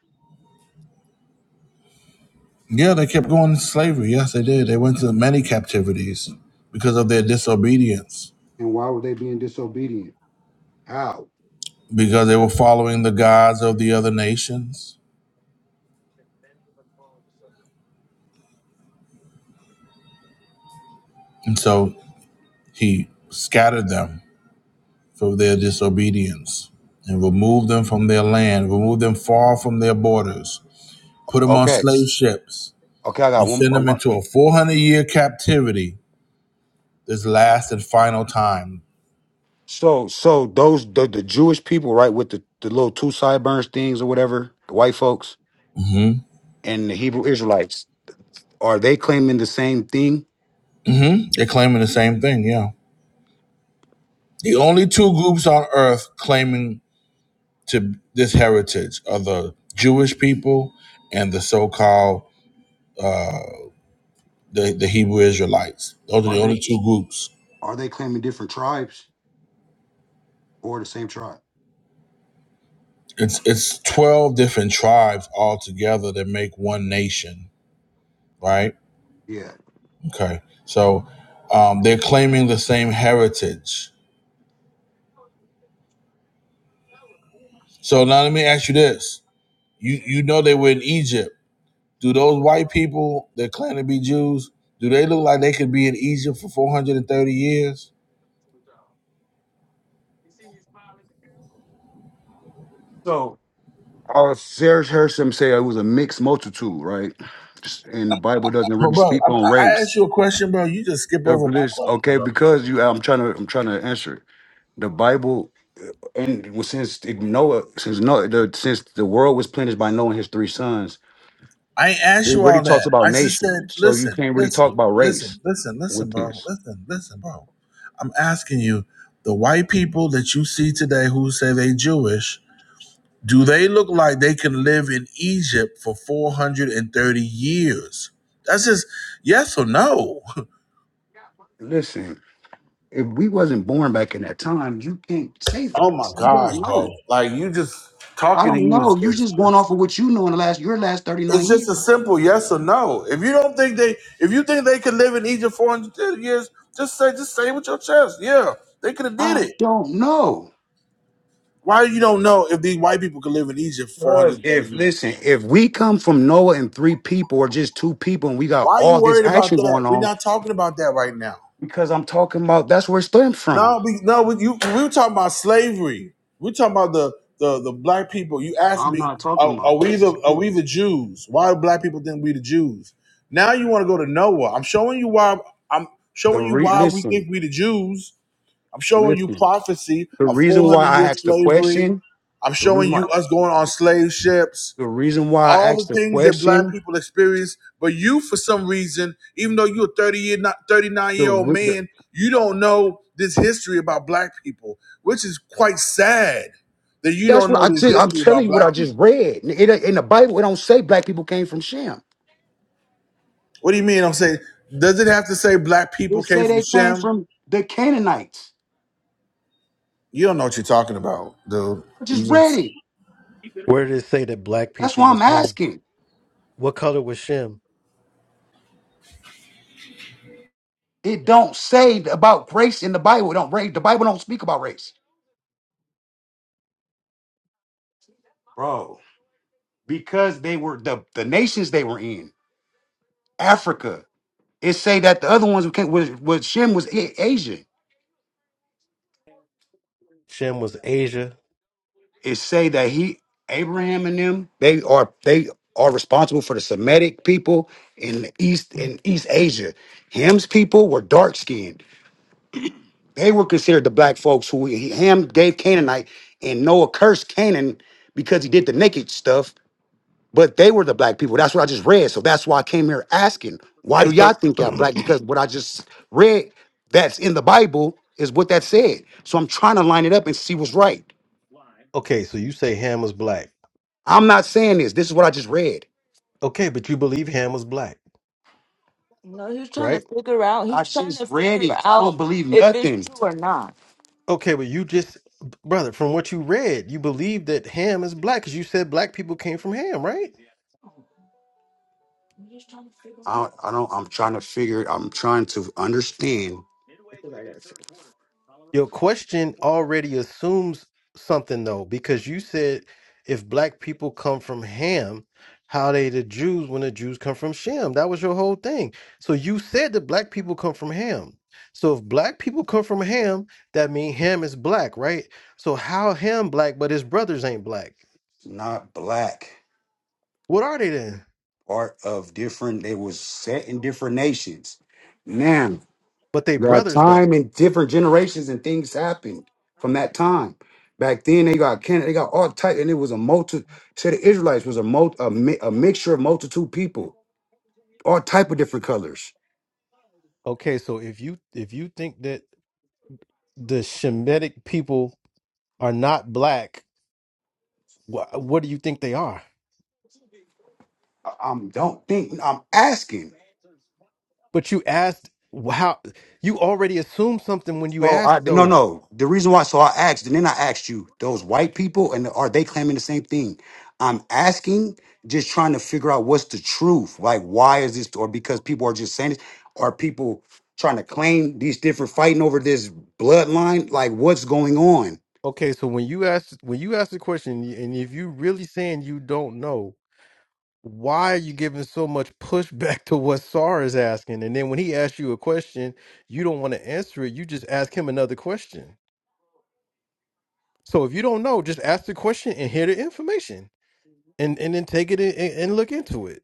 Speaker 1: Yeah, they kept going to slavery. Yes, they did. They went to many captivities because of their disobedience,
Speaker 10: And why were they being disobedient? How?
Speaker 1: because they were following the gods of the other nations. And so he scattered them for their disobedience and removed them from their land, removed them far from their borders, put them on
Speaker 10: Okay.
Speaker 1: slave ships,
Speaker 10: Okay, I got
Speaker 1: and
Speaker 10: one.
Speaker 1: sent
Speaker 10: I
Speaker 1: them
Speaker 10: want,
Speaker 1: into a 400 year captivity this last and final time.
Speaker 10: so, so those the, the Jewish people, right, with the, the little two sideburns things or whatever, the white folks
Speaker 1: hmm
Speaker 10: and the Hebrew Israelites, are they claiming the same thing?
Speaker 1: hmm They're claiming the same thing, yeah. The only two groups on earth claiming to this heritage of the Jewish people and the so-called the, the Hebrew Israelites. Those are
Speaker 10: Are
Speaker 1: the
Speaker 10: they
Speaker 1: only two groups.
Speaker 10: are they claiming different tribes or the same tribe?
Speaker 1: It's it's twelve different tribes all together that make one nation, right?
Speaker 10: Yeah.
Speaker 1: Okay, so um, they're claiming the same heritage. So now let me ask you this: you you know they were in Egypt. Do those white people that claim to be Jews do they look like they could be in Egypt for four hundred and thirty years?
Speaker 10: So Uh, Sarah Hersham said it was a mixed multitude, right? Just- And the Bible doesn't
Speaker 1: But
Speaker 10: really
Speaker 1: bro,
Speaker 10: speak
Speaker 1: I,
Speaker 10: on
Speaker 1: I
Speaker 10: race.
Speaker 1: asked you a question, bro. You just skip
Speaker 10: There-
Speaker 1: over my
Speaker 10: there's-
Speaker 1: question,
Speaker 10: Okay,
Speaker 1: bro.
Speaker 10: because you, I'm trying to, I'm trying to answer. it. The Bible, uh, and well, since it- Noah, since Noah, the, since the world was planted by Noah and his three sons,
Speaker 1: I ain't
Speaker 10: it
Speaker 1: asked you all
Speaker 10: already talks
Speaker 1: that. I
Speaker 10: about
Speaker 1: just said,
Speaker 10: nations. So you
Speaker 1: listen,
Speaker 10: can't really talk
Speaker 1: listen,
Speaker 10: about
Speaker 1: listen,
Speaker 10: race
Speaker 1: listen, listen,
Speaker 10: with
Speaker 1: bro.
Speaker 10: this.
Speaker 1: Listen, listen, bro. I'm asking you, the white people that you see today who say they Jewish, do they look like they can live in Egypt for 430 years? That's just yes or no. (laughs)
Speaker 10: Listen, if we wasn't born back in that time, you can't say
Speaker 1: Oh
Speaker 10: that.
Speaker 1: my
Speaker 10: So You don't
Speaker 1: gosh, bro.
Speaker 10: know.
Speaker 1: Like you just
Speaker 10: I
Speaker 1: talking to
Speaker 10: don't
Speaker 1: you is,
Speaker 10: know. You're just
Speaker 1: is
Speaker 10: going off of what you know in the last your last 39
Speaker 1: It's just
Speaker 10: years.
Speaker 1: a simple yes or no. If you don't think they, if you think they could live in Egypt four hundred years, just say, just say it with your chest, yeah, they could have did
Speaker 10: I
Speaker 1: it.
Speaker 10: don't know.
Speaker 1: Why you don't know if these white people could live in Egypt four hundred
Speaker 10: Because
Speaker 1: thirty
Speaker 10: if listen,
Speaker 1: years?
Speaker 10: if we come from Noah and three people or just two people and we got
Speaker 1: Why are you
Speaker 10: all this
Speaker 1: worried about
Speaker 10: action
Speaker 1: that?
Speaker 10: going
Speaker 1: We're
Speaker 10: on,
Speaker 1: not talking about that right now.
Speaker 10: because I'm talking about that's where it stems from.
Speaker 1: No, we no, we, you, we were talking about slavery. We were talking about the the, the black people. You asked
Speaker 10: I'm not
Speaker 1: me,
Speaker 10: talking
Speaker 1: are,
Speaker 10: about
Speaker 1: are we the are we
Speaker 10: slavery.
Speaker 1: the Jews? Why do black people think we the Jews? Now you want to go to Noah. I'm showing you why. I'm
Speaker 10: the
Speaker 1: showing you
Speaker 10: re
Speaker 1: why we think
Speaker 10: listen,
Speaker 1: we the Jews. I'm showing you
Speaker 10: listen.
Speaker 1: prophecy
Speaker 10: The
Speaker 1: of
Speaker 10: reason why
Speaker 1: 400
Speaker 10: I
Speaker 1: years
Speaker 10: asked the
Speaker 1: slavery.
Speaker 10: question,
Speaker 1: I'm
Speaker 10: the reason
Speaker 1: showing
Speaker 10: why
Speaker 1: you us going on slave ships
Speaker 10: the reason why I
Speaker 1: all
Speaker 10: asked
Speaker 1: the
Speaker 10: the
Speaker 1: things that black
Speaker 10: question,
Speaker 1: people experience, but you, for some reason, even though you're a 30 year, not 39
Speaker 10: the,
Speaker 1: year old
Speaker 10: re- the
Speaker 1: man, you don't know this history about black people, which is quite sad that you
Speaker 10: that's
Speaker 1: don't
Speaker 10: what
Speaker 1: know
Speaker 10: I
Speaker 1: this
Speaker 10: just I'm
Speaker 1: history
Speaker 10: telling
Speaker 1: about
Speaker 10: you what I
Speaker 1: black
Speaker 10: just
Speaker 1: people.
Speaker 10: read. It, ain't- in the Bible, it don't say black people came from Shem.
Speaker 1: What do you mean? I'm saying, does it have to say black people
Speaker 10: It
Speaker 1: came
Speaker 10: say
Speaker 1: from
Speaker 10: they came
Speaker 1: Shem?
Speaker 10: from the Canaanites.
Speaker 1: You don't know what you're talking about, dude.
Speaker 10: I
Speaker 1: You
Speaker 10: just read
Speaker 1: just
Speaker 10: it.
Speaker 7: Where did it say that black
Speaker 10: That's
Speaker 7: people
Speaker 10: why I'm
Speaker 7: was ham?
Speaker 10: asking.
Speaker 7: What color was Shem?
Speaker 10: It don't say about race in the Bible. It don't race. The Bible don't speak about race, bro. Because they were the the nations they were in Africa. It say that the other ones who came was was Shem was A- Asian.
Speaker 7: Shem was Asia.
Speaker 10: It say that he Abraham and them they are they are responsible for the Semitic people in the East in East Asia. Ham's people were dark skinned. They were considered the black folks who he, Ham gave Canaanite and Noah cursed Canaan because he did the naked stuff But they were the black people. That's what I just read. So that's why I came here asking, why
Speaker 7: Hey,
Speaker 10: do y'all
Speaker 7: so
Speaker 10: think y'all black? Because what I just read that's in the Bible is what that said. So I'm trying to line it up and see what's right.
Speaker 7: (clears throat) okay, so you say Ham was black.
Speaker 10: I'm not saying this. This is what I just read.
Speaker 7: Okay, but you believe Ham was black, right?
Speaker 10: I just read it. I don't believe nothing.
Speaker 7: Okay, but you just, brother, from what you read, you believe that Ham is black because you said black people came from Ham, right?
Speaker 10: I out. don't, I don't I'm trying to figure I'm trying to understand
Speaker 7: Your question already assumes something though, because you said if black people come from Ham, how they the Jews when the Jews come from Shem? That was your whole thing. So you said that black people come from Ham. So if black people come from Ham, that means Ham is black, right? So how Ham black, but his brothers ain't black?
Speaker 10: not black
Speaker 7: What are they then?
Speaker 10: part of different they was set in different nations. Now
Speaker 7: But they
Speaker 10: There are
Speaker 7: brothers though.
Speaker 10: time and different generations and things happened from that time. Back then they got Canada, they got all type, and it was a multi. Say the Israelites was a multi, a, mi- a mixture of multitude people, all type of different colors.
Speaker 7: Okay, so if you if you think that the Shemitic people are not black, wh- what do you think they are?
Speaker 10: I, am don't think I'm asking.
Speaker 7: But you asked wh- how you already assumed something when you
Speaker 10: So I
Speaker 7: asked
Speaker 10: no
Speaker 7: though.
Speaker 10: no. The reason why so I asked and then I asked you those white people and are they claiming the same thing? I'm asking, just trying to figure out what's the truth. Like why is this or because people are just saying this? Are people trying to claim these different fighting over this bloodline? Like what's going on?
Speaker 7: Okay, so when you asked when you asked the question, y- and if you really saying you don't know, why are you giving so much pushback to what Sar is asking? And then when he asks you a question, you don't want to answer it. You just ask him another question. So if you don't know, just ask the question and hear the information. and and then take it in, and, and look into it.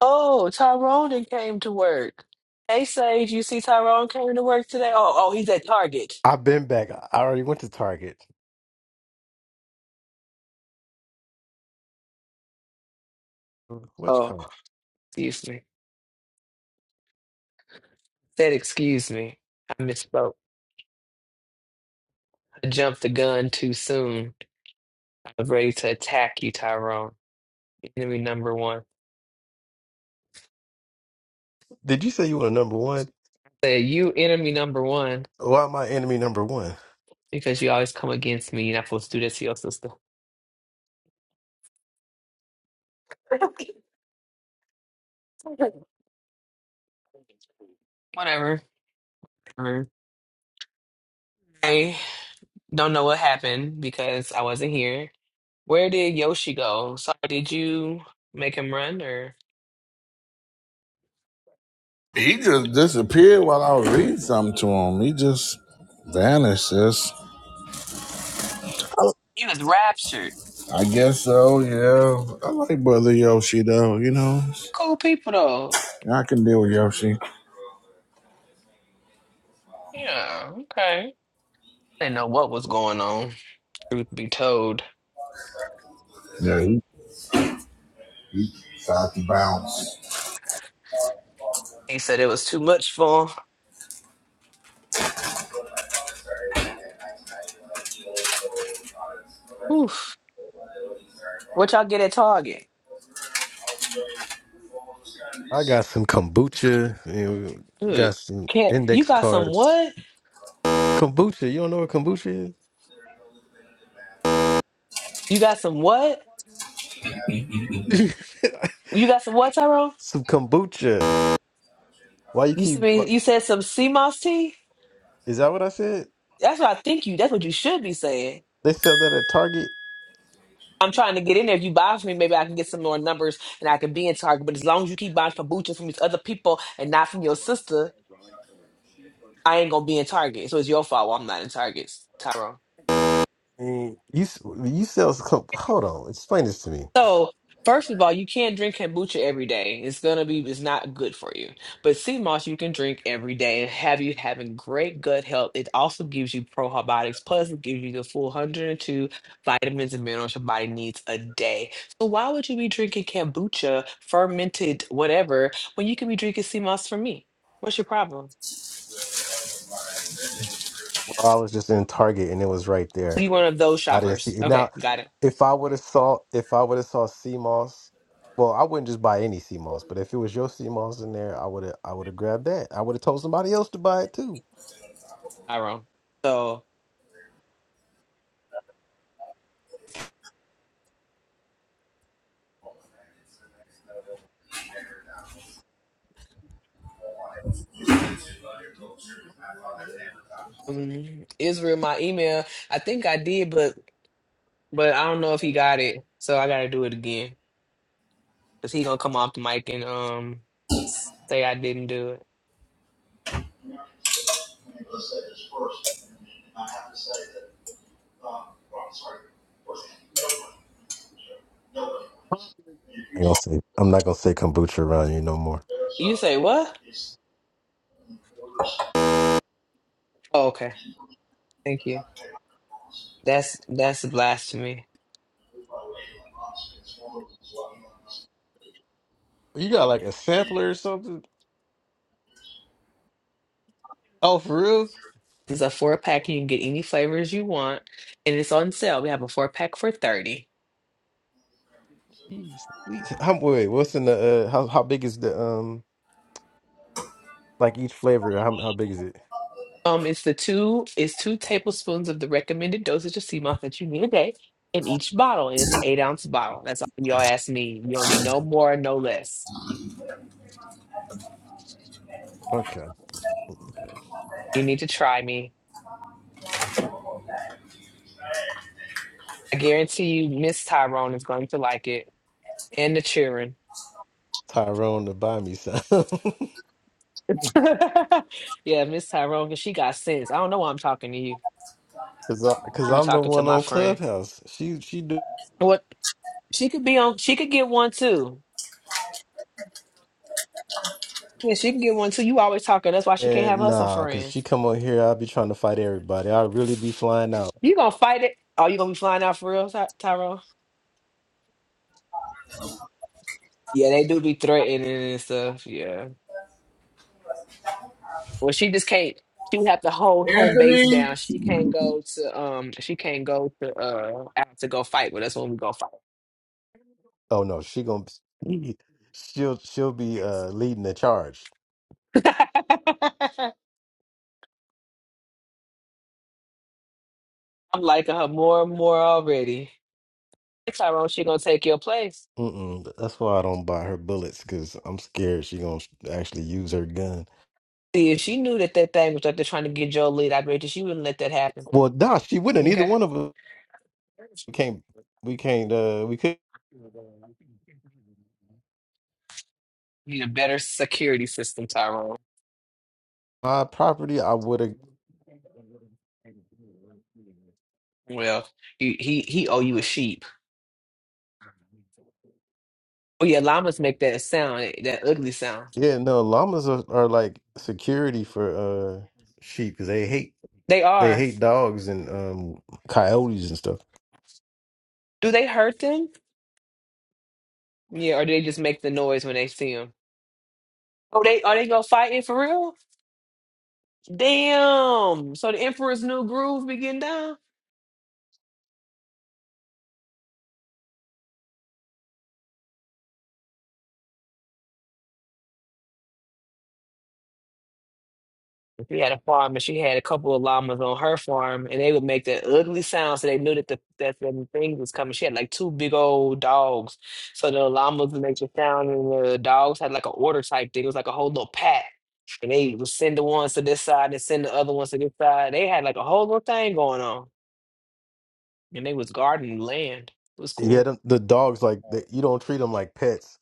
Speaker 8: Oh, Tyrone done came to work. Hey, Sage, you see Tyrone came to work today? Oh, oh, he's at Target.
Speaker 7: I've been back. I already went to Target. What you
Speaker 8: Oh,
Speaker 7: call?
Speaker 8: excuse me. Said excuse me. I misspoke. I jumped the gun too soon. I was ready to attack you, Tyrone. Enemy number one.
Speaker 7: Did you say you were number one?
Speaker 8: Said you enemy number one
Speaker 7: Why am I enemy number one?
Speaker 8: because you always come against me. You're not supposed to do this to your sister. Whatever. Whatever. I don't know what happened because I wasn't here. Where did Yoshi go? Sorry, did you make him run or?
Speaker 1: he just disappeared while I was reading something to him. He just vanished. Just
Speaker 8: He was raptured.
Speaker 1: I guess so. Yeah, I like Brother Yoshi though. You know.
Speaker 8: Cool people though.
Speaker 1: I can deal with Yoshi.
Speaker 8: Yeah, okay. Didn't know what was going on. Truth be told,
Speaker 1: Yeah, he, he tried to bounce.
Speaker 8: he said it was too much for him. Oof. What y'all get at Target?
Speaker 7: I got some kombucha. And
Speaker 8: Ugh.
Speaker 7: got some
Speaker 8: Can't you
Speaker 7: index
Speaker 8: got some
Speaker 7: cards.
Speaker 8: what?
Speaker 7: Kombucha. You don't know what kombucha
Speaker 8: You got some what?
Speaker 7: is? (laughs)
Speaker 8: You got some what, Tyrone?
Speaker 7: some kombucha. Why you
Speaker 8: You see
Speaker 7: keep?
Speaker 8: me?
Speaker 7: what-
Speaker 8: You said some sea moss tea?
Speaker 7: Is that what I said?
Speaker 8: That's what I think you. That's what you should be saying.
Speaker 7: They sell that at Target.
Speaker 8: I'm trying to get in there. If you buy from me, maybe I can get some more numbers and I can be in Target. But as long as you keep buying kombucha from these other people and not from your sister, I ain't gonna be in Target. So it's your fault. why I'm not in Target, Tyrone.
Speaker 7: I mean, You s- you sell some. kom- Hold on. Explain this to me.
Speaker 8: So, first of all, you can't drink kombucha every day. It's gonna be, it's not good for you. But sea moss you can drink every day and have you having great gut health. It also gives you probiotics, plus it gives you the full 102 vitamins and minerals your body needs a day. So why would you be drinking kombucha, fermented whatever, when you can be drinking sea moss for me? What's your problem?
Speaker 7: I was just in Target and it was right there.
Speaker 8: You one of those
Speaker 7: I didn't see
Speaker 8: shoppers.
Speaker 7: it. Now,
Speaker 8: Okay, got it.
Speaker 7: if I would have saw if I would have saw sea moss, well, I wouldn't just buy any sea moss, but if it was your sea moss in there, I would have I would have grabbed that. I would have told somebody else to buy it too.
Speaker 8: I wrong. So um, Israel, my email. I think I did, but but I don't know if he got it, so I gotta do it again. Cause he gonna come off the mic and um say I didn't do it.
Speaker 7: I ain't gonna say I'm not gonna say kombucha around you no more.
Speaker 8: You say what? Oh, okay, thank you. That's that's blasphemy.
Speaker 7: You got like a sampler or something? Oh, for real?
Speaker 8: It's a four pack. You can get any flavors you want, and it's on sale. We have a four pack for thirty.
Speaker 7: Jeez, please. How, wait, what's in the uh, how how big is the um like each flavor? How how big is it?
Speaker 8: Um, it's the two it's two tablespoons of the recommended dosage of sea moss that you need a day in each bottle, and it's an eight ounce bottle. That's all your ass need. You don't need no more, no less.
Speaker 7: Okay. Okay.
Speaker 8: You need to try me. I guarantee you, Miss Tyrone is going to like it. And the children.
Speaker 7: Tyrone to buy me some. (laughs)
Speaker 8: (laughs) yeah, Miss Tyrone, 'cause she got sense. I don't know why I'm talking to you.
Speaker 7: Cause, I, cause
Speaker 8: To be
Speaker 7: I'm the
Speaker 8: talking to
Speaker 7: one
Speaker 8: my
Speaker 7: on
Speaker 8: friend.
Speaker 7: Clubhouse. She, she do.
Speaker 8: What she could be on she could get one too. Yeah, she can get one too. You always talking. That's why she can't have
Speaker 7: And
Speaker 8: her some
Speaker 7: nah, cause she
Speaker 8: friends.
Speaker 7: come on here, I'll be trying to fight everybody. i really be flying out.
Speaker 8: You gonna fight it? Oh, you gonna be flying out for real, Ty- Tyrone? Yeah, they do be threatening and stuff. Yeah. Well, she just can't. She would have to hold home base down. She can't go to um. She can't go to uh out to go fight with us when we go fight.
Speaker 7: Oh no, she gonna, be- (laughs) she'll, she'll be uh leading the charge.
Speaker 8: (laughs) I'm liking her more and more already. Tyrone, she gonna take your place.
Speaker 7: Mm-mm. That's why I don't buy her bullets, cause I'm scared she gonna actually use her gun.
Speaker 8: See, if she knew that that thing was up there trying to get Joe lead, I bet you she wouldn't let that happen.
Speaker 7: Well, nah, she wouldn't. Either
Speaker 8: Okay.
Speaker 7: one of us we can't, we can't, uh, we could
Speaker 8: Need a better security system, Tyrone.
Speaker 7: buy property. I would have.
Speaker 8: Well, he he he owe you a sheep. Oh yeah, llamas make that sound, that ugly sound.
Speaker 7: Yeah, no, llamas are, are like security for uh sheep, cause they hate
Speaker 8: They
Speaker 7: They
Speaker 8: are.
Speaker 7: hate dogs and um, coyotes and stuff.
Speaker 8: Do they hurt them? Yeah, or they just make the noise when they see him? Oh, they are they gonna fight for real? Damn! So the Emperor's new groove be getting down. She had a farm, and she had a couple of llamas on her farm, and they would make that ugly sound, so they knew that the that the thing was coming. She had like two big old dogs, so the llamas would make the sound, and the dogs had like an order type thing. It was like a whole little pack, and they would send the ones to this side and send the other ones to this side. They had like a whole little thing going on, and they was guarding land. It was cool.
Speaker 7: Yeah, them, the dogs like they, you don't treat them like pets.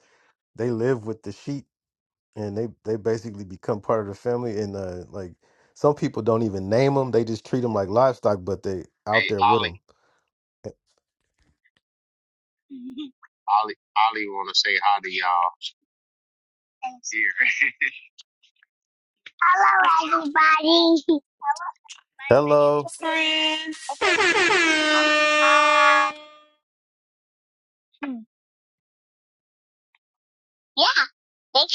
Speaker 7: They live with the sheep and they they basically become part of the family. And uh, like some people don't even name them; they just treat them like livestock. But they out
Speaker 5: Hey,
Speaker 7: there with
Speaker 5: Ollie.
Speaker 7: them.
Speaker 5: (laughs) Ollie, Ollie, want to say hi to y'all. Here. (laughs) Hello, everybody. Hello, my name
Speaker 7: Hello,
Speaker 5: is
Speaker 8: friend.
Speaker 5: David. Okay. Yeah. Thanks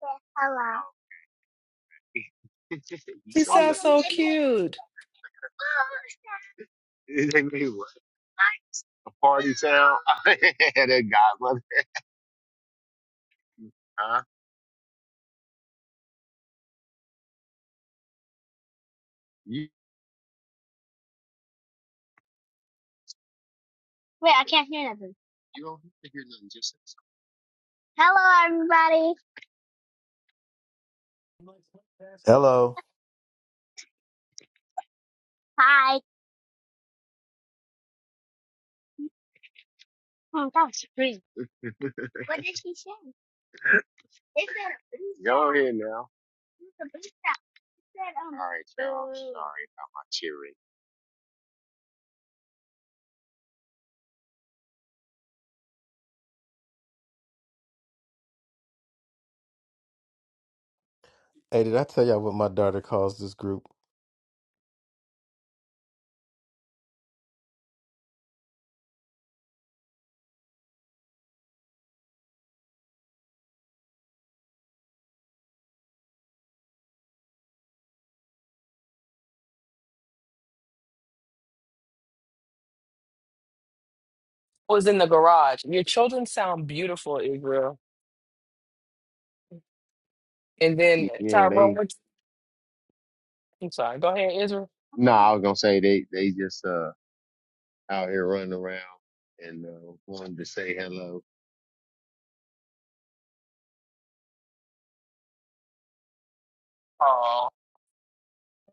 Speaker 5: for hello. (laughs) you
Speaker 8: She
Speaker 5: sound like
Speaker 8: sounds so cute.
Speaker 5: they made (laughs) what? A party town? (laughs) that godmother. Huh? You, Wait, I can't hear nothing. you don't have to hear nothing just say something. Hello, everybody.
Speaker 7: hello.
Speaker 5: Hi. Oh, that was crazy. What did she say? They said a boo something. Go ahead now. It's alright you All right, y'all. I'm sorry about my cheering.
Speaker 7: Hey, did I tell y'all what my daughter calls this group?
Speaker 8: Was in the garage. Your children sound beautiful, Israel. And then
Speaker 5: Yeah,
Speaker 8: Tyrone,
Speaker 5: they.
Speaker 8: what, I'm sorry. Go ahead, Israel.
Speaker 5: No, I was gonna say they they just uh out here running around and uh, wanted to say hello.
Speaker 8: Oh,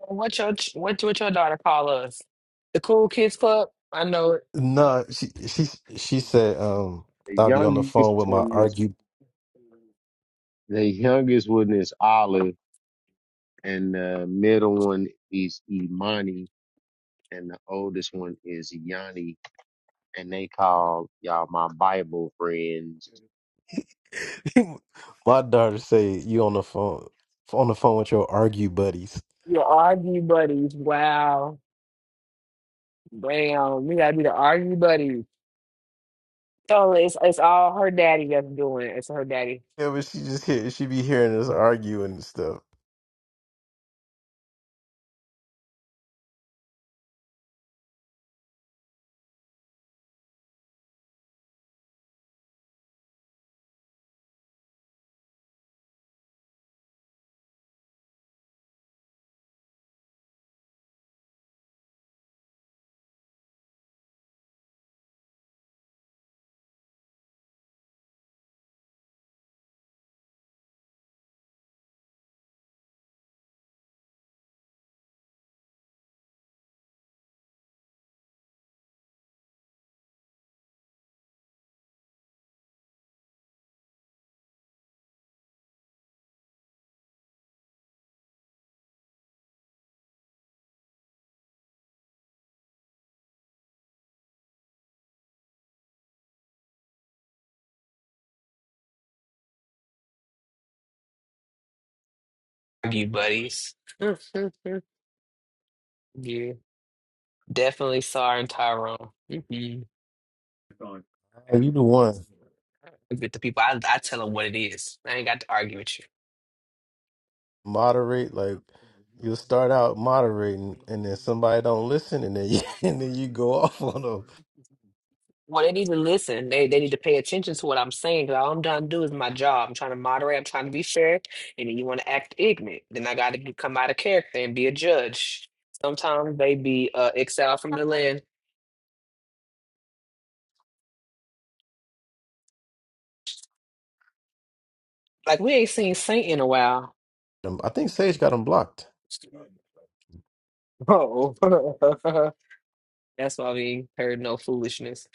Speaker 8: what your ch- what what your daughter call us? The cool kids club. I know it.
Speaker 7: No, she she she said um
Speaker 5: The
Speaker 7: I'll be on the
Speaker 5: youngest
Speaker 7: phone with my
Speaker 5: one is
Speaker 7: argue
Speaker 5: the youngest one is Olive, and the middle one is Imani, and the oldest one is Yanni, and they call y'all my Bible friends.
Speaker 7: (laughs) My daughter say you on the phone on the phone with your argue buddies.
Speaker 8: Your argue buddies. Wow. Damn. We gotta be the argue buddies. So it's it's all her daddy that's doing. it. It's her daddy.
Speaker 7: Yeah, but she just hear she be hearing us arguing and stuff.
Speaker 8: you buddies. (laughs) yeah, definitely Sar and Tyrone. hmm
Speaker 7: Uh, you the one
Speaker 8: With the people, I, I tell them what it is. I ain't got to argue with you.
Speaker 7: moderate like you'll start out moderating and then somebody don't listen and then you, (laughs) and then you go off on them.
Speaker 8: Well, they need to listen. They they need to pay attention to what I'm saying. 'cause all I'm trying to do is my job. I'm trying to moderate. I'm trying to be fair. And then you want to act ignorant. Then I got to come out of character and be a judge. Sometimes they be uh, exiled from the land. Like we ain't seen Saint in a while.
Speaker 7: Um, I think Sage got them blocked.
Speaker 8: Oh, (laughs) that's why we ain't heard no foolishness.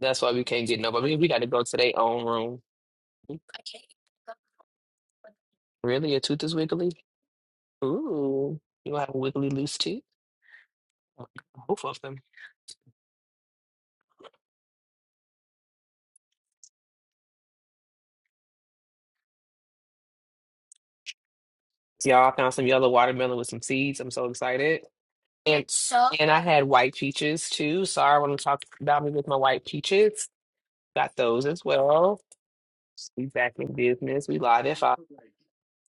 Speaker 8: That's why we can't get nobody. We got to go to their own room. Really, your tooth is wiggly. Ooh, you have a wiggly loose teeth. Both of them. Y'all I found some yellow watermelon with some seeds. I'm so excited. And So, and I had white peaches too. Sorry, want to talk about me with my white peaches. Got those as well. We back in business. We live if I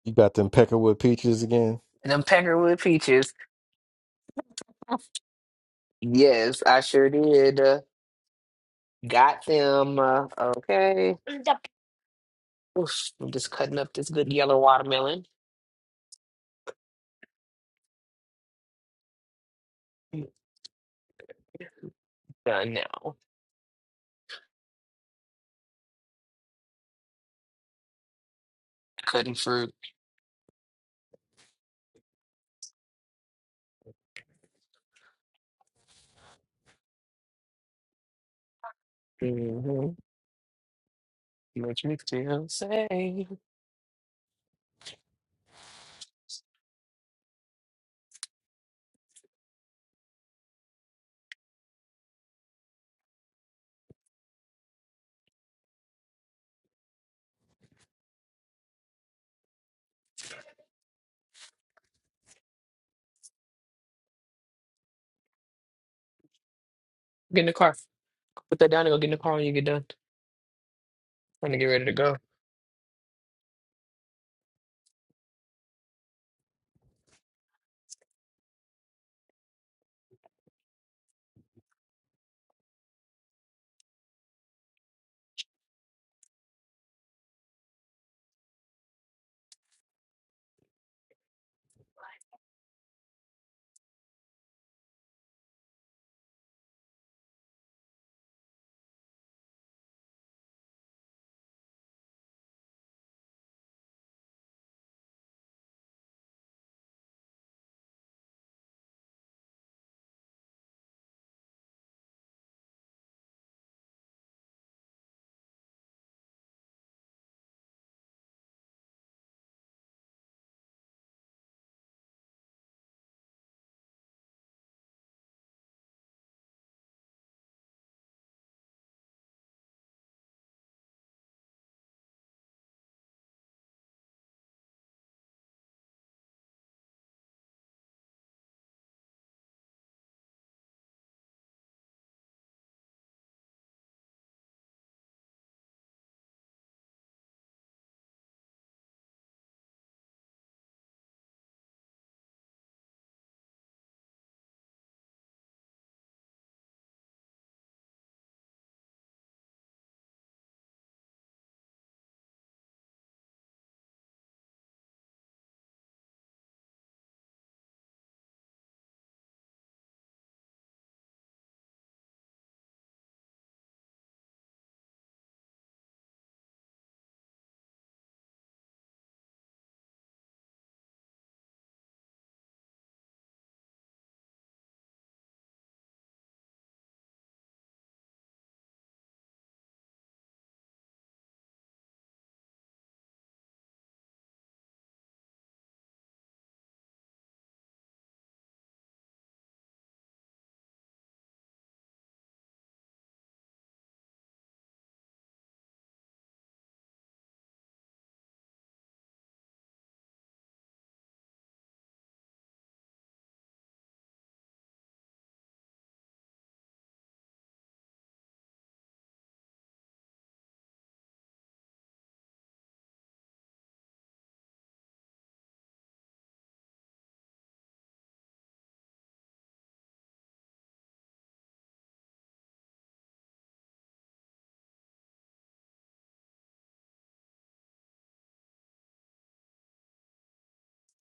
Speaker 7: You got them peckerwood peaches again.
Speaker 8: them peckerwood peaches. Yes, I sure did. Uh, Got them. Uh, okay. Oof, I'm just cutting up this good yellow watermelon. Mm, Done now. Cutting fruit. hmm Makes me feel safe. Get in the car. Put that down and go get in the car when you get done. Trying to get ready to go.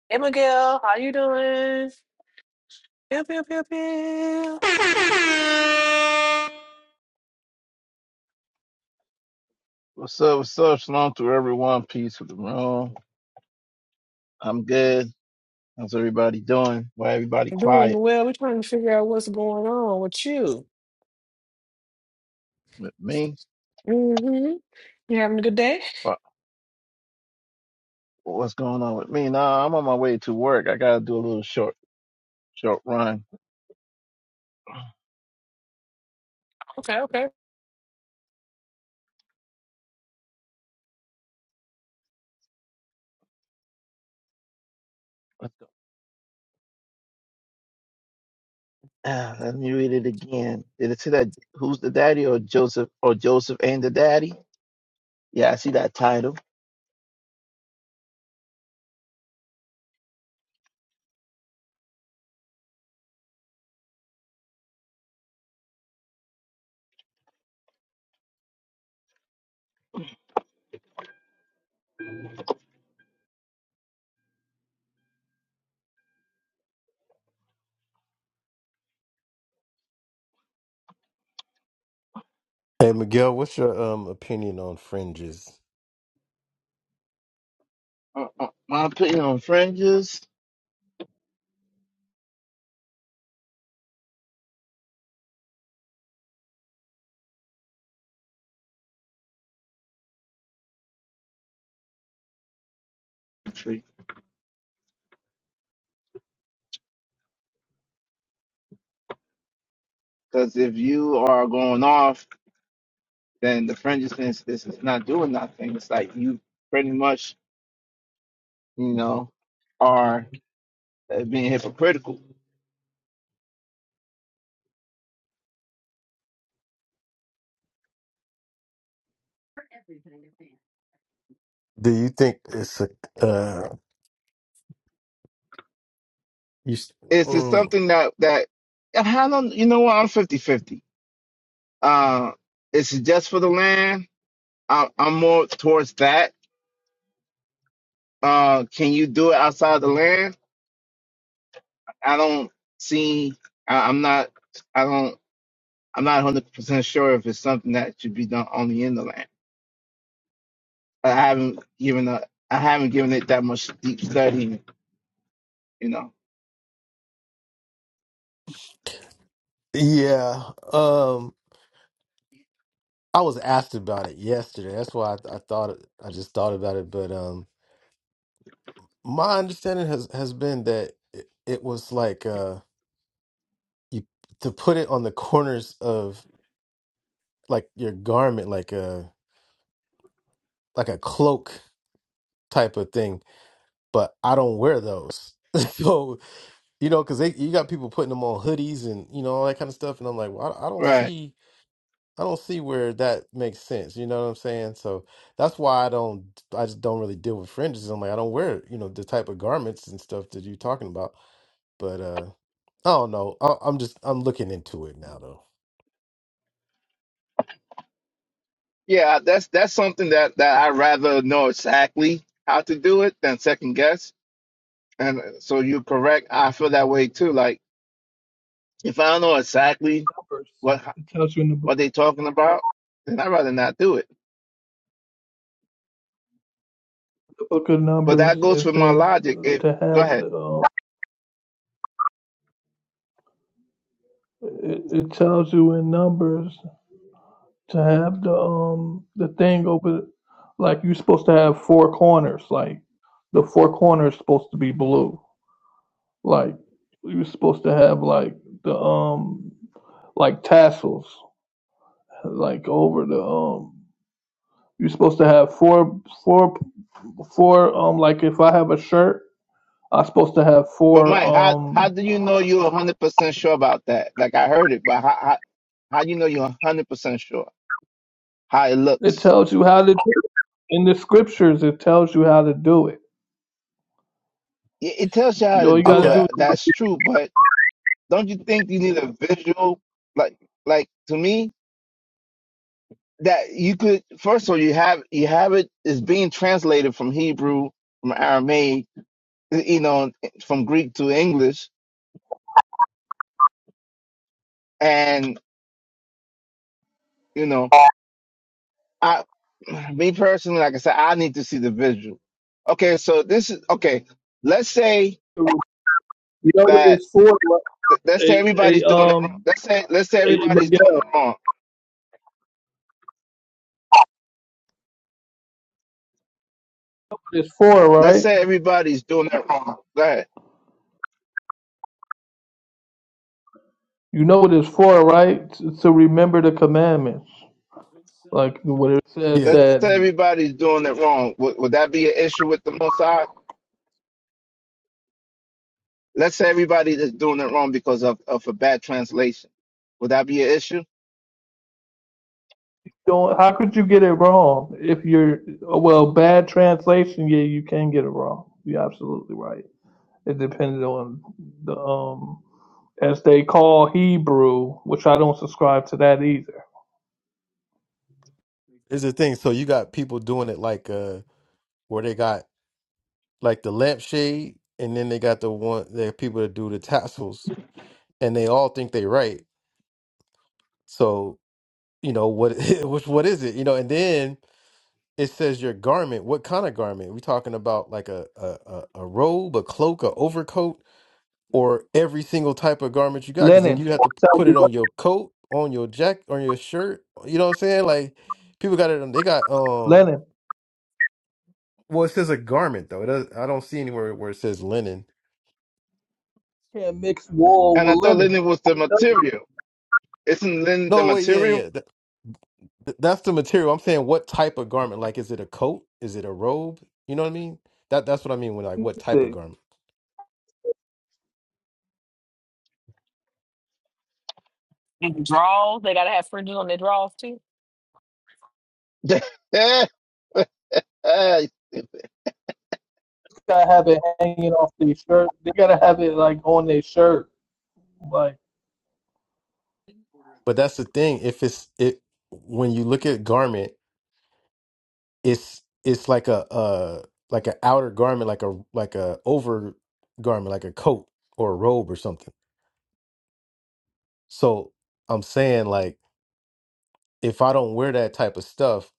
Speaker 8: Hey, Miguel, how you doing? Pew, pew, pew, pew.
Speaker 11: What's up? What's up? Shalom to everyone. Peace with the room. I'm good. How's everybody doing? Why everybody
Speaker 8: Doing
Speaker 11: quiet
Speaker 8: well. We're trying to figure out what's going on with you.
Speaker 11: with me?
Speaker 8: Mm-hmm. You having a good day?
Speaker 11: What, what's going on with me? Nah, I'm on my way to work. I gotta do a little short, short run.
Speaker 8: Okay, okay.
Speaker 11: Let's go. Ah, Let me read it again. Did it say that who's the daddy or Joseph or Joseph and the daddy? Yeah, I see that title.
Speaker 7: Hey Miguel, what's your um opinion on fringes?
Speaker 11: Uh, uh, my opinion on fringes, because if you are going off, then the fringes is, is not doing nothing. It's like you pretty much you know, are uh, being hypocritical.
Speaker 7: Do you think it's a uh you s-
Speaker 11: It's just
Speaker 7: mm,
Speaker 11: something that that I don't. You know what? I'm fifty-fifty. Uh, it's just for the land. I, I'm more towards that. Uh, can you do it outside the land? I don't see. I, I'm not. I don't. I'm not 100 percent sure if it's something that should be done only in the land. I haven't given a. I haven't given it that much deep study. You know.
Speaker 7: yeah. I was asked about it yesterday. That's why I, I thought I just thought about it. But um, my understanding has has been that it, it was like uh, you to put it on the corners of like your garment, like a like a cloak type of thing. But I don't wear those, (laughs) so you know, because you got people putting them on hoodies and you know all that kind of stuff. And I'm like, well, I, I don't
Speaker 11: Right.
Speaker 7: see. I don't see where that makes sense. You know what I'm saying? So that's why I don't. I just don't really deal with fringes. I'm like, I don't wear, you know, the type of garments and stuff that you're talking about. But uh, I don't know. I, I'm just I'm looking into it now though.
Speaker 11: Yeah, that's that's something that that I rather know exactly how to do it than second guess. And uh, so you're correct. I feel that way too. Like if I don't know exactly
Speaker 12: Numbers.
Speaker 11: what
Speaker 12: It tells you in the book,
Speaker 11: what they talking about, then I'd rather not do it.
Speaker 12: the book of
Speaker 11: But
Speaker 12: Numbers.
Speaker 11: that goes
Speaker 12: It
Speaker 11: with my
Speaker 12: says
Speaker 11: logic. If
Speaker 12: to
Speaker 11: go
Speaker 12: have
Speaker 11: ahead,
Speaker 12: the. Um, it, it tells you in Numbers to have the um the thing over, like you're supposed to have four corners. Like the four corners supposed to be blue. Like you're supposed to have like the um like tassels like over the um. You're supposed to have four four four um like if I have a shirt, I'm supposed to have
Speaker 11: but
Speaker 12: four
Speaker 11: Mike, how how
Speaker 12: um
Speaker 11: do you know you're hundred percent sure about that? Like I heard it, but how how, how do you know you're hundred percent sure how it
Speaker 12: It
Speaker 11: looks?
Speaker 12: tells you how to do it. In the scriptures, it tells you how to do it.
Speaker 11: It, it tells you how
Speaker 12: You
Speaker 11: to
Speaker 12: all you got to
Speaker 11: do
Speaker 7: Okay,
Speaker 12: do
Speaker 11: it.
Speaker 12: is
Speaker 11: That's true, but. don't you think you need a visual like like to me that you could first of all you have you have it is being translated from hebrew from aramaic you know from greek to english and you know i me personally like i said i need to see the visual okay so this is okay let's say
Speaker 12: you know what
Speaker 11: that
Speaker 12: it's for. right?
Speaker 11: let's say
Speaker 12: A,
Speaker 11: everybody's
Speaker 12: a
Speaker 11: doing it wrong
Speaker 12: um,
Speaker 11: let's say let's say
Speaker 12: a, you
Speaker 11: everybody's
Speaker 12: know
Speaker 11: doing it wrong
Speaker 12: what it's for
Speaker 11: let's
Speaker 12: right.
Speaker 11: say everybody's doing it wrong Go ahead.
Speaker 12: You know what it's for, right? It's to remember the commandments, like what it says
Speaker 7: yeah,
Speaker 11: Let's say
Speaker 12: that.
Speaker 11: everybody's doing it wrong. Would, would that be an issue with the Mossad? Let's say everybody that's doing it wrong because of, of a bad translation. Would that be an issue?
Speaker 12: Don't. How could you get it wrong if you're well bad translation? Yeah, you can get it wrong. You're absolutely right. It depended on the um as they call Hebrew, which I don't subscribe to that either.
Speaker 7: it's a thing. So you got people doing it like uh, where they got like the lampshade, and then they got the one the people that do the tassels, and they all think they right. So you know what? (laughs) Which what is it? You know, and then. It says your garment. What kind of garment? We talking about like a a a, a robe, a cloak, a overcoat, or every single type of garment you got? Because then
Speaker 12: Lenin,
Speaker 7: you have to p-
Speaker 12: tell
Speaker 7: put
Speaker 12: you
Speaker 7: it
Speaker 12: what,
Speaker 7: on your coat, on your jacket, on your shirt. You know what I'm saying? Like people got it. on- They got um.
Speaker 12: Lenin
Speaker 7: Well, it says a garment though. It does, I don't see anywhere where it says linen.
Speaker 12: can't mix wool
Speaker 11: And I
Speaker 12: with
Speaker 11: thought
Speaker 12: linen.
Speaker 11: linen was the
Speaker 12: That's
Speaker 11: material. Isn't linen the
Speaker 7: No, wait, yeah,
Speaker 11: material?
Speaker 7: yeah. That, th- that's the material. I'm saying what type of garment? Like, is it a coat? Is it a robe? You know what I mean? That that's what I mean when
Speaker 12: what
Speaker 7: like
Speaker 12: he
Speaker 7: what type
Speaker 12: said.
Speaker 7: of
Speaker 12: You
Speaker 7: garment.
Speaker 8: And the draws, they gotta have fringes on their draws too.
Speaker 11: (laughs) yeah, I
Speaker 12: gotta have it hanging off their shirt. They gotta have it like on their shirt. Like,
Speaker 7: But that's the thing. If it's it when you look at garment it's it's like a uh like an outer garment like a like a over garment like a coat or a robe or something so i'm saying like if i don't wear that type of stuff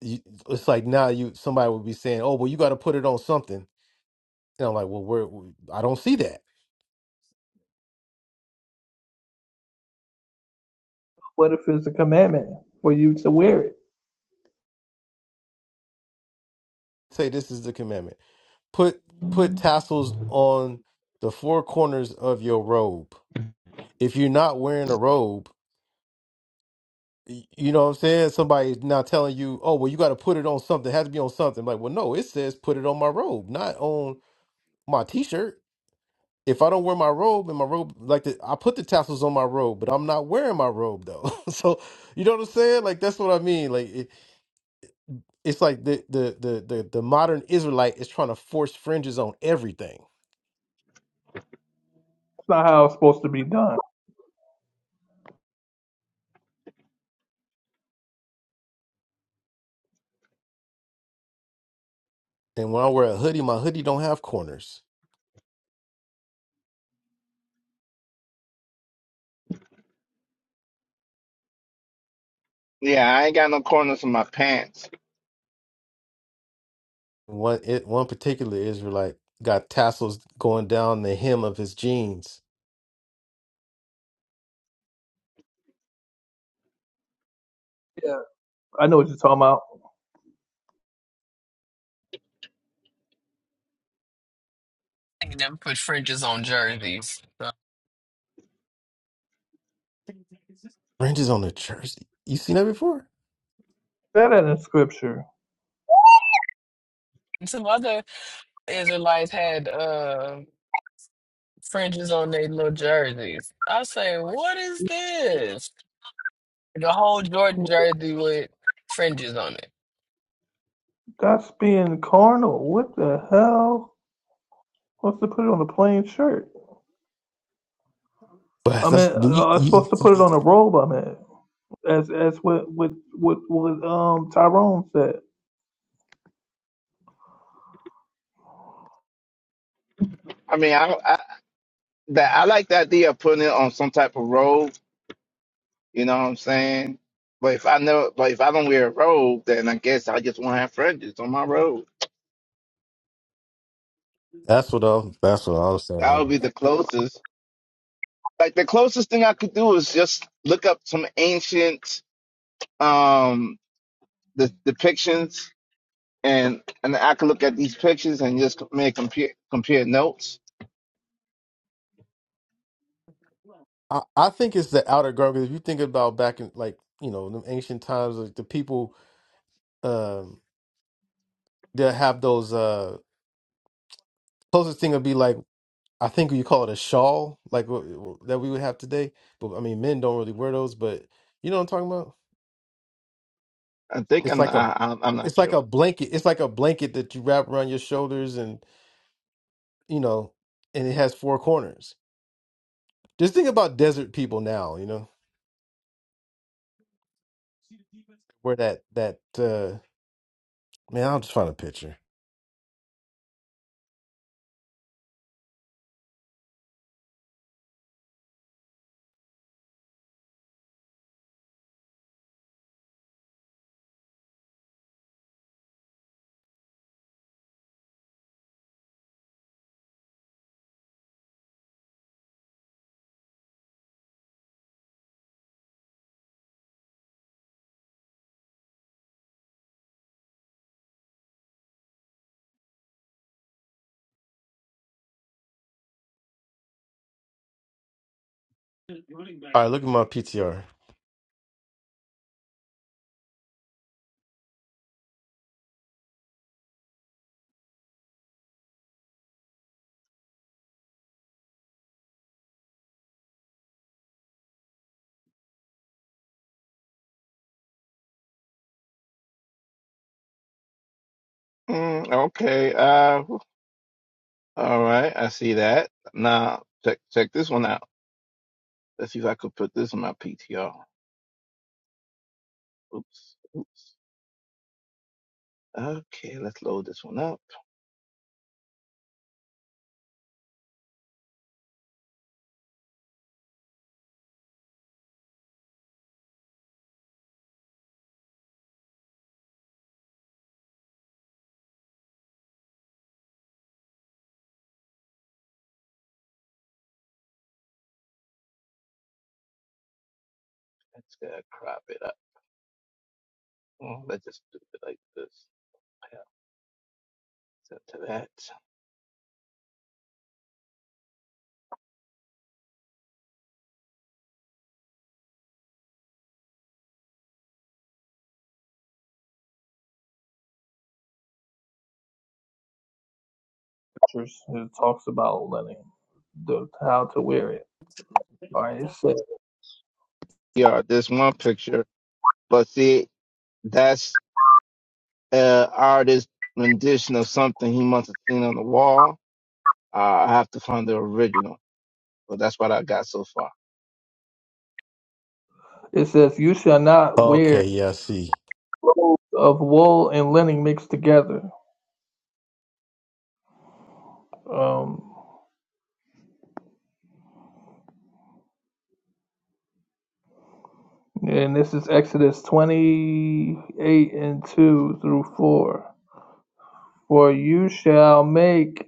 Speaker 7: you, it's like now you somebody would be saying oh well you got to put it on something and i'm like well where i don't see that
Speaker 12: what if it's a commandment for you to wear it?
Speaker 7: say this is the commandment. Put put tassels on the four corners of your robe. If you're not wearing a robe, y- you know what I'm saying? Somebody's now telling you, oh well you gotta put it on something. It has to be on something. Like, well no, it says put it on my robe, not on my t shirt. If I don't wear my robe and my robe like the, I put the tassels on my robe, but I'm not wearing my robe though. (laughs) so you know what I'm saying? Like that's what I mean. Like it's like the the the the, the modern Israelite is trying to force fringes on everything.
Speaker 12: It's not how it's supposed to be done.
Speaker 7: And when I wear a hoodie, my hoodie don't have corners.
Speaker 11: ain't got no corners in my pants.
Speaker 7: One it, one particular Israelite got tassels going down the hem of his jeans.
Speaker 12: Yeah, I know what you're talking about.
Speaker 8: They never put fringes on jerseys. So.
Speaker 7: Ranches on the jersey. You seen that before?
Speaker 12: That in the scripture.
Speaker 8: And Some other Israelites had uh, fringes on their little jerseys. I say, what is this? The whole Jordan jersey with fringes on it.
Speaker 12: That's being carnal. What the hell? Supposed to put it on a plain shirt.
Speaker 7: But
Speaker 12: I
Speaker 7: that's
Speaker 12: mean,
Speaker 7: you,
Speaker 12: uh, I'm
Speaker 7: you,
Speaker 12: supposed to put it
Speaker 7: you-
Speaker 12: on a robe. I mean, as as what what what, what um Tyrone said.
Speaker 11: I mean, I, I that I like the idea of putting it on some type of robe. You know what I'm saying? But if I know, but if I don't wear a robe, then I guess I just won't have fringes on my robe.
Speaker 7: that's what I that's what I was
Speaker 11: That
Speaker 7: saying.
Speaker 11: would be the closest like the closest thing I could do is just look up some ancient um the depictions and and I could look at these pictures and just make compare compare notes.
Speaker 7: I, I think it's the outer guard because if you think about back in like you know them ancient times, like the people um that have those uh closest thing would be like I think you call it a shawl, like wh- wh- that we would have today. But I mean, men don't really wear those. But you know what I'm talking about?
Speaker 11: I think
Speaker 7: It's
Speaker 11: I'm
Speaker 7: like a,
Speaker 11: I, I'm I'm not
Speaker 7: it's like
Speaker 11: sure.
Speaker 7: a blanket. It's like a blanket that you wrap around your shoulders, and you know, and it has four corners. Just think about desert people now. You know, where that that uh man. I'll just find a picture. All right, look at my PTR.
Speaker 11: Mm, okay. Uh. All right. I see that. Now check check this one out. Let's see if I could put this in my PTR. Oops. Oops. Okay. Let's load this one up. That's gonna crop it up. Mm, Let's just do it like this. Yeah, so to that.
Speaker 12: It talks about letting the how to wear it. All right, it says
Speaker 11: Yeah, this one picture. But see, that's uh artist rendition of something he must have seen on the wall. Uh, I have to find the original. But that's what I got so far.
Speaker 12: it says you shall not wear
Speaker 7: Okay, yeah, I see.
Speaker 12: clothes of wool and linen mixed together. Um, and this is Exodus twenty eight and two through four. For you shall make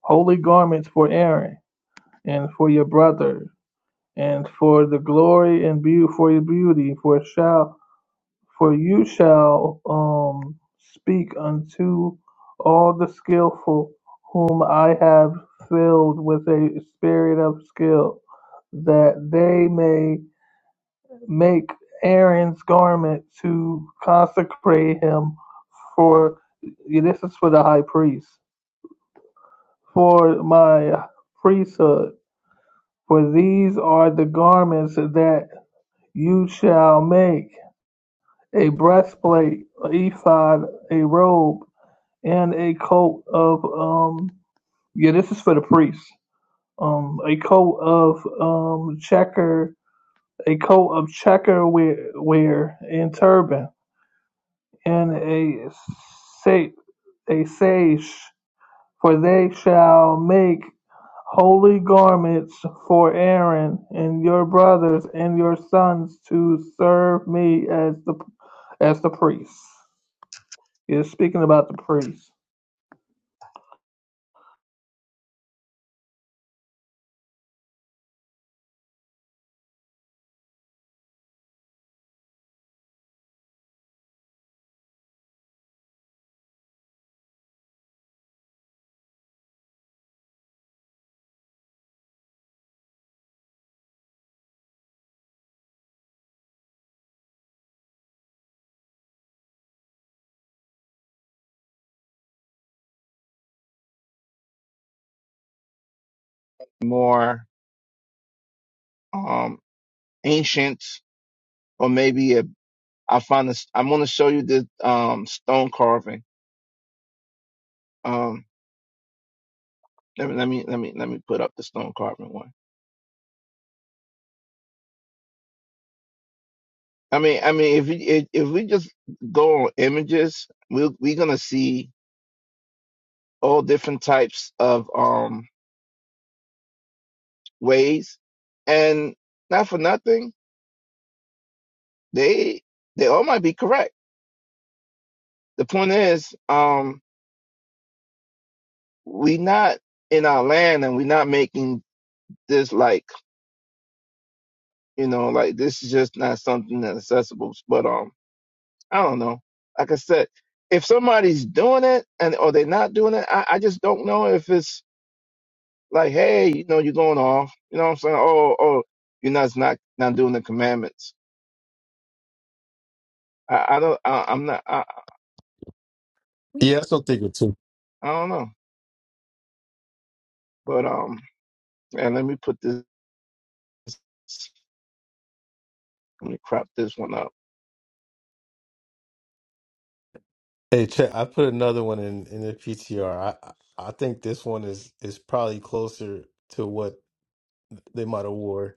Speaker 12: holy garments for Aaron and for your brother and for the glory and beauty for your beauty for shall for you shall um speak unto all the skillful whom I have filled with a spirit of skill that they may make Aaron's garment to consecrate him for this is for the high priest for my priesthood For these are the garments that you shall make: a breastplate, an ephod, a robe, and a coat of um. Yeah, this is for the priests. Um, a coat of um checker, a coat of checker wear, wear and turban, and a sa a sash. For they shall make holy garments for Aaron and your brothers and your sons to serve me as the as the priests. It's speaking about the priests.
Speaker 11: More um ancient, or maybe a, I find this. I'm gonna show you the um stone carving. Um, Let me let me let me let me put up the stone carving one. I mean, I mean, if we if, if we just go on images, we we're gonna see all different types of um ways, and not for nothing, they they all might be correct. The point is, um, we not in our land, and we're not making this like you know like this is just not something that's accessible. But um. I don't know. Like I said, if somebody's doing it and or they're not doing it, I, I just don't know if it's like, hey, you know, you're going off. You know what I'm saying? Oh, oh, you're not not not doing the commandments. I, I don't. I, I'm not. I,
Speaker 7: Yeah, that's what I'm thinking too.
Speaker 11: I don't know. But um, and let me put this. Let me crop this one up.
Speaker 7: Hey, check. I put another one in in the PTR. I I I think this one is is probably closer to what. They might have wore.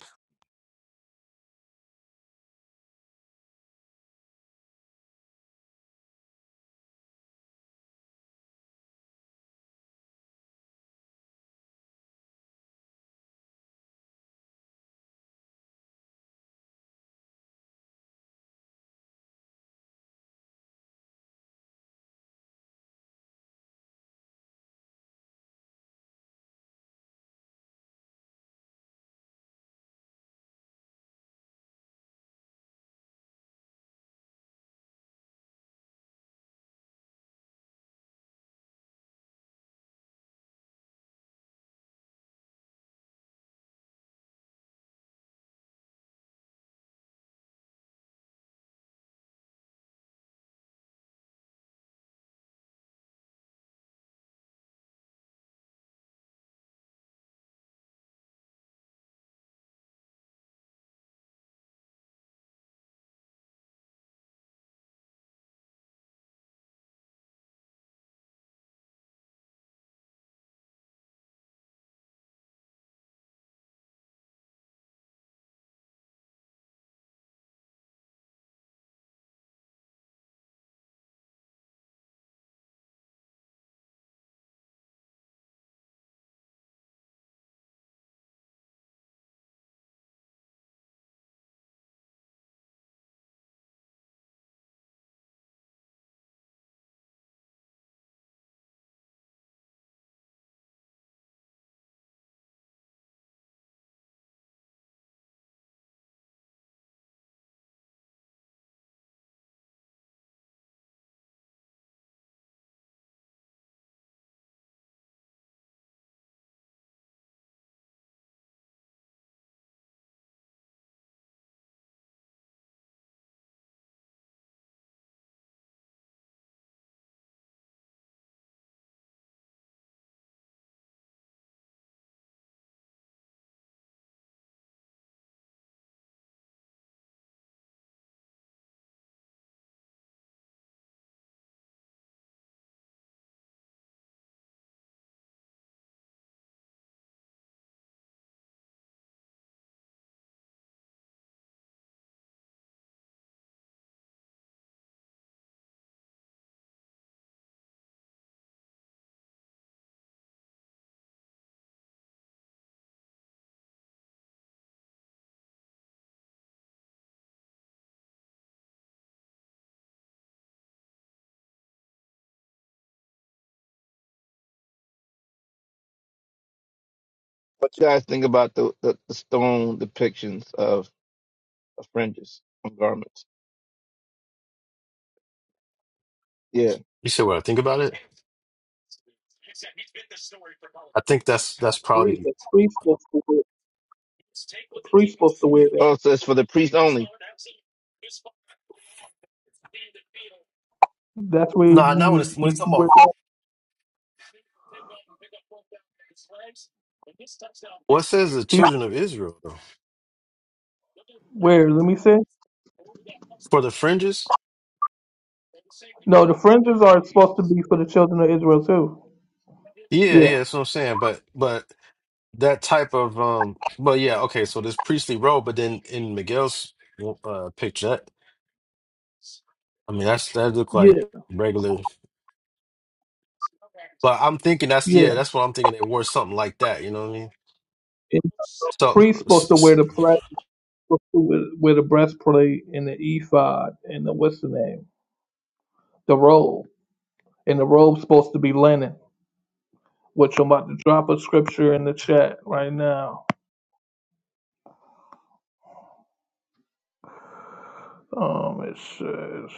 Speaker 11: What you guys think about the the, the stone depictions of, of fringes on garments? Yeah.
Speaker 7: You said what I think about it. I think that's that's
Speaker 12: Priest,
Speaker 7: probably
Speaker 12: the priest supposed to wear, the priest supposed to wear that.
Speaker 11: Oh, so it's for the priest only.
Speaker 12: That's where
Speaker 7: nah, not when
Speaker 12: you,
Speaker 7: it's when it's
Speaker 12: you
Speaker 7: talking
Speaker 12: wear,
Speaker 7: about what says the children of Israel though
Speaker 12: where. Let me see.
Speaker 7: for the fringes.
Speaker 12: No, the fringes are supposed to be for the children of Israel too.
Speaker 7: Yeah,
Speaker 12: Yeah,
Speaker 7: yeah, that's what I'm saying. But but that type of um, but yeah, okay. So this priestly robe, but then in Miguel's uh picture, that I mean that's that look
Speaker 12: yeah,
Speaker 7: like regular. But I'm thinking that's yeah,
Speaker 12: yeah.
Speaker 7: that's what I'm thinking. They wore something like that. You know what I mean?
Speaker 12: And the priest
Speaker 7: So, s-
Speaker 12: supposed to wear
Speaker 7: s-
Speaker 12: the with, with the breastplate and the ephod and the what's the name, the robe, and the robe's supposed to be linen. Which I'm about to drop a scripture in the chat right now. Um, it says.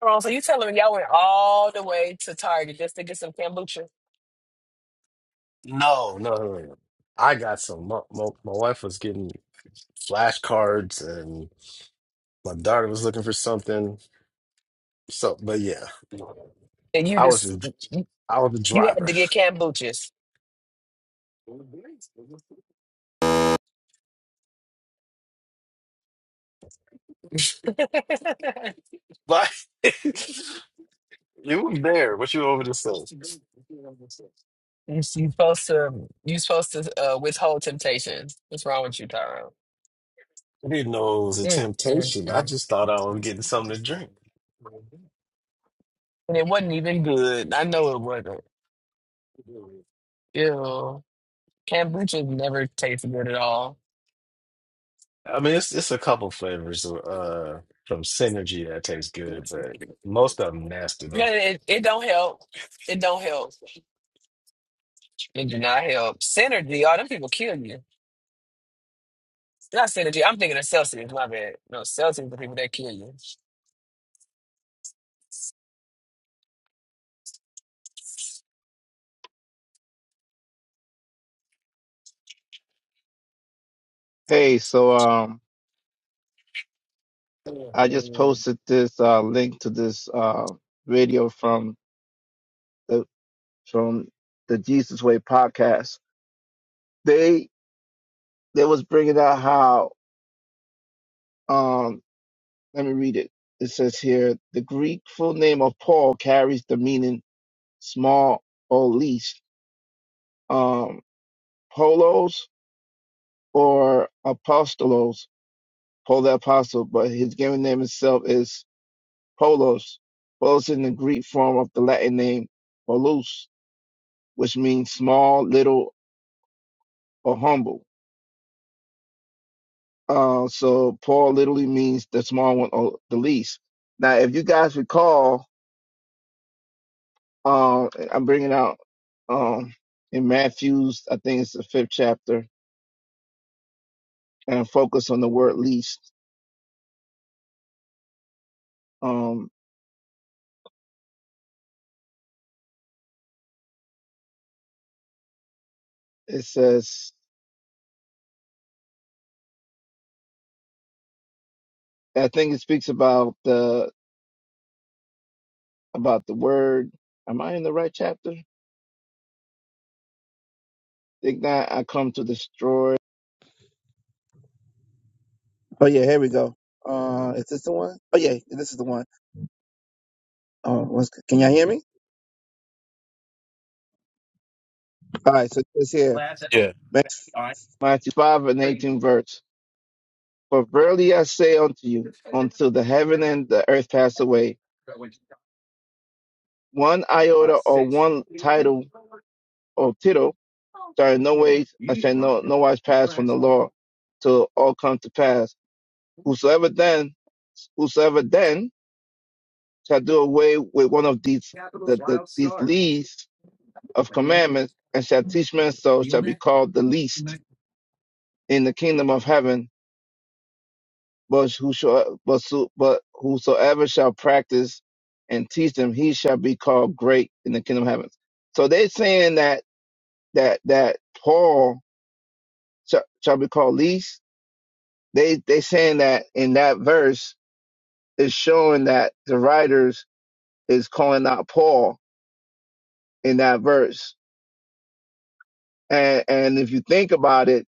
Speaker 8: Wrong. So you telling me y'all went all the way to Target just to get some kombucha,
Speaker 7: No, no, no, no. I got some. My, my, my wife was getting flashcards, and my daughter was looking for something. So, but yeah,
Speaker 8: and you
Speaker 7: I was
Speaker 8: just
Speaker 7: just, I was the
Speaker 8: you had
Speaker 7: driver.
Speaker 8: to get kombuchas. (laughs) you
Speaker 7: (laughs) Like, you were there, but you were over the side.
Speaker 8: you supposed to you supposed to uh, withhold temptations. What's wrong with you, Tyrone?
Speaker 7: I didn't know it was a
Speaker 8: Mm, mm,
Speaker 7: temptation. I just thought I was getting something to
Speaker 8: mm.
Speaker 7: drink.
Speaker 8: And it wasn't even good. I know it wasn't. Ew. Kombucha never tastes good at all.
Speaker 7: I mean, it's it's a couple flavors uh from Synergy that tastes
Speaker 8: No,
Speaker 7: good, but most of them nasty though.
Speaker 8: it, it don't help. It don't help. It do not help. Synergy, all them people kill you. Not synergy. I'm thinking of Celsius. My bad. No, Celsius the people that kill you.
Speaker 11: Hey, so um, I just posted this uh, link to this uh, video from the from the Jesus Way podcast. They they was bringing out how um let me read it. It says here the Greek full name of Paul carries the meaning small or least. Um, Polos or Apostolos, Paul the Apostle, but his given name itself is Polos. Polos in the Greek form of the Latin name Polus, which means small, little, or humble. Uh, so Paul literally means the small one or the least. Now, if you guys recall, uh, I'm bringing out um, in Matthew's, I think it's the fifth chapter, and I focus on the word least. Um, it says, I think it speaks about the about the word. Am I in the right chapter? Think not, I come to destroy. Oh yeah, here we go. Uh, is this the one? Oh yeah, this is the one. Uh, what's, can y'all hear me? All right, so it's here.
Speaker 7: Yeah.
Speaker 11: 95 and 18 verse. For verily I say unto you, until the heaven and the earth pass away, one iota or one title or tittle shall in no ways I shall no no wise pass from the law till all come to pass. Whosoever then whosoever then shall do away with one of these the, the these least of commandments and shall teach men so shall be called the least in the kingdom of heaven But whoso, but, so, but whosoever shall practice and teach them, he shall be called great in the kingdom of heaven. So they're saying that that that Paul shall, shall be called least. They they saying that in that verse is showing that the writers is calling out Paul in that verse. And and if you think about it,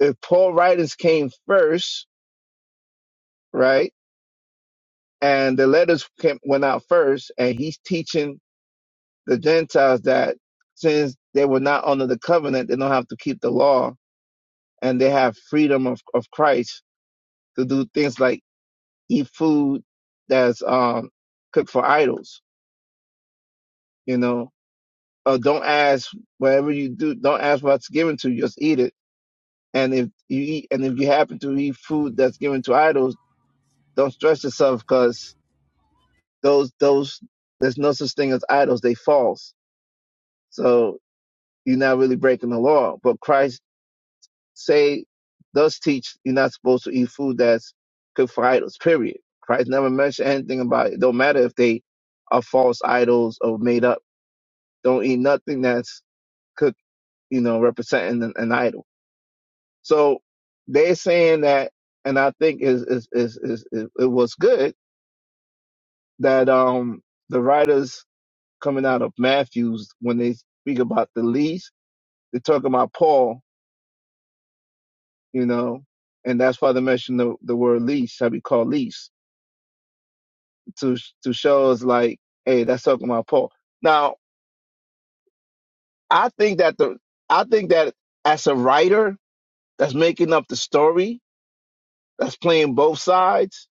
Speaker 11: if Paul writings came first, right, and the letters came, went out first, and he's teaching the Gentiles that since they were not under the covenant, they don't have to keep the law and they have freedom of, of Christ to do things like eat food that's um, cooked for idols, you know, or don't ask whatever you do, don't ask what's given to you, just eat it. And if you eat, and if you happen to eat food that's given to idols, don't stress yourself because those, those, there's no such thing as idols. They false. So you're not really breaking the law, but Christ say does teach you're not supposed to eat food that's cooked for idols. Period. Christ never mentioned anything about it. Don't matter if they are false idols or made up. Don't eat nothing that's cooked, you know, representing an, an idol. So they're saying that, and I think is is is, is it, it was good that um the writers coming out of Matthew's when they speak about the least, they talk about Paul, you know, and that's why they mention the, the word least shall be called least to to show us like, hey, that's talking about Paul. Now, I think that the I think that as a writer that's making up the story, that's playing both sides,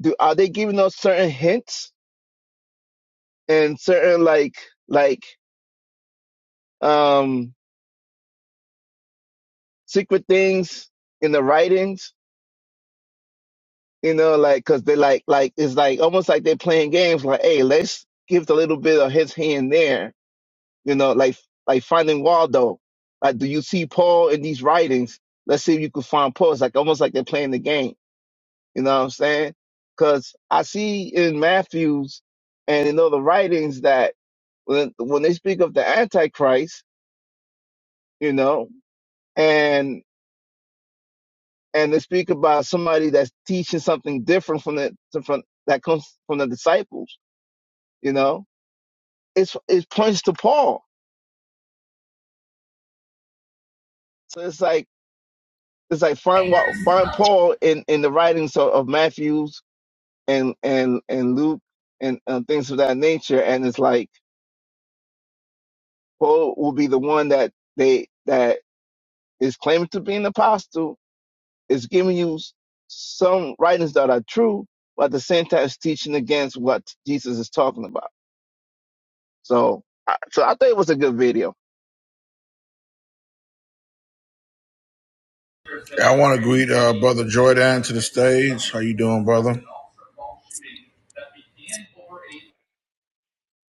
Speaker 11: do are they giving us certain hints and certain like like um secret things in the writings? You know, like because they like like it's like almost like they're playing games. Like, hey, let's give a little bit of his hand there You know, like like finding Waldo. Like, do you see Paul in these writings? Let's see if you could find Paul. It's like almost like they're playing the game. You know what I'm saying? Because I see in Matthew's and in other writings that when when they speak of the Antichrist, you know, and and they speak about somebody that's teaching something different from the from that comes from the disciples, you know, it's it points to Paul. So it's like it's like find what find Paul in in the writings of, of Matthew and and and Luke and uh, things of that nature. And it's like Paul will be the one that they that is claiming to be an apostle is giving you s- some writings that are true, but at the same time is teaching against what Jesus is talking about. So I- so I think it was a good video.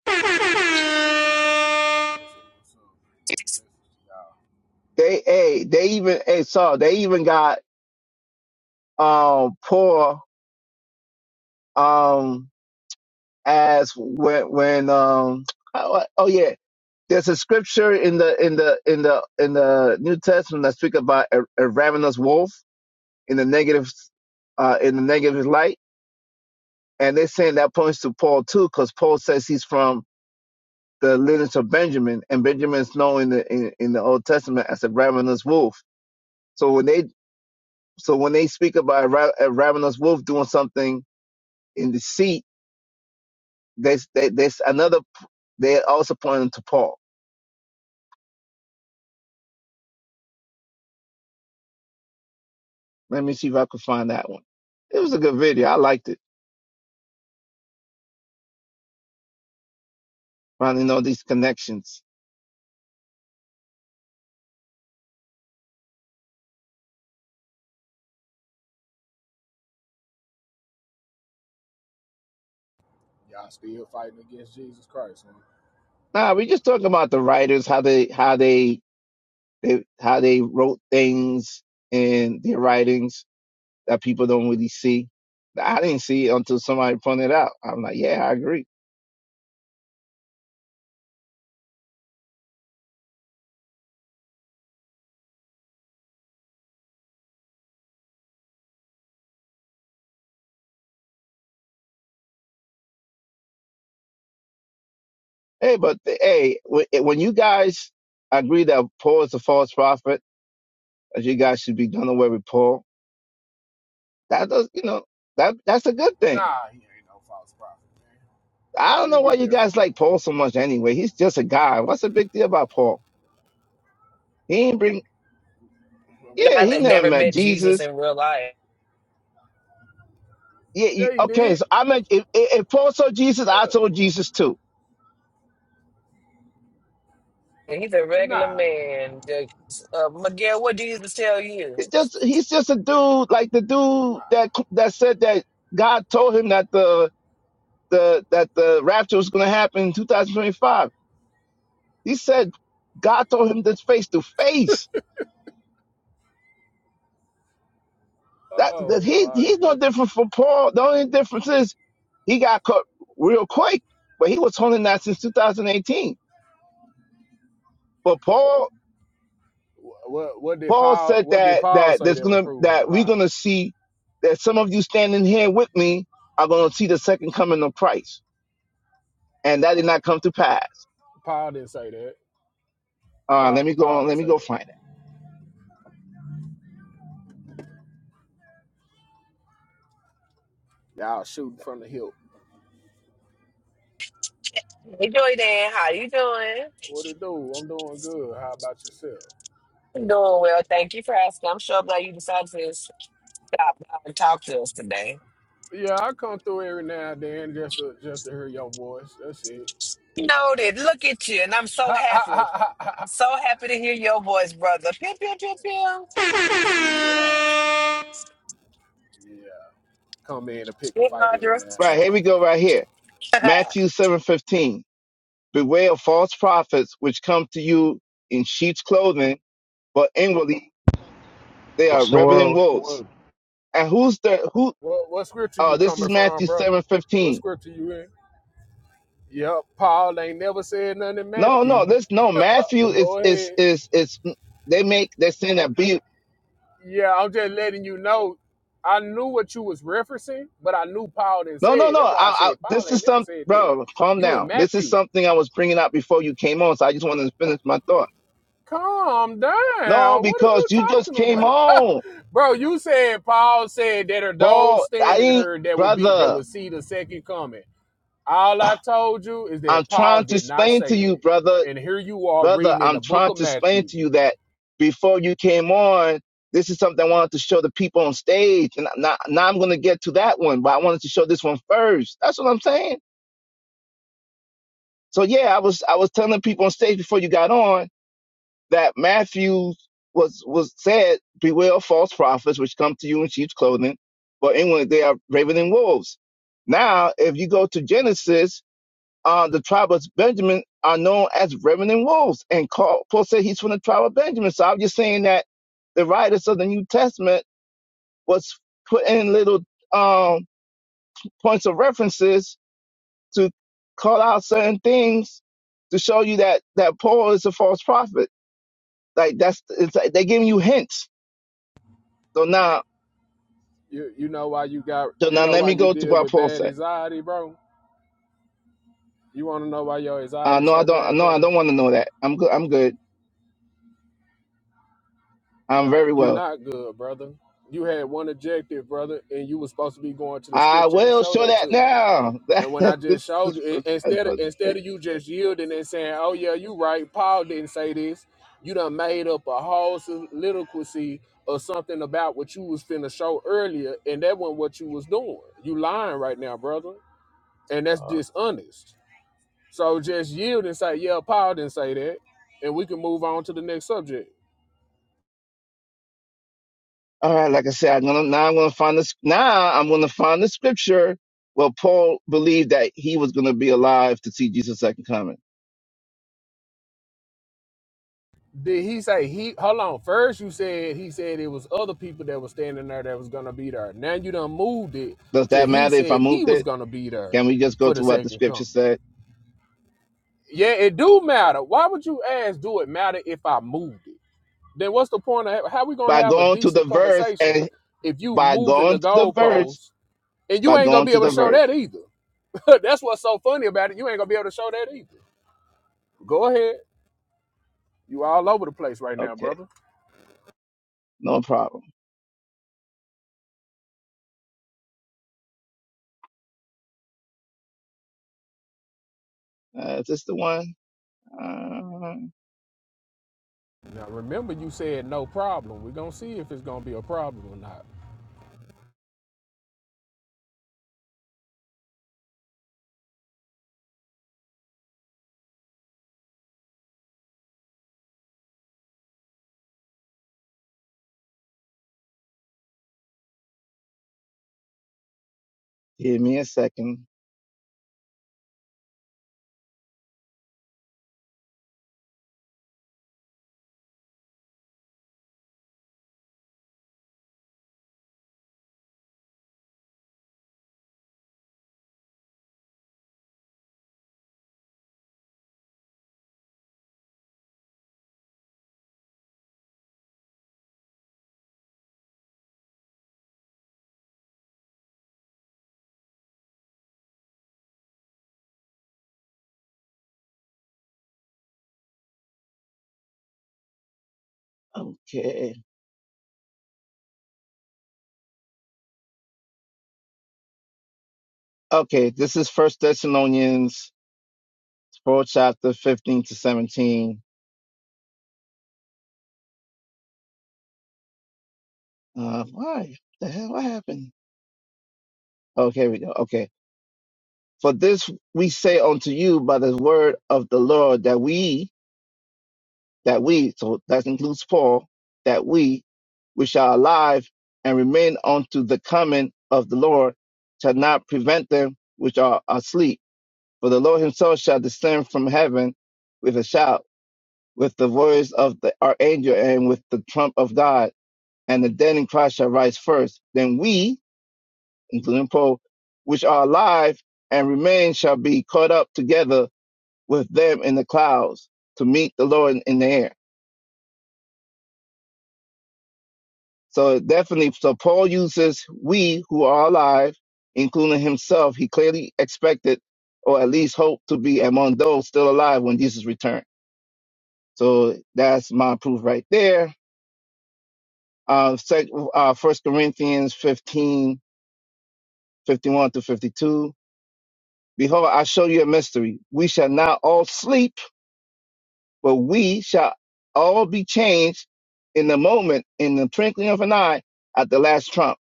Speaker 8: God
Speaker 13: Hey, hey, what's up? What's up? Blessings to y'all.
Speaker 11: They hey, they even hey saw they even got um Paul um as when when um (tsk) oh, oh yeah There's a scripture in the in the in the in the New Testament that speaks about a, a ravenous wolf in the negative uh, in the negative light, and they're saying that points to Paul too, because Paul says he's from the lineage of Benjamin, and Benjamin's known in the in, in the Old Testament as a ravenous wolf. So when they so when they speak about a, ra- a ravenous wolf doing something in deceit, there's they, there's another. They also pointing to Paul. Let me see if I could find that one. It was a good video. I liked it. finding all these connections.
Speaker 13: Y'all still fighting against Jesus Christ, man.
Speaker 11: Nah, we just talking about the writers, how they how they, they how they wrote things in their writings that people don't really see. I didn't see it until somebody pointed it out. I'm like, yeah, I agree. Hey, but the, hey, wh- eh, when you guys agree that Paul is a false prophet, that you guys should be done away with Paul, that does, you know, that that's a good thing.
Speaker 13: Nah, he ain't no false prophet, man.
Speaker 11: I
Speaker 13: Where
Speaker 11: don't
Speaker 13: you
Speaker 11: know why
Speaker 13: get
Speaker 11: you
Speaker 13: that from,
Speaker 11: guys like Paul
Speaker 13: man?
Speaker 11: so much anyway. He's just a guy. What's the big deal about Paul? He ain't bring
Speaker 13: Well, we
Speaker 11: yeah,
Speaker 13: like,
Speaker 11: he
Speaker 8: that
Speaker 13: I'm
Speaker 11: never
Speaker 13: like,
Speaker 8: never
Speaker 11: met
Speaker 8: met
Speaker 11: Jesus.
Speaker 8: Jesus in real life.
Speaker 11: Yeah. You,
Speaker 13: yeah, he
Speaker 11: okay.
Speaker 13: did.
Speaker 11: So I meant if, if Paul saw Jesus, I
Speaker 13: Yeah.
Speaker 11: saw Jesus too.
Speaker 8: And He's a regular
Speaker 13: Nah,
Speaker 8: man. Just, Uh, Miguel, what Jesus tell you?
Speaker 11: It just he's just a dude like the
Speaker 13: nah.
Speaker 11: dude that that said that God told him that the the that the rapture was going to happen in 2025. He said God told him this face to face. That,
Speaker 13: Oh
Speaker 11: that he
Speaker 13: my
Speaker 11: he's no
Speaker 13: goodness.
Speaker 11: different from Paul. The only difference is he got caught real quick, but he was holding that since 2018. But Paul
Speaker 13: Wha- What what did
Speaker 11: Paul
Speaker 13: Paul
Speaker 11: said
Speaker 13: what did
Speaker 11: that
Speaker 13: Paul
Speaker 11: that
Speaker 13: say
Speaker 11: there's
Speaker 13: that was
Speaker 11: gonna
Speaker 13: proven a
Speaker 11: that we're
Speaker 13: lie?
Speaker 11: gonna see that some of you standing here with me are gonna see the second coming of Christ, and that did not come to pass.
Speaker 13: Paul didn't say that.
Speaker 11: Uh,
Speaker 13: Paul,
Speaker 11: let me go
Speaker 13: Paul
Speaker 11: on.
Speaker 13: didn't
Speaker 11: Let me
Speaker 13: say
Speaker 11: go
Speaker 13: that.
Speaker 11: find it.
Speaker 13: Y'all shooting from the hip.
Speaker 8: Hey, Joy Dan, how you doing?
Speaker 13: What it do? I'm doing good. How about yourself?
Speaker 8: I'm doing well. Thank you for asking. I'm sure glad you decided to stop by and talk to us today.
Speaker 13: Yeah, I come through every now and then just to just to hear your voice. That's it.
Speaker 8: Noted. Look at you. And I'm so
Speaker 13: Ha, ha,
Speaker 8: happy.
Speaker 13: ha, ha, ha.
Speaker 8: I'm
Speaker 13: ha.
Speaker 8: so happy to hear your voice, brother. Pew, pew, pew, pew.
Speaker 13: yeah, yeah. Come in and pick a
Speaker 8: Good,
Speaker 13: fight every
Speaker 8: Audra.
Speaker 13: now and
Speaker 11: Right here
Speaker 13: then.
Speaker 11: we go. Right here,
Speaker 8: (laughs)
Speaker 11: Matthew seven fifteen. Beware of false prophets which come to you in sheep's clothing, but inwardly they are
Speaker 14: What's the word?
Speaker 11: ravening
Speaker 14: What's the
Speaker 11: wolves.
Speaker 14: word?
Speaker 11: And who's the who?
Speaker 13: What what scripture you
Speaker 11: Uh, this
Speaker 13: coming
Speaker 11: is
Speaker 13: from,
Speaker 11: Matthew
Speaker 13: brother?
Speaker 11: seven
Speaker 13: What
Speaker 11: fifteen.
Speaker 13: scripture you in? Yep, Paul ain't never said nothing in
Speaker 11: No,
Speaker 13: Matthew.
Speaker 11: no, this no
Speaker 13: (laughs)
Speaker 11: Matthew
Speaker 13: But
Speaker 11: is
Speaker 13: go
Speaker 11: is
Speaker 13: ahead.
Speaker 11: is is. They make they're saying that be
Speaker 13: Yeah, I'm just letting you know. I knew what you was referencing, but I knew Paul didn't
Speaker 11: No,
Speaker 13: say
Speaker 11: no,
Speaker 13: it.
Speaker 11: no.
Speaker 13: That's
Speaker 11: I,
Speaker 13: why I
Speaker 11: I,
Speaker 13: said Paul
Speaker 11: this
Speaker 13: ain't
Speaker 11: is
Speaker 13: never
Speaker 11: some,
Speaker 13: said that.
Speaker 11: bro. Calm
Speaker 13: You in
Speaker 11: down. This is
Speaker 13: Matthew.
Speaker 11: something I was bringing up before you came on, so I just wanted to finish my thought.
Speaker 13: Calm
Speaker 11: No,
Speaker 13: down. What are
Speaker 11: because
Speaker 13: you
Speaker 11: you just
Speaker 13: talking
Speaker 11: came
Speaker 13: about?
Speaker 11: on,
Speaker 13: (laughs) Bro, you said Paul said that are those
Speaker 11: Paul. I
Speaker 13: standing
Speaker 11: ain't,
Speaker 13: here that will be that
Speaker 11: brother.
Speaker 13: will see the second coming. All I told you is
Speaker 11: I'm
Speaker 13: that Paul
Speaker 11: trying to
Speaker 13: did not
Speaker 11: explain to
Speaker 13: say
Speaker 11: you, brother,
Speaker 13: that. And here you are
Speaker 11: brother.
Speaker 13: reading in
Speaker 11: I'm
Speaker 13: the book
Speaker 11: trying
Speaker 13: of
Speaker 11: to explain
Speaker 13: Matthew.
Speaker 11: to you that before you came on, this is something I wanted to show the people on stage, and now, now I'm going to get to that one, but I wanted to show this one first. That's what I'm saying. So yeah, I was I was telling people on stage before you got on that Matthew was was said, "Beware of false prophets, which come to you in sheep's clothing, but inwardly they are ravening wolves." Now, if you go to Genesis, uh, the tribe of Benjamin are known as ravening wolves, and call, Paul said he's from the tribe of Benjamin. So I'm just saying that the writers of the New Testament was putting in little um, points of references to call out certain things to show you that that Paul is a false prophet. Like that's it's like they're giving you hints So now,
Speaker 13: You you know why you got
Speaker 11: so
Speaker 13: you
Speaker 11: now
Speaker 13: know
Speaker 11: let
Speaker 13: why
Speaker 11: me
Speaker 13: you
Speaker 11: go to
Speaker 13: deal
Speaker 11: what
Speaker 13: with
Speaker 11: Paul
Speaker 13: bad
Speaker 11: said.
Speaker 13: anxiety, bro? You wanna know why your
Speaker 11: Uh,
Speaker 13: anxiety
Speaker 11: no, I
Speaker 13: so
Speaker 11: don't.
Speaker 13: bad,
Speaker 11: No, I
Speaker 13: brother?
Speaker 11: don't want to know that. I'm good. I'm good. I'm
Speaker 13: Nah,
Speaker 11: very
Speaker 13: you're
Speaker 11: well.
Speaker 13: not good, brother. You had one objective, brother, and you was supposed to be going to the
Speaker 11: I
Speaker 13: scripture and
Speaker 11: will
Speaker 13: show
Speaker 11: show
Speaker 13: that
Speaker 11: that
Speaker 13: to me.
Speaker 11: now. (laughs)
Speaker 13: And when I
Speaker 11: That, this,
Speaker 13: just showed
Speaker 11: this,
Speaker 13: you, in-
Speaker 11: this guy's
Speaker 13: instead of instead
Speaker 11: great.
Speaker 13: of you just yielding and saying, "Oh yeah, you right," Paul didn't say this. You done made up a whole soliloquy or something about what you was finna show earlier, and that wasn't what you was doing. You lying right now, brother, and that's dishonest. So just yield and say, "Yeah, Paul didn't say that," and we can move on to the next subject.
Speaker 11: All right, like I said, I'm gonna now. I'm gonna find this. Now I'm gonna find the scripture where Paul believed that he was gonna be alive to see Jesus' second coming.
Speaker 13: Did he say he? Hold on. First, you said he said it was other people that was standing there that was gonna be there. Now you done moved it
Speaker 11: Does
Speaker 13: to
Speaker 11: that
Speaker 13: he
Speaker 11: matter if I
Speaker 13: said he
Speaker 11: moved
Speaker 13: was
Speaker 11: it?
Speaker 13: gonna be there
Speaker 11: Can we just go
Speaker 13: for
Speaker 11: to
Speaker 13: the
Speaker 11: what the
Speaker 13: second
Speaker 11: scripture
Speaker 13: coming.
Speaker 11: said
Speaker 13: Yeah, it do matter. Why would you ask? Do it matter if I moved it? Then what's the point of how we gonna
Speaker 11: by
Speaker 13: have a
Speaker 11: going to the
Speaker 13: decent
Speaker 11: verse
Speaker 13: conversation
Speaker 11: and
Speaker 13: if you
Speaker 11: by
Speaker 13: moving the
Speaker 11: going to the verse
Speaker 13: goalposts and you
Speaker 11: by
Speaker 13: ain't gonna
Speaker 11: going
Speaker 13: be
Speaker 11: to
Speaker 13: able to
Speaker 11: the
Speaker 13: show that
Speaker 11: verse?
Speaker 13: either? (laughs) That's what's so funny about it. You ain't gonna be able to show that either. Go ahead. You all over the place right now,
Speaker 11: Okay,
Speaker 13: brother.
Speaker 11: no problem. Uh, is this the one? Uh,
Speaker 13: Now remember, you said no problem. We're gonna see if it's gonna be a problem or not.
Speaker 11: give me a second. Okay. Okay. This is First Thessalonians, four chapter fifteen to seventeen. Uh, why the hell? What happened? Okay, we go. Okay. For this we say unto you by the word of the Lord that we, that we, so that includes Paul, that we, we shall alive and remain unto the coming of the Lord, shall not prevent them which are asleep. For the Lord himself shall descend from heaven with a shout, with the voice of the archangel, and with the trump of God, and the dead in Christ shall rise first. Then we, including Paul, which are alive and remain, shall be caught up together with them in the clouds to meet the Lord in the air. So definitely, so Paul uses we who are alive, including himself. He clearly expected, or at least hoped, to be among those still alive when Jesus returned. So that's my proof right there. Uh, uh, 1 Corinthians 15:51 to 52. Behold, I show you a mystery. We shall not all sleep, but we shall all be changed in the moment, in the twinkling of an eye, at the last trump.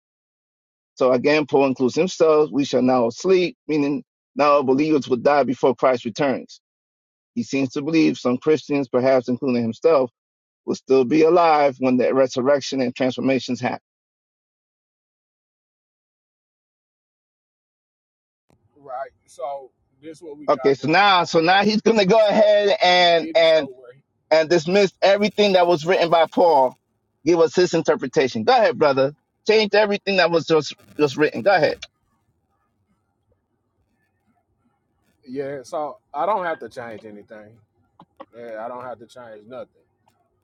Speaker 11: So again, Paul includes himself. We shall not all sleep, meaning not all believers will die before Christ returns. He seems to believe some Christians, perhaps including himself, will still be alive when the resurrection and transformations happen.
Speaker 13: Right. So this is what we
Speaker 11: Okay,
Speaker 13: got
Speaker 11: so
Speaker 13: going
Speaker 11: now,
Speaker 13: on,
Speaker 11: so now
Speaker 13: brother.
Speaker 11: he's going to go
Speaker 13: So
Speaker 11: ahead
Speaker 13: you
Speaker 11: and
Speaker 13: didn't show
Speaker 11: and
Speaker 13: where.
Speaker 11: and dismiss everything that was written by Paul. Give us his interpretation. Go ahead, brother. Change everything that was just just written. Go ahead.
Speaker 13: He, yeah. So I don't have to change anything. Yeah, I don't have to change nothing.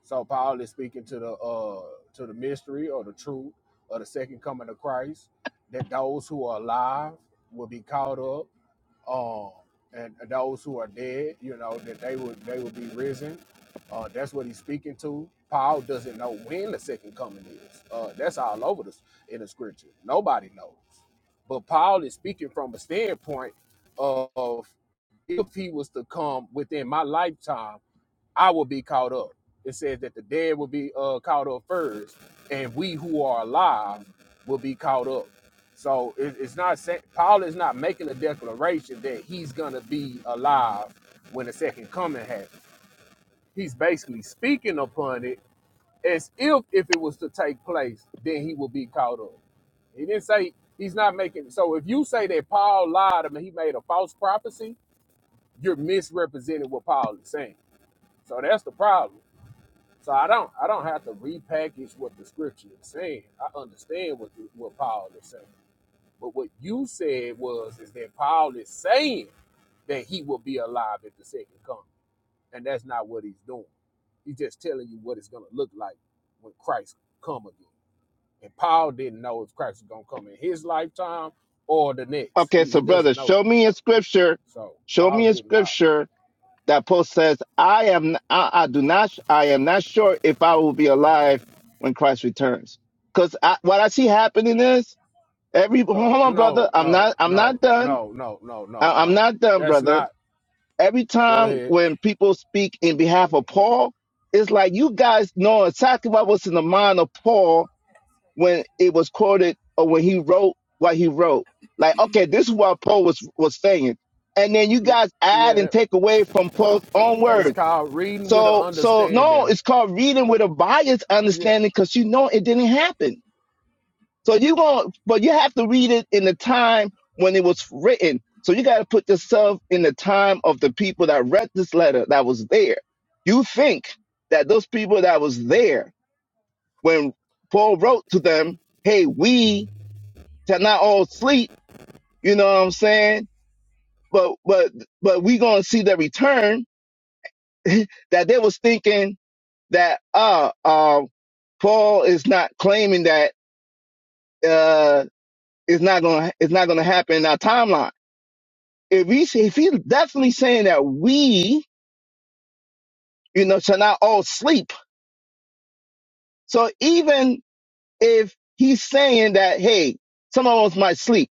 Speaker 13: So Paul is speaking to the uh to the mystery or the truth or the second coming of Christ that those who are alive will be caught up um, and those who are dead, you know, that they would they would be risen. Uh, that's what he's speaking to. Paul doesn't know when the second coming is. Uh, that's all over the in the scripture. Nobody knows, but Paul is speaking from a standpoint of if he was to come within my lifetime I will be caught up. It says that the dead will be uh, caught up first, and we who are alive will be caught up. So it, it's not saying Paul is not making a declaration that he's gonna be alive when the second coming happens. He's basically speaking upon it as if if it was to take place, then he will be caught up. He didn't say he's not making. So if you say that Paul lied, I mean he made a false prophecy, you're misrepresenting what Paul is saying. So that's the problem so I don't I don't have to repackage what the scripture is saying. I understand what the, what Paul is saying. But what you said was is that Paul is saying that he will be alive at the second coming, and that's not what he's doing. He's just telling you what it's going to look like when Christ come again. And Paul didn't know if Christ was going to come in his lifetime or the next.
Speaker 11: Okay,
Speaker 13: He,
Speaker 11: so
Speaker 13: he
Speaker 11: brother,
Speaker 13: doesn't know
Speaker 11: show
Speaker 13: that.
Speaker 11: me a scripture.
Speaker 13: So
Speaker 11: Show
Speaker 13: Paul
Speaker 11: me a
Speaker 13: didn't lie.
Speaker 11: scripture that Paul says, "I am, I, I do not, I am not sure if I will be alive when Christ returns." Because I, what I see happening is every. Hold on,
Speaker 13: No,
Speaker 11: brother. I'm
Speaker 13: no,
Speaker 11: not. I'm
Speaker 13: no,
Speaker 11: not done.
Speaker 13: no, no, no, no,
Speaker 11: I, I'm
Speaker 13: no.
Speaker 11: not done,
Speaker 13: That's
Speaker 11: brother
Speaker 13: not.
Speaker 11: every
Speaker 13: Go
Speaker 11: time
Speaker 13: ahead.
Speaker 11: when people speak in behalf of
Speaker 13: hmm
Speaker 11: Paul, it's like you guys know exactly what was in the mind of Paul when it was quoted or when he wrote what he wrote. Like, okay, this is what Paul was was saying, and then you
Speaker 13: Yeah,
Speaker 11: guys add
Speaker 13: yeah.
Speaker 11: and take away from Paul's own
Speaker 13: It's
Speaker 11: words.
Speaker 13: called reading with an
Speaker 11: So, so no,
Speaker 13: understanding.
Speaker 11: it's called reading with a biased
Speaker 13: Yeah.
Speaker 11: understanding because you know it didn't happen. So you going but you have to read it in the time when it was written. So you got to put yourself in the time of the people that read this letter that was there. You think that those people that was there when Paul wrote to them, "Hey, we shall not all sleep," you know what I'm saying? But but but we gonna see the return. (laughs) that they was thinking that uh uh Paul is not claiming that uh it's not gonna it's not gonna happen in our timeline if he's if he's definitely saying that we, you know, shall not all sleep. So even if he's saying that, hey, some of us might sleep,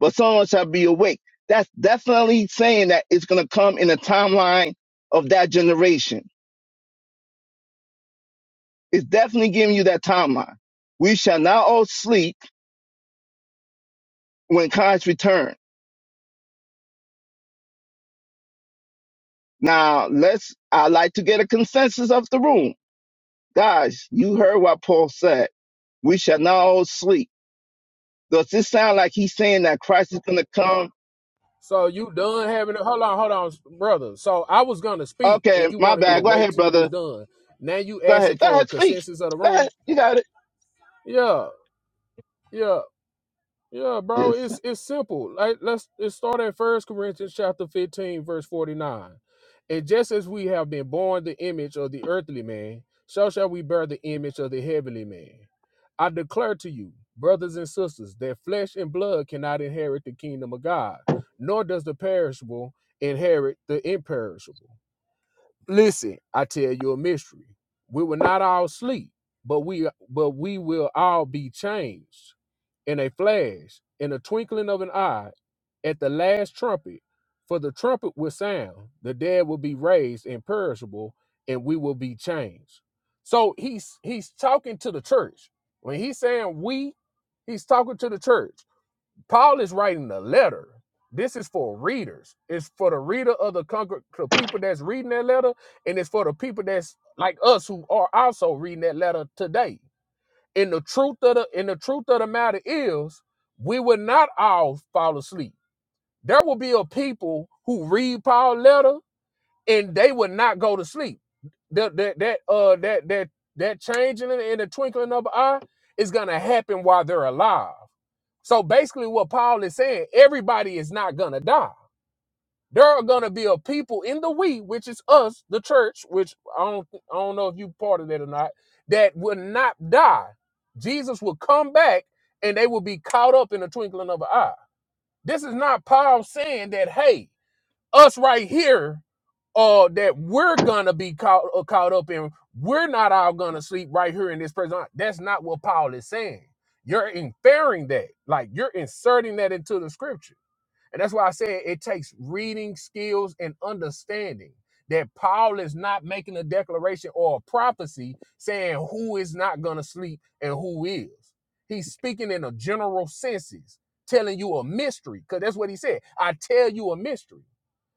Speaker 11: but some of us shall be awake. That's definitely saying that it's gonna come in the timeline of that generation. It's definitely giving you that timeline. We shall not all sleep when Christ return. Now let's I like to get a consensus of the room. Guys, you heard what Paul said. We shall not all sleep Does this sound like he's saying that Christ is going to come?
Speaker 13: So you done having a hold on, hold on, brother. So I was gonna speak and
Speaker 11: Okay,
Speaker 13: you
Speaker 11: my
Speaker 13: wanted me to
Speaker 11: bad. Go
Speaker 13: wait
Speaker 11: ahead,
Speaker 13: till you was
Speaker 11: brother.
Speaker 13: done. Now you
Speaker 11: Go
Speaker 13: asking
Speaker 11: ahead. Go
Speaker 13: for a
Speaker 11: ahead, speak.
Speaker 13: consensus of the
Speaker 11: Go ahead.
Speaker 13: room?
Speaker 11: You got it.
Speaker 13: Yeah, yeah. Yeah, bro,
Speaker 11: Yes.
Speaker 13: it's it's simple. Like let's let's start at First Corinthians chapter 15, verse 49. And just as we have been born the image of the earthly man, so shall we bear the image of the heavenly man. I declare to you, brothers and sisters, that flesh and blood cannot inherit the kingdom of God, nor does the perishable inherit the imperishable. Listen, I tell you a mystery. We will not all sleep, but we but we will all be changed in a flash, in a twinkling of an eye, at the last trumpet. For the trumpet will sound, the dead will be raised imperishable, and we will be changed. So he's he's talking to the church. When he's saying we, he's talking to the church. Paul is writing a letter. This is for readers. It's for the reader of the congr- the people that's reading that letter, and it's for the people that's like us who are also reading that letter today. And the truth of the and the truth of the matter is, we will not all fall asleep. There will be a people who read Paul's letter and they will not go to sleep. That that that uh that that that changing in in the twinkling of an eye is gonna happen while they're alive. So basically, what Paul is saying, everybody is not gonna die there are gonna be a people in the we, which is us, the church, which I don't I don't know if you part of that or not, that will not die. Jesus will come back and they will be caught up in the twinkling of an eye. This is not Paul saying that, hey, us right here, uh, that we're gonna be caught uh, caught up in, we're not all gonna sleep right here in this present. That's not what Paul is saying. You're inferring that, like you're inserting that into the scripture and that's why I said it takes reading skills and understanding that Paul is not making a declaration or a prophecy saying who is not going to sleep and who is. He's speaking in a general senses, telling you a mystery, because that's what he said. I tell you a mystery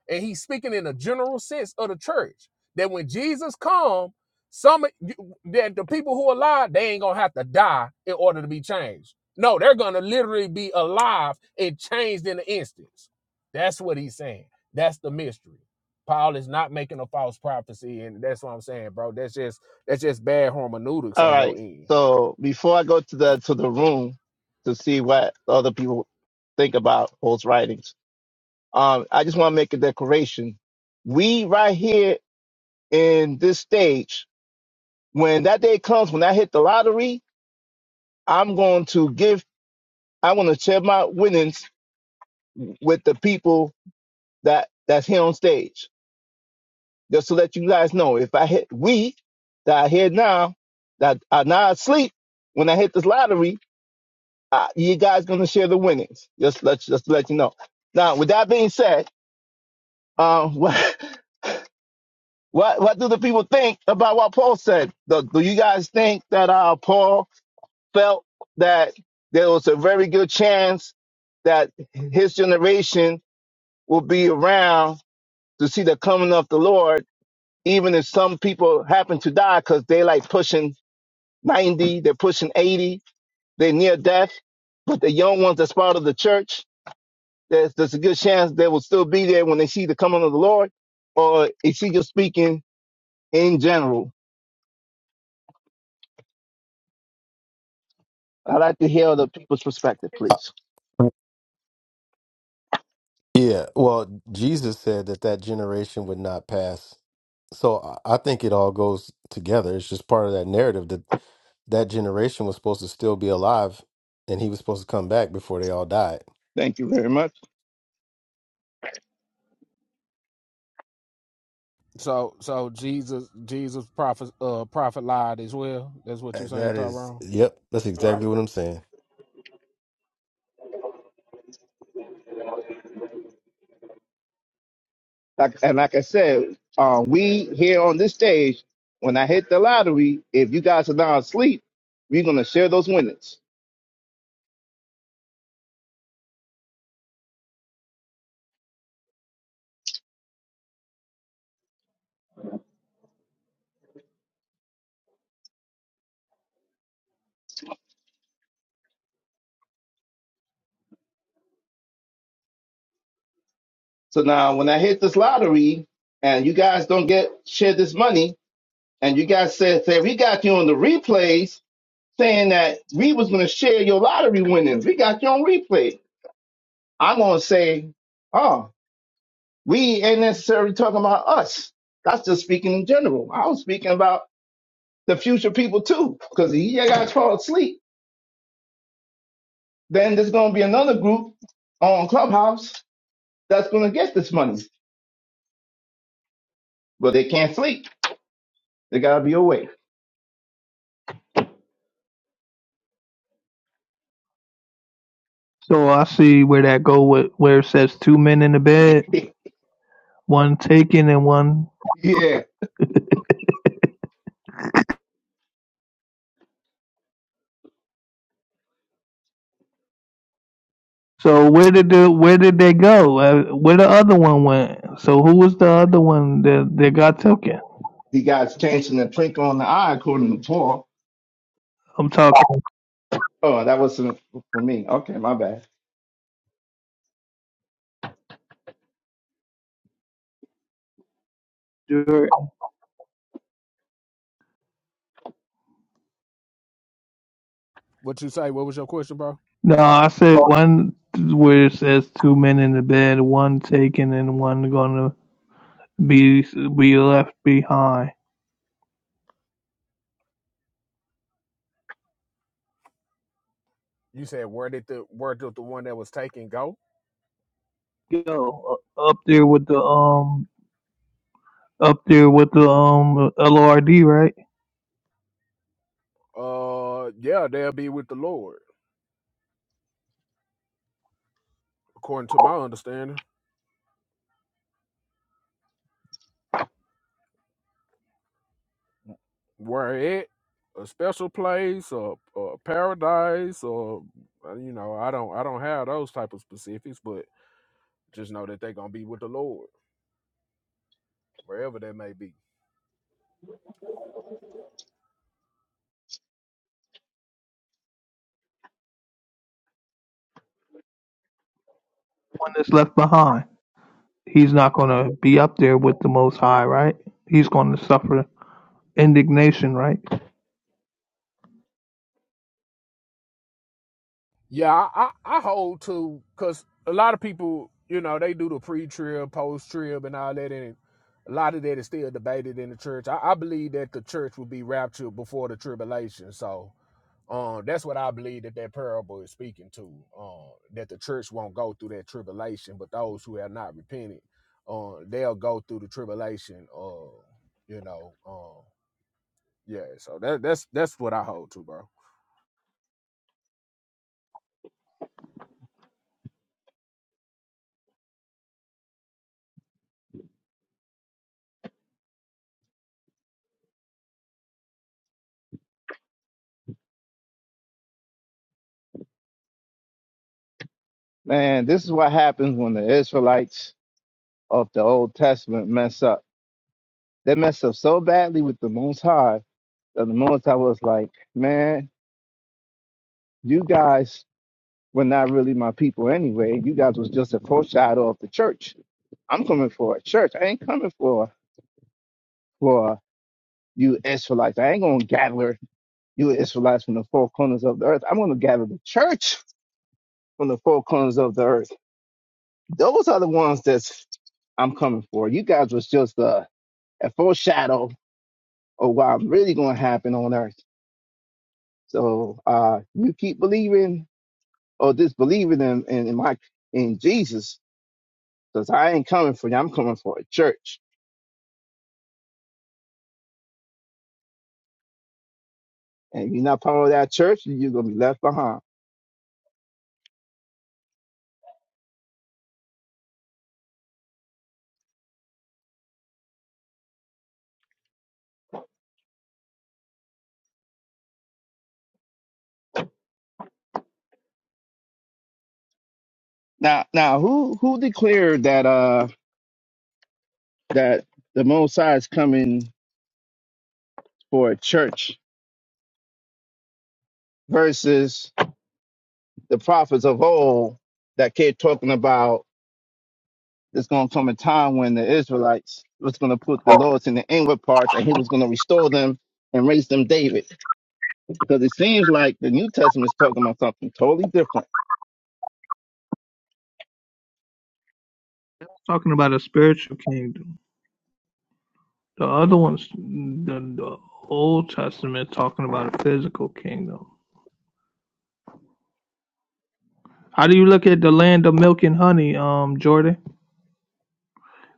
Speaker 13: and he's speaking in a general sense of the church that when Jesus comes, some of you- that the people who are alive they ain't gonna have to die in order to be changed. No, they're gonna literally be alive and changed in an instance. That's what he's saying. That's the mystery. Paul is not making a false prophecy, and that's what I'm saying, bro. That's just that's just bad hermeneutics
Speaker 11: All
Speaker 13: on your
Speaker 11: right.
Speaker 13: end.
Speaker 11: So before I go to the to the room to see what other people think about Paul's writings, um, I just want to make a declaration. We right here in this stage, when that day comes, when I hit the lottery, I'm going to give. I want to share my winnings with the people that that's here on stage. Just to let you guys know, if I hit we that are here now that are not asleep when I hit this lottery, uh, you guys gonna share the winnings. Just let just to let you know. Now, with that being said, um, (laughs) what what what do the people think about what Paul said? Do, do you guys think that uh, Paul felt that there was a very good chance that his generation will be around to see the coming of the Lord, even if some people happen to die because they like pushing 90, they're pushing 80, they're near death. But the young ones that's part of the church, there's, there's a good chance they will still be there when they see the coming of the Lord. Or is he just speaking in general? I'd like to hear the people's perspective,
Speaker 7: Uh,
Speaker 11: please.
Speaker 7: Yeah, well, Jesus said that that generation would not pass. So I I think it all goes together. It's just part of that narrative that that generation was supposed to still be alive and he was supposed to come back before they all died.
Speaker 11: Thank you very much.
Speaker 13: So so Jesus Jesus prophet uh prophet lied as well. That's what you
Speaker 7: Uh,
Speaker 13: saying,
Speaker 7: That is,
Speaker 13: Tyrone.
Speaker 7: yep, that's exactly what I'm saying.
Speaker 11: Like, and like I said, uh, we here on this stage, when I hit the lottery, if you guys are not asleep, we're going to share those winnings. So now when I hit this lottery and you guys don't get share this money, and you guys said that we got you on the replays saying that we was going to share your lottery winnings. We got you on replay. I'm going to say, oh, we ain't necessarily talking about us. That's just speaking in general. I was speaking about the future people too, because you guys fall asleep. Then there's going to be another group on Clubhouse that's going to get this money, but they can't sleep. They got to be awake.
Speaker 12: So I see where that go with where it says two men in the bed,
Speaker 11: (laughs)
Speaker 12: one taken and one.
Speaker 11: yeah.
Speaker 12: So where did the where did they go? Uh, where the other one went? So who was the other one that that got taken?
Speaker 11: You guys changing the trick on the eye, according to Paul.
Speaker 12: I'm talking.
Speaker 11: Oh, that wasn't for me. Okay, my bad.
Speaker 13: What you say? What was your question, bro?
Speaker 12: No, I said one where it says two men in the bed, one taken and one gonna be be left behind.
Speaker 13: You said where did the where did the one that was taken go?
Speaker 12: Yo, u- up there with the um, up there with the um LORD, right?
Speaker 13: Uh yeah, they'll be with the Lord, according to my understanding. where it a special place or, or paradise or uh, you know i don't i don't have those type of specifics but just know that they're gonna be with the lord wherever that may be
Speaker 12: One that's left behind, he's not gonna be up there with the Most High, right? He's gonna suffer indignation, right?
Speaker 13: yeah i i, I hold to because a lot of people you know they do the pre-trib post-trib and all that and a lot of that is still debated in the church i, I believe that the church will be raptured before the tribulation so Um, that's what I believe that that parable is speaking to. Um, that the church won't go through that tribulation, but those who have not repented, uh, they'll go through the tribulation. Uh, you know, um, yeah. So that that's that's what I hold to, bro.
Speaker 11: Man, this is what happens when the Israelites of the Old Testament mess up. They mess up so badly with the Most High that the Most High was like, man, you guys were not really my people anyway. You guys was just a foreshadow of the church. I'm coming for a church. I ain't coming for for you Israelites. I ain't gonna gather you Israelites from the four corners of the earth. I'm gonna gather the church from the four corners of the earth. Those are the ones that's I'm coming for. You guys was just uh, a foreshadow of what's really going to happen on earth. So uh, you keep believing or disbelieving in, in, in my in Jesus, because I ain't coming for you. I'm coming for a church, and you're not part of that church, you're gonna be left behind. Now, now, who who declared that uh that the Most High is coming for a church versus the prophets of old that kept talking about? there's going to come a time when the Israelites was going to put the laws in the inward parts and he was going to restore them and raise them David. Because it seems like the New Testament is talking about something totally different.
Speaker 12: talking about a spiritual kingdom. The other one's the, the Old Testament talking about a physical kingdom. How do you look at the land of milk and honey, um, Jordan?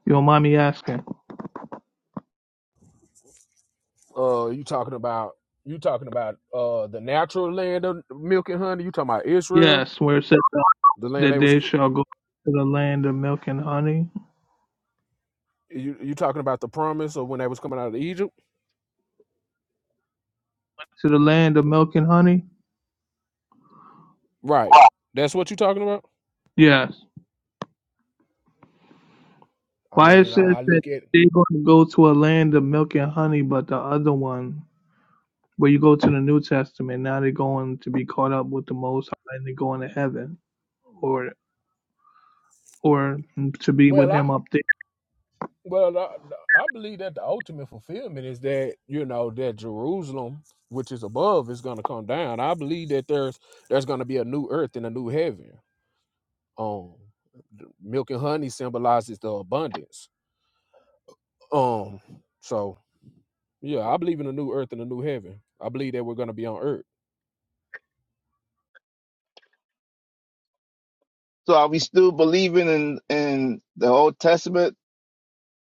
Speaker 12: You don't mind me asking?
Speaker 13: Uh, you talking about you talking about uh the natural land of milk and honey? You talking about Israel,
Speaker 12: Yes, where it says
Speaker 13: the land
Speaker 12: that
Speaker 13: they was
Speaker 12: they shall go to the land of milk and honey.
Speaker 13: you you talking about the promise of when they was coming out of Egypt,
Speaker 12: To the land of milk and honey?
Speaker 13: right? That's what you talking about.
Speaker 12: Yes.
Speaker 13: I
Speaker 12: Why it
Speaker 13: mean, I,
Speaker 12: says
Speaker 13: I
Speaker 12: that
Speaker 13: look at
Speaker 12: they're going to go to a land of milk and honey, but the other one, where you go to the New Testament, now they're going to be caught up with the Most High and they're going to heaven. or. or to be
Speaker 13: well,
Speaker 12: with
Speaker 13: I
Speaker 12: him up there.
Speaker 13: Well, I, I believe that the ultimate fulfillment is that you know that Jerusalem, which is above, is going to come down. I believe that there's there's going to be a new earth and a new heaven. Um, the milk and honey symbolizes the abundance. Um, so yeah, I believe in a new earth and a new heaven. I believe that we're going to be on earth.
Speaker 11: So are we still believing in, in the Old Testament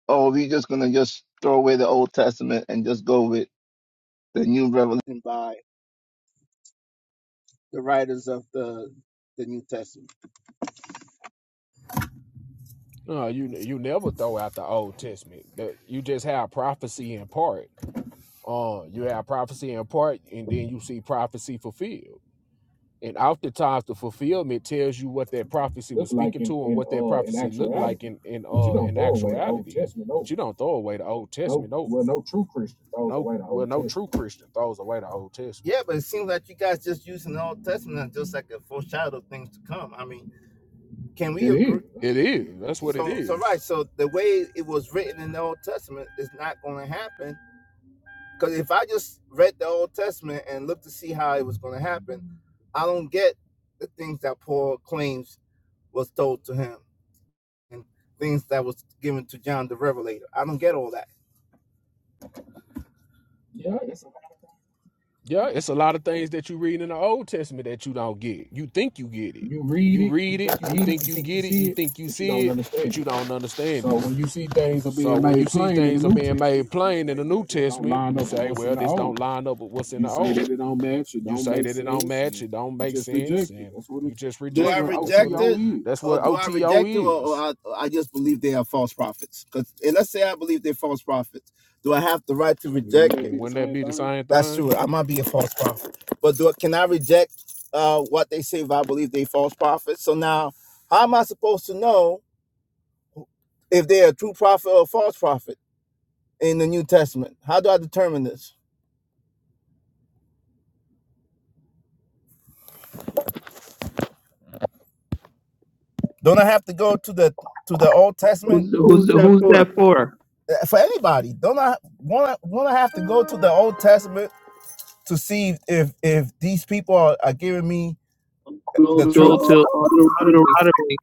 Speaker 11: or are we just going to just throw away the Old Testament and just go with the new revelation by the writers of the, the New Testament?
Speaker 13: No, you you never throw out the Old Testament. That you just have prophecy in part. Uh, you have prophecy in part, and then you see prophecy fulfilled. And oftentimes the fulfillment tells you what that prophecy
Speaker 11: look
Speaker 13: was
Speaker 11: like
Speaker 13: speaking
Speaker 11: in
Speaker 13: to and
Speaker 11: in
Speaker 13: what that
Speaker 11: uh in
Speaker 13: prophecy looked like
Speaker 11: actuality.
Speaker 13: in, in
Speaker 11: But you
Speaker 13: uh
Speaker 11: don't
Speaker 13: in
Speaker 11: throw away the Old
Speaker 13: actuality.
Speaker 11: Testament.
Speaker 13: But
Speaker 11: No,
Speaker 13: you don't throw away the old
Speaker 11: no,
Speaker 13: testament. No
Speaker 11: well, no true Christian throws
Speaker 13: no
Speaker 11: away the
Speaker 13: well
Speaker 11: Old
Speaker 13: no
Speaker 11: Testament.
Speaker 13: true Christian throws away the old testament.
Speaker 11: Yeah, but it seems like you guys just using the Old Testament just like a foreshadow of things to come. I mean, can we It is. agree?
Speaker 13: It is. That's what it
Speaker 11: So, so
Speaker 13: is.
Speaker 11: right. So the way it was written in the Old Testament is not going to happen. Because if I just read the Old Testament and looked to see how it was going to happen, I don't get the things that Paul claims was told to him and things that was given to John the Revelator. I don't get all that. Yeah, it's a,
Speaker 13: Yeah, it's a lot of things that you read in the old testament that you don't get. You think you get it.
Speaker 11: you read
Speaker 13: You
Speaker 11: it, you
Speaker 13: read it,
Speaker 11: think
Speaker 13: you
Speaker 11: you get it,
Speaker 13: think
Speaker 11: you
Speaker 13: you
Speaker 11: think you
Speaker 13: get it, you
Speaker 11: see it,
Speaker 13: think you
Speaker 11: but you
Speaker 13: see
Speaker 11: don't
Speaker 13: it,
Speaker 11: understand
Speaker 13: but
Speaker 11: it.
Speaker 13: you don't understand
Speaker 11: So
Speaker 13: it.
Speaker 11: when you see things are
Speaker 13: So
Speaker 11: being
Speaker 13: when you
Speaker 11: made
Speaker 13: see
Speaker 11: plain in the
Speaker 13: things are
Speaker 11: New
Speaker 13: being made
Speaker 11: Testament, you
Speaker 13: plain in
Speaker 11: say,
Speaker 13: the
Speaker 11: well,
Speaker 13: New
Speaker 11: this don't
Speaker 13: Testament,
Speaker 11: line
Speaker 13: you
Speaker 11: up with
Speaker 13: say,
Speaker 11: what's in
Speaker 13: well,
Speaker 11: the
Speaker 13: this don't
Speaker 11: old.
Speaker 13: line up with what's in
Speaker 11: You
Speaker 13: the
Speaker 11: say
Speaker 13: old.
Speaker 11: that it don't match, it
Speaker 13: You
Speaker 11: don't
Speaker 13: say
Speaker 11: make
Speaker 13: that it don't
Speaker 11: sense,
Speaker 13: match,
Speaker 11: and
Speaker 13: it don't
Speaker 11: you
Speaker 13: make
Speaker 11: just
Speaker 13: sense,
Speaker 11: reject it.
Speaker 13: and
Speaker 11: That's what
Speaker 13: you
Speaker 11: it
Speaker 13: just
Speaker 11: Do that's I
Speaker 13: reject it.
Speaker 11: what
Speaker 13: That's
Speaker 11: reject
Speaker 13: what
Speaker 11: OTO
Speaker 13: it.
Speaker 11: it? is.
Speaker 13: That's
Speaker 11: Or
Speaker 13: what
Speaker 11: do I
Speaker 13: OTO
Speaker 11: reject it, or, or
Speaker 13: is.
Speaker 11: I, I just believe they are false prophets? Because and let's say I believe they're false prophets, do I have the right to reject
Speaker 13: I
Speaker 11: it?
Speaker 13: mean,
Speaker 11: be the
Speaker 13: wouldn't that
Speaker 11: same
Speaker 13: be the
Speaker 11: thing?
Speaker 13: same
Speaker 11: That's true.
Speaker 13: thing?
Speaker 11: I might be a false prophet, but do I, can I reject uh, what they say if I believe they false prophets? So now, how am I supposed to know? if they're a true prophet or a false prophet in the New Testament? How do I determine this? Don't I have to go to the to the Old Testament Who's,
Speaker 12: Who's
Speaker 11: who's that
Speaker 12: who's
Speaker 11: for?
Speaker 12: that for?
Speaker 11: Uh, for anybody? Don't I want to want to have to go to the Old Testament to see if if these people are, are giving me the
Speaker 12: We
Speaker 11: truth?
Speaker 12: Go
Speaker 11: uh,
Speaker 12: to uh, Deuteronomy.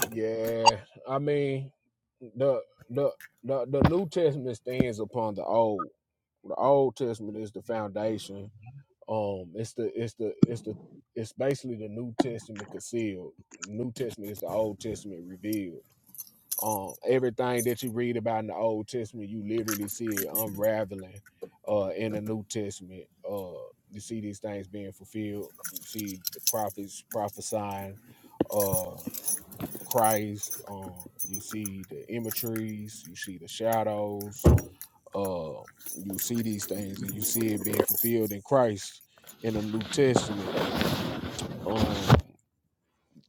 Speaker 13: Yeah, I mean, the the the, the New Testament stands upon the old. The Old Testament is the foundation, Um, it's the it's the it's the it's basically the New Testament concealed. New Testament is the Old Testament revealed. Um, everything that you read about in the Old Testament, you literally see it unraveling uh in the New Testament. Uh you see these things being fulfilled. You see the prophets prophesying uh Christ, um, you see the imageries, you see the shadows, uh, you see these things and you see it being fulfilled in Christ in the New Testament um,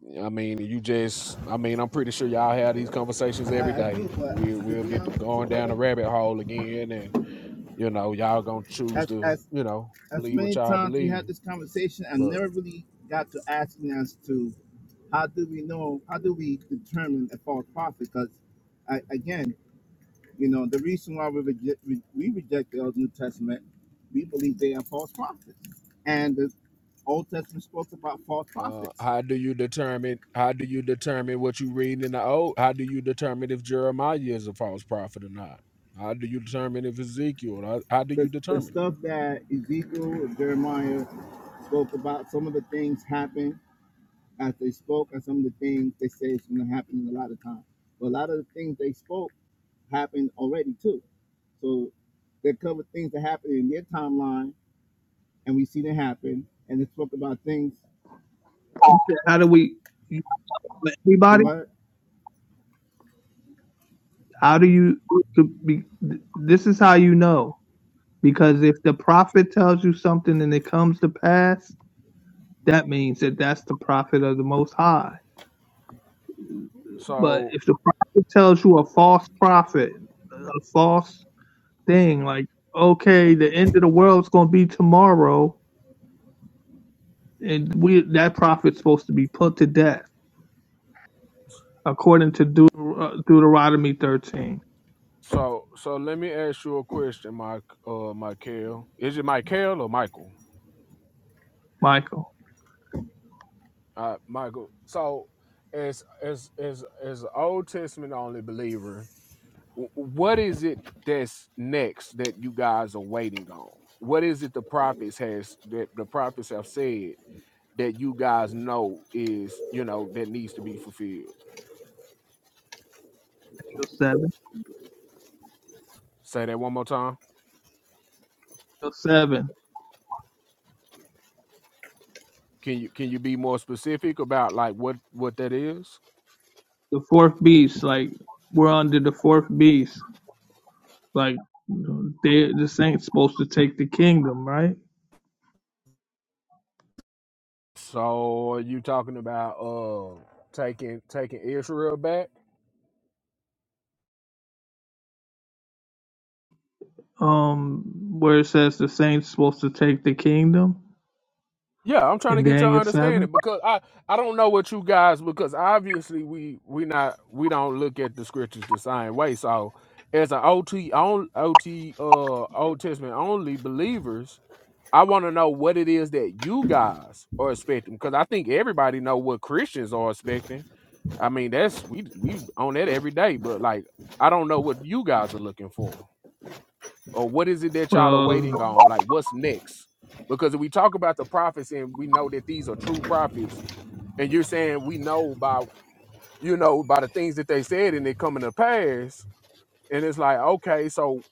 Speaker 13: yeah, I mean, you just, I mean, I'm pretty sure y'all have these
Speaker 11: I,
Speaker 13: conversations every
Speaker 11: I
Speaker 13: day.
Speaker 11: do,
Speaker 13: We
Speaker 11: but to
Speaker 13: we'll
Speaker 11: be
Speaker 13: be to
Speaker 11: honest with you,
Speaker 13: going down the
Speaker 11: brother,
Speaker 13: rabbit hole again, and you know, y'all gonna choose
Speaker 11: as
Speaker 13: to,
Speaker 11: as
Speaker 13: you know,
Speaker 11: as
Speaker 13: believe what
Speaker 11: many
Speaker 13: y'all
Speaker 11: times we had
Speaker 13: believe.
Speaker 11: this conversation, I
Speaker 13: but.
Speaker 11: never really got to asking us to how do we know, how do we determine a false prophet? Because I, again, you know, the reason why we reject, we, we reject the Old New Testament, we believe they are false prophets. And the Old Testament spoke about false
Speaker 13: Uh,
Speaker 11: prophets.
Speaker 13: how do you determine? How do you determine what you read in the old? How do you determine if Jeremiah is a false prophet or not? How do you determine if Ezekiel? How, how do you
Speaker 11: The, the
Speaker 13: determine it?
Speaker 11: stuff that Ezekiel, Jeremiah spoke about, some of the things happened as they spoke, and some of the things they say is going to happen a lot of times. But a lot of the things they spoke, happened already too. So they covered things that happened in their timeline, and we see them happen, and they spoke about things.
Speaker 12: How do we?
Speaker 11: The
Speaker 12: Everybody,
Speaker 11: what?
Speaker 12: how do you? be- This is how you know because if the prophet tells you something and it comes to pass, that means that that's the prophet of the Most High. But
Speaker 13: So,
Speaker 12: if the prophet tells you a false prophet, a false thing, like okay, the end of the world's going to be tomorrow, and we that prophet's supposed to be put to death according to Deuter- uh, Deuteronomy 13.
Speaker 13: so, so let me ask you a question, Mike. Uh, Michael, is it Michael or Michael?
Speaker 12: Michael,
Speaker 13: Uh, Michael. So, as as as as an Old Testament only believer, w- what is it that's next that you guys are waiting on? What is it the prophets has that the prophets have said that you guys know is you know that needs to be fulfilled?
Speaker 12: Eagle 7.
Speaker 13: Say that one more time.
Speaker 12: Eagle 7.
Speaker 13: Can you can you be more specific about like what what that is?
Speaker 12: The fourth beast, like, we're under the fourth beast. Like, they, the saints supposed to take the kingdom, right?
Speaker 13: So, are you talking about uh taking taking Israel back?
Speaker 12: Um, where it says the saints supposed to take the kingdom
Speaker 13: Yeah, I'm trying to
Speaker 12: in
Speaker 13: get your
Speaker 12: Daniel 7.
Speaker 13: understanding because I I don't know what you guys because obviously we we not we don't look at the scriptures the same way. So as an OT on OT uh Old Testament only believers, I want to know what it is that you guys are expecting because I think everybody know what Christians are expecting. I mean that's we we on that every day, but like I don't know what you guys are looking for or what is it that y'all are
Speaker 12: Well,
Speaker 13: waiting on? Like, what's next? Because if we talk about the prophets and we know that these are true prophets, and you're saying we know by you know by the things that they said and it coming to pass, and it's like, okay, so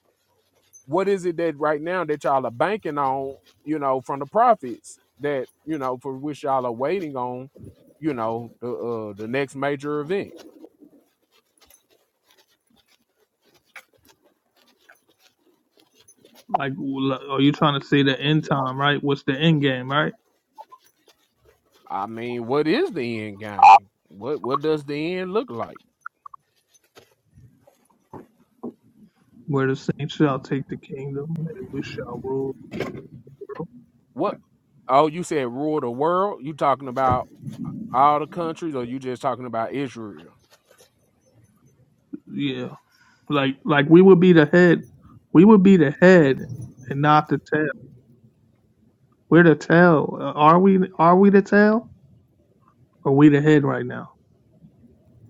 Speaker 13: what is it that right now that y'all are banking on, you know, from the prophets that you know for which y'all are waiting on, you know, the uh, the next major event?
Speaker 12: like, are you trying to say the end time, right? What's the end game, right?
Speaker 13: I mean, what is the end game? What what does the end look like?
Speaker 12: Where the saints shall take the kingdom, and we shall rule.
Speaker 13: Oh, you said rule the world? You talking about all the countries or you just talking about Israel?
Speaker 12: Yeah. Like like we would be the head, we would be the head and not the tail. We're the tail. Uh, Are we? Are we the tail? Or we the head right now?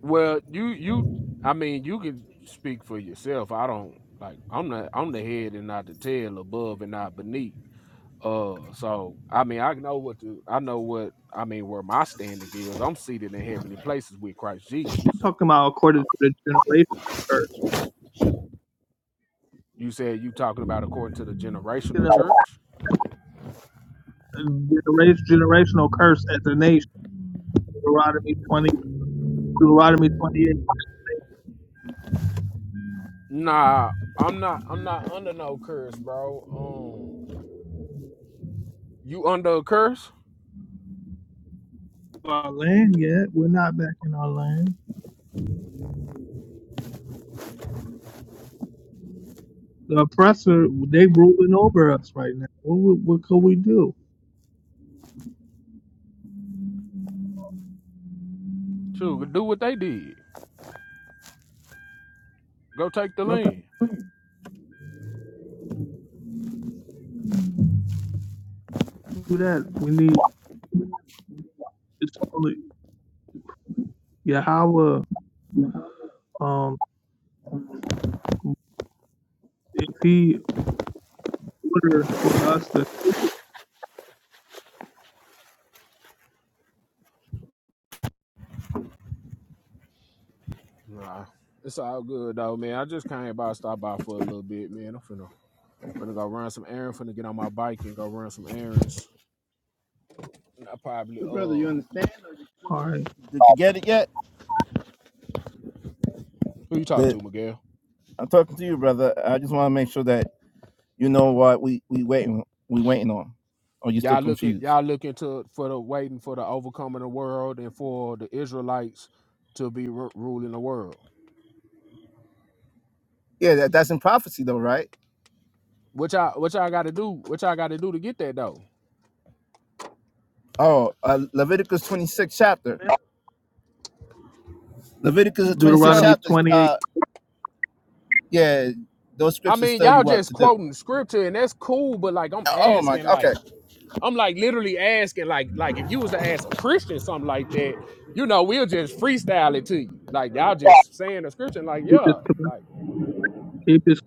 Speaker 13: Well, you you I mean, you can speak for yourself. I don't like I'm the I'm the head and not the tail, above and not beneath. Uh so I mean I know what the I know what I mean where my standing is. I'm seated in heavenly places with Christ Jesus.
Speaker 12: I'm talking about according
Speaker 13: Uh,
Speaker 12: to the generational curse.
Speaker 13: You said you talking about according to the
Speaker 12: Speaking
Speaker 13: generational
Speaker 12: of
Speaker 13: church?
Speaker 12: uh, genera- generational curse as a nation, Deuteronomy 20, Deuteronomy 28.
Speaker 13: Nah, I'm not I'm not under no curse, bro. Um you under a curse?
Speaker 12: Our land yet? We're not back in our land. The oppressor, they ruling over us right now. What would- what could we do?
Speaker 13: Shoot, do what they did. Go take the
Speaker 11: No
Speaker 13: land.
Speaker 12: Do that. We need it's only Yahweh. Um, if He orders for us to,
Speaker 13: Nah, it's all good though, man. I just came by, stopped by for a little bit, man. I'm finna finna go run some errands. Finna get on my bike and go run some errands. I probably
Speaker 11: So, brother, you
Speaker 13: uh,
Speaker 11: understand? Or you
Speaker 12: all
Speaker 11: still...
Speaker 12: right,
Speaker 11: Did you get it yet?
Speaker 13: who you talking to,
Speaker 11: That
Speaker 13: Miguel?
Speaker 11: I'm talking to you, brother. I just want to make sure that you know what we we waiting we waiting on. Are you still
Speaker 13: Y'all looking,
Speaker 11: confused?
Speaker 13: y'all looking to for the waiting for the overcoming the world and for the Israelites to be ru- ruling the world.
Speaker 11: Yeah, that, that's in prophecy though, right?
Speaker 13: Which I which y'all got to do, which y'all got to do to get that though.
Speaker 11: Oh, uh, Leviticus 26 chapter. Leviticus 26
Speaker 13: Yeah,
Speaker 12: Deuteronomy
Speaker 11: chapter.
Speaker 12: twenty eight,
Speaker 11: Uh, yeah, those
Speaker 13: I
Speaker 11: scriptures
Speaker 13: mean
Speaker 11: tell you
Speaker 13: y'all
Speaker 11: what
Speaker 13: just
Speaker 11: to do.
Speaker 13: quoting scripture and that's cool, but like I'm
Speaker 11: Oh my.
Speaker 13: asking like.
Speaker 11: Okay.
Speaker 13: I'm like literally asking, like, like if you was to ask a Christian something like that, you know, we'll just freestyle it to you. Like y'all just saying the scripture, and like,
Speaker 12: keep His
Speaker 13: yeah,
Speaker 12: comm-
Speaker 13: like
Speaker 12: keep His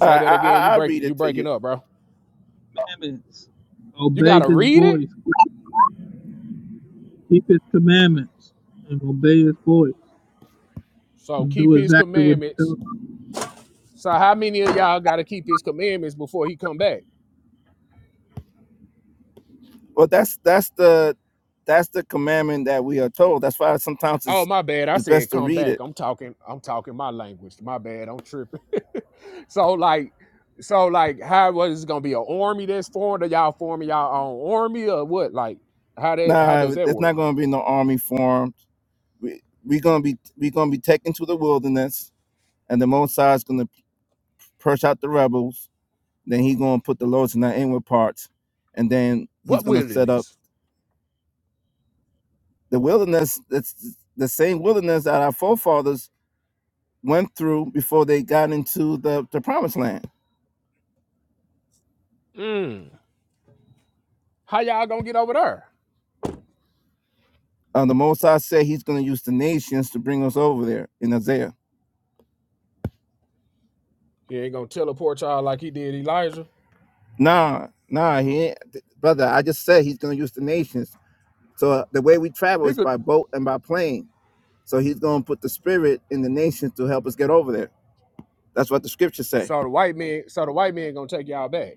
Speaker 11: All right,
Speaker 13: that
Speaker 11: I,
Speaker 13: again. You
Speaker 11: I, I
Speaker 13: break
Speaker 11: read
Speaker 13: you
Speaker 11: it to
Speaker 13: breaking
Speaker 11: you.
Speaker 13: up, bro.
Speaker 12: commandments,
Speaker 13: You
Speaker 12: obey
Speaker 13: gotta
Speaker 12: His
Speaker 13: read it.
Speaker 12: voice, keep His commandments, and obey His voice,
Speaker 13: So
Speaker 12: and
Speaker 13: keep
Speaker 12: do
Speaker 13: his
Speaker 12: exactly what He tells.
Speaker 13: commandments.
Speaker 12: us.
Speaker 13: So how many of y'all gotta keep his commandments before he come back?
Speaker 11: Well, that's that's the that's the commandment that we are told. That's why sometimes
Speaker 13: Oh
Speaker 11: it's
Speaker 13: my bad. I
Speaker 11: it's
Speaker 13: said
Speaker 11: best to
Speaker 13: come
Speaker 11: read
Speaker 13: back.
Speaker 11: it.
Speaker 13: I'm talking, I'm talking my language. My bad. I'm tripping. (laughs) So like so like how was this gonna be an army that's formed? Are y'all forming y'all own army or what? Like how that how does
Speaker 11: Nah,
Speaker 13: that
Speaker 11: it's
Speaker 13: work?
Speaker 11: not going to be no army formed. We we gonna be we gonna be taken to the wilderness, and the Most High is gonna purge out the rebels. Then he gonna put the lords in the inward parts, and then he's
Speaker 13: What
Speaker 11: gonna set up
Speaker 13: wilderness?
Speaker 11: the wilderness. That's the same wilderness that our forefathers went through before they got into the the promised land
Speaker 13: Mm. How y'all gonna get over there?
Speaker 11: Uh, the Most High said He's going to use the nations to bring us over there in Isaiah.
Speaker 13: He ain't gonna teleport y'all like he did Elijah.
Speaker 11: Nah, nah, he ain't, brother. I just said He's going to use the nations. So uh, the way we travel
Speaker 13: He
Speaker 11: is
Speaker 13: could.
Speaker 11: by boat and by plane. So He's going to put the Spirit in the nations to help us get over there. That's what the scriptures say.
Speaker 13: So the white man, so the white man gonna take y'all back.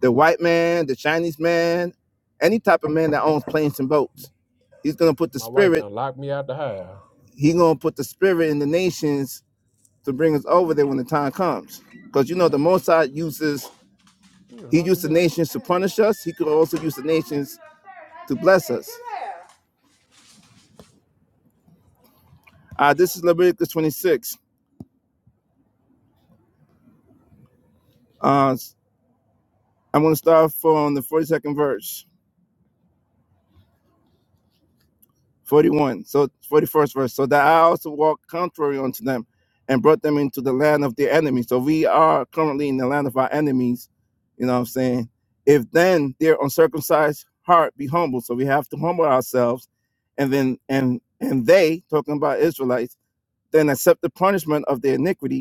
Speaker 11: The white man, the Chinese man, any type of man that owns planes and boats, He's going to put the
Speaker 13: My wife
Speaker 11: Spirit.
Speaker 13: done locked me out the house.
Speaker 11: He's going to put the Spirit in the nations to bring us over there when the time comes. Because you know the Most High uses
Speaker 13: You done
Speaker 11: He
Speaker 13: locked
Speaker 11: used the
Speaker 13: me out.
Speaker 11: nations to punish us. He could also use the nations to bless us. Uh, this is Leviticus 26. Uh, I'm going to start from the 42nd verse, 41. So 41st verse. So that I also walked contrary unto them and brought them into the land of their enemies. So we are currently in the land of our enemies. You know what I'm saying? If then their uncircumcised heart be humble. So we have to humble ourselves. And then, and, and they, talking about Israelites, then accept the punishment of their iniquity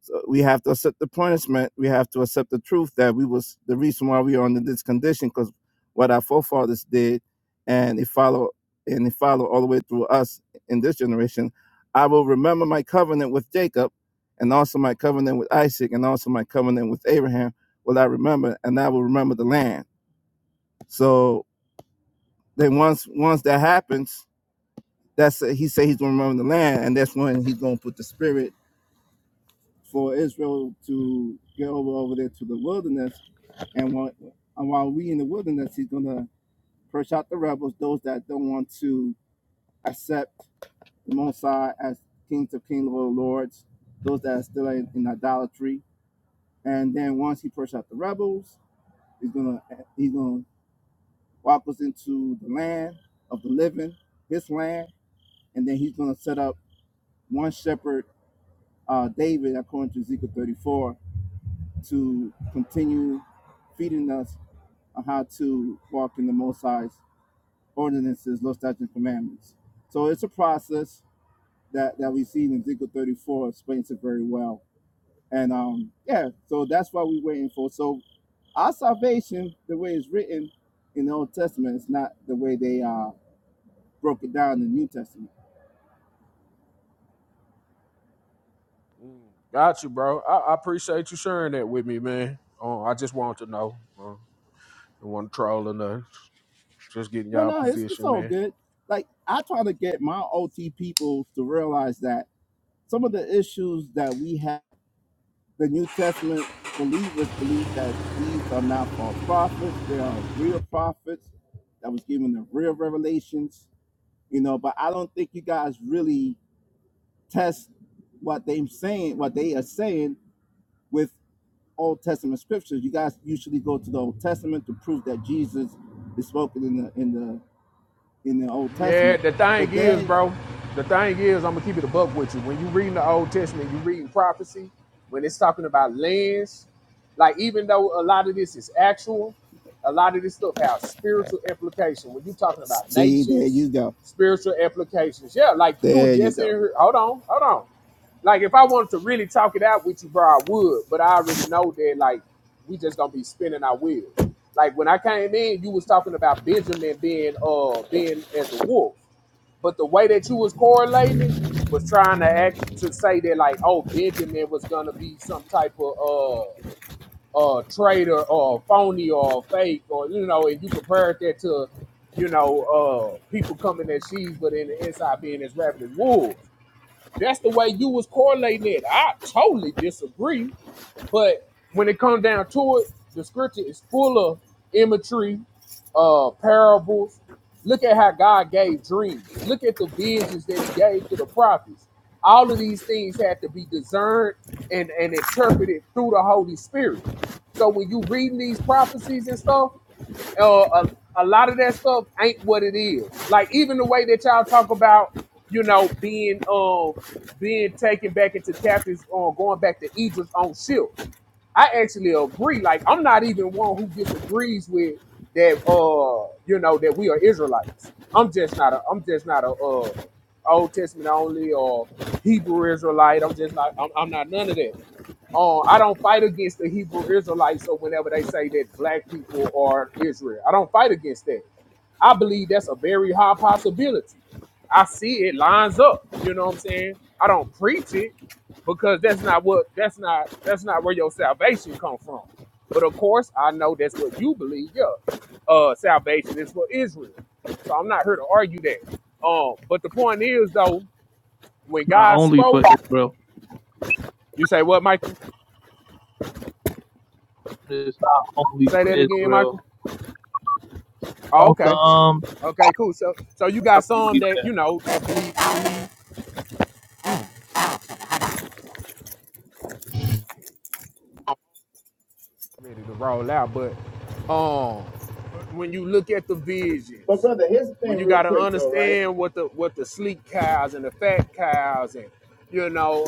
Speaker 11: So we have to accept the punishment. We have to accept the truth that we was the reason why we are under this condition because what our forefathers did, and it follow and it follow all the way through us in this generation. I will remember my covenant with Jacob, and also my covenant with Isaac, and also my covenant with Abraham. Will I remember? And I will remember the land. So then once once that happens, that's he said he's gonna remember the land, and that's when he's gonna put the spirit for Israel to get over over there to the wilderness. And while, and while we in the wilderness, he's going to push out the rebels, those that don't want to accept the Mosai as kings of kings, Lord of lords, those that are still in, in idolatry. And then once he pushes out the rebels, he's gonna he's gonna walk us into the land of the living, his land, and then he's gonna set up one shepherd, uh, David, according to Ezekiel 34, to continue feeding us on how to walk in the Most High's ordinances, law, statutes, and commandments. So it's a process that, that we see in Ezekiel 34 explains it very well. And um, yeah, so that's what we're waiting for. So our salvation, the way it's written in the Old Testament, is not the way they uh, broke it down in the New Testament.
Speaker 13: Mm, Got you, bro. I, I appreciate you sharing that with me, man. Uh, I just want to know. Uh, not want to troll or nothing. Just getting
Speaker 11: No,
Speaker 13: y'all
Speaker 11: no, it's, it's
Speaker 13: position,
Speaker 11: all
Speaker 13: man.
Speaker 11: good. Like I try to get my OT peoples to realize that some of the issues that we have the New Testament believers believe that these are not false prophets. They are real prophets that was given the real revelations, you know, but I don't think you guys really test what they're saying, what they are saying with Old Testament scriptures. You guys usually go to the Old Testament to prove that Jesus is spoken in the in the in the Old
Speaker 13: Yeah,
Speaker 11: Testament.
Speaker 13: the thing
Speaker 11: But
Speaker 13: is,
Speaker 11: then
Speaker 13: bro, the thing is, I'm gonna keep it a buck with you. When you reading the Old Testament, you reading prophecy, when it's talking about lands, like even though a lot of this is actual, a lot of this stuff has spiritual implication. When you talking about
Speaker 11: see, there
Speaker 13: nations,
Speaker 11: you go.
Speaker 13: spiritual implications. Yeah, like you were
Speaker 11: There you
Speaker 13: just in
Speaker 11: go.
Speaker 13: here. Hold on, hold on. Like if I wanted to really talk it out with you, bro, I would. But I already know that like we just gonna be spinning our wheels. Like when I came in, you was talking about Benjamin being uh being as a wolf, but the way that you was correlating it was trying to act to say that like oh Benjamin was gonna be some type of uh uh traitor or phony or fake or you know, and you compared that to you know uh people coming as she's but in the inside being as rabid as wolves. That's the way you was correlating it. I totally disagree. But when it comes down to it, the scripture is full of imagery, uh, parables. Look at how God gave dreams. Look at the visions that He gave to the prophets. All of these things had to be discerned and, and interpreted through the Holy Spirit. So when you reading these prophecies and stuff, uh, a, a lot of that stuff ain't what it is. Like even the way that y'all talk about, you know, being um being taken back into captives or going back to Egypt on ships. I actually agree. Like I'm not even one who disagrees with that. Uh, you know that we are Israelites. I'm just not a. I'm just not a uh Old Testament only or Hebrew Israelite. I'm just not. I'm, I'm not none of that. Uh, I don't fight against the Hebrew Israelites. So whenever they say that black people are Israel, I don't fight against that. I believe that's a very high possibility. I see it lines up. You know what I'm saying? I don't preach it because that's not what that's not that's not where your salvation come from. But of course, I know that's what you believe. Yeah, uh, salvation is for Israel. So I'm not here to argue that. Um, but the point is though, when
Speaker 12: It's not
Speaker 13: God
Speaker 12: only for
Speaker 13: spoke,
Speaker 12: Israel.
Speaker 13: you say what, Michael?
Speaker 12: It's not only
Speaker 13: Say
Speaker 12: for
Speaker 13: that again, Michael.
Speaker 12: Israel.
Speaker 13: Oh,
Speaker 12: Don't
Speaker 13: okay
Speaker 12: the um.
Speaker 13: Okay, cool. So so you
Speaker 12: I don't
Speaker 13: got some
Speaker 12: believe
Speaker 13: that
Speaker 12: that.
Speaker 13: you know ready to roll out, but um when you look at the
Speaker 11: But
Speaker 13: visions,
Speaker 11: brother, here's the
Speaker 13: when
Speaker 11: thing
Speaker 13: you got
Speaker 11: real
Speaker 13: to
Speaker 11: quick though, right?
Speaker 13: understand what the what the sleek cows and the fat cows and you know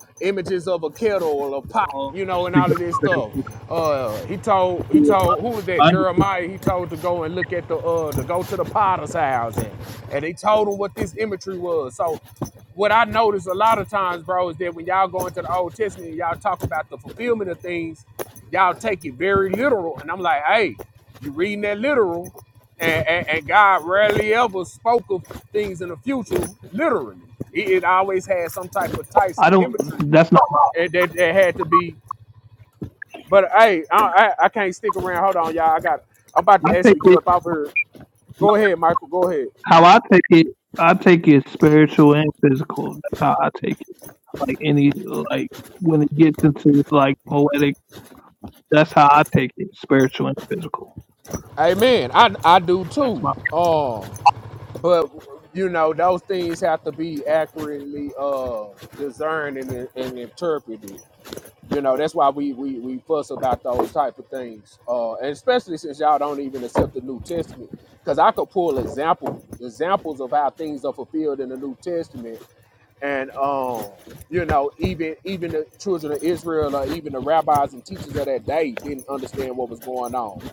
Speaker 13: uh, images of a kettle or a pot,
Speaker 12: Oh,
Speaker 13: you know, and
Speaker 12: speak
Speaker 13: all of this stuff.
Speaker 12: up.
Speaker 13: Uh, he told he told who was that
Speaker 12: I,
Speaker 13: Jeremiah? He told to go and look at the uh, to go to the potter's house and and he told him what this imagery was. So what I notice a lot of times, bro, is that when y'all go into the Old Testament, and y'all talk about the fulfillment of things, y'all take it very literal. And I'm like, hey, you reading that literal, and, and, and God rarely ever spoke of things in the future literally. It, it always had some type of
Speaker 12: I
Speaker 13: Tyson
Speaker 12: don't.
Speaker 13: imagery
Speaker 12: That's not.
Speaker 13: and that, that had to be. But hey, I, I I can't stick around. Hold on, y'all. I got. I'm about
Speaker 12: I
Speaker 13: to
Speaker 12: take
Speaker 13: actually get
Speaker 12: it
Speaker 13: up off here. Go ahead, Michael. Go ahead.
Speaker 12: how I take it. I take it spiritual and physical. That's how I take it. Like any, like when it gets into like poetic, that's how I take it. Spiritual and physical.
Speaker 13: Amen. I I do
Speaker 12: That's
Speaker 13: too.
Speaker 12: my.
Speaker 13: Um, but you know those things have to be accurately uh discerned and, and interpreted. You know, that's why we we, we fuss about those type of things. Uh, and especially since y'all don't even accept the New Testament. Because I could pull example examples of how things are fulfilled in the New Testament. And um, you know, even even the children of Israel or even the rabbis and teachers of that day didn't understand what was going on.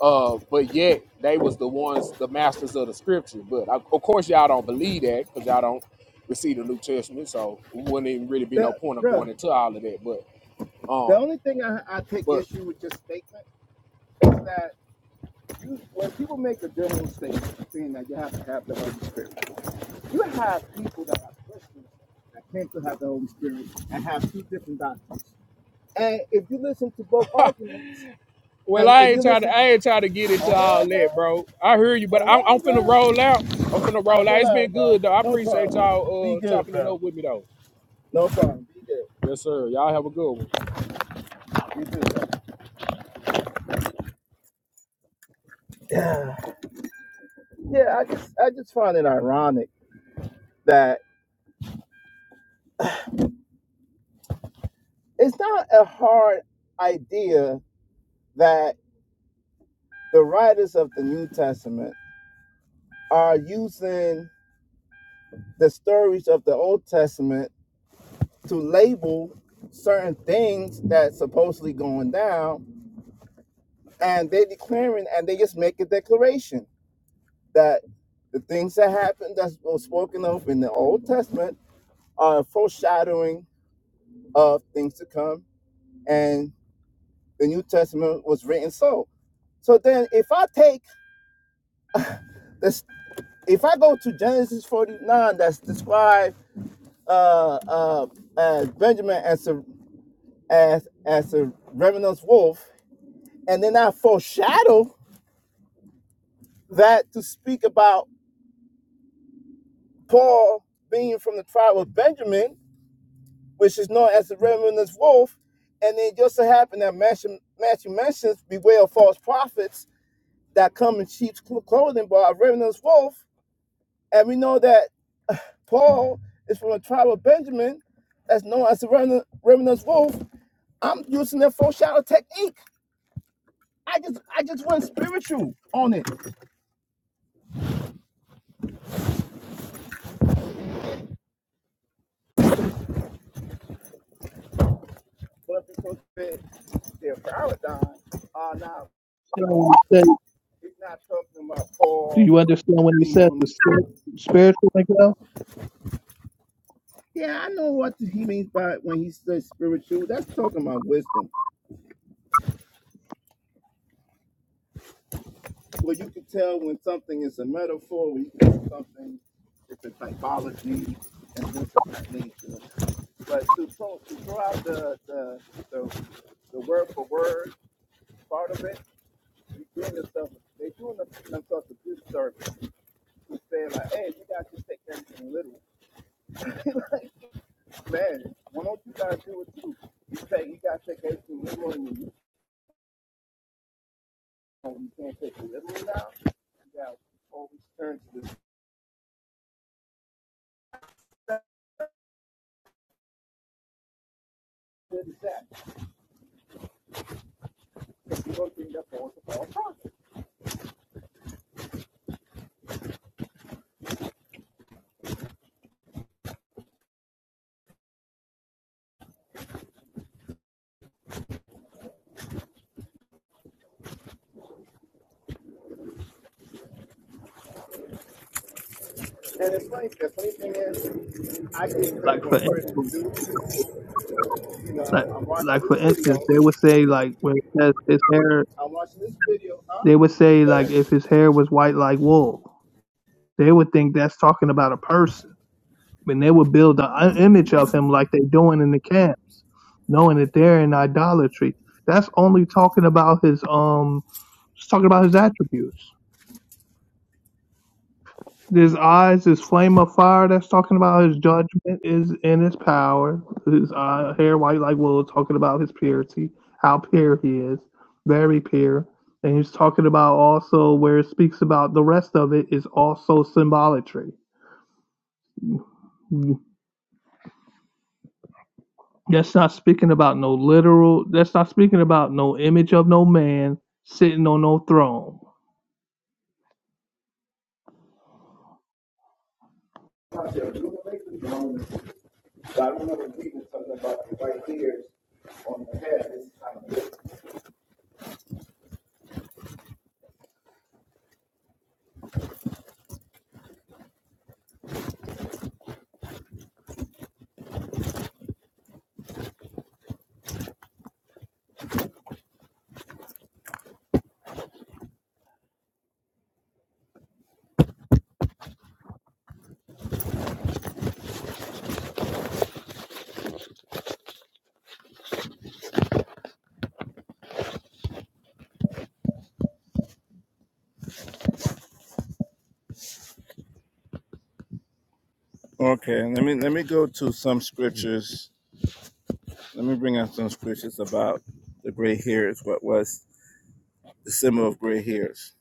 Speaker 13: Uh, but yet they was the ones, the masters of the scripture. But of of course, y'all don't believe that because y'all don't receive the New Testament, so it wouldn't even really be no
Speaker 11: That,
Speaker 13: point of
Speaker 11: bruh,
Speaker 13: going into all of that. But um,
Speaker 11: The only thing I, I take
Speaker 13: but
Speaker 11: issue with your statement is that you, when people make a general statement saying that you have to have the Holy Spirit, you have people that are Christians that claim to have the Holy Spirit and have two different doctrines. And if you listen to both
Speaker 13: (laughs)
Speaker 11: arguments,
Speaker 13: well,
Speaker 11: and
Speaker 13: I
Speaker 11: if you
Speaker 13: ain't trying to
Speaker 11: listen
Speaker 13: I
Speaker 11: to,
Speaker 13: ain't trying to get into
Speaker 11: hold
Speaker 13: all
Speaker 11: on,
Speaker 13: that,
Speaker 11: bro,
Speaker 13: bro. I hear you, but
Speaker 11: hold
Speaker 13: I'm I'm
Speaker 11: on,
Speaker 13: finna
Speaker 11: bro,
Speaker 13: roll out. I'm finna
Speaker 11: ah,
Speaker 13: roll out.
Speaker 11: roll
Speaker 13: It's
Speaker 11: out,
Speaker 13: been
Speaker 11: bro,
Speaker 13: good though. I
Speaker 11: no
Speaker 13: appreciate
Speaker 11: problem, be
Speaker 13: y'all uh
Speaker 11: good,
Speaker 13: chopping it
Speaker 11: bro,
Speaker 13: up with me though.
Speaker 11: no problem, be good,
Speaker 13: Yes, sir. Y'all have a good one.
Speaker 11: be good, bro. Yeah, I just, I just find it ironic that it's not a hard idea that the writers of the New Testament are using the stories of the Old Testament to label certain things that's supposedly going down, and they're declaring and they just make a declaration that the things that happened that were spoken of in the Old Testament are a foreshadowing of things to come, and the New Testament was written so. So then, if I take this, if I go to Genesis 49, that's described uh, uh, as Benjamin as a as as a revenant's wolf, and then I foreshadow that to speak about Paul being from the tribe of Benjamin, which is known as the revenant's wolf, and then just so happened that Matthew, Matthew mentions beware of false prophets that come in sheep's clothing, but a revenant's wolf, and we know that Paul is from the tribe of Benjamin, that's known as the revenant, wolf. I'm using that foreshadow technique I just I just went spiritual on it. But because their paradigm are not
Speaker 12: You know, when
Speaker 11: so
Speaker 12: you say-
Speaker 11: it's not talking about
Speaker 12: do
Speaker 11: Paul
Speaker 12: you understand when you
Speaker 11: being
Speaker 12: said
Speaker 11: from
Speaker 12: the
Speaker 11: the truth.
Speaker 12: spir- spiritual Miguel?
Speaker 11: Yeah, I know what he means by when he says spiritual. That's talking about wisdom. Well you can tell when something is a metaphor, when you can tell something it's a typology and this is not nature. But to, throw- to throw out the, the the the word for word part of it, you doing themselves, they doing themselves a good service to saying like, hey, you guys just take everything literal. Man, why don't you guys do it too? You take, you guys take everything literal, and you, oh, you can't take it literal now. You guys always turn to this this and that because you don't think that's all it's about. And it's like the funny thing is, I get
Speaker 12: Like
Speaker 11: credit
Speaker 12: for
Speaker 11: when credit
Speaker 12: instance,
Speaker 11: is due. You know, I'm,
Speaker 12: like
Speaker 11: I'm watching
Speaker 12: like for
Speaker 11: this video.
Speaker 12: instance, they would say like when it says his hair,
Speaker 11: I'm watching this video. Huh?
Speaker 12: they would say
Speaker 11: Go
Speaker 12: like if his hair was white like wool, they would think that's talking about a person. And they would build an image of him like they're doing in the camps, knowing that they're in idolatry. That's only talking about his um, it's talking about his attributes. His eyes, his flame of fire. That's talking about his judgment is in his power. His uh, hair white like wool. Talking about his purity, how pure he is, very pure. And he's talking about also where it speaks about the rest of it is also symbolatry. That's not speaking about no literal. That's not speaking about no image of no man sitting on no throne.
Speaker 11: ahead. But I remember reading something about the right ears on the head. This time. Okay, let me let me go to some scriptures. Let me bring out some scriptures about the gray hairs. What was the symbol of gray hairs?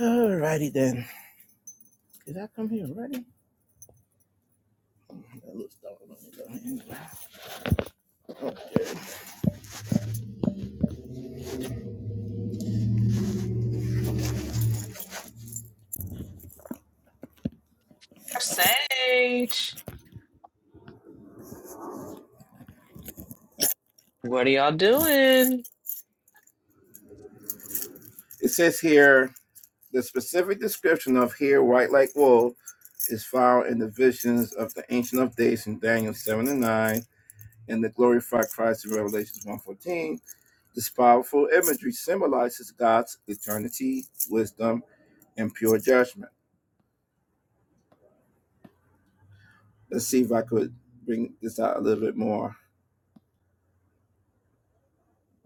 Speaker 11: Alrighty then. Did I come here already? That looks dark. Let me go here. Okay.
Speaker 8: Sage. What are y'all doing?
Speaker 11: It says here the specific description of hair white like wool is found in the visions of the Ancient of Days in Daniel 7 and 9 and the glorified Christ in Revelation one fourteen. This powerful imagery symbolizes God's eternity, wisdom, and pure judgment. Let's see if I could bring this out a little bit more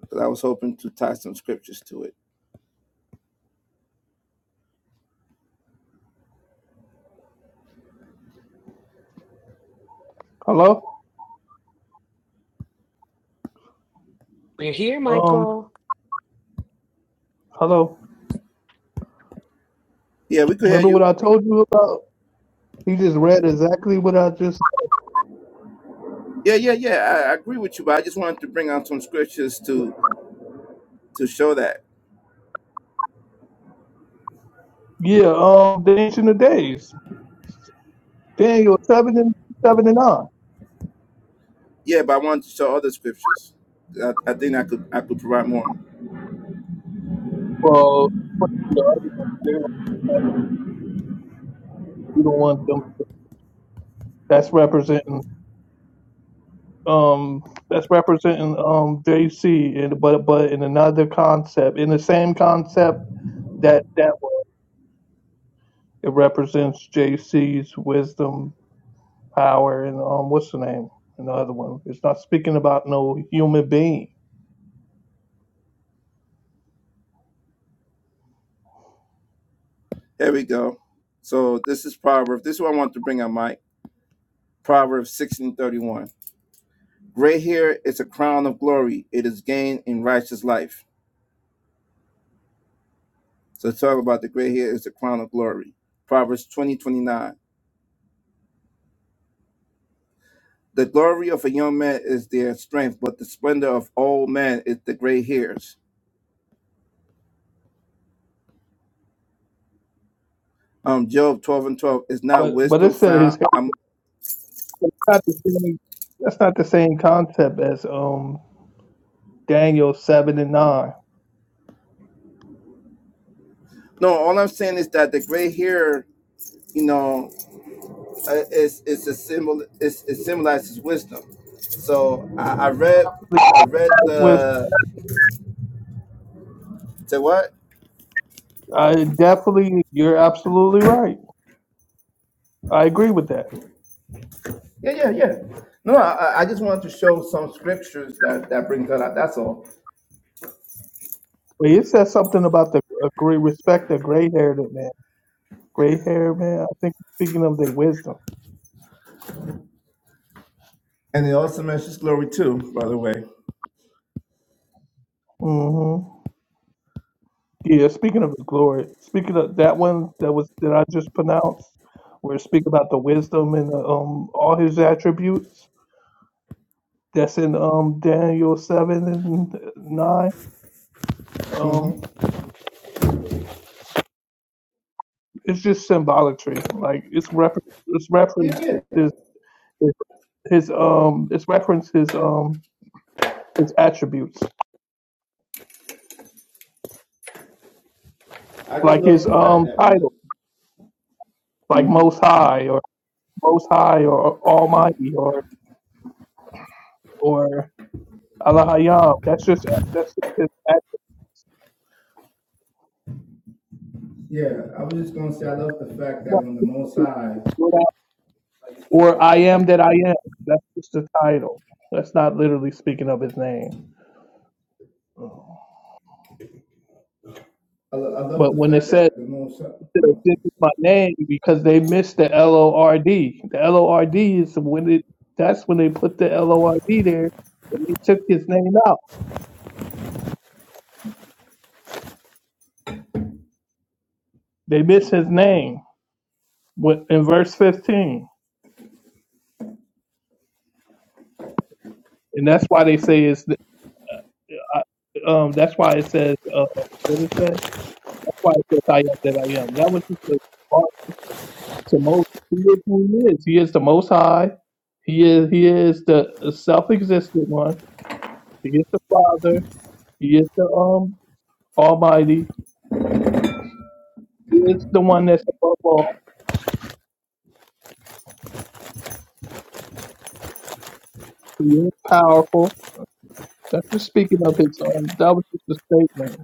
Speaker 11: because I was hoping to tie some scriptures to it.
Speaker 12: Hello,
Speaker 8: We're here,
Speaker 12: um,
Speaker 8: Michael.
Speaker 12: hello.
Speaker 11: Yeah, we could hear
Speaker 12: Remember
Speaker 8: Hey.
Speaker 12: what
Speaker 11: you.
Speaker 12: I told you about? He just read exactly what I just.
Speaker 11: Yeah, yeah, yeah. I, I agree with you, but I just wanted to bring out some scriptures to to show that.
Speaker 12: Yeah, um, the ancient of days, Daniel seven and seven and nine.
Speaker 11: Yeah, but I wanted to show other scriptures. I, I think I could I could provide more.
Speaker 12: Well, you know, you don't want them. That's representing um that's representing um JC and but but in another concept in the same concept that that It represents JC's wisdom, power, and um, what's the name? And the other one. It's not speaking about no human being,
Speaker 11: Here we go. So this is Proverbs. This is what I want to bring out, Mike. Proverbs sixteen thirty one. Gray hair is a crown of glory. It is gained in righteous life. So talk about the gray hair is a crown of glory. Proverbs twenty twenty nine. The glory of a young man is their strength, but the splendor of old man is the gray hairs. Um, Job 12 and 12 is not
Speaker 12: but but
Speaker 11: wisdom
Speaker 12: it said
Speaker 11: found.
Speaker 12: his.
Speaker 11: Um,
Speaker 12: It's not the same. That's not the same concept as um Daniel seven and nine.
Speaker 11: no, all I'm saying is that the gray hair, you know, uh, is, is a symbol, is, it symbolizes wisdom. So I, I read, I read
Speaker 12: With
Speaker 11: the, the what?
Speaker 12: I definitely, you're absolutely right. I agree with that.
Speaker 11: Yeah, yeah, yeah. No, I, I just wanted to show some scriptures that, that brings that out. That's all.
Speaker 12: But it says something about the a great respect the gray haired man. Gray haired man. I think speaking of their wisdom.
Speaker 11: And it also mentions glory too, by the way.
Speaker 12: Mm-hmm. Yeah, speaking of his glory, speaking of that one that was that I just pronounced, where it speak about the wisdom and the, um all his attributes. That's in um Daniel seven and nine. Um, it's just symbolatry. Like it's refer it's reference
Speaker 11: Yeah, yeah.
Speaker 12: his his his, um it's reference his um his attributes,
Speaker 11: I just
Speaker 12: like
Speaker 11: love
Speaker 12: his
Speaker 11: the fact
Speaker 12: um
Speaker 11: that when the.
Speaker 12: title, like
Speaker 11: hmm
Speaker 12: Most High or Most High or Almighty or or Allah Hayam. That's just that's just his
Speaker 11: Yeah, I was just gonna say I love the fact that
Speaker 12: attributes.
Speaker 11: when the Most High. I just
Speaker 12: Or
Speaker 11: love
Speaker 12: I am that I am. That's just the title. That's not literally speaking of his name.
Speaker 11: I lo- I love
Speaker 12: But
Speaker 11: the
Speaker 12: when it
Speaker 11: fact
Speaker 12: says
Speaker 11: that the Most High.
Speaker 12: this
Speaker 11: Oh, okay.
Speaker 12: is my name, because they missed the L O R D. The L O R D is when it. That's when they put the L O R D there, and they took his name out. They missed his name when- in verse fifteen, and that's why they say it's. the- I- Um, that's why it says. Uh, what is that? That's why it says I am that I am. That was just a the most he is who he is. He is the most high. He is he is the self existent one. He is the Father. He is the um Almighty. He is the one that's above all. He is powerful. That's just speaking of his um that was just a statement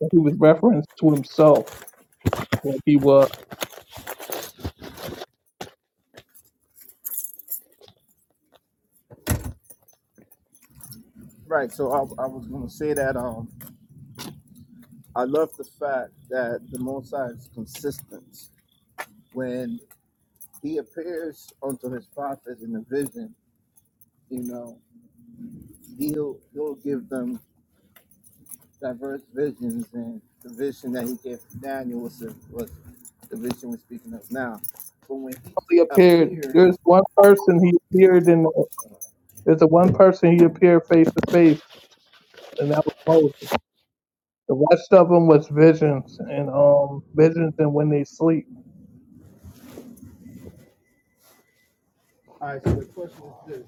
Speaker 12: that he was referenced to himself when he was
Speaker 11: Right. So I, I was gonna say that um I love the fact that the Most High is consistent when He appears unto His prophets in a vision. You know. he'll he'll give them diverse visions and the vision that he gave Daniel was the, was the vision we're speaking of now. But when he
Speaker 12: he appeared
Speaker 11: appeared,
Speaker 12: there's one person he appeared in there's a one person he appeared face to face and that was Moses. The rest of them was visions and um visions and when they sleep.
Speaker 11: all right. So the question is this: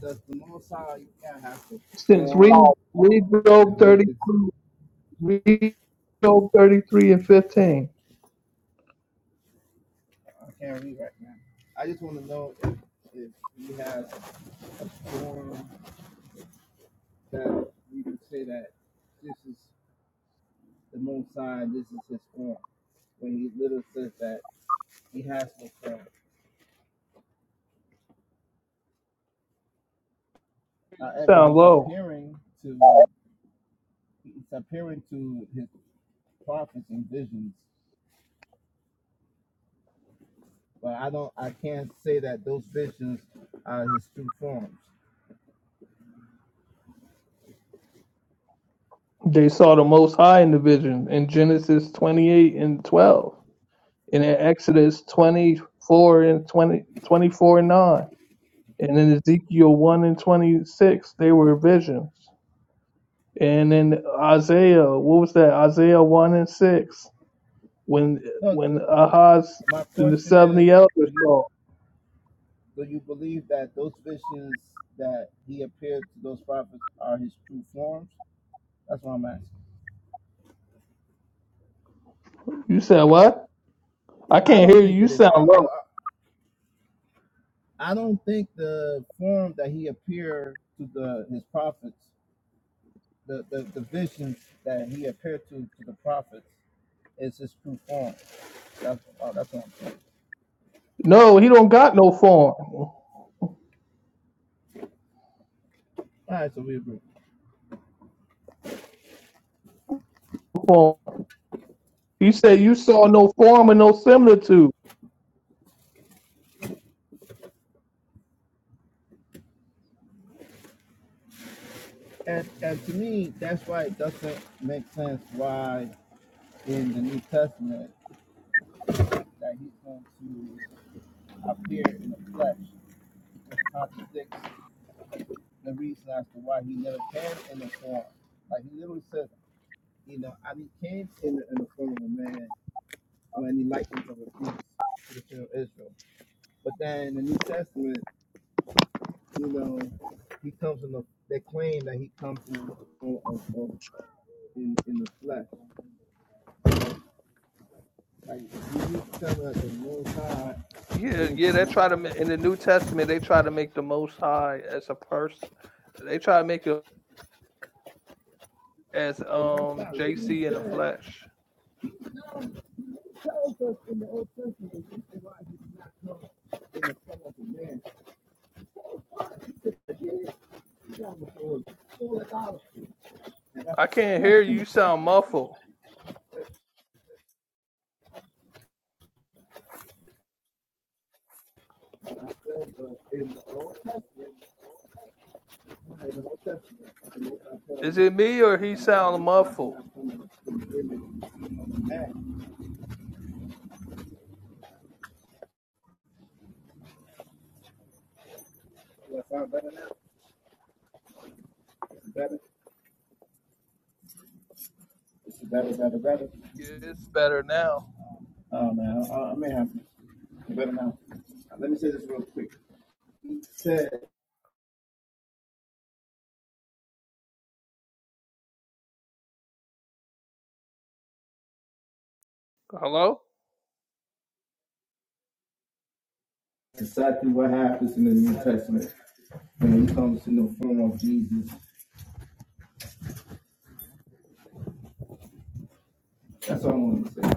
Speaker 11: Does the Most High God have to
Speaker 12: Since read
Speaker 11: form
Speaker 12: read Job
Speaker 11: that we
Speaker 12: thirty
Speaker 11: could?
Speaker 12: two, read Job thirty three and fifteen.
Speaker 11: I can't read right now. I just want to know if if he has a form that we can say that this is the Most High, this is his form. When he literally says that he has no form.
Speaker 12: You
Speaker 11: However,
Speaker 12: sound
Speaker 11: he's
Speaker 12: low.
Speaker 11: appearing to he's appearing to his prophets in visions, but I don't I can't say that those visions are his true forms.
Speaker 12: They saw the Most High in the vision in Genesis twenty eight and twelve, and in Exodus twenty four and 20 24 and nine, and in Ezekiel one and twenty six they were visions. And in Isaiah, what was that? Isaiah one and six. when
Speaker 11: No, the,
Speaker 12: when Ahaz
Speaker 11: my
Speaker 12: and the
Speaker 11: question is,
Speaker 12: seventy
Speaker 11: do
Speaker 12: elders
Speaker 11: you
Speaker 12: saw.
Speaker 11: do you believe that those visions that he appeared to those prophets are his true forms? That's what I'm asking.
Speaker 12: You said what? I
Speaker 11: I
Speaker 12: can't hear
Speaker 11: don't
Speaker 12: you.
Speaker 11: think
Speaker 12: You
Speaker 11: it is.
Speaker 12: sound
Speaker 11: I I,
Speaker 12: low.
Speaker 11: I don't think the form that he appeared to the his prophets, the, the, the visions that he appeared to to the prophets It's its true form. That's oh, that's what I'm saying.
Speaker 12: No, he don't got no form.
Speaker 11: All right, so we agree.
Speaker 12: form. He said you saw no form and no similitude.
Speaker 11: And and to me, that's why it doesn't make sense why in the New Testament that he's going to appear in the flesh, which contradicts the reason as to why he never came in the form. Like he literally said, you know, I he came in the, in the form of a man or any likeness of a beast to the children of Israel. But then in the New Testament, you know, he comes in the they claim that he comes in the form of, of in, in the flesh. Like if you tell us the most high
Speaker 12: Yeah,
Speaker 11: being
Speaker 12: yeah,
Speaker 11: his
Speaker 12: they try to ma- in
Speaker 11: mind,
Speaker 12: the New Testament they try to make the Most High as a person. They try to make it as
Speaker 11: most
Speaker 12: um
Speaker 11: high living
Speaker 12: JC in the flesh.
Speaker 11: man.
Speaker 12: I can't hear you. You sound muffled. Is it me or he sound muffled?
Speaker 11: Better now. This better. This better, better, better.
Speaker 12: Yeah, it's better now.
Speaker 11: Oh man, I, i may have to, Better now. Let me say this real quick. It said
Speaker 12: Hello,
Speaker 11: exactly what happens in the New Testament when it comes to the form of Jesus. That's all I want to say.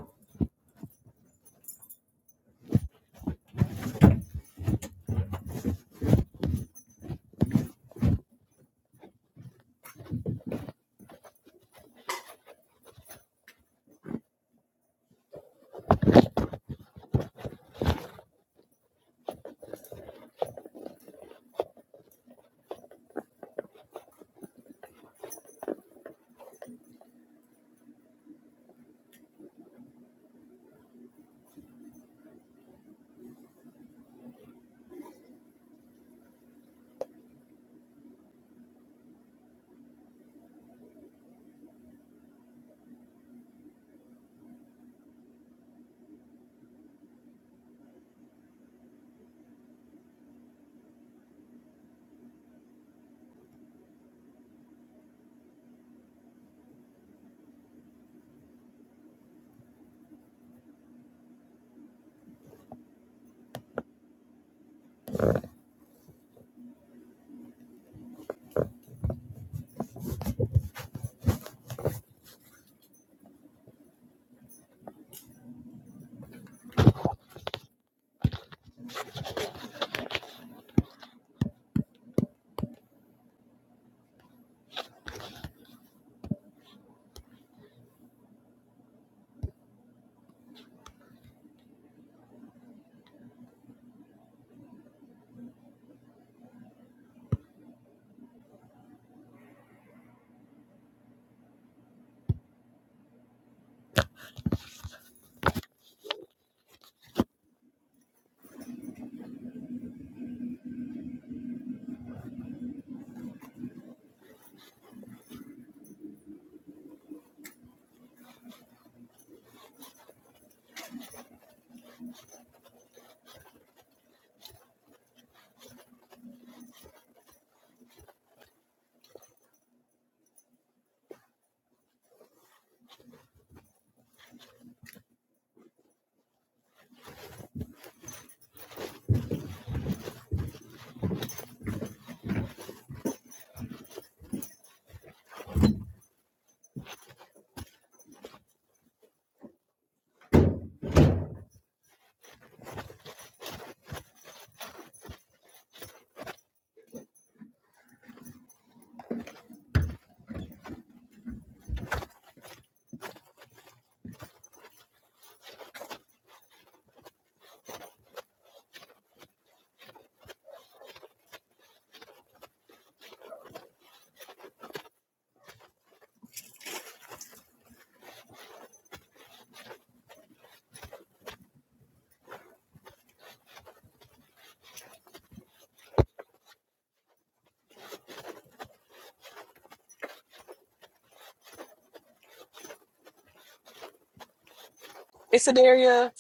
Speaker 8: Hey, Sedaria.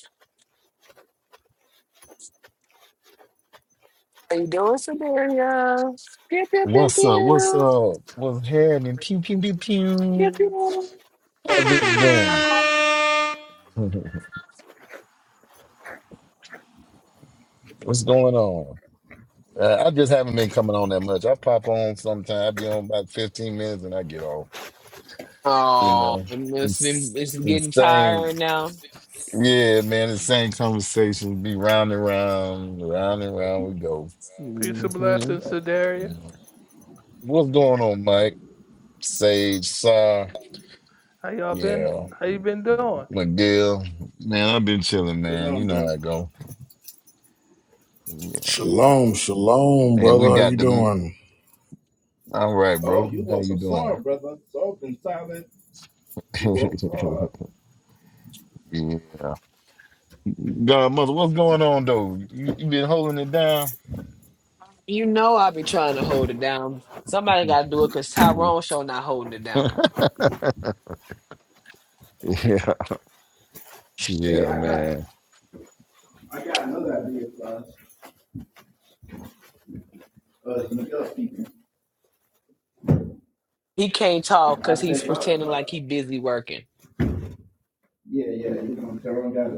Speaker 8: How you doing, Sedaria? Pew, pew, pew,
Speaker 15: What's up? What's
Speaker 8: pew.
Speaker 15: up? What's happening? Pew pew pew
Speaker 8: Pew,
Speaker 15: pew.
Speaker 8: pew.
Speaker 15: How's it going? (laughs) What's going on? Uh, I just haven't been coming on that much. I pop on sometime. I be on about fifteen minutes and I get off. You
Speaker 8: Oh,
Speaker 15: know,
Speaker 8: it must be,
Speaker 15: it's
Speaker 8: it's
Speaker 15: the
Speaker 8: getting
Speaker 15: same.
Speaker 8: tiring
Speaker 15: Yeah, man, the same conversation be round and round, round and round we go.
Speaker 12: peace and
Speaker 8: hmm
Speaker 12: blessings,
Speaker 15: So,
Speaker 12: to Daria.
Speaker 15: you know, what's going on, Mike? Sage, Sar,
Speaker 12: How y'all been?
Speaker 15: yeah,
Speaker 12: How you been doing?
Speaker 15: McGill. Man, I've been chilling, man. You
Speaker 11: Shalom,
Speaker 15: know
Speaker 11: bro.
Speaker 15: how I go. Yeah.
Speaker 1: Shalom, shalom,
Speaker 15: And we
Speaker 1: brother. How you
Speaker 15: got the
Speaker 1: doing?
Speaker 15: all right,
Speaker 11: Oh,
Speaker 15: bro.
Speaker 11: you
Speaker 15: How
Speaker 11: woke
Speaker 15: you
Speaker 11: up
Speaker 15: doing?
Speaker 11: sorry, brother. Soft and silent. You
Speaker 15: (laughs)
Speaker 11: woke hard.
Speaker 15: yeah. Godmother, what's going on though? You, you been holding it down?
Speaker 8: You know I be trying to hold it down. Somebody got to do it because
Speaker 15: (laughs)
Speaker 8: Tyrone sure not holding it down.
Speaker 15: Yeah,
Speaker 11: Hey,
Speaker 15: yeah,
Speaker 11: I got
Speaker 15: man.
Speaker 11: I got another idea for us. Uh, it's Miguel speaking.
Speaker 8: He can't talk
Speaker 11: I
Speaker 8: because he's
Speaker 11: said, what,
Speaker 8: pretending like he
Speaker 11: what?
Speaker 8: busy working.
Speaker 11: Yeah, yeah, you're gonna tell them guys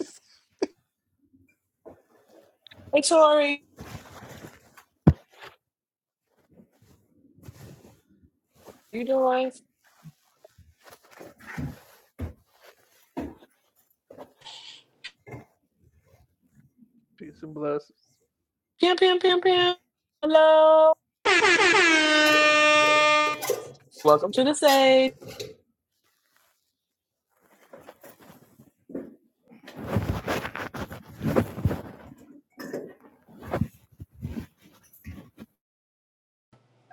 Speaker 7: (laughs)
Speaker 8: Hey, Tori, you doing?
Speaker 12: Peace and blessings.
Speaker 8: Pim, pim, pim, pim. Hello. Welcome to the stage.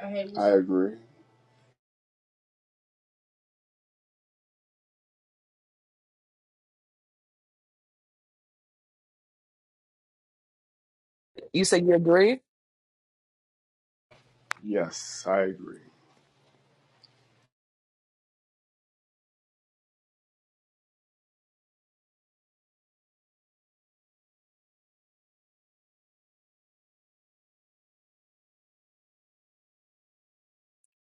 Speaker 16: I I agree.
Speaker 8: You said you agree?
Speaker 16: Yes, I agree.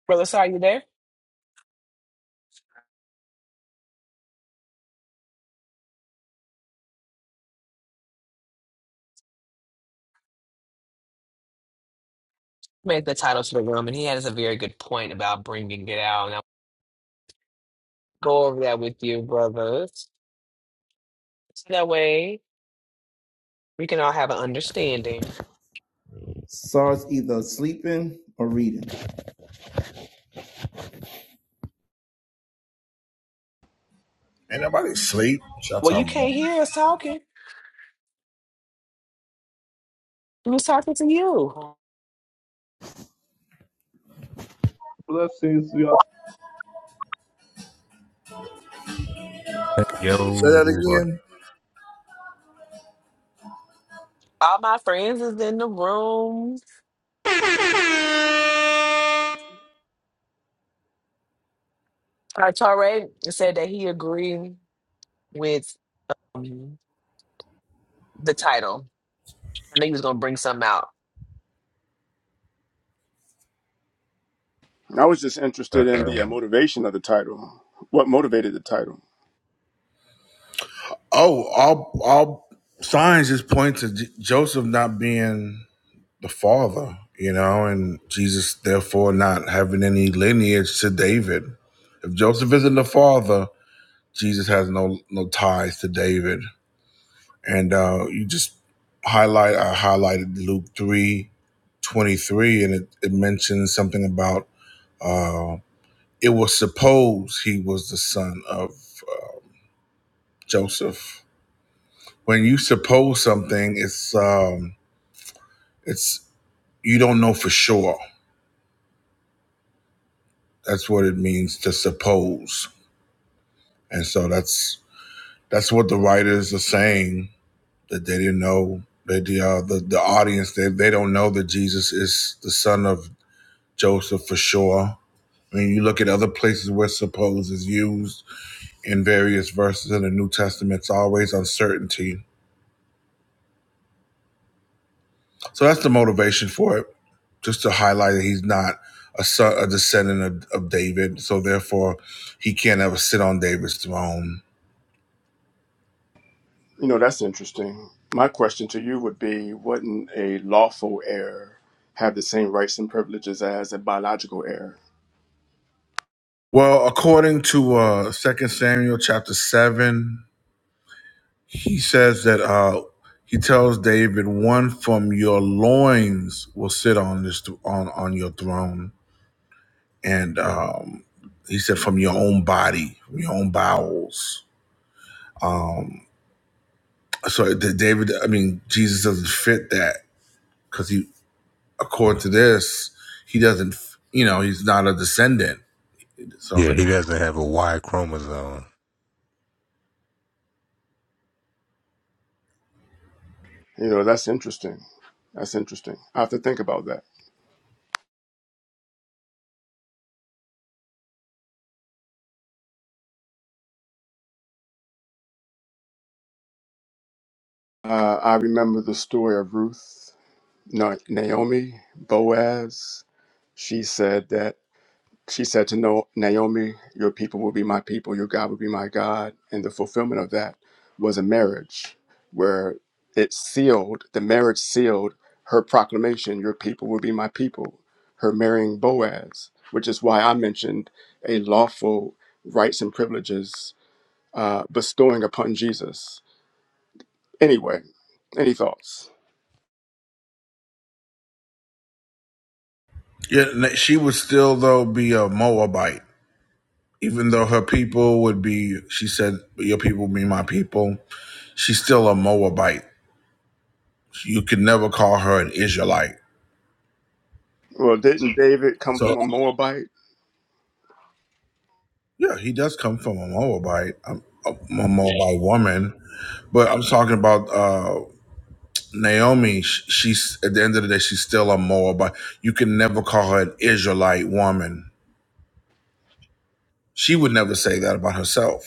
Speaker 8: Brother, sorry, you there? Made the title to the room, and he has a very good point about bringing it out. And I'll go over that with you, brothers. So that way we can all have an understanding.
Speaker 11: SARS either sleeping or reading.
Speaker 1: Ain't nobody sleep. What y'all
Speaker 8: Well, you
Speaker 1: talking
Speaker 8: can't
Speaker 1: about?
Speaker 8: hear us talking. We was talking to you.
Speaker 12: Blessings, y'all.
Speaker 1: Say that
Speaker 17: Yo.
Speaker 1: again.
Speaker 8: All my friends is in the room. Uh, Torre said that he agreed with um, the title. I think he was gonna bring something out.
Speaker 16: I was just interested in
Speaker 17: Uh-uh.
Speaker 16: the uh, motivation of the title. What motivated the title?
Speaker 1: Oh, all all signs just point to J- Joseph not being the father, you know, and Jesus therefore not having any lineage to David. If Joseph isn't the father, Jesus has no no ties to David. and uh, you just highlight I highlighted Luke three twenty three, and it, it mentions something about uh, it was supposed he was the son of uh, Joseph. When you suppose something, it's um, it's you don't know for sure. That's what it means to suppose, and so that's that's what the writers are saying that they didn't know. That the, uh, the the audience they, they don't know that Jesus is the son of Joseph for sure When you look at other places where suppose is used in various verses in the New Testament, it's always uncertainty. So that's the motivation for it, just to highlight that he's not a son, a descendant of, of David. So therefore, he can't ever sit on David's throne.
Speaker 16: You know, that's interesting. My question to you would be wouldn't a lawful heir have the same rights and privileges as a biological heir?
Speaker 1: Well, according to uh, 2 Samuel chapter 7, he says that uh, he tells David, one from your loins will sit on this th- on, on your throne. and um, he said from your own body, from your own bowels. So the David, I mean, Jesus doesn't fit that because he, according to this, he doesn't. You know, he's not a descendant. So
Speaker 17: Yeah, he doesn't have a Y chromosome.
Speaker 16: You know, that's interesting. That's interesting. I have to think about that. Uh, I remember the story of Ruth, Na- Naomi, Boaz. She said that She said to no- Naomi, Your people will be my people, your God will be my God. And the fulfillment of that was a marriage where it sealed, the marriage sealed her proclamation, Your people will be my people, her marrying Boaz, which is why I mentioned a lawful rights and privileges uh, bestowing upon Jesus. Anyway, any thoughts?
Speaker 1: yeah, she would still though be a Moabite, even though her people would be. She said, "Your people be my people." She's still a Moabite. You could never call her an Israelite.
Speaker 16: Well, didn't David come
Speaker 1: So
Speaker 16: from a Moabite?
Speaker 1: Yeah, he does come from a Moabite, um, a, a Moabite woman, but I'm talking about uh, Naomi. sh- She's at the end of the day, she's still a Moabite. You can never call her an Israelite woman. She would never say that about herself.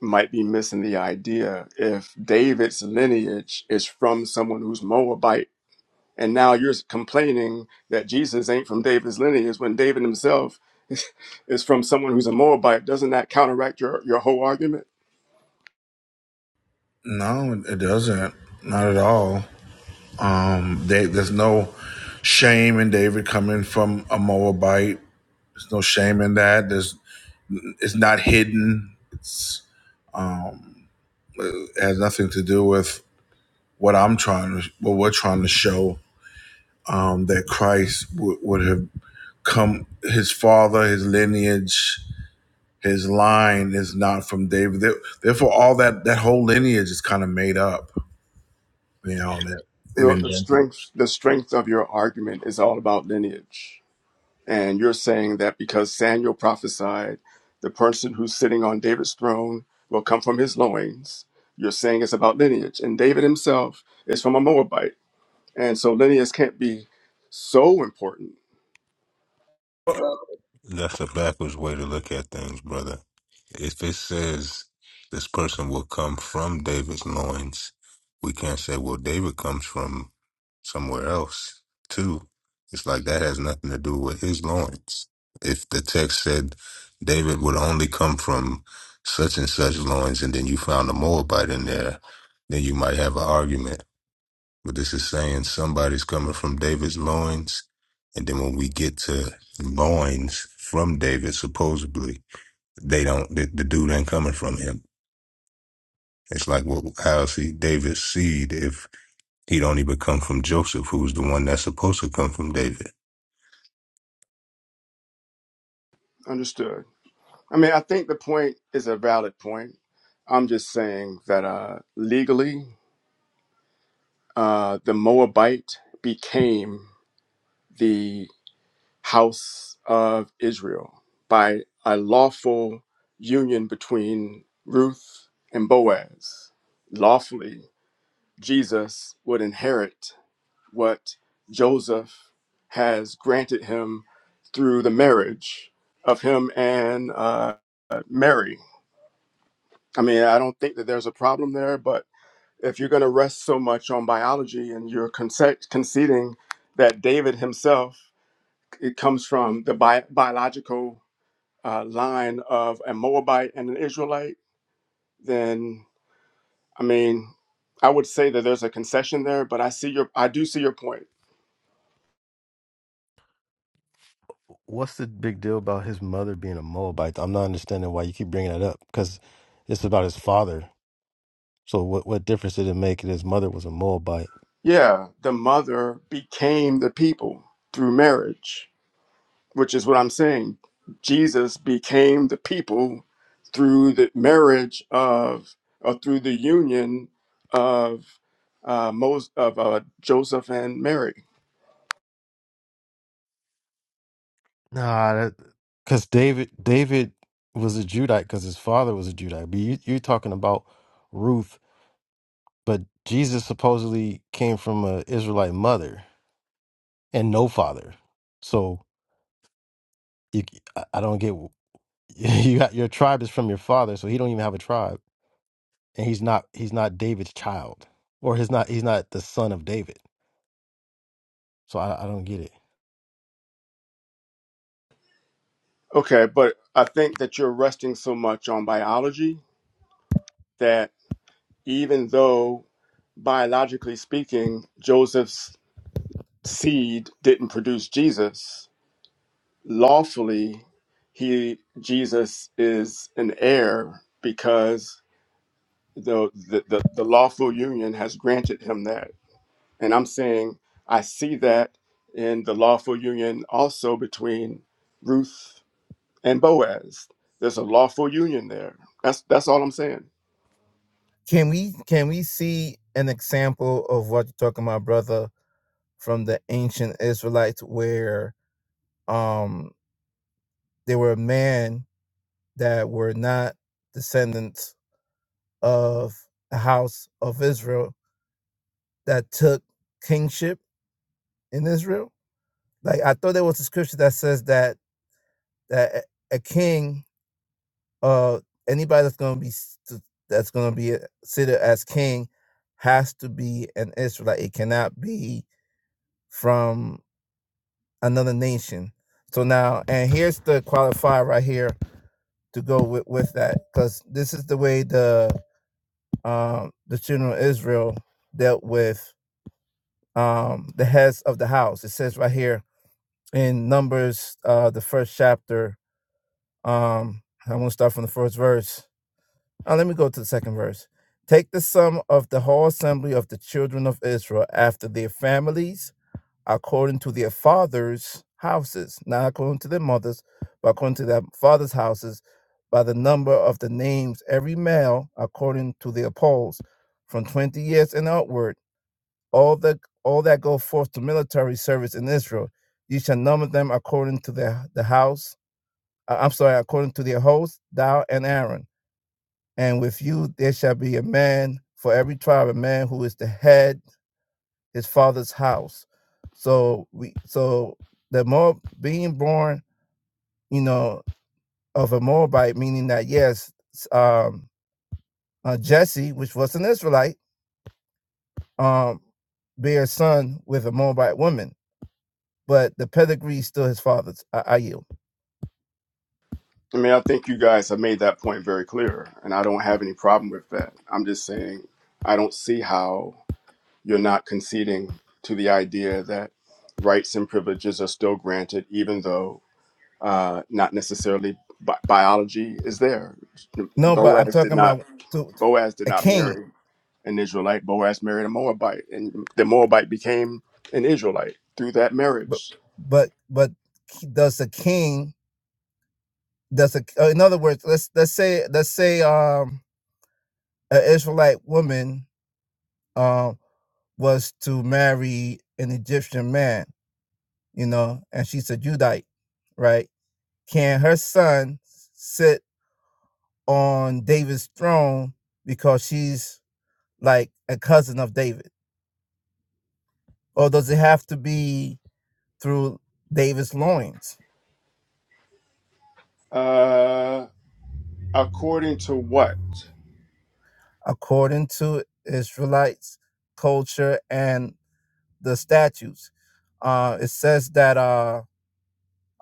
Speaker 16: might be missing the idea if David's lineage is from someone who's Moabite, and now you're complaining that Jesus ain't from David's lineage when David himself (laughs) is is from someone who's a Moabite. Doesn't that counteract your, your whole argument?
Speaker 1: No, it it doesn't. Not at all. Um, they, there's no shame in David coming from a Moabite. There's no shame in that. There's it's not hidden. Um, it has nothing to do with what I'm trying to, what we're trying to show um, that Christ would would have come. His father, his lineage, his line is not from David. There- Therefore, all that that whole lineage is kind of made up. You know that
Speaker 16: You
Speaker 1: they've
Speaker 16: know, the
Speaker 1: invented.
Speaker 16: strength the strength of your argument is all about lineage, and you're saying that because Samuel prophesied, the person who's sitting on David's throne will come from his loins. You're saying it's about lineage, and David himself is from a Moabite. And so lineage can't be so important.
Speaker 17: That's a backwards way to look at things, brother. If it says this person will come from David's loins, we can't say, well, David comes from somewhere else, too. It's like that has nothing to do with his loins. If the text said David would only come from such and such loins, and then you found a Moabite in there, then you might have an argument. But this is saying somebody's coming from David's loins. And then when we get to loins from David, supposedly, they don't, the, the dude ain't coming from him. It's like, well, how is he David's seed if he don't even come from Joseph, who's the one that's supposed to come from David?
Speaker 16: Understood. I mean, I think the point is a valid point. I'm just saying that uh, legally, uh, the Moabite became the house of Israel by a lawful union between Ruth and Boaz. Lawfully, Jesus would inherit what Joseph has granted him through the marriage of him and uh, Mary. I mean, I don't think that there's a problem there, but if you're going to rest so much on biology and you're conce- conceding that David himself, it comes from the bi- biological uh, line of a Moabite and an Israelite, then I mean, I would say that there's a concession there, but I see your, I do see your point
Speaker 7: What's the big deal about his mother being a Moabite? I'm not understanding why you keep bringing that up because it's about his father. So what what difference did it make that his mother was a Moabite?
Speaker 16: Yeah, the mother became the people through marriage, which is what I'm saying. Jesus became the people through the marriage of, or through the union of uh, most of uh, Joseph and Mary.
Speaker 7: Nah, that because David David was a Judite because his father was a Judite. But you, you're talking about Ruth, but Jesus supposedly came from a Israelite mother and no father. So you, I I don't get (laughs) you got your tribe is from your father, so he don't even have a tribe. and he's not he's not David's child, or he's not he's not the son of David. So I, I don't get it.
Speaker 16: Okay, but I think that you're resting so much on biology that even though biologically speaking, Joseph's seed didn't produce Jesus, lawfully he Jesus is an heir because the the, the, the lawful union has granted him that. And I'm saying I see that in the lawful union also between Ruth and Boaz. There's a lawful union there. That's that's all I'm saying.
Speaker 11: Can we can we see an example of what you're talking about, brother, from the ancient Israelites where um there were men that were not descendants of the house of Israel that took kingship in Israel? Like I thought there was a scripture that says that that a a king uh anybody that's going to be s- that's going to be considered as king has to be an Israelite. It cannot be from another nation. So now, and here's the qualifier right here to go with with that, because this is the way the um the children of Israel dealt with um the heads of the house. It says right here in Numbers, uh, the first chapter. Um, I'm gonna start from the first verse Uh, let me go to the second verse. Take the sum of the whole assembly of the children of Israel after their families, according to their fathers' houses, not according to their mothers, but according to their fathers' houses, by the number of the names, every male according to their polls, from twenty years and outward, all the all that go forth to military service in Israel, you shall number them according to their the house. uh, I'm sorry, according to their host, thou and Aaron. And with you there shall be a man for every tribe, a man who is the head, his father's house. So we so the Moab being born, you know, of a Moabite, meaning that yes, um uh, Jesse, which was an Israelite, um, bear a son with a Moabite woman, but the pedigree is still his father's. I, I yield.
Speaker 16: I mean, I think you guys have made that point very clear, and I don't have any problem with that. I'm just saying I don't see how You're not conceding to the idea that rights and privileges are still granted, even though uh, not necessarily bi- biology is there.
Speaker 11: No, but I'm
Speaker 16: Boaz did
Speaker 11: talking
Speaker 16: not.
Speaker 11: about to, to
Speaker 16: Boaz did
Speaker 11: a
Speaker 16: not
Speaker 11: king,
Speaker 16: marry an Israelite. Boaz married a Moabite, and the Moabite became an Israelite through that
Speaker 11: but
Speaker 16: marriage.
Speaker 11: but but does the king that's a uh, in other words let's let's say let's say um an israelite woman um was to marry an egyptian man you know and she's a judite right can her son sit on david's throne because she's like a cousin of david or does it have to be through david's loins
Speaker 16: Uh, according to what?
Speaker 11: according to israelites culture and the statutes uh it says that uh.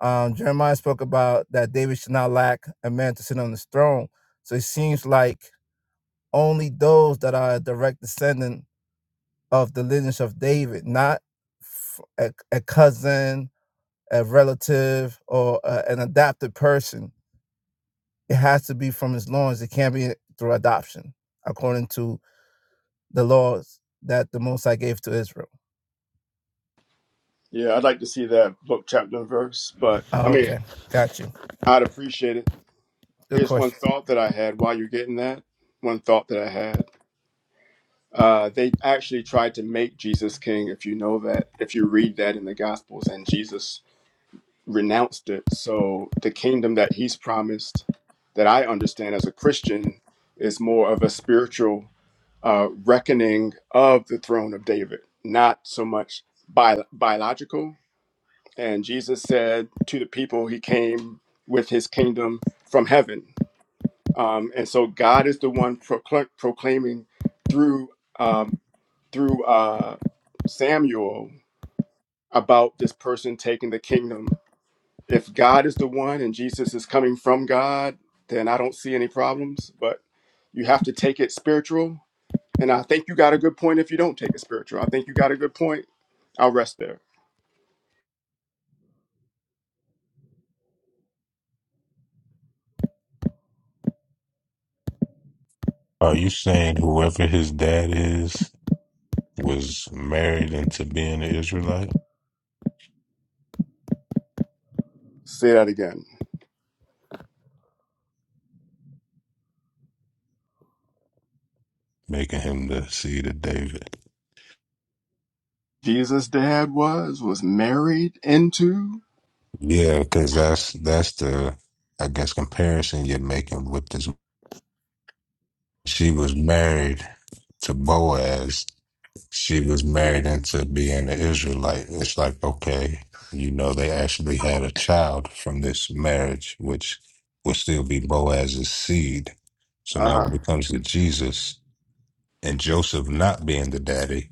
Speaker 11: Um, Jeremiah spoke about that David should not lack a man to sit on his throne. So it seems like only those that are a direct descendant of the lineage of David, not f- a, a cousin, a relative, or a, an adopted person. It has to be from his loins. It can't be through adoption, according to the laws that the Most High gave to Israel.
Speaker 16: Yeah, I'd like to see that book, chapter, and verse, but I
Speaker 11: Oh,
Speaker 16: mean,
Speaker 11: okay. Got you.
Speaker 16: I'd appreciate it.
Speaker 11: Good
Speaker 16: Here's one
Speaker 11: question.
Speaker 16: thought that I had while you're getting that. One thought that I had. Uh, they actually tried to make Jesus king, if you know that, if you read that in the Gospels, and Jesus renounced it. So the kingdom that he's promised, that I understand as a Christian, is more of a spiritual uh, reckoning of the throne of David, not so much bi- biological. And Jesus said to the people, he came with his kingdom from heaven. Um, and so God is the one procl- proclaiming through. Um, through uh, Samuel about this person taking the kingdom. If God is the one and Jesus is coming from God, then I don't see any problems. But you have to take it spiritual. And I think you got a good point if you don't take it spiritual. I think you got a good point. I'll rest there.
Speaker 17: Are you saying whoever his dad is was married into being an Israelite,
Speaker 16: Say that again.
Speaker 17: making him the seed of David?
Speaker 16: Jesus' dad was was married into.
Speaker 17: Yeah, because that's that's the I guess comparison you're making with this. She was married to Boaz. She was married into being an Israelite. It's like okay, you know, they actually had a child from this marriage, which would still be Boaz's seed. So
Speaker 16: Uh
Speaker 17: now,
Speaker 16: huh.
Speaker 17: when it comes to Jesus, and Joseph not being the daddy,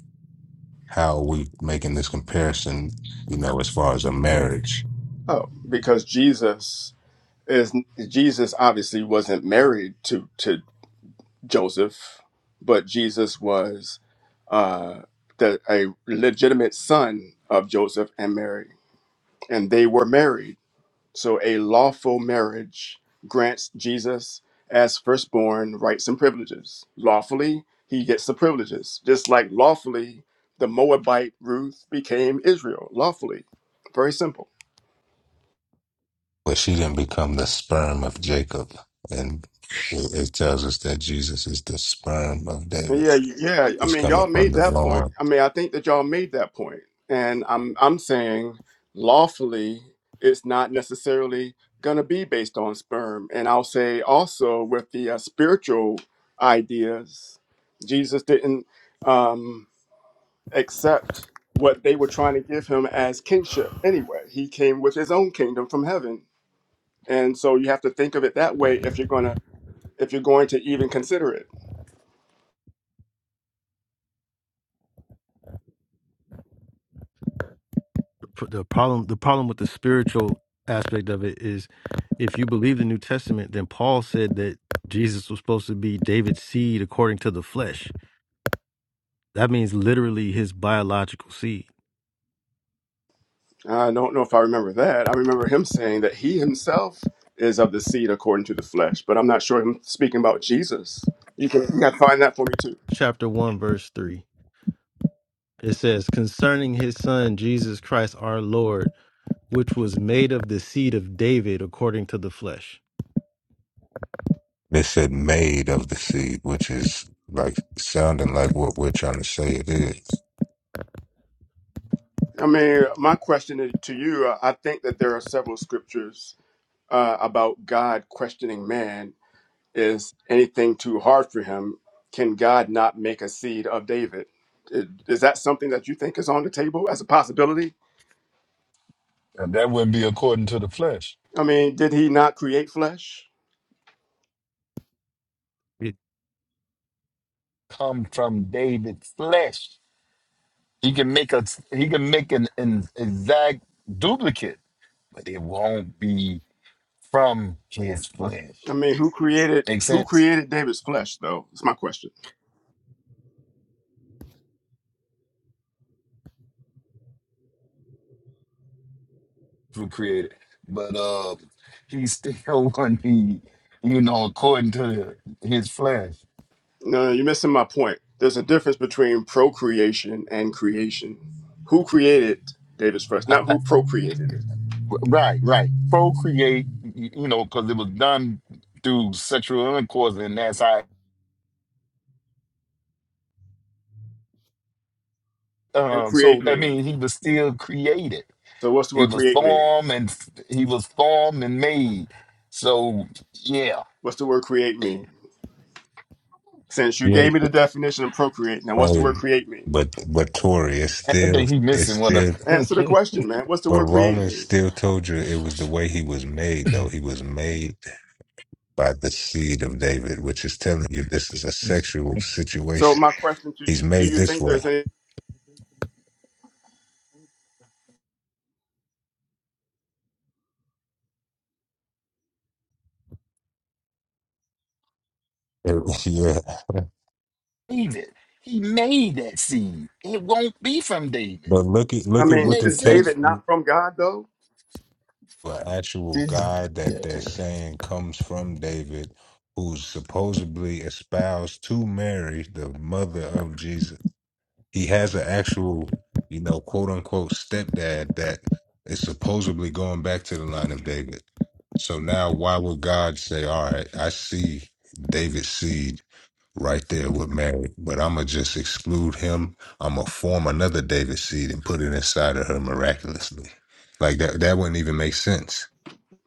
Speaker 17: how are we making this comparison, you know, as far as a marriage?
Speaker 16: Oh, because Jesus is Jesus obviously wasn't married to to Joseph, but Jesus was uh, the, a legitimate son of Joseph and Mary, and they were married. So a lawful marriage grants Jesus as firstborn rights and privileges. Lawfully, he gets the privileges, just like lawfully the Moabite Ruth became Israel. Lawfully, very simple.
Speaker 17: But she didn't become the sperm of Jacob. And it, it tells us that Jesus is the sperm of David.
Speaker 16: Yeah, yeah. I
Speaker 17: He's
Speaker 16: mean,
Speaker 17: coming
Speaker 16: y'all
Speaker 17: from
Speaker 16: made
Speaker 17: the
Speaker 16: that point.
Speaker 17: lawn.
Speaker 16: I mean, I think that y'all made that point. And I'm I'm saying lawfully it's not necessarily going to be based on sperm. And I'll say also with the uh, spiritual ideas, Jesus didn't um accept what they were trying to give him as kingship anyway. He came with his own kingdom from heaven. And so you have to think of it that way if you're going to if you're going to even consider it.
Speaker 7: pr- the problem the problem with the spiritual aspect of it is if you believe the new testament then paul said that jesus was supposed to be david's seed according to the flesh that means literally his biological seed
Speaker 16: I don't know if I remember that. I remember him saying that he himself is of the seed according to the flesh, but I'm not sure him speaking about Jesus. You can, you can find that for me too.
Speaker 7: chapter 1 verse 3 it says concerning his son jesus christ our lord which was made of the seed of david according to the flesh
Speaker 17: They said made of the seed, which is like sounding like what we're trying to say it is.
Speaker 16: I mean, my question is- to you, uh, I think that there are several scriptures uh, about God questioning man. Is anything too hard for him? Can God not make a seed of David? Is is that something that you think is on the table as a possibility?
Speaker 15: And that wouldn't be according to the flesh.
Speaker 16: I mean, did he not create flesh?
Speaker 7: It-
Speaker 15: Come from David's flesh. He can make a he can make an, an exact duplicate, but it won't be from his flesh.
Speaker 16: I mean, who created
Speaker 15: Make
Speaker 16: who
Speaker 15: sense?
Speaker 16: created David's flesh though? It's my question.
Speaker 15: who created. But uh, he still (laughs) wasn't, he, you know, according to his flesh.
Speaker 16: No, no, you're missing my point. There's a difference between procreation and creation. Who created David's flesh? Not who procreated it.
Speaker 15: Right, right. Procreate, y- you know, because it was done through sexual intercourse, and that's how. Um, so
Speaker 16: Procreate
Speaker 15: that
Speaker 16: mean.
Speaker 15: means he was still created.
Speaker 16: So what's the
Speaker 15: He
Speaker 16: word
Speaker 15: was
Speaker 16: create mean?
Speaker 15: formed and f- he was formed and made. So yeah,
Speaker 16: What's the word create mean? Since you
Speaker 17: Yeah.
Speaker 16: gave me the definition of procreate, now what's the
Speaker 17: Oh,
Speaker 16: word create mean?
Speaker 17: but but Tori, it's
Speaker 15: I I
Speaker 17: still
Speaker 15: think he
Speaker 17: it's
Speaker 15: missing what
Speaker 17: still
Speaker 15: up. (laughs)
Speaker 16: Answer the question, man. What's the
Speaker 17: but
Speaker 16: word create
Speaker 17: Romans
Speaker 16: mean?
Speaker 17: still told you it was the way he was made though. He was made by the seed of David, which is telling you this is a sexual
Speaker 16: So
Speaker 17: situation.
Speaker 16: my question to you,
Speaker 17: He's
Speaker 16: do
Speaker 17: made
Speaker 16: you
Speaker 17: this
Speaker 16: think
Speaker 17: way.
Speaker 16: there's any
Speaker 17: (laughs) yeah.
Speaker 15: David, he made that seed. It won't be from David.
Speaker 17: But look at
Speaker 16: I
Speaker 17: look at what
Speaker 16: mean,
Speaker 17: the
Speaker 15: Makes
Speaker 16: is
Speaker 15: sense.
Speaker 17: text
Speaker 16: David not from God though?
Speaker 17: the actual
Speaker 15: This-
Speaker 17: guy
Speaker 15: Yeah,
Speaker 17: that they're saying comes from David, who's supposedly espoused to Mary, the mother of Jesus. he has an actual, you know, quote unquote stepdad that is supposedly going back to the line of David. So now, why would God say, "All right, I see David's seed right there with Mary, but I'm gonna just exclude him. I'm gonna form another David seed and put it inside of her miraculously." Like that, that wouldn't even make sense.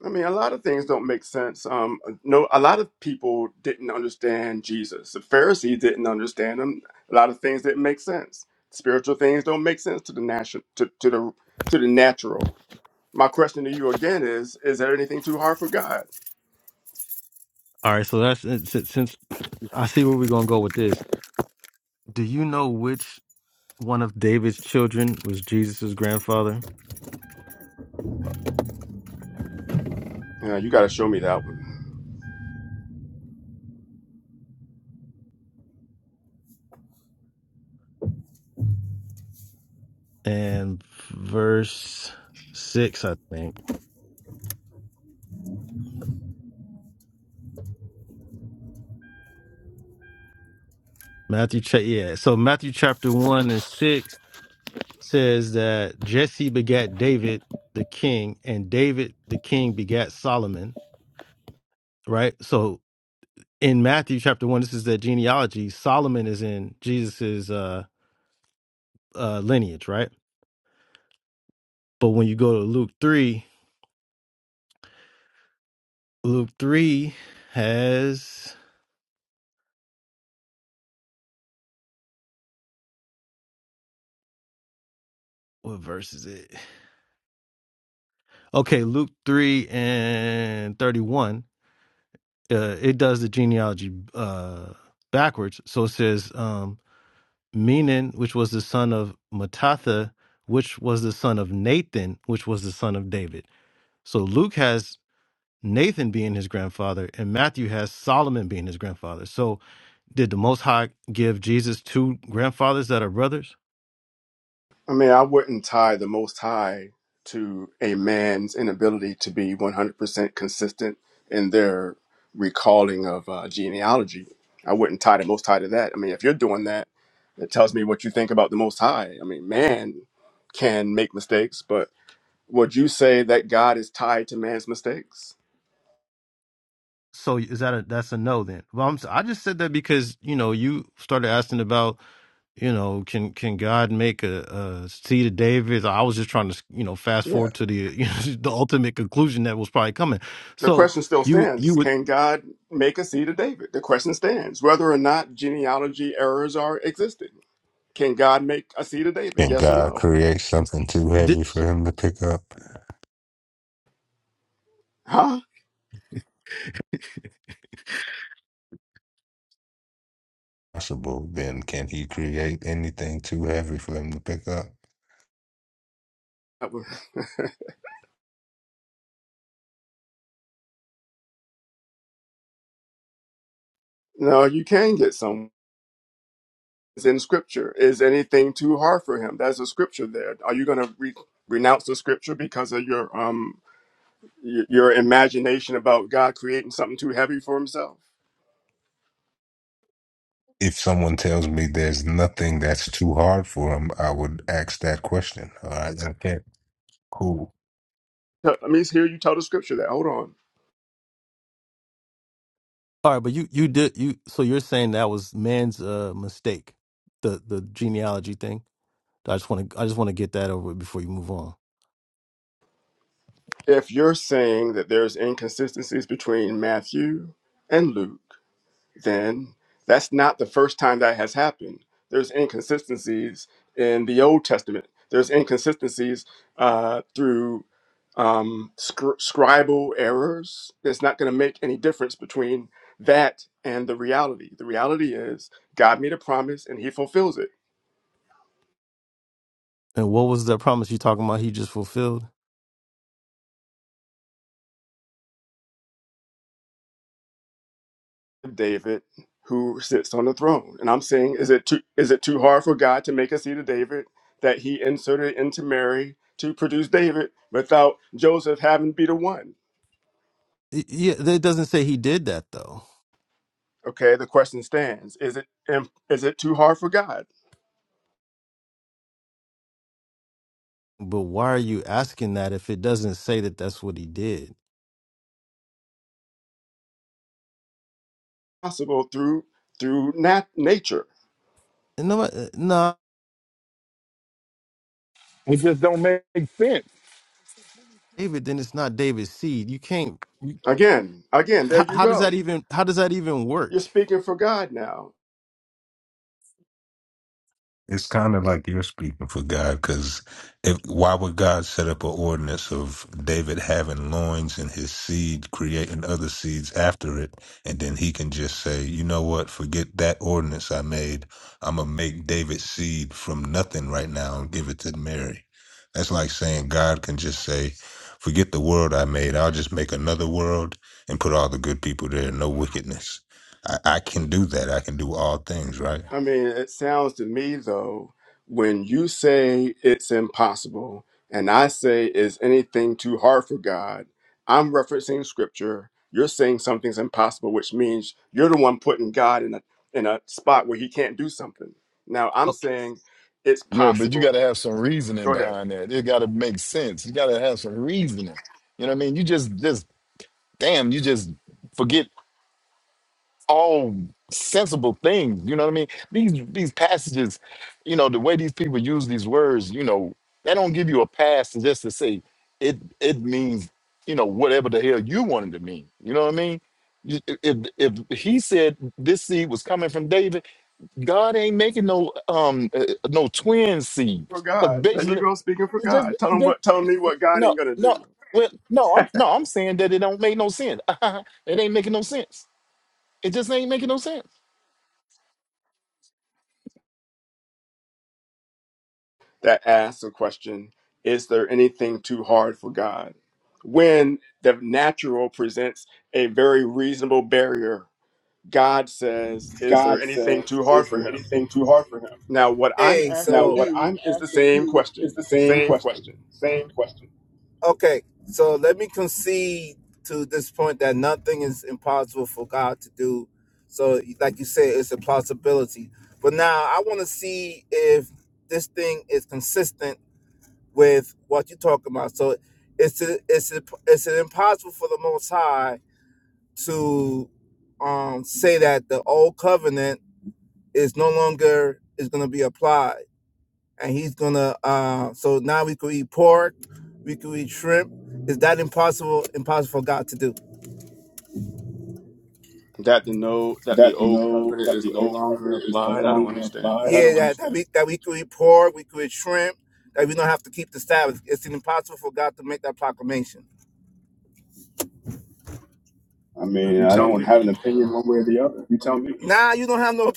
Speaker 16: I mean, a lot of things don't make sense. Um, no, a lot of people didn't understand Jesus. The Pharisees didn't understand him. A lot of things didn't make sense. Spiritual things don't make sense to the national, to, to the to the natural. My question to you again is: Is there anything too hard for God?
Speaker 7: all right so that's since I see where we're gonna go with this. Do you know which one of David's children was Jesus' grandfather?
Speaker 16: Uh, you got to show me that one.
Speaker 7: And verse six, I think. Matthew, cha- yeah. So Matthew chapter one and six says that Jesse begat David the king, and David the king begat Solomon. Right. So in Matthew chapter one, this is the genealogy. Solomon is in Jesus's uh, uh, lineage, right? But when you go to Luke three, Luke three has what verse is it? Okay, Luke 3 and 31. Uh, it does the genealogy uh, backwards. So it says, um, Menon, which was the son of Matatha, which was the son of Nathan, which was the son of David. So Luke has Nathan being his grandfather, and Matthew has Solomon being his grandfather. So did the Most High give Jesus two grandfathers that are brothers?
Speaker 16: I mean, I wouldn't tie the Most High to a man's inability to be 100% consistent in their recalling of uh, genealogy. I wouldn't tie the Most High to that. I mean, if you're doing that, it tells me what you think about the Most High. I mean, man can make mistakes, but would you say that God is tied to man's mistakes?
Speaker 7: So is that a that's a no then? Well, I'm, I just said that because you know you started asking about you know, can can God make a, a seed of David? I was just trying to, you know, fast
Speaker 16: Yeah.
Speaker 7: forward to the you know, (laughs) the ultimate conclusion that was probably coming.
Speaker 16: The
Speaker 7: So
Speaker 16: question still
Speaker 7: you you
Speaker 16: stands
Speaker 7: would
Speaker 16: Can God make a seed of David? The question stands whether or not genealogy errors are existed. Can God make a seed of David?
Speaker 17: Can
Speaker 16: Yes or
Speaker 17: God
Speaker 16: no?
Speaker 17: create something too
Speaker 7: di-
Speaker 17: heavy for him to pick up?
Speaker 16: Huh?
Speaker 17: Possible. Then can he create anything too heavy for him to pick up?
Speaker 16: (laughs) no, you can get some. It's in Scripture. Is anything too hard for Him? That's a Scripture there. Are you going to re- renounce the Scripture because of your um y- your imagination about God creating something too heavy for Himself?
Speaker 17: If someone tells me there's nothing that's too hard for him, I would ask that question. All right, okay, cool.
Speaker 16: Let me hear you tell the Scripture that. Hold on.
Speaker 7: All right, but you you did you so you're saying that was man's uh mistake, the the genealogy thing. I just want to I just want to get that over with before you move on.
Speaker 16: If you're saying that there's inconsistencies between Matthew and Luke then that's not the first time that has happened. There's inconsistencies in the Old Testament. There's inconsistencies uh, through um, scr- scribal errors. It's not going to make any difference between that and the reality. The reality is God made a promise and He fulfills it.
Speaker 7: And what was the promise you talking about? He just fulfilled.
Speaker 16: David, who sits on the throne, and I'm saying, is it too is it too hard for God to make a seed of David that He inserted into Mary to produce David without Joseph having to be the one?
Speaker 7: Y- Yeah, it doesn't say he did that though.
Speaker 16: Okay, the question stands: Is it im- is it too hard for God?
Speaker 7: But why are you asking that if it doesn't say that that's what he did?
Speaker 16: Possible through through nat- nature.
Speaker 7: And no, uh, no,
Speaker 15: It just don't make sense.
Speaker 7: David. Then it's not David's seed. You can't. You,
Speaker 16: Again, again, there
Speaker 7: how,
Speaker 16: you
Speaker 7: how does that
Speaker 16: go.
Speaker 7: even? How does that even
Speaker 16: You're
Speaker 7: work?
Speaker 16: speaking for God now.
Speaker 17: It's kind of like you're speaking for God, because if why would God set up an ordinance of David having loins and his seed creating other seeds after it, and then he can just say, you know what, forget that ordinance I made. I'm gonna make David's seed from nothing right now and give it to Mary. That's like saying God can just say, forget the world I made. I'll just make another world and put all the good people there, no wickedness. I, I can do that. I can do all things, right?
Speaker 16: I mean, it sounds to me though, when you say it's impossible, and I say is anything too hard for God, I'm referencing Scripture. You're saying something's impossible, which means you're the one putting God in a in a spot where He can't do something. Now I'm saying it's
Speaker 15: yeah, but you got
Speaker 16: possible.
Speaker 15: to have some reasoning
Speaker 16: Go ahead.
Speaker 15: behind that. It got to make sense. You got to have some reasoning. You know what I mean? You just, just damn, you just forget all sensible things. You know what I mean? These these passages, you know, the way these people use these words, you know, they don't give you a pass to just to say it. It means you know whatever the hell you wanted to mean. You know what I mean? You- If if he said this seed was coming from David. God ain't making no um uh, no twin seed
Speaker 16: for
Speaker 15: because
Speaker 16: God. There you
Speaker 15: basically
Speaker 16: go speaking for
Speaker 15: it just
Speaker 16: God. Tell
Speaker 15: it
Speaker 16: him
Speaker 15: just
Speaker 16: what tell me what God
Speaker 15: no
Speaker 16: ain't gonna
Speaker 15: no
Speaker 16: do.
Speaker 15: well no I'm no I'm saying that it don't make no sense. (laughs) it ain't making no sense. It just ain't making no sense.
Speaker 16: That asks a question, is there anything too hard for God? When the natural presents a very reasonable barrier, God says, Is there
Speaker 11: God
Speaker 16: anything
Speaker 11: says,
Speaker 16: too hard
Speaker 11: Is
Speaker 16: for
Speaker 11: there
Speaker 16: him?
Speaker 11: anything too hard for him?
Speaker 16: Now what I'm
Speaker 11: Hey, So Now,
Speaker 16: asking
Speaker 11: so what
Speaker 16: you
Speaker 11: I'm
Speaker 16: is the
Speaker 11: asking
Speaker 16: same
Speaker 11: you is
Speaker 16: question.
Speaker 11: the same
Speaker 16: Same
Speaker 11: question.
Speaker 16: question.
Speaker 11: Same question. okay, so let me concede to this point that nothing is impossible for God to do. So, like you said, it's a possibility. But now I want to see if this thing is consistent with what you're talking about. So, it's a, it's a, it's an impossible for the Most High to um, say that the old covenant is no longer is going to be applied and he's gonna uh so now we could eat pork we could eat shrimp is that impossible impossible for god to do
Speaker 16: That the no that the
Speaker 11: That
Speaker 16: old
Speaker 11: no
Speaker 16: covenant
Speaker 11: that
Speaker 16: is
Speaker 11: the
Speaker 16: no
Speaker 11: old
Speaker 16: longer
Speaker 11: covenant is no
Speaker 16: applied. I don't
Speaker 11: longer
Speaker 16: understand.
Speaker 11: applied. I yeah don't that that understand. we that we could eat pork we could eat shrimp that we don't have to keep the sabbath it's impossible for god to make that proclamation I mean,
Speaker 16: You
Speaker 11: I
Speaker 16: tell
Speaker 11: don't
Speaker 16: me.
Speaker 11: have an opinion one way or the other. You tell me. nah you don't have no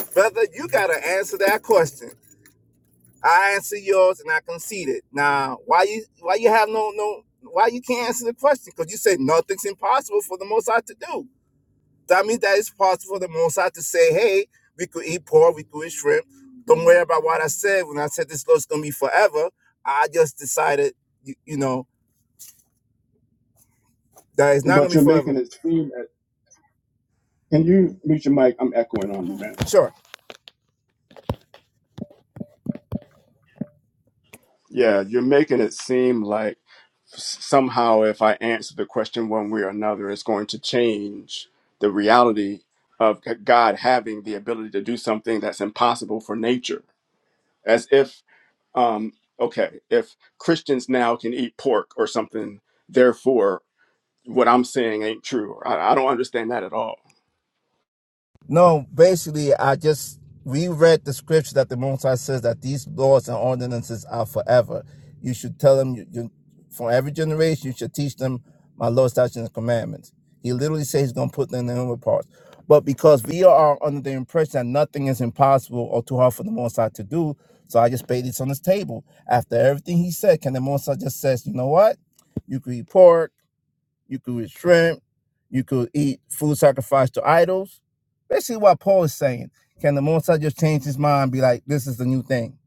Speaker 11: (laughs) brother you gotta answer that question I answer yours and I conceded. Now, why you why you have no no why you can't answer the question? Because you say nothing's impossible for the Most High to do. That means that it's possible for the Most High to say, hey, we could eat pork, we could eat shrimp. Don't worry about what I said when I said this law's gonna be forever. I just decided, you, you know, that it's not gonna But gonna be you're forever. making it seem as can you mute your mic? I'm echoing on you, man. Sure.
Speaker 16: Yeah, you're making it seem like somehow if I answer the question one way or another, it's going to change the reality of God having the ability to do something that's impossible for nature. As if, um, okay, if Christians now can eat pork or something, therefore what I'm saying ain't true. I, I don't understand that at all.
Speaker 11: No, basically, I just we read the scripture that the Most High says that these laws and ordinances are forever. You should tell them you, you, from every generation. You should teach them my laws, statutes, and commandments. He literally says he's going to put them in the inward parts. But because we are under the impression that nothing is impossible or too hard for the Most High to do, so I just paid this on his table. After everything he said, can the Most High just says, you know what? You can report. You could eat shrimp. You could eat food sacrificed to idols. Basically, what Paul is saying: Can the Most High just change his mind? And be like, this is the new thing.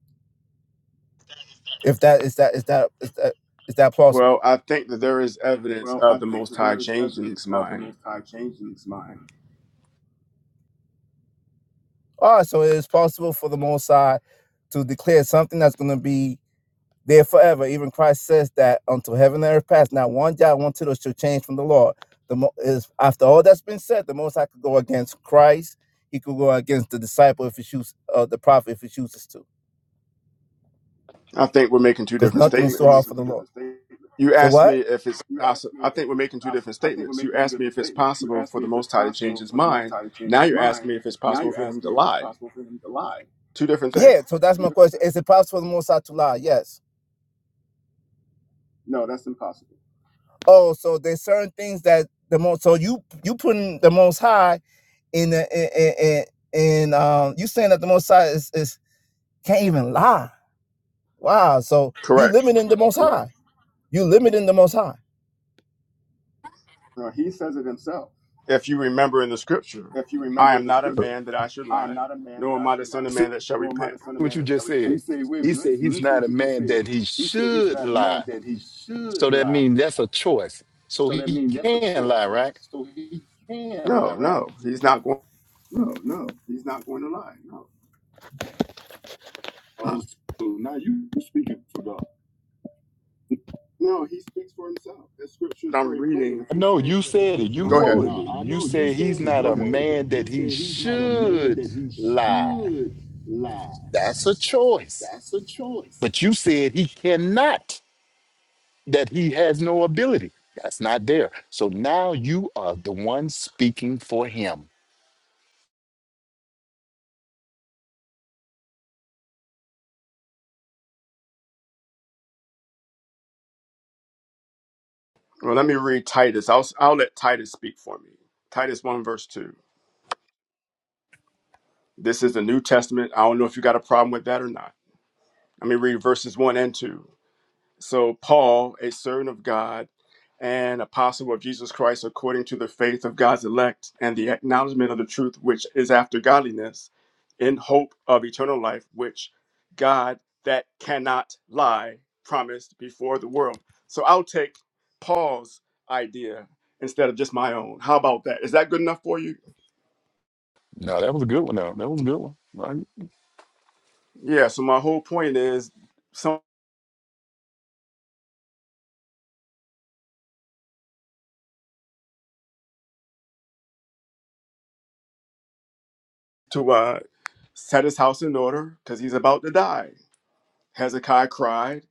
Speaker 11: If that is that is that is that is that
Speaker 16: Well,
Speaker 11: plausible?
Speaker 16: I think that there is evidence
Speaker 11: Well, I
Speaker 16: of the
Speaker 11: think
Speaker 16: Most
Speaker 11: that
Speaker 16: High
Speaker 11: there is
Speaker 16: changing
Speaker 11: evidence
Speaker 16: his
Speaker 11: of the
Speaker 16: mind.
Speaker 11: Most High changing his mind. All right, so it is possible for the Most High to declare something that's going to be There forever. Even Christ says that until heaven and earth pass, not one jot, one tittle shall change from the law. The mo- is after all that's been said, the most I could go against Christ. He could go against the disciple if he chooses, uh, the prophet if he chooses to,
Speaker 16: I think we're making two
Speaker 11: because nothing
Speaker 16: different
Speaker 11: I nothing think is we're too hard
Speaker 16: statements.
Speaker 11: making for making the two Lord. different
Speaker 16: You
Speaker 11: statements. Say
Speaker 16: asked
Speaker 11: what?
Speaker 16: me if it's
Speaker 11: You asked
Speaker 16: possible.
Speaker 11: me
Speaker 16: I
Speaker 11: if
Speaker 16: think we're
Speaker 11: it's.
Speaker 16: making
Speaker 11: possi
Speaker 16: two
Speaker 11: I
Speaker 16: different
Speaker 11: think we're
Speaker 16: statements. You
Speaker 11: making two
Speaker 16: asked me
Speaker 11: different
Speaker 16: if it's
Speaker 11: statements. You
Speaker 16: possible
Speaker 11: asked
Speaker 16: for
Speaker 11: me
Speaker 16: the
Speaker 11: if it's
Speaker 16: Most High to change
Speaker 11: possible
Speaker 16: his
Speaker 11: for the Most
Speaker 16: mind.
Speaker 11: High to change
Speaker 16: Now
Speaker 11: his
Speaker 16: you're asking
Speaker 11: mind.
Speaker 16: me if it's
Speaker 11: Now
Speaker 16: possible
Speaker 11: you're
Speaker 16: for him
Speaker 11: asking
Speaker 16: to
Speaker 11: me if it's
Speaker 16: lie.
Speaker 11: possible for him to lie.
Speaker 16: Two different things.
Speaker 11: Yeah. So that's my question. Is it possible for the Most High to lie? Yes. No, that's impossible. Oh, so there's certain things that the most. So you you putting the Most High in the in in, in um. You saying that the Most High is is can't even lie. Wow. So you
Speaker 16: Correct.
Speaker 11: limiting the Most High. You limiting the Most High. Uh, he says it himself.
Speaker 16: If you remember in the scripture,
Speaker 11: If you
Speaker 16: I
Speaker 11: remember
Speaker 16: am
Speaker 11: in the
Speaker 16: not a
Speaker 11: scripture,
Speaker 16: man that I should
Speaker 11: I am
Speaker 16: lie,
Speaker 11: not a man
Speaker 16: nor
Speaker 11: that
Speaker 16: am
Speaker 11: I
Speaker 16: I the
Speaker 11: should
Speaker 16: son of
Speaker 11: lie,
Speaker 16: man that shall
Speaker 11: nor am I
Speaker 16: repent.
Speaker 11: the son of
Speaker 15: what
Speaker 11: man
Speaker 15: you
Speaker 11: that shall
Speaker 15: just
Speaker 11: repent.
Speaker 15: said.
Speaker 11: He said, wait a
Speaker 15: He
Speaker 11: minute,
Speaker 15: said
Speaker 11: listen,
Speaker 15: he's
Speaker 11: listen
Speaker 15: not
Speaker 11: what
Speaker 15: a
Speaker 11: you just
Speaker 15: man
Speaker 11: said.
Speaker 15: that he
Speaker 11: He said he's
Speaker 15: should
Speaker 11: not a man
Speaker 15: lie.
Speaker 11: that he should
Speaker 15: So that
Speaker 11: lie.
Speaker 15: means that's a choice. So
Speaker 11: So that
Speaker 15: he
Speaker 11: means that's a
Speaker 15: can lie,
Speaker 11: choice.
Speaker 15: right?
Speaker 11: So he can
Speaker 16: No,
Speaker 11: lie, right?
Speaker 16: no, he's not going.
Speaker 11: No, no, he's not going to lie. No. Oh, so now you speaking for God. No, he speaks for himself. The scripture is
Speaker 16: but I'm
Speaker 11: very plain.
Speaker 16: reading.
Speaker 11: If you're
Speaker 15: No,
Speaker 11: saying
Speaker 15: you
Speaker 11: that the
Speaker 15: said it.
Speaker 11: scripture
Speaker 15: You
Speaker 11: N-
Speaker 16: Go
Speaker 11: I'm
Speaker 16: ahead.
Speaker 15: quoted
Speaker 11: Nah,
Speaker 15: it. You said he's
Speaker 11: reading,
Speaker 15: not
Speaker 11: go you
Speaker 15: a
Speaker 11: ahead. quoted.
Speaker 15: man that he should
Speaker 11: He
Speaker 15: lie. That's a choice.
Speaker 11: that's a choice.
Speaker 15: But you said he cannot, that he has no ability. That's not there. So now you are the one speaking for him.
Speaker 16: Well, let me read Titus. I'll, I'll let Titus speak for me. Titus 1, verse 2. This is the New Testament. I don't know if you got a problem with that or not. Let me read verses 1 and 2. So, Paul, a servant of God and apostle of Jesus Christ, according to the faith of God's elect and the acknowledgement of the truth which is after godliness, in hope of eternal life, which God that cannot lie promised before the world. So, I'll take Paul's idea instead of just my own. How about that? Is that good enough for you?
Speaker 15: No, that was a good one. Though. That was a good one.
Speaker 16: Yeah, so my whole point is some to uh, set his house in order because he's about to die Hezekiah cried,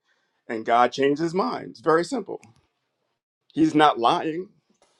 Speaker 16: and God changed his mind. It's very simple. He's not lying.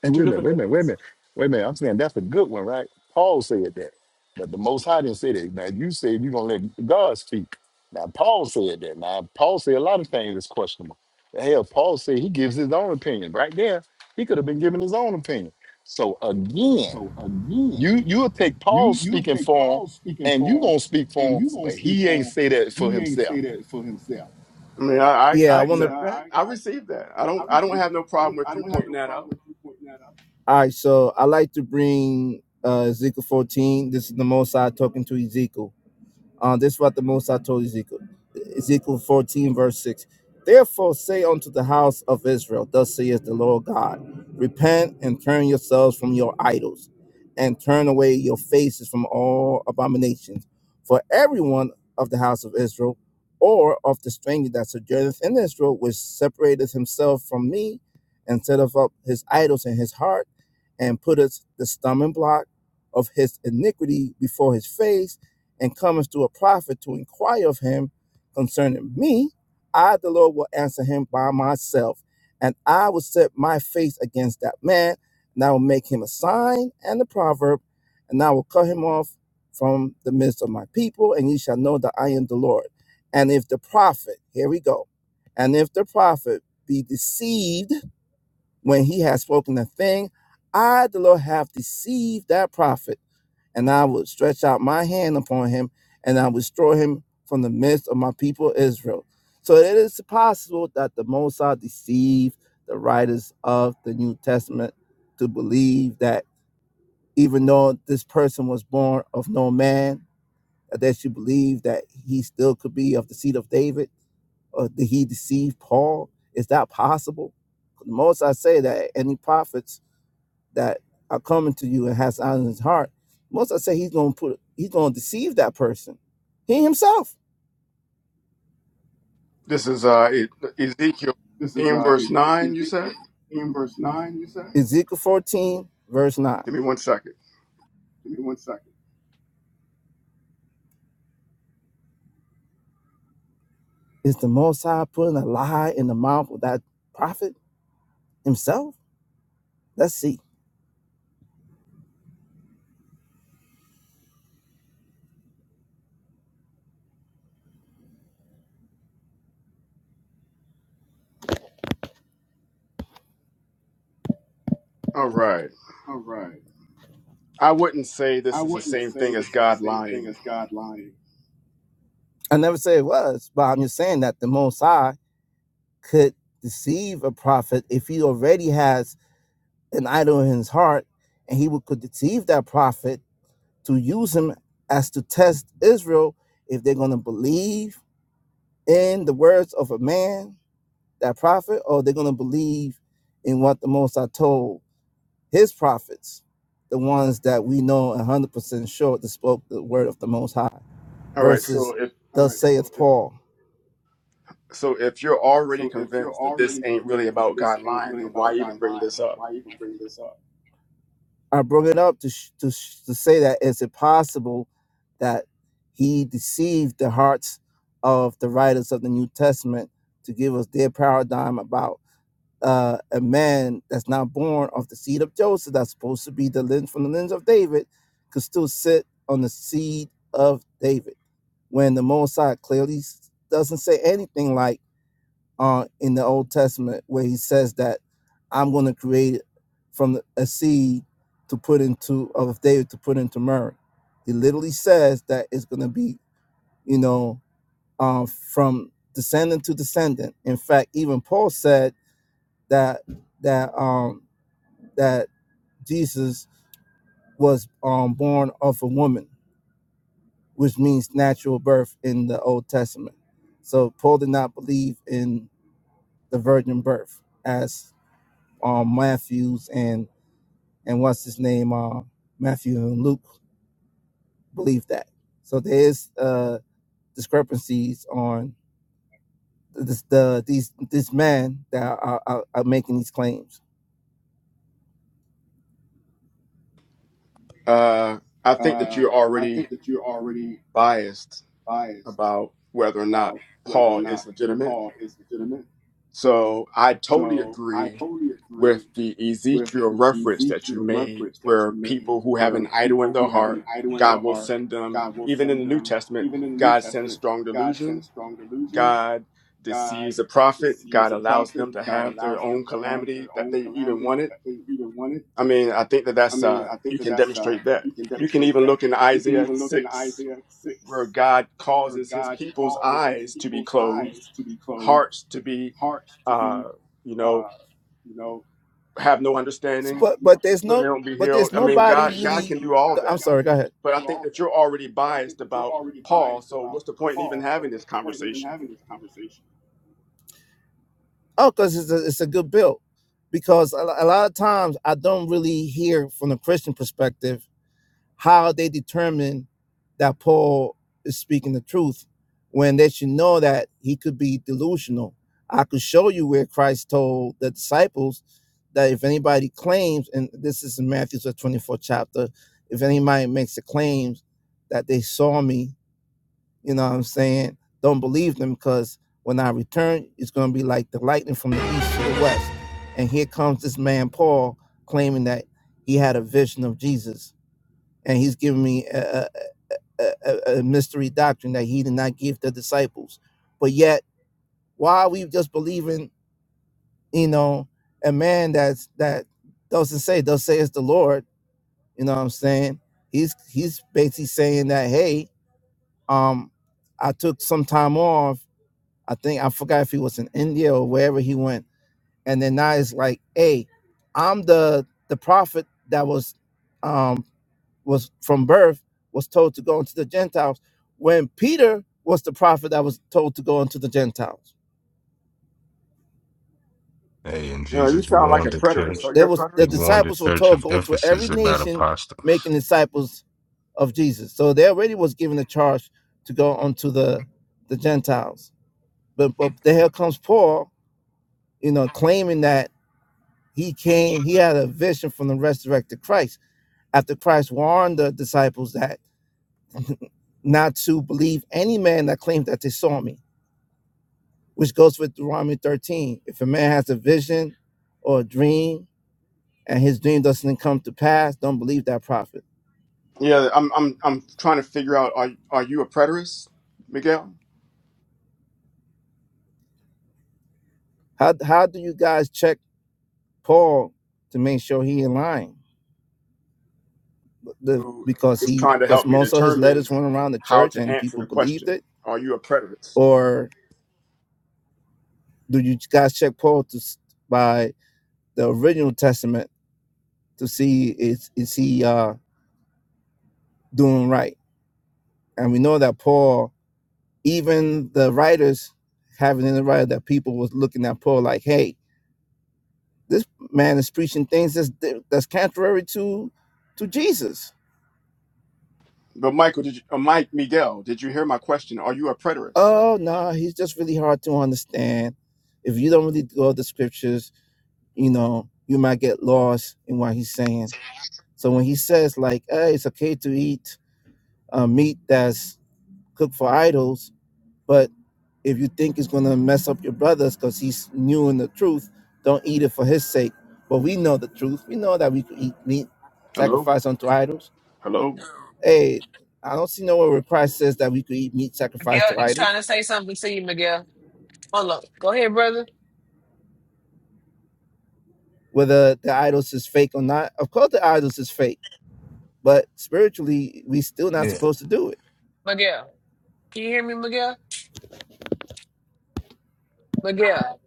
Speaker 15: And wait
Speaker 16: Two
Speaker 15: a minute,
Speaker 16: different
Speaker 15: wait a minute, wait a
Speaker 16: things.
Speaker 15: minute, wait a minute. I'm saying that's a good one, right? Paul said that, but the Most High didn't say that. Now you said you're gonna let God speak. Now Paul said that. Now Paul said a lot of things that's questionable. Hell, Paul said he gives his own opinion. Right there, he could have been giving his own opinion. So again,
Speaker 11: So again,
Speaker 15: you you'll take
Speaker 11: you
Speaker 15: Paul's
Speaker 11: you would
Speaker 15: speaking
Speaker 11: take
Speaker 15: for him,
Speaker 11: Paul speaking
Speaker 15: and you
Speaker 11: for him,
Speaker 15: gonna speak for
Speaker 11: and
Speaker 15: him,
Speaker 11: you gonna
Speaker 15: but
Speaker 11: speak
Speaker 15: he ain't
Speaker 11: for him.
Speaker 15: say
Speaker 11: But
Speaker 15: that for
Speaker 11: he ain't
Speaker 15: himself.
Speaker 11: say that for himself.
Speaker 16: I mean, I, I,
Speaker 11: Yeah, I
Speaker 16: I
Speaker 11: want to. Yeah,
Speaker 16: accept that.
Speaker 11: I,
Speaker 16: I
Speaker 11: I
Speaker 16: receive
Speaker 11: accept that.
Speaker 16: that. I
Speaker 11: I
Speaker 16: don't I don't
Speaker 11: receive
Speaker 16: have no
Speaker 11: that. I
Speaker 16: problem
Speaker 11: don't I
Speaker 16: with you
Speaker 11: don't have
Speaker 16: pointing
Speaker 11: no
Speaker 16: that
Speaker 11: problem
Speaker 16: out.
Speaker 11: with you pointing that out. All right, so I like to bring uh, Ezekiel 14. This is the Most High talking to Ezekiel. Uh, this is what the Most High told Ezekiel. Ezekiel 14, verse 6. Therefore say unto the house of Israel, Thus saith the Lord God, Repent and turn yourselves from your idols, and turn away your faces from all abominations. For everyone of the house of Israel, or of the stranger that sojourneth in Israel, which separateth himself from me, and setteth up his idols in his heart, and putteth the stumbling block of his iniquity before his face, and cometh to a prophet to inquire of him concerning me, I, the Lord, will answer him by myself. And I will set my face against that man, and I will make him a sign and a proverb, and I will cut him off from the midst of my people, and ye shall know that I am the Lord. And if the prophet, here we go, and if the prophet be deceived when he has spoken a thing, I, the Lord, have deceived that prophet and I would stretch out my hand upon him, and I would destroy him from the midst of my people Israel. So it is possible that the Mosai deceived the writers of the New Testament to believe that even though this person was born of no man, that they should believe that he still could be of the seed of David, or did he deceive Paul? Is that possible? The Most I say that any prophets that are coming to you and has eyes in his heart, most I say he's gonna put he's gonna deceive that person. He himself.
Speaker 16: This is uh, E- Ezekiel
Speaker 11: This is
Speaker 16: 14,
Speaker 11: uh,
Speaker 16: verse
Speaker 11: E-
Speaker 16: 9, you
Speaker 11: Ezekiel
Speaker 16: said?
Speaker 11: 14, verse 9, you said? Ezekiel 14, verse 9.
Speaker 16: Give me one second.
Speaker 11: Give me one second. Is the most high putting a lie in the mouth of that prophet himself? Let's see.
Speaker 16: All right.
Speaker 11: All right.
Speaker 16: I wouldn't say
Speaker 11: I
Speaker 16: this is the
Speaker 11: wouldn't
Speaker 16: same
Speaker 11: say
Speaker 16: thing as
Speaker 11: this is the
Speaker 16: God
Speaker 11: same thing
Speaker 16: lying.
Speaker 11: as God lying. I never say it was, but I'm just saying that the most high could deceive a prophet if he already has an idol in his heart, and he would could deceive that prophet to use him as to test Israel if they're going to believe in the words of a man, that prophet, or they're going to believe in what the Most High told his prophets, the ones that we know 100% sure that spoke the word of the Most High,
Speaker 16: All right.
Speaker 11: versus
Speaker 16: So if
Speaker 11: thus right. So saith Paul.
Speaker 16: so, if you're already
Speaker 11: so, if you're
Speaker 16: convinced that this
Speaker 11: already
Speaker 16: ain't really
Speaker 11: convinced that
Speaker 16: about
Speaker 11: this
Speaker 16: God
Speaker 11: ain't
Speaker 16: lying,
Speaker 11: really
Speaker 16: then why
Speaker 11: about God
Speaker 16: even bring
Speaker 11: lying,
Speaker 16: this up?
Speaker 11: why even bring this up? I brought it up to, sh- to, sh- to say that is it possible that he deceived the hearts of the writers of the New Testament to give us their paradigm about uh, a man that's not born of the seed of Joseph, that's supposed to be the lens from the lens of David, could still sit on the seed of David when the Mosai clearly s- doesn't say anything like uh, in the Old Testament where he says that I'm going to create from a seed to put into of David to put into Mary. He literally says that it's going to be, you know, uh, from descendant to descendant. In fact, even Paul said that that um, that Jesus was um, born of a woman, which means natural birth in the Old Testament. So Paul did not believe in the virgin birth as um Matthews and and what's his name uh Matthew and Luke believe that. So there is uh discrepancies on this the these this man that are, are, are making these claims.
Speaker 16: Uh, I think that
Speaker 11: Uh,
Speaker 16: you're
Speaker 11: I
Speaker 16: already
Speaker 11: think that you're already
Speaker 16: biased
Speaker 11: biased
Speaker 16: about whether or not
Speaker 11: about whether or
Speaker 16: Paul is
Speaker 11: not
Speaker 16: legitimate.
Speaker 11: Paul is legitimate.
Speaker 16: So I totally
Speaker 11: So I
Speaker 16: agree
Speaker 11: totally agree
Speaker 16: with the
Speaker 11: with
Speaker 16: Ezekiel
Speaker 11: the
Speaker 16: reference that you
Speaker 11: Ezekiel
Speaker 16: made,
Speaker 11: reference that
Speaker 16: where
Speaker 11: you made,
Speaker 16: people who have
Speaker 11: where
Speaker 16: an idol in
Speaker 11: people
Speaker 16: their
Speaker 11: who have
Speaker 16: heart,
Speaker 11: an idol in their
Speaker 16: God will
Speaker 11: heart,
Speaker 16: send them,
Speaker 11: God will
Speaker 16: even in
Speaker 11: send
Speaker 16: the New
Speaker 11: them,
Speaker 16: Testament,
Speaker 11: even in the New
Speaker 16: God sends
Speaker 11: Testament,
Speaker 16: strong
Speaker 11: God sends
Speaker 16: delusion.
Speaker 11: strong delusion.
Speaker 16: God
Speaker 11: God
Speaker 16: deceives a prophet.
Speaker 11: deceives
Speaker 16: God
Speaker 11: a
Speaker 16: allows
Speaker 11: prophet.
Speaker 16: them to
Speaker 11: God
Speaker 16: have their
Speaker 11: allows
Speaker 16: own
Speaker 11: them to have their
Speaker 16: calamity that
Speaker 11: own
Speaker 16: they even
Speaker 11: calamity
Speaker 16: wanted.
Speaker 11: that they even wanted.
Speaker 16: I mean, I think that
Speaker 11: I
Speaker 16: that's,
Speaker 11: mean,
Speaker 16: uh,
Speaker 11: I think
Speaker 16: you
Speaker 11: that
Speaker 16: can
Speaker 11: that's, uh,
Speaker 16: demonstrate that.
Speaker 11: you can
Speaker 16: You can
Speaker 11: demonstrate
Speaker 16: even
Speaker 11: that.
Speaker 16: look in
Speaker 11: You can
Speaker 16: Isaiah
Speaker 11: even look in
Speaker 16: 6
Speaker 11: Isaiah
Speaker 16: where
Speaker 11: 6,
Speaker 16: God
Speaker 11: where
Speaker 16: causes his
Speaker 11: God
Speaker 16: people's
Speaker 11: causes his
Speaker 16: eyes to be
Speaker 11: people's
Speaker 16: closed,
Speaker 11: eyes to be closed,
Speaker 16: hearts to be,
Speaker 11: hearts to be,
Speaker 16: uh, you know,
Speaker 11: uh, you know,
Speaker 16: have no
Speaker 11: So,
Speaker 16: understanding,
Speaker 11: but but there's
Speaker 16: but they
Speaker 11: no
Speaker 16: don't be
Speaker 11: but
Speaker 16: healed.
Speaker 11: there's
Speaker 16: I mean,
Speaker 11: nobody
Speaker 16: God, God
Speaker 11: really.
Speaker 16: can
Speaker 11: I
Speaker 16: do
Speaker 11: mean,
Speaker 16: all
Speaker 11: God, I'm
Speaker 16: that.
Speaker 11: sorry. Go ahead.
Speaker 16: But I
Speaker 11: Do
Speaker 16: think
Speaker 11: all of
Speaker 16: that
Speaker 11: that,
Speaker 16: you're already
Speaker 11: but I think
Speaker 16: biased
Speaker 11: that you're
Speaker 16: about
Speaker 11: already
Speaker 16: Paul.
Speaker 11: biased
Speaker 16: So
Speaker 11: about
Speaker 16: what's the point in even
Speaker 11: Paul. So
Speaker 16: having this
Speaker 11: what's the point in even
Speaker 16: conversation?
Speaker 11: having this conversation? Oh, because it's a it's a good bill. Because a, a lot of times I don't really hear from the Christian perspective how they determine that Paul is speaking the truth when they should know that he could be delusional. I could show you where Christ told the disciples that if anybody claims, and this is in Matthew's 24th chapter, if anybody makes a claim that they saw me, you know what I'm saying? Don't believe them because when I return, it's going to be like the lightning from the east to the west. And here comes this man, Paul, claiming that he had a vision of Jesus and he's giving me a, a, a, a mystery doctrine that he did not give the disciples. But yet, why are we just believing, you know, a man that's that doesn't say, does say it's the Lord, you know what I'm saying? He's he's basically saying that, hey, um, I took some time off. I think I forgot if he was in India or wherever he went. And then now it's like, hey, I'm the the prophet that was um was from birth was told to go into the Gentiles, when Peter was the prophet that was told to go into the Gentiles.
Speaker 17: Hey, and
Speaker 16: You know, you
Speaker 17: Jesus
Speaker 16: sound like
Speaker 17: warned
Speaker 16: a
Speaker 17: the
Speaker 16: preterist.
Speaker 17: church.
Speaker 16: Are
Speaker 11: They
Speaker 16: you a
Speaker 11: was the
Speaker 17: He
Speaker 16: preterist?
Speaker 17: warned the
Speaker 11: disciples were
Speaker 17: church
Speaker 11: told
Speaker 17: of
Speaker 11: go to
Speaker 17: Ephesus
Speaker 11: every
Speaker 17: about
Speaker 11: nation,
Speaker 17: apostasy.
Speaker 11: making disciples of Jesus. So they already was given the charge to go onto the the Gentiles. But but the here comes Paul, you know, claiming that he came, he had a vision from the resurrected Christ. After Christ warned the disciples that not to believe any man that claimed that they saw me. which goes with Deuteronomy 13. If a man has a vision or a dream and his dream doesn't come to pass, don't believe that prophet.
Speaker 16: Yeah, I'm. I'm. I'm trying to figure out. Are Are you a preterist, Miguel?
Speaker 11: How, how do you guys check Paul to make sure he in line? The,
Speaker 16: Who
Speaker 11: because
Speaker 16: is
Speaker 11: he
Speaker 16: trying to
Speaker 11: because
Speaker 16: help me
Speaker 11: most of his
Speaker 16: determine
Speaker 11: letters went around the
Speaker 16: how
Speaker 11: church
Speaker 16: to
Speaker 11: and
Speaker 16: answer
Speaker 11: people
Speaker 16: the
Speaker 11: believed
Speaker 16: question?
Speaker 11: it,
Speaker 16: Are you a preterist?
Speaker 11: or do you guys check Paul to, by the original testament to see is is he uh, doing right? And we know that Paul Even the writers having in the writer that people was looking at Paul like, hey, this man is preaching things that's that's contrary to to Jesus.
Speaker 16: But Michael, did you, uh, Mike Miguel, did you hear my question? Are you a preterist?
Speaker 11: Oh no, nah, he's just really hard to understand. If you don't really go to the scriptures, you know, you might get lost in what he's saying. So when he says like, hey, it's okay to eat uh, meat that's cooked for idols, But if you think it's going to mess up your brothers because he's new in the truth, don't eat it for his sake. But we know the truth. We know that we could eat meat
Speaker 16: Hello,
Speaker 11: sacrificed unto idols.
Speaker 16: hello.
Speaker 11: Hey, I don't see nowhere where Christ says that we could eat meat sacrificed
Speaker 8: Miguel,
Speaker 11: to
Speaker 8: he's trying
Speaker 11: idols,
Speaker 8: to say something to you, Miguel. Hold on. Go ahead, brother.
Speaker 11: whether the idols is fake or not. Of course, the idols is fake, but spiritually, we still not
Speaker 15: Yeah,
Speaker 11: supposed to do it.
Speaker 8: Miguel. Can you hear me, Miguel? Miguel.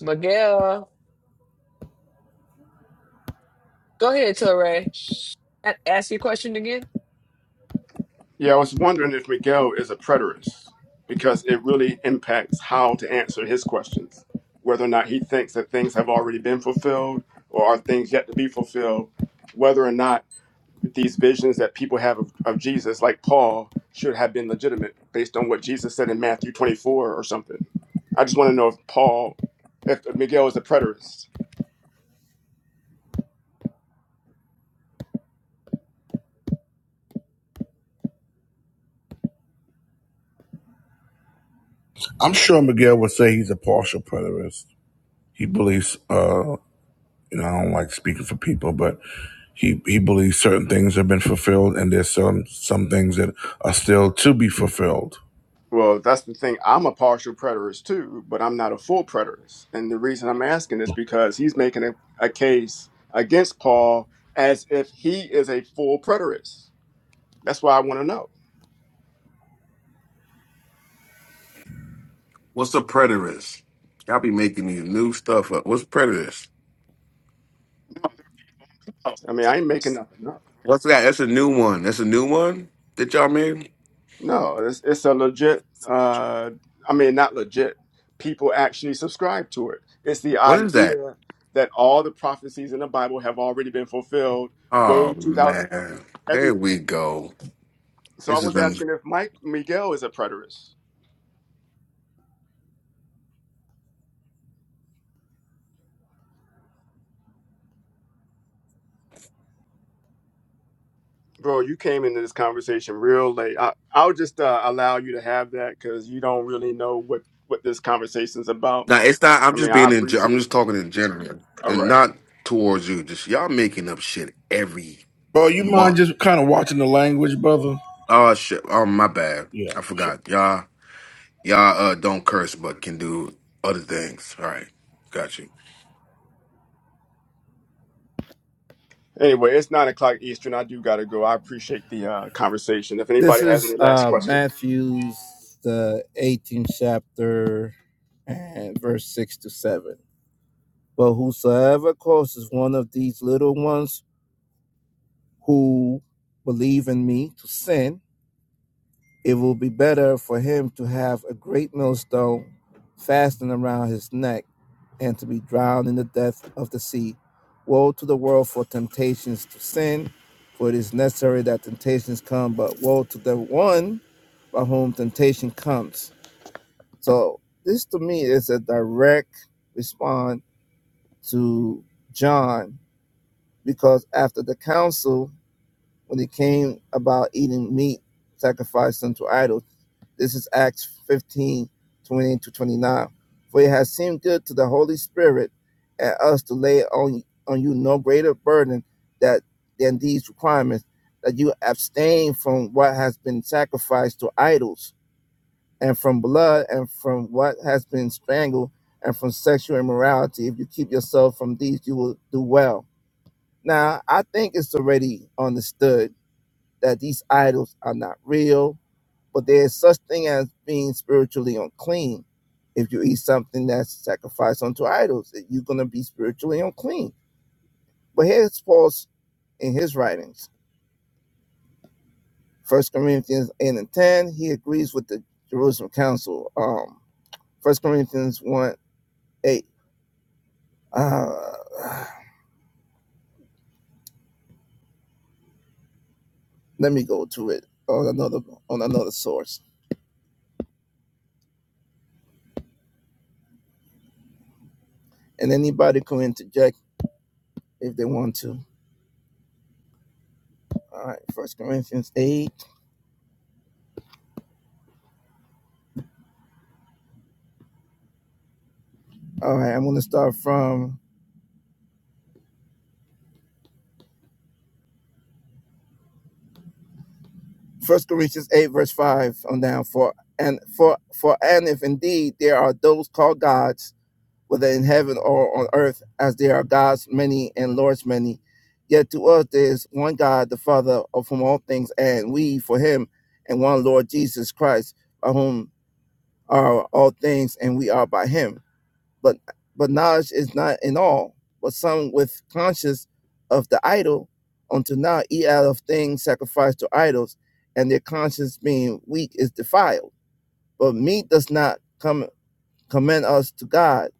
Speaker 8: Miguel. Go ahead, Torre. A- ask your question again.
Speaker 16: Yeah, I was wondering if Miguel is a preterist because it really impacts how to answer his questions, whether or not he thinks that things have already been fulfilled or are things yet to be fulfilled, whether or not these visions that people have of, of Jesus, like Paul, should have been legitimate based on what Jesus said in Matthew 24 or something. I just want to know if Paul, if Miguel is a preterist.
Speaker 1: I'm sure Miguel would say he's a partial preterist. He believes. Uh, you know, I don't like speaking for people, but he he believes certain things have been fulfilled, and there's some some things that are still to be fulfilled.
Speaker 16: Well, that's the thing. I'm a partial preterist too, but I'm not a full preterist. And the reason I'm asking is because he's making a, a case against Paul as if he is a full preterist. That's why I want to know.
Speaker 18: What's a preterist? Y'all be making these new stuff up. What's preterist?
Speaker 16: I mean, I ain't making nothing up.
Speaker 18: What's that? That's a new one. That's a new one that y'all made.
Speaker 16: No, it's, it's a legit, uh, I mean, not legit. People actually subscribe to it. It's the
Speaker 18: What is that?
Speaker 16: idea that all the prophecies in the Bible have already been fulfilled way
Speaker 18: Oh
Speaker 16: 2,000 years ago.
Speaker 18: man, here
Speaker 16: Everything.
Speaker 18: we go.
Speaker 16: So I
Speaker 18: This is
Speaker 16: was
Speaker 18: been.
Speaker 16: asking if Mike Miguel is a preterist. bro you came into this conversation real late I, i'll just uh, allow you to have that because you don't really know what what this conversation's about
Speaker 18: Now it's not. I'm
Speaker 16: i mean
Speaker 18: just
Speaker 16: i
Speaker 18: being in. ge-
Speaker 16: appreciate
Speaker 18: I'm
Speaker 16: it.
Speaker 18: just talking in general
Speaker 16: All
Speaker 18: and
Speaker 16: right.
Speaker 18: not towards you. Just y'all making up shit every
Speaker 1: Bro, you mind
Speaker 18: month.
Speaker 1: just kind of watching the language, brother?
Speaker 18: Oh shit. Oh my bad.
Speaker 1: Yeah.
Speaker 18: I forgot. Y'all. Y'all uh, don't curse, but can do other things. All right. Got you.
Speaker 16: anyway it's nine o'clock eastern i do gotta go i appreciate the uh, conversation if
Speaker 11: This
Speaker 16: anybody has
Speaker 11: is
Speaker 16: any last
Speaker 11: uh,
Speaker 16: questions
Speaker 11: Matthew's the 18th chapter and verse six to seven. But whosoever causes one of these little ones who believe in me to sin, it will be better for him to have a great millstone fastened around his neck and to be drowned in the depth of the sea. Woe to the world for temptations to sin, for it is necessary that temptations come, but woe to the one by whom temptation comes. So, this to me is a direct response to John because after the council, when it came about eating meat sacrificed unto idols, this is Acts 15 twenty-eight to 29. For it has seemed good to the Holy Spirit and us to lay on, on you no greater burden that than these requirements that you abstain from what has been sacrificed to idols, and from blood, and from what has been strangled, and from sexual immorality. If you keep yourself from these, you will do well now, I think it's already understood that these idols are not real, but there is such thing as being spiritually unclean. If you eat something that's sacrificed unto idols, you're going to be spiritually unclean. But here's Paul's in his writings. First Corinthians 8 and 10, he agrees with the Jerusalem Council. Um, First Corinthians 1, 8. Uh, let me go to it on another on another source. And anybody can interject if they want to. All right, First Corinthians eight. All right, I'm going to start from First Corinthians eight, verse five on down. For and for for and if indeed there are those called gods, whether in heaven or on earth, as there are gods many and lords many, yet to us there is one God, the Father, of whom all things, and we for Him, and one Lord Jesus Christ, of whom are all things, and we are by Him. but but knowledge is not in all, but some with conscience of the idol until now eat out of things sacrificed to idols, and their conscience being weak is defiled. But meat does not come commend us to God,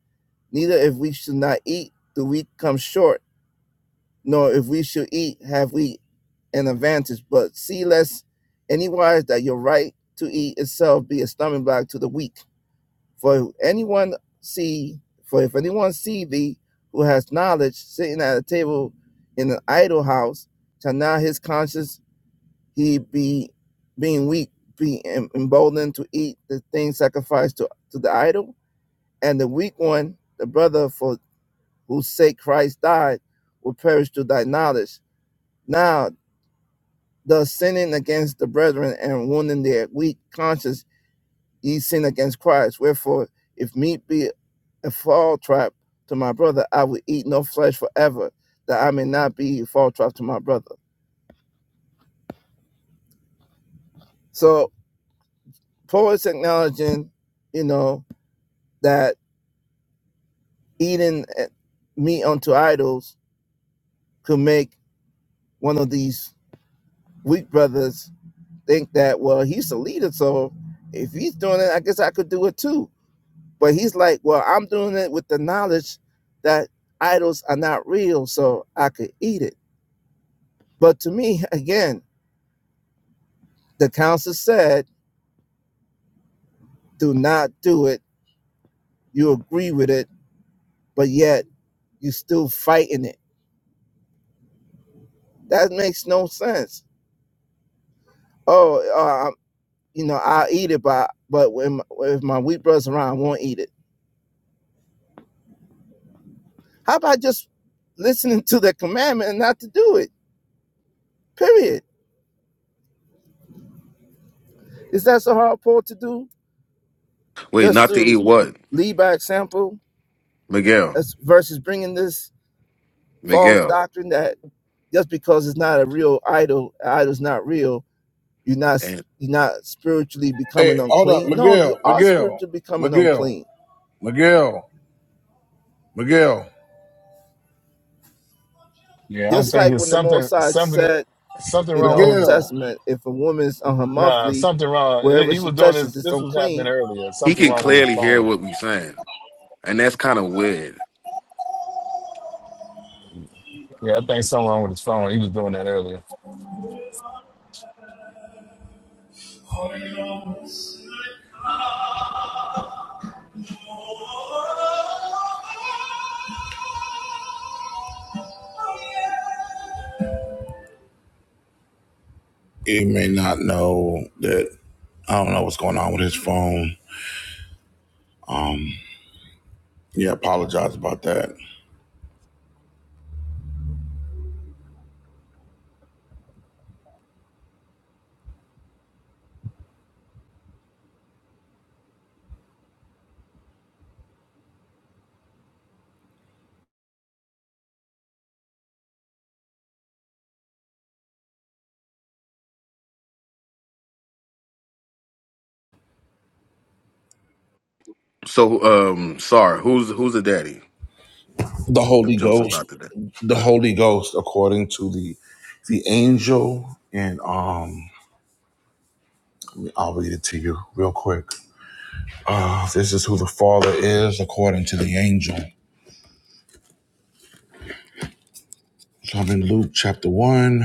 Speaker 11: neither if we should not eat do we come short, nor if we should eat have we an advantage. But see less anywise that your right to eat itself be a stumbling block to the weak for if anyone see, for if anyone see thee who has knowledge sitting at a table in an idle house, shall not his conscience he be being weak be emboldened to eat the things sacrificed to, to the idol? And the weak one, the brother for whose sake Christ died, will perish to thy knowledge. Now thus sinning against the brethren and wounding their weak conscience, ye sin against Christ. Wherefore, if meat be and fall trap to my brother. I will eat no flesh forever, that I may not be fall trap to my brother. So Paul is acknowledging, you know, that eating eh, meat unto idols could make one of these weak brothers think that, well, he's the leader, so if he's doing it, I guess I could do it too. But he's like, well, I'm doing it with the knowledge that idols are not real, so I could eat it. But to me, (laughs) again, the council said do not do it. You agree with it, but yet you still fighting it. That makes no sense. Oh, uh, um, you know, I'll eat it, but but when my, if my wheat brother's around, I won't eat it. How about just listening to the commandment and not to do it? Period. Is that so hard, Paul, to do?
Speaker 18: Wait,
Speaker 11: Just
Speaker 18: not to eat
Speaker 11: to
Speaker 18: what?
Speaker 11: lead by example,
Speaker 18: Miguel.
Speaker 11: as versus bringing this false
Speaker 18: Miguel.
Speaker 11: doctrine that just because it's not a real idol, idol's not real You're not
Speaker 18: and
Speaker 11: you're not spiritually
Speaker 1: Hey,
Speaker 11: becoming
Speaker 1: hold up,
Speaker 11: unclean. No, you
Speaker 1: Miguel,
Speaker 11: are
Speaker 1: Miguel,
Speaker 11: spiritually becoming
Speaker 1: Miguel,
Speaker 11: unclean.
Speaker 1: Miguel, Miguel,
Speaker 15: yeah. I don't
Speaker 11: Just
Speaker 15: think
Speaker 11: like
Speaker 15: it's
Speaker 11: when the
Speaker 15: something
Speaker 11: Mosai
Speaker 15: something
Speaker 11: said
Speaker 15: something
Speaker 11: in the
Speaker 15: wrong with it.
Speaker 11: Old
Speaker 1: Miguel.
Speaker 11: Testament, if a woman's on her
Speaker 15: Nah,
Speaker 11: monthly,
Speaker 15: something wrong. He
Speaker 11: wherever
Speaker 15: he
Speaker 11: she
Speaker 15: was doing this.
Speaker 11: touches, it's
Speaker 15: This was happening
Speaker 11: unclean.
Speaker 15: earlier.
Speaker 18: he
Speaker 15: Something
Speaker 18: can
Speaker 15: wrong with his
Speaker 18: clearly hear
Speaker 15: phone.
Speaker 18: what we saying, and that's kind of weird.
Speaker 15: Yeah, I think something wrong with his phone. He was doing that earlier.
Speaker 1: He may not know that I don't know what's going on with his phone. Um, yeah, apologize about that.
Speaker 18: So, um, sorry, who's who's the daddy
Speaker 1: The
Speaker 18: if
Speaker 1: Holy
Speaker 18: Joseph's
Speaker 1: Ghost,
Speaker 18: not the daddy?
Speaker 1: the Holy Ghost, according to the the angel, and um, I'll read it to you real quick. Uh, this is who the Father is according to the angel. So I'm in Luke chapter one.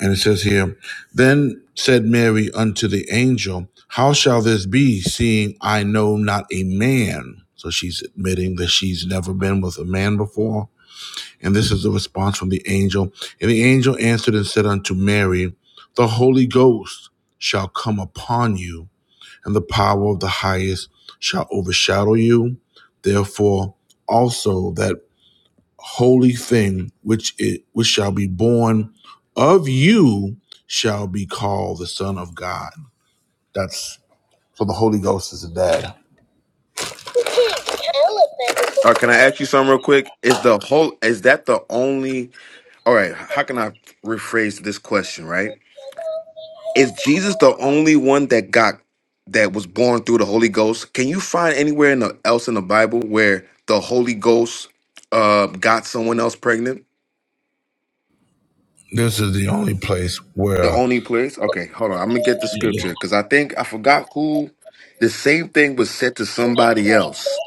Speaker 1: And it says here, Then said Mary unto the angel, How shall this be, seeing I know not a man? So she's admitting that she's never been with a man before. And this is the response from the angel. And the angel answered and said unto Mary, The Holy Ghost shall come upon you, and the power of the highest shall overshadow you. Therefore, also that holy thing which it which shall be born of you shall be called the son of god that's so the holy ghost is a dad
Speaker 18: All right, can I ask you something real quick? Is the whole is that the only? All right, how can I rephrase this question? Right, is Jesus the only one that got that was born through the Holy Ghost? Can you find anywhere in the, else in the Bible where the Holy Ghost uh got someone else pregnant?
Speaker 1: this is the only place
Speaker 18: The
Speaker 1: where
Speaker 18: only place? Okay, hold on. I'm gonna get the scripture because I think I forgot who. The same thing was said to somebody else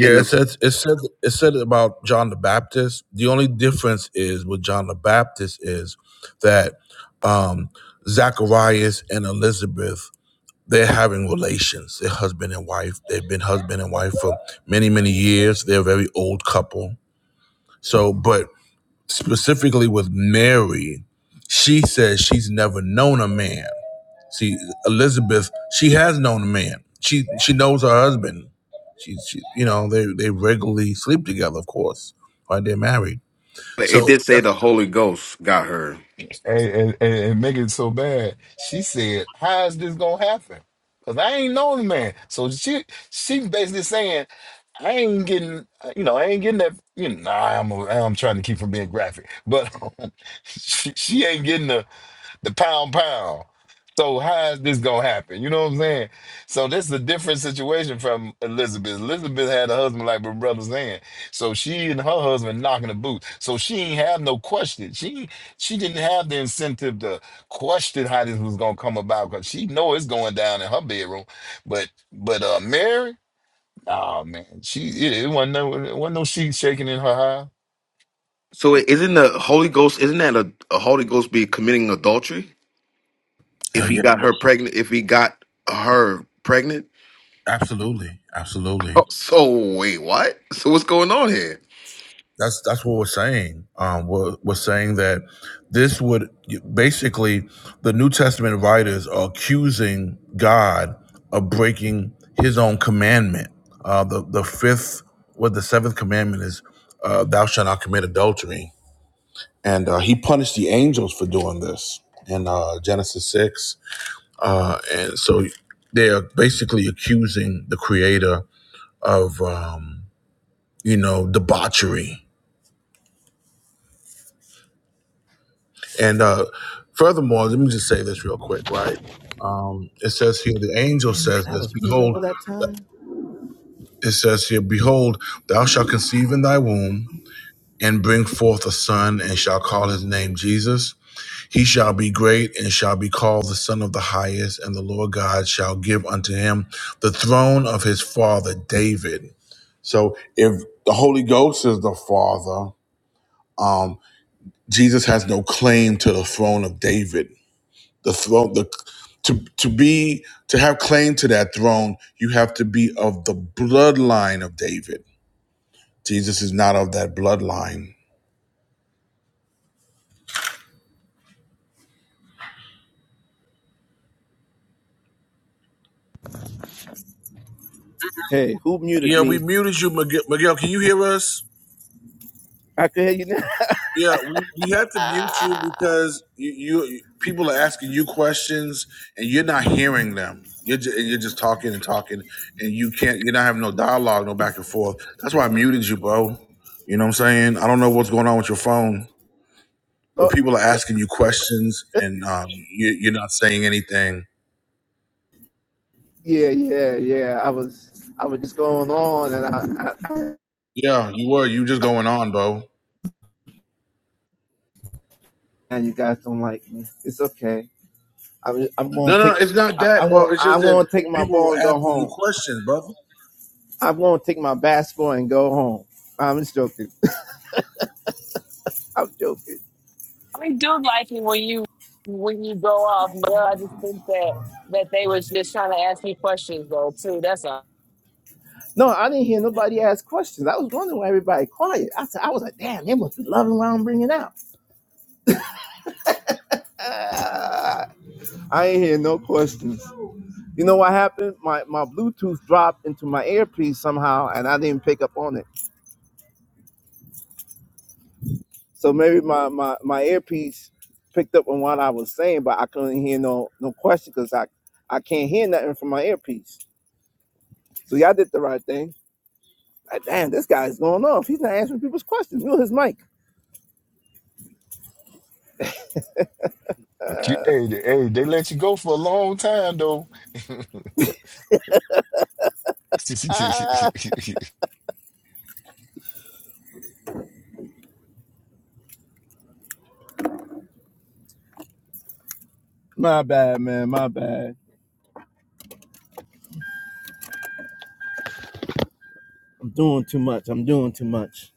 Speaker 18: in
Speaker 1: it
Speaker 18: the.
Speaker 1: says it said it said about john the baptist the only difference is with john the baptist is that um zacharias and elizabeth they're having relations they're husband and wife they've been husband and wife for many many years they're a very old couple so but specifically with Mary, she says she's never known a man. See, Elizabeth, she has known a man. She she knows her husband. She, she you know, they they regularly sleep together, of course, while they're married.
Speaker 18: But it
Speaker 1: So
Speaker 18: did say the
Speaker 1: that's,
Speaker 18: Holy Ghost got her.
Speaker 15: And, and, and and make it so bad. She said, "How is this gonna happen? Because I ain't know the man." So she she basically saying, "I ain't getting, uh, you know, I ain't getting that. You know, nah, I'm a, I'm trying to keep from being graphic, but (laughs) she, she ain't getting the the pound pound. So how is this gonna happen? You know what I'm saying? So this is a different situation from Elizabeth. Elizabeth had a husband like my brother saying. So she and her husband knocking the boots. So she ain't have no question. She she didn't have the incentive to question how this was gonna come about because she know it's going down in her bedroom. But but uh Mary, oh man, she it, it wasn't no it wasn't no sheet shaking in her eye.
Speaker 18: So it isn't the Holy Ghost? Isn't that a, a Holy Ghost be committing adultery if
Speaker 1: uh,
Speaker 18: he
Speaker 1: yeah,
Speaker 18: got her pregnant? If he got her pregnant?
Speaker 1: absolutely, absolutely.
Speaker 18: (laughs) so wait, what? So what's going on here?
Speaker 1: That's that's what we're saying. Um, we're, we're saying that this would basically the New Testament writers are accusing God of breaking His own commandment. Uh, the the fifth, what the seventh commandment is, uh, thou shalt not commit adultery, and uh, He punished the angels for doing this in uh, Genesis six. Uh, and so they are basically accusing the Creator of um, you know debauchery And uh, furthermore, let me just say this real quick, right? Um, it says here, the angel
Speaker 11: Damn it,
Speaker 1: says
Speaker 11: I
Speaker 1: this
Speaker 11: was muted
Speaker 1: Behold,
Speaker 11: all that time.
Speaker 1: it says here, Behold, thou shalt conceive in thy womb and bring forth a son and shall call his name Jesus. He shall be great and shall be called the Son of the Highest, and the Lord God shall give unto him the throne of his father David. So if the Holy Ghost is the Father, um, Jesus has no claim to the throne of David. the throne the to to be to have claim to that throne you have to be of the bloodline of david jesus is not of that bloodline
Speaker 11: Hey, who muted
Speaker 1: yeah we
Speaker 11: me?
Speaker 1: muted you miguel, miguel can you hear us
Speaker 11: I can hear you now. (laughs)
Speaker 1: yeah we, we had to mute you because you, you people are asking you questions and you're not hearing them you're just, you're just talking and talking and you can't you're not having no dialogue no back and forth that's why i muted you bro you know what i'm saying i don't know what's going on with your phone but people are asking you
Speaker 11: Oh,
Speaker 1: questions and um, you, you're not saying anything.
Speaker 11: Yeah, yeah, yeah. I was, I was just going on, and I, I
Speaker 1: Yeah, you were. You just going on, bro.
Speaker 11: and you guys don't like me. It's okay. I'm, I'm gonna
Speaker 1: No, no,
Speaker 11: take,
Speaker 1: it's not
Speaker 11: I,
Speaker 1: that,
Speaker 11: I'm gonna,
Speaker 1: Bo. It's just
Speaker 11: I'm
Speaker 1: that
Speaker 11: gonna take my
Speaker 1: people
Speaker 11: ball
Speaker 1: were
Speaker 11: and go
Speaker 1: asking you
Speaker 11: home.
Speaker 1: questions, brother.
Speaker 11: I'm gonna take my basketball and go home. I'm just joking. (laughs) I'm joking.
Speaker 8: We do like it when you when you go off, but I just think that that they was just trying to ask you questions though too. That's all.
Speaker 11: No, I didn't hear nobody ask questions. I was wondering why everybody quiet. I said, I was like, damn, they must be loving what I'm bringing out. I ain't hear no questions. You know what happened? My my Bluetooth dropped into my earpiece somehow, and I didn't pick up on it. So maybe my, my, my earpiece picked up on what I was saying, but I couldn't hear no no question because I, I can't hear nothing from my earpiece. So y'all did the right thing. Like, damn, this guy's going off. He's not answering people's questions. Mute his mic.
Speaker 15: But you, hey, they- hey, they let you go for a long time though. (laughs)
Speaker 11: Ah,
Speaker 15: (laughs)
Speaker 11: my bad, man. My bad. I'm doing too much. I'm doing too much.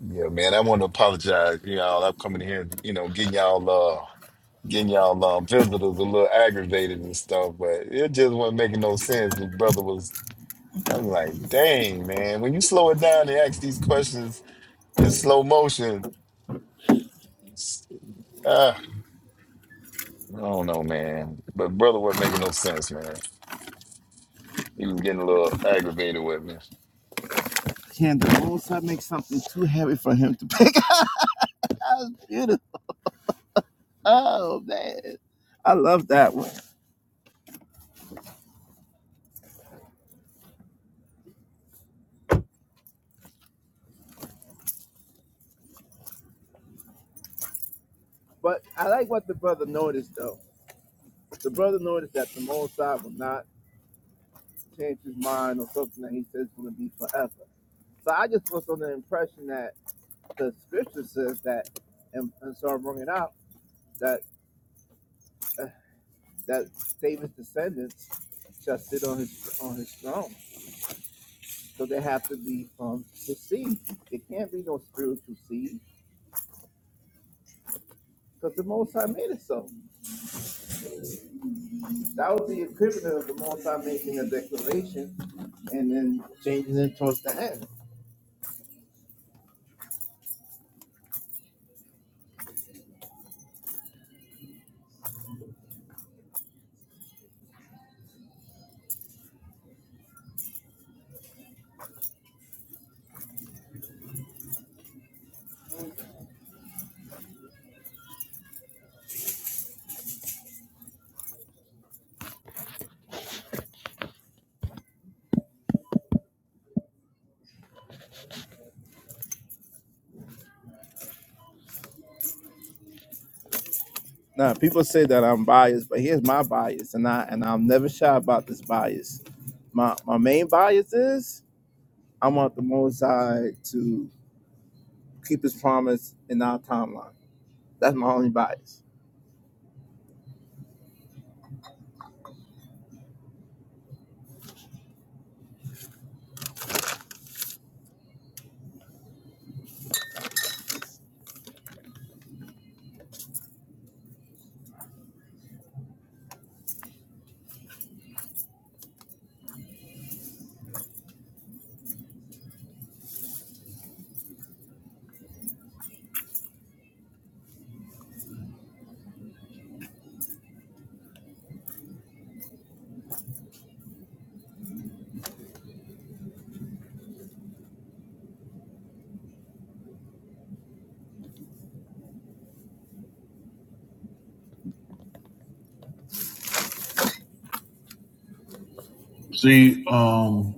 Speaker 15: Yeah, man, I want to apologize, y'all. I'm coming here, you know, getting y'all, uh, getting y'all um, visitors a little aggravated and stuff, but it just wasn't making no sense. The brother was, I'm like, dang, man, when you slow it down and ask these questions in slow motion, it's- ah, I don't know, man. But brother wasn't making no sense, man. He was getting a little aggravated with me.
Speaker 11: Can the most I make something too heavy for him to (laughs) pick up? Beautiful. Oh man. I love that one. But I like what the brother noticed though. The brother noticed that the most I will not changed his mind or something that he says is going to be forever. So I just was on the impression that the scripture says that, and, and so I bring it out that uh, that David's descendants shall sit on his on his throne. So they have to be from his seed. It can't be no spiritual seed because the Most High made it so. That was the equivalent of the Most High making a declaration and then changing it towards the end. Now, people say that I'm biased, but here's my bias, and I and I'm never shy about this bias. My my main bias is I want the Most High to keep His promise in our timeline. That's my only bias.
Speaker 1: See, um,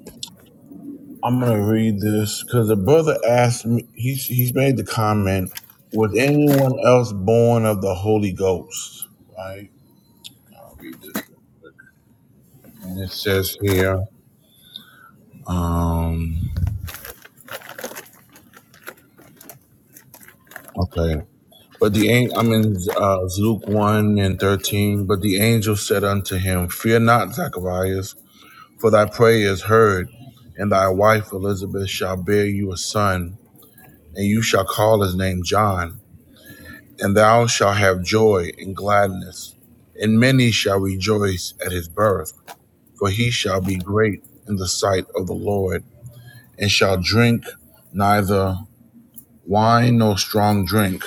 Speaker 1: I'm gonna read this because the brother asked me. He's he's made the comment. Was anyone else born of the Holy Ghost? Right. I'll read this real quick. And it says here. Um. Okay. But the an- I'm in uh, Luke one and thirteen. But the angel said unto him, Fear not, Zacharias, for thy prayer is heard, and thy wife Elizabeth shall bear you a son, and you shall call his name John. And thou shalt have joy and gladness, and many shall rejoice at his birth, for he shall be great in the sight of the Lord, and shall drink neither wine nor strong drink,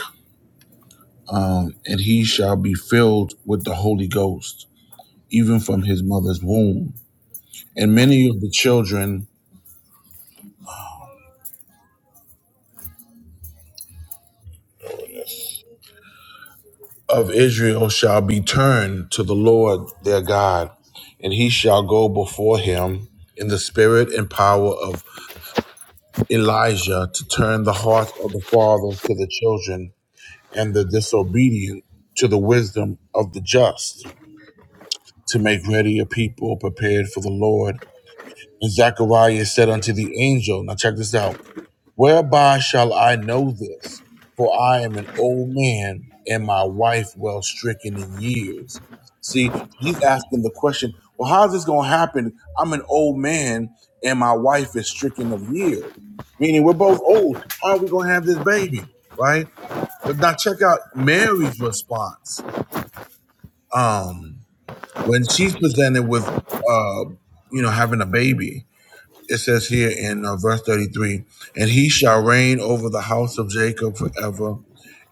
Speaker 1: um, and he shall be filled with the Holy Ghost even from his mother's womb. And many of the children of Israel shall be turned to the Lord their God, and he shall go before him in the spirit and power of Elijah to turn the hearts of the fathers to the children and the disobedient to the wisdom of the just, to make ready a people prepared for the Lord. And Zechariah said unto the angel, now check this out. Whereby shall I know this? For I am an old man, and my wife well stricken in years. See, he's asking the question, well, how's this going to happen? I'm an old man, and my wife is stricken of years. Meaning we're both old. How are we going to have this baby? Right? But now check out Mary's response um, when she's presented with, uh, you know, having a baby it says here in uh, verse 33 and he shall reign over the house of jacob forever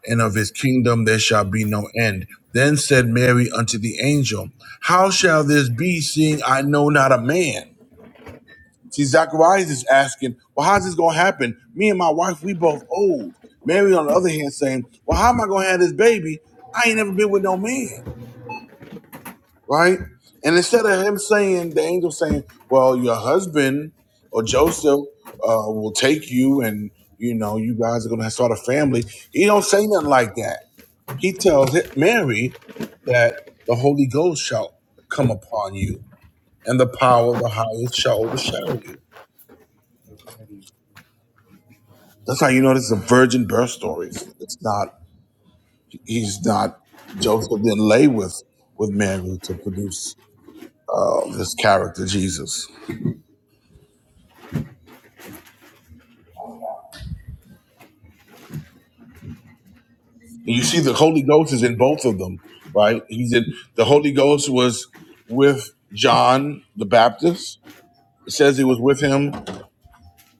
Speaker 1: and of his kingdom there shall be no end then said mary unto the angel how shall this be seeing i know not a man see zacharias is asking well how's this going to happen me and my wife we both old mary on the other hand saying well how am i going to have this baby i ain't never been with no man right? And instead of him saying, the angel saying, well, your husband or Joseph uh, will take you and, you know, you guys are going to start a family. He don't say nothing like that. He tells Mary that the Holy Ghost shall come upon you and the power of the highest shall overshadow you. That's how you know this is a virgin birth story. It's, it's not, he's not, Joseph didn't lay with, with Mary to produce uh, this character, Jesus. And You see, the Holy Ghost is in both of them, right? He's in the Holy Ghost was with John the Baptist. It says he was with him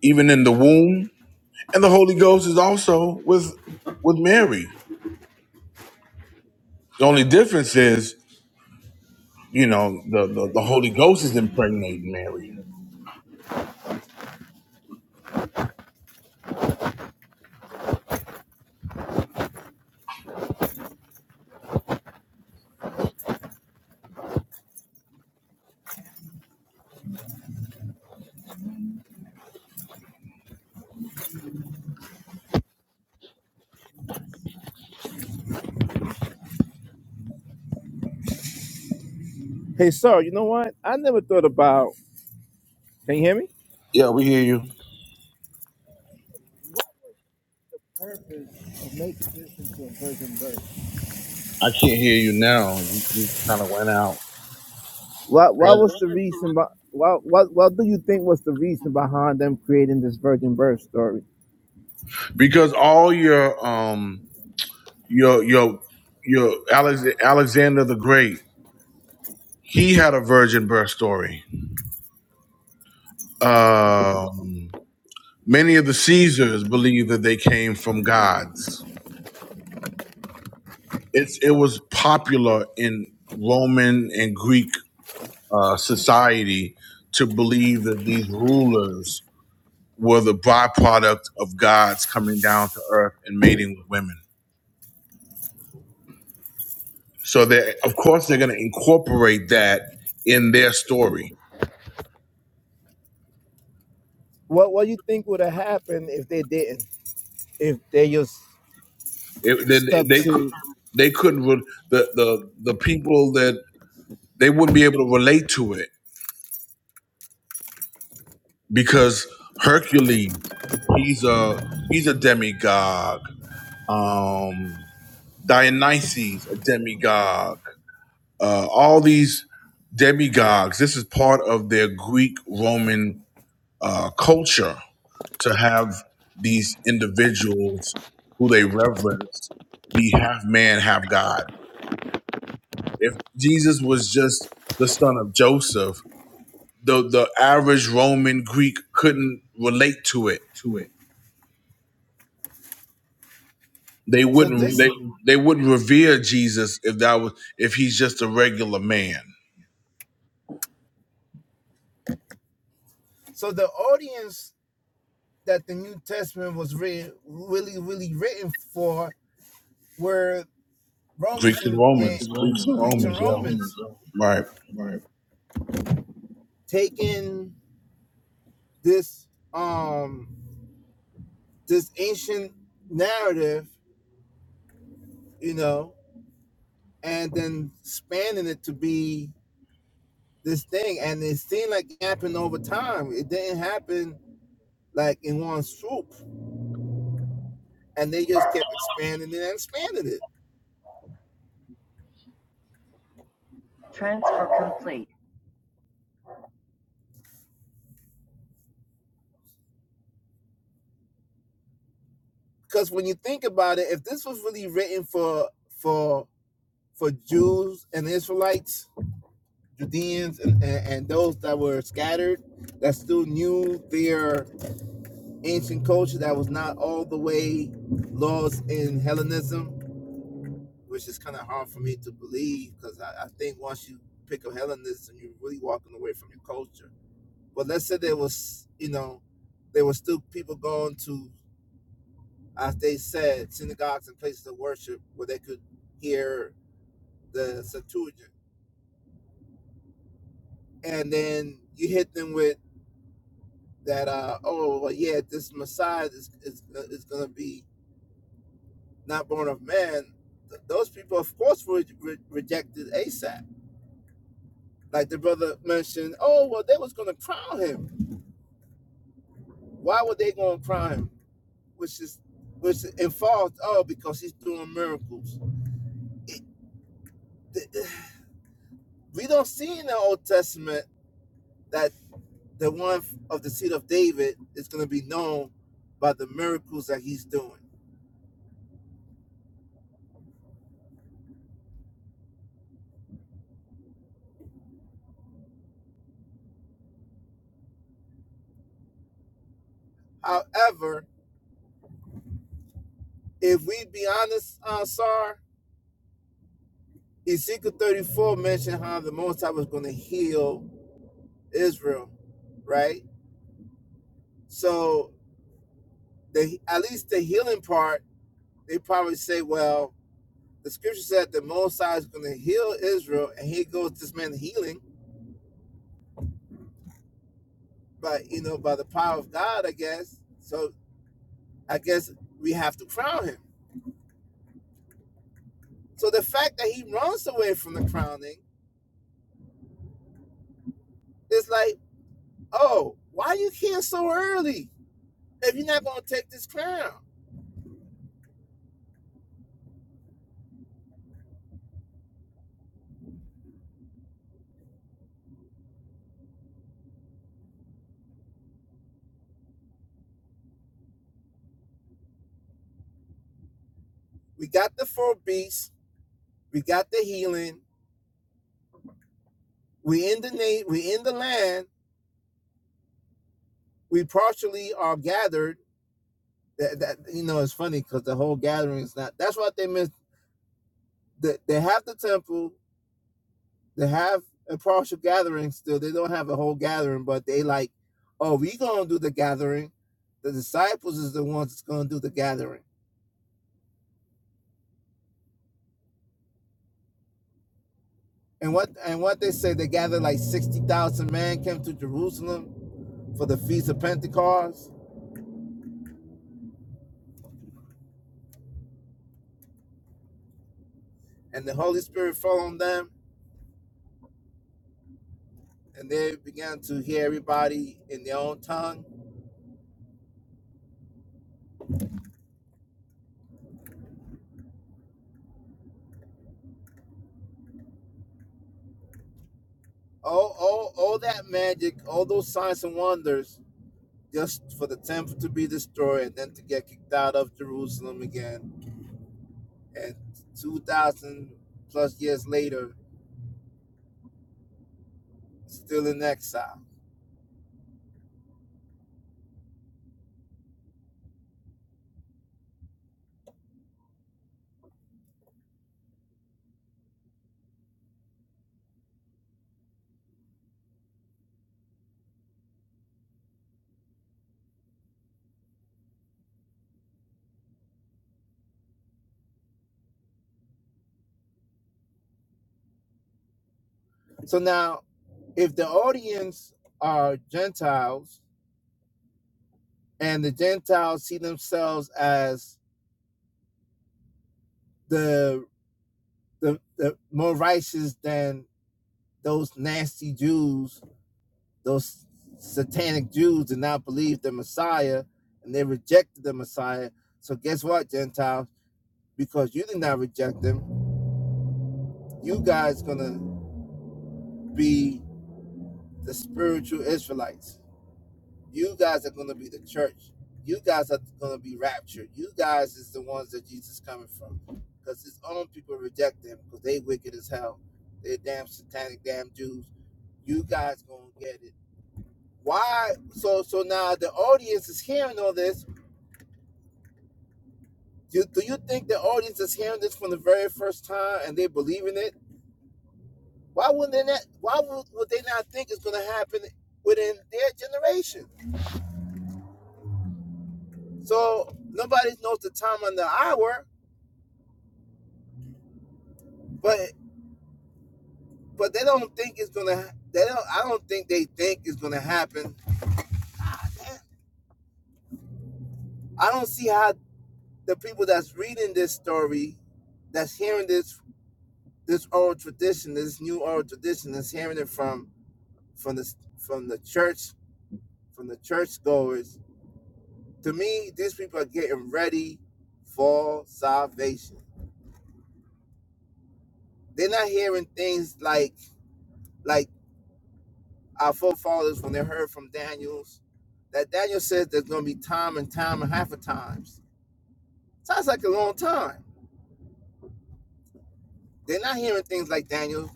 Speaker 1: even in the womb, and the Holy Ghost is also with with Mary. The only difference is, you know, the the, the Holy Ghost is impregnating Mary.
Speaker 11: Hey, sir, you know what? I never thought about. Can you hear me?
Speaker 1: Yeah, we hear you.
Speaker 11: Purpose of making this into a virgin birth.
Speaker 1: I can't hear you now. You, you kind of went out
Speaker 11: What What was the reason? But what What What do you think was the reason behind them creating this virgin birth story?
Speaker 1: because all your um your your your Alex, Alexander the Great, he had a virgin birth story Um, many of the Caesars believe that they came from gods. It's it was popular in Roman and Greek uh, society to believe that these rulers were the byproduct of gods coming down to earth and mating with women. So they, of course, they're going to incorporate that in their story.
Speaker 11: What What do you think would have happened if they didn't? If they just
Speaker 1: It,
Speaker 11: stuck
Speaker 1: they, they could
Speaker 11: to.
Speaker 1: they couldn't re- the the the people that they wouldn't be able to relate to it because Hercules, he's a he's a demigod. Um, Dionysus, a demigod. Uh, all these demigods. This is part of their Greek Roman uh, culture to have these individuals who they reverence be half man, half God. If Jesus was just the son of Joseph, the the average Roman Greek couldn't relate to it
Speaker 11: to it.
Speaker 1: They
Speaker 11: So
Speaker 1: wouldn't
Speaker 11: this
Speaker 1: they they wouldn't revere Jesus if that was if he's just a regular man.
Speaker 11: so the audience that the New Testament was re- really really written for were
Speaker 1: Greeks
Speaker 11: Romans
Speaker 1: and
Speaker 11: and, and
Speaker 1: Romans,
Speaker 11: Preaching
Speaker 1: Greeks and
Speaker 11: Romans, preaching
Speaker 1: Romans, yeah,
Speaker 11: Romans, Romans yeah.
Speaker 1: right.
Speaker 11: Right. taking this um this ancient narrative, you know, and then spanning it to be this thing. And it seemed like it happened over time. It didn't happen like in one swoop. And they just kept expanding it and expanding it. because when you think about it, if this was really written for for for Jews and Israelites, Judeans, and, and, and those that were scattered, that still knew their ancient culture, that was not all the way lost in Hellenism, which is kind of hard for me to believe because I, I think once you pick up Hellenism, you're really walking away from your culture. But let's say there was, you know, there were still people going to as they said, synagogues and places of worship where they could hear the Septuagint. And then you hit them with that, uh, oh, well, yeah, this Messiah is, is, is going to be not born of man. Th- Those people, of course, were re- rejected ASAP. Like the brother mentioned, oh, well, they was going to crown him. Why were they going to crown him? Which is, which involved, oh, because he's doing miracles. Th- We don't see in the Old Testament that the one of the seed of David is going to be known by the miracles that he's doing. However, if we be honest, uh, Sar, Ezekiel 34 mentioned how the Most High was going to heal Israel, right? So, the at least the healing part, they probably say, well, the scripture said the Most High is going to heal Israel, and here goes this man healing, but you know, by the power of God, I guess. So, I guess we have to crown him So the fact that he runs away from the crowning is like, oh, why you here so early if you're not going to take this crown? We got the four beasts, we got the healing, we in the na- we in the land, we partially are gathered. That, that you know, it's funny because the whole gathering is not. That's what they missed. They, they have the temple, they have a partial gathering still. They don't have a whole gathering, but they like, oh, we gonna do the gathering. The disciples is the ones that's gonna do the gathering And what and what they say they gathered like sixty thousand men came to Jerusalem for the feast of Pentecost, and the Holy Spirit fell on them, and they began to hear everybody in their own tongue. All all all that magic, all those signs and wonders, just for the temple to be destroyed and then to get kicked out of Jerusalem again, and two thousand plus years later, still in exile. So now, if the audience are Gentiles and the Gentiles see themselves as the the, the more righteous than those nasty Jews, those satanic Jews did not believe the Messiah and they rejected the Messiah. So guess what, Gentiles? Because you did not reject them, you guys gonna be the spiritual Israelites You guys are going to be the church. You guys are going to be raptured. You guys is the ones that Jesus is coming from. Because his own people reject him because they wicked as hell. They're damn satanic, damn Jews. You guys going to get it. Why? So so now the audience is hearing all this. Do, do you think the audience is hearing this from the very first time and they believe in it? Why wouldn't they not, Why would, would they not think it's going to happen within their generation? So nobody knows the time and the hour, but but they don't think it's gonna. They don't. I don't think they think it's gonna happen. I don't see how the people that's reading this story, that's hearing this this oral tradition, this new oral tradition, that's hearing it from from the from the church, from the churchgoers. To me, these people are getting ready for salvation. They're not hearing things like like our forefathers when they heard from Daniel's that Daniel says there's gonna be time and time and half of times Sounds like a long time. They're not hearing things like Daniel.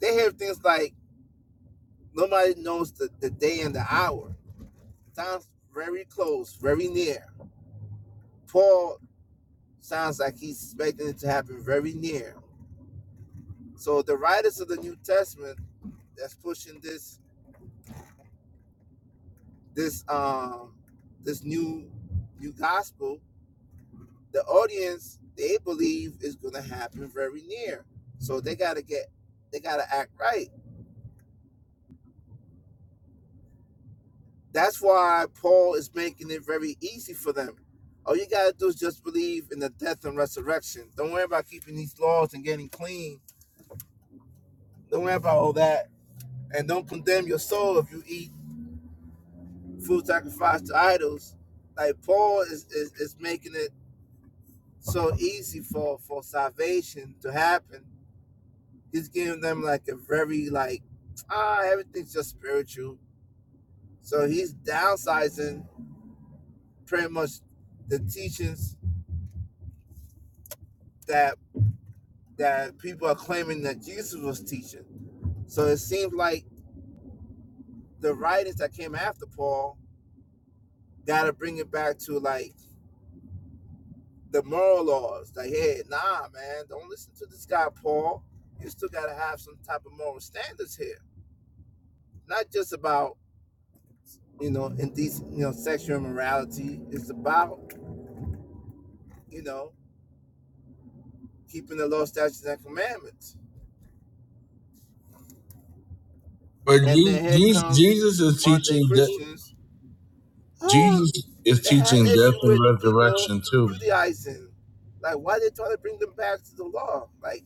Speaker 11: They hear things like nobody knows the, the day and the hour. Sounds very close, very near. Paul sounds like he's expecting it to happen very near. So the writers of the New Testament that's pushing this this um this new new gospel, the audience they believe is gonna happen very near. So they gotta get they gotta act right. That's why Paul is making it very easy for them. All you gotta do is just believe in the death and resurrection. Don't worry about keeping these laws and getting clean. Don't worry about all that. And don't condemn your soul if you eat food sacrificed to idols. Like Paul is, is, is making it so easy for, for salvation to happen. He's giving them like a very like ah everything's just spiritual. So he's downsizing pretty much the teachings that. that people are claiming that Jesus was teaching. So it seems like the writers that came after Paul gotta bring it back to like the moral laws. Like, hey, nah, man, don't listen to this guy, Paul. You still gotta have some type of moral standards here. Not just about, you know, indecent, you know, sexual immorality. It's about, you know, keeping the law, statutes, and commandments.
Speaker 1: But
Speaker 11: And
Speaker 1: Je-
Speaker 11: then here
Speaker 1: Je-
Speaker 11: comes
Speaker 1: Jesus is
Speaker 11: one of the
Speaker 1: teaching that
Speaker 11: Christians. Ah,
Speaker 1: Jesus is
Speaker 11: They had
Speaker 1: teaching death
Speaker 11: issue with
Speaker 1: and
Speaker 11: people
Speaker 1: resurrection too.
Speaker 11: Judaizing, Like, why are they trying to bring them back to the law? Like,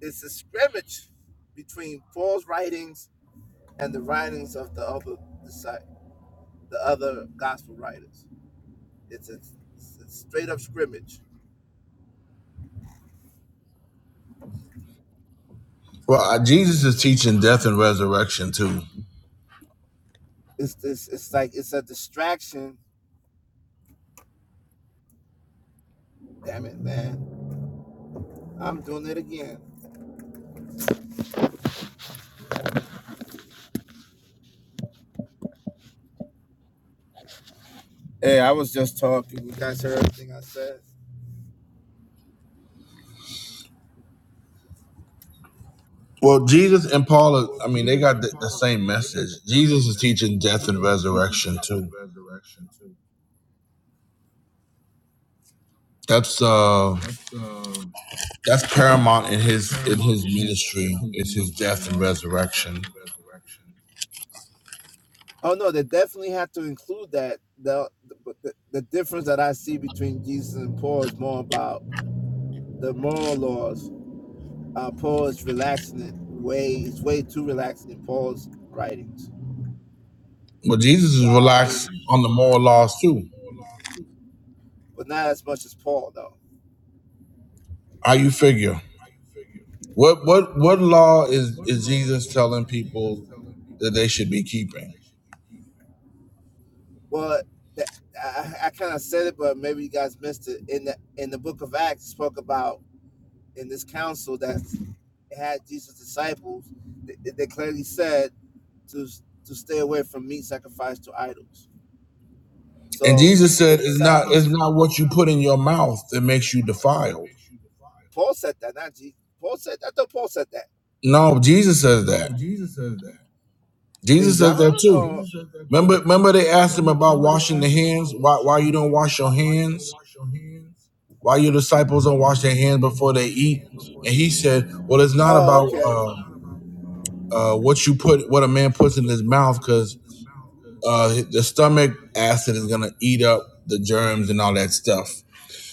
Speaker 11: it's a scrimmage between Paul's writings and the writings of the other disci- the other gospel writers. It's a, it's a straight up scrimmage.
Speaker 1: Well, uh, Jesus is teaching death and resurrection too.
Speaker 11: It's this. It's like it's a distraction. Damn it, man! I'm doing it again. Hey, I was just talking. You guys heard everything I said.
Speaker 1: Well, Jesus and Paul, are,
Speaker 11: Well,
Speaker 1: I mean, they
Speaker 11: Jesus
Speaker 1: got
Speaker 11: and
Speaker 1: the, the
Speaker 11: Paul,
Speaker 1: same
Speaker 11: I mean, they
Speaker 1: message.
Speaker 11: got the, the
Speaker 1: Jesus
Speaker 11: same
Speaker 1: is
Speaker 11: message.
Speaker 1: teaching death and
Speaker 11: Jesus is teaching
Speaker 1: resurrection
Speaker 11: death
Speaker 1: too.
Speaker 11: and resurrection too.
Speaker 1: That's uh, that's paramount in his in his ministry. It's his death and resurrection.
Speaker 11: Oh no, they definitely have to include that. The, the the the difference that I see between Jesus and Paul is more about the moral laws. Uh, Paul is relaxing it way it's way too relaxing in Paul's writings.
Speaker 1: Well, Jesus is
Speaker 11: While
Speaker 1: relaxed
Speaker 11: in
Speaker 1: on the moral laws too.
Speaker 11: but not as much as Paul though.
Speaker 1: How you figure? What what what law is is Jesus telling people that they should be keeping?
Speaker 11: Well, that, I, I kind of said it, but maybe you guys missed it. In the in the book of Acts, it spoke about in this council that had Jesus' disciples. They, they clearly said to to stay away from meat sacrificed to idols
Speaker 1: And
Speaker 11: So
Speaker 1: Jesus
Speaker 11: the
Speaker 1: said,
Speaker 11: And Jesus
Speaker 1: "It's not it's
Speaker 11: disciples, said,
Speaker 1: not
Speaker 11: it's
Speaker 1: what
Speaker 11: not,
Speaker 1: you put in
Speaker 11: it's
Speaker 1: your
Speaker 11: not what
Speaker 1: mouth
Speaker 11: you
Speaker 1: that
Speaker 11: put in your
Speaker 1: makes you
Speaker 11: mouth that
Speaker 1: defiled."
Speaker 11: makes you defiled. Paul said that, not Jesus. Paul said that. I thought Paul said that
Speaker 1: No, Jesus says
Speaker 11: No,
Speaker 1: that.
Speaker 11: Jesus says that. in
Speaker 1: Jesus
Speaker 11: John,
Speaker 1: says that too.
Speaker 11: or Jesus says that
Speaker 1: Remember
Speaker 11: too.
Speaker 1: remember they asked him
Speaker 11: Remember,
Speaker 1: about
Speaker 11: remember they
Speaker 1: washing the
Speaker 11: asked him
Speaker 1: hands.
Speaker 11: about
Speaker 1: Why
Speaker 11: washing
Speaker 1: why
Speaker 11: the
Speaker 1: you don't
Speaker 11: hands,
Speaker 1: wash
Speaker 11: why,
Speaker 1: your
Speaker 11: why you don't
Speaker 1: hands?
Speaker 11: wash your hands,
Speaker 1: Why your disciples don't
Speaker 11: why
Speaker 1: wash
Speaker 11: your
Speaker 1: their hands
Speaker 11: disciples
Speaker 1: before
Speaker 11: don't
Speaker 1: they
Speaker 11: wash their
Speaker 1: eat?
Speaker 11: hands before
Speaker 1: And
Speaker 11: they
Speaker 1: he
Speaker 11: eat.
Speaker 1: said, "Well,
Speaker 11: And
Speaker 1: it's
Speaker 11: he said,
Speaker 1: not
Speaker 11: oh,
Speaker 1: about
Speaker 11: okay. "What is
Speaker 1: uh, uh, what you put, what a man puts in his mouth, because." uh, the stomach acid is going to eat up the germs and all that stuff.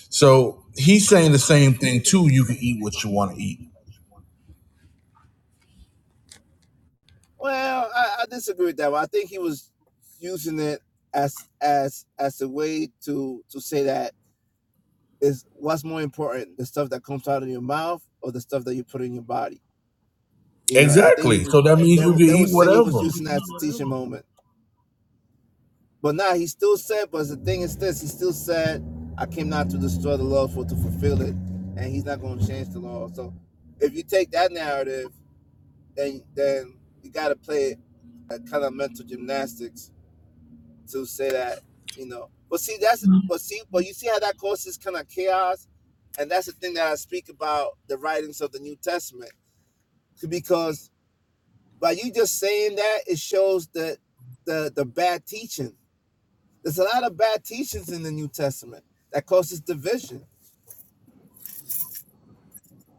Speaker 1: So he's saying the same thing too. You can eat what you want to eat.
Speaker 11: Well, I, I disagree with that. one. I think he was using it as as as a way to to say that is what's more important the stuff that comes out of your mouth or the stuff that you put in your body you know i think he
Speaker 1: Exactly. So
Speaker 11: was
Speaker 1: that means
Speaker 11: they,
Speaker 1: you
Speaker 11: would-
Speaker 1: can
Speaker 11: they
Speaker 1: eat
Speaker 11: would say he was
Speaker 1: whatever.
Speaker 11: using that as a teaching moment but now nah, he still said but the thing is this he still said i came not to destroy the law but to fulfill it and he's not going to change the law so if you take that narrative then then you got to play a kind of mental gymnastics to say that you know but see that's but see but you see how that causes kind of chaos and that's the thing that i speak about the writings of the new testament because by you just saying that it shows that the the bad teaching there's a lot of bad teachings in the new testament that causes division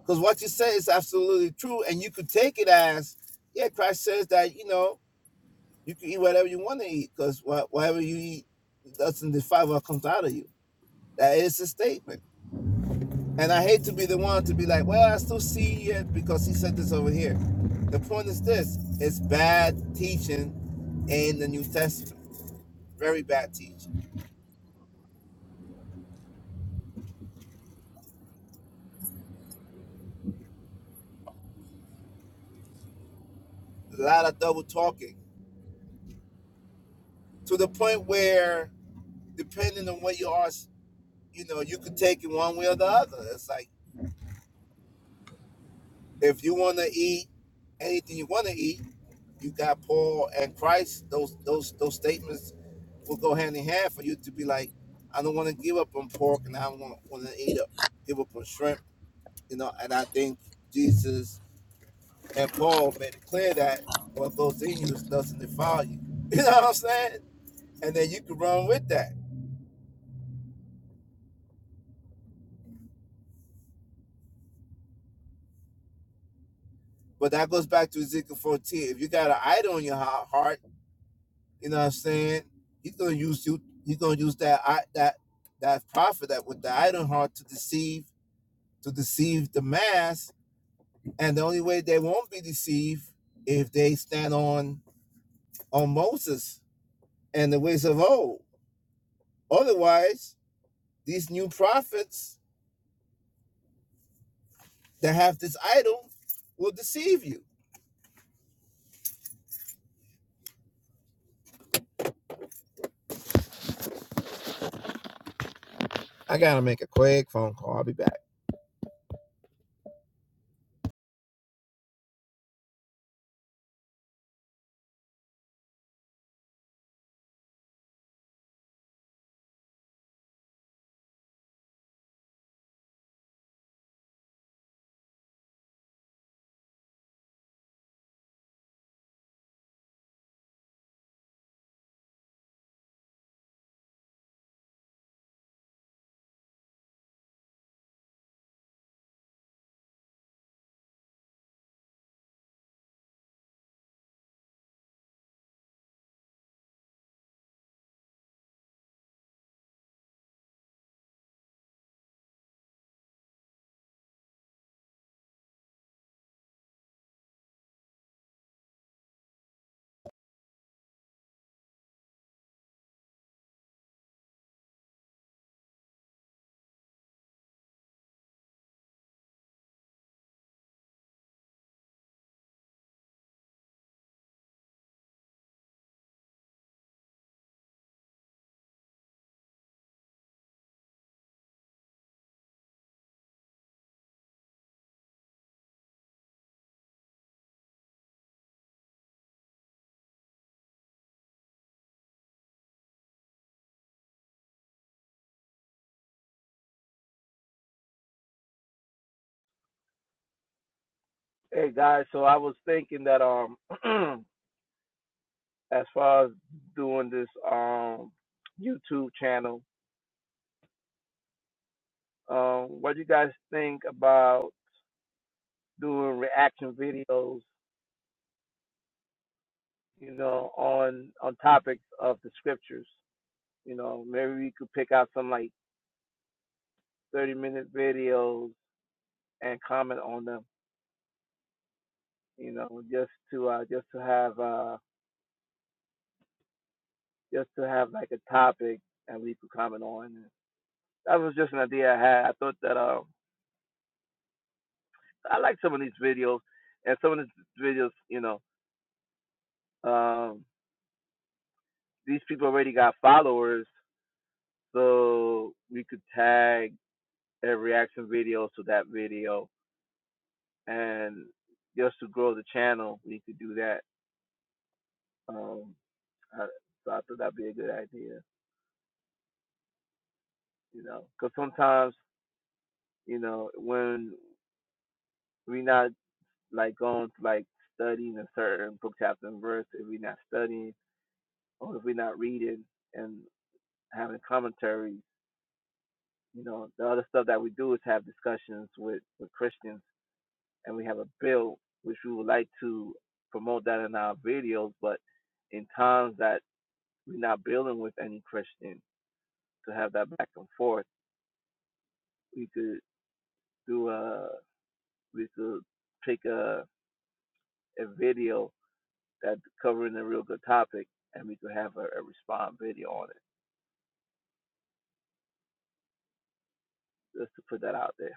Speaker 11: because what you say is absolutely true and you could take it as yeah christ says that you know you can eat whatever you want to eat because whatever you eat doesn't define what comes out of you that is a statement And I hate to be the one to be like, well, I still see it because he said this over here. The point is this it's bad teaching in the New Testament. Very bad teaching. A lot of double talking to the point where, depending on where you are, you know, you could take it one way or the other. It's like, if you want to eat anything you want to eat, You got Paul and Christ. Those those those statements will go hand in hand for you to be like, I don't want to give up on pork, and I don't want to eat up, give up on shrimp, you know. And I think Jesus and Paul made it clear that what goes in you is nothing to follow you. (laughs) You know what I'm saying? And then you can run with that. But that goes back to Ezekiel 14. If you got an idol in your heart, you know what I'm saying? He's gonna use you. He's gonna use that that that prophet that with the idol heart to deceive to deceive the mass. And the only way they won't be deceived if they stand on on Moses and the ways of old. Otherwise, these new prophets that have this idol will deceive you. I gotta make a quick phone call. I'll be back. Hey guys, so I was thinking that um (clears throat) as far as doing this um YouTube channel, um what do you guys think about doing reaction videos you know, on on topics of the scriptures. You know, maybe we could pick out some like thirty minute videos and comment on them. You know, just to uh, just to have uh, just to have like a topic and we could comment on. And That was just an idea I had. I thought that um, I like some of these videos and some of these videos. You know, um, these people already got followers, so we could tag their reaction videos to that video and just to grow the channel, we could do that. Um, I, so I thought that'd be a good idea, you know, because sometimes, you know, when we are not like going to like studying a certain book chapter and verse, if we're not studying or if we're not reading and having commentaries, you know, the other stuff that we do is have discussions with with Christians, and we have a bill which we would like to promote that in our videos, but in times that we're not building with any Christian to have that back and forth. We could do a we could take a a video that covering a real good topic, and we could have a, a respond video on it just to put that out there.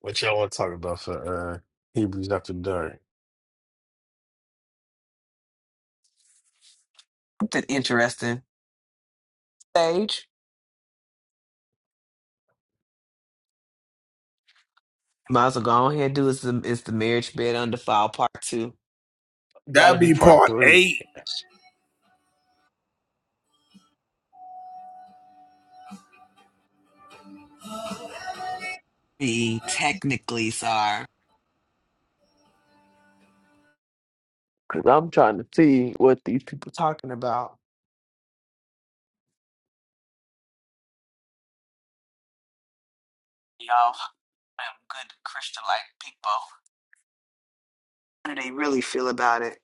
Speaker 7: What y'all want to talk about for uh Hebrews after dark?
Speaker 8: Something interesting. Sage. Might as well go on here and do is the, is the marriage bed undefiled part two.
Speaker 1: That'd
Speaker 7: That'll be
Speaker 1: be
Speaker 7: part
Speaker 1: part
Speaker 7: three.
Speaker 1: eight.
Speaker 8: The technically sorry. Cause I'm trying to see what these people talking about. Y'all i am good Christian like people. How do they really feel about it?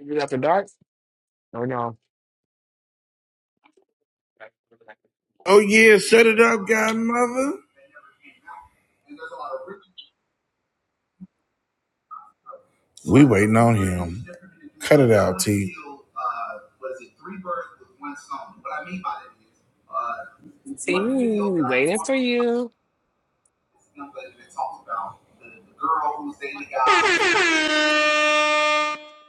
Speaker 8: Is it after dark? Or no?
Speaker 1: Oh yeah, shut it up, godmother. We waiting on him. Cut it out, T.
Speaker 8: See, we waiting for you. (laughs)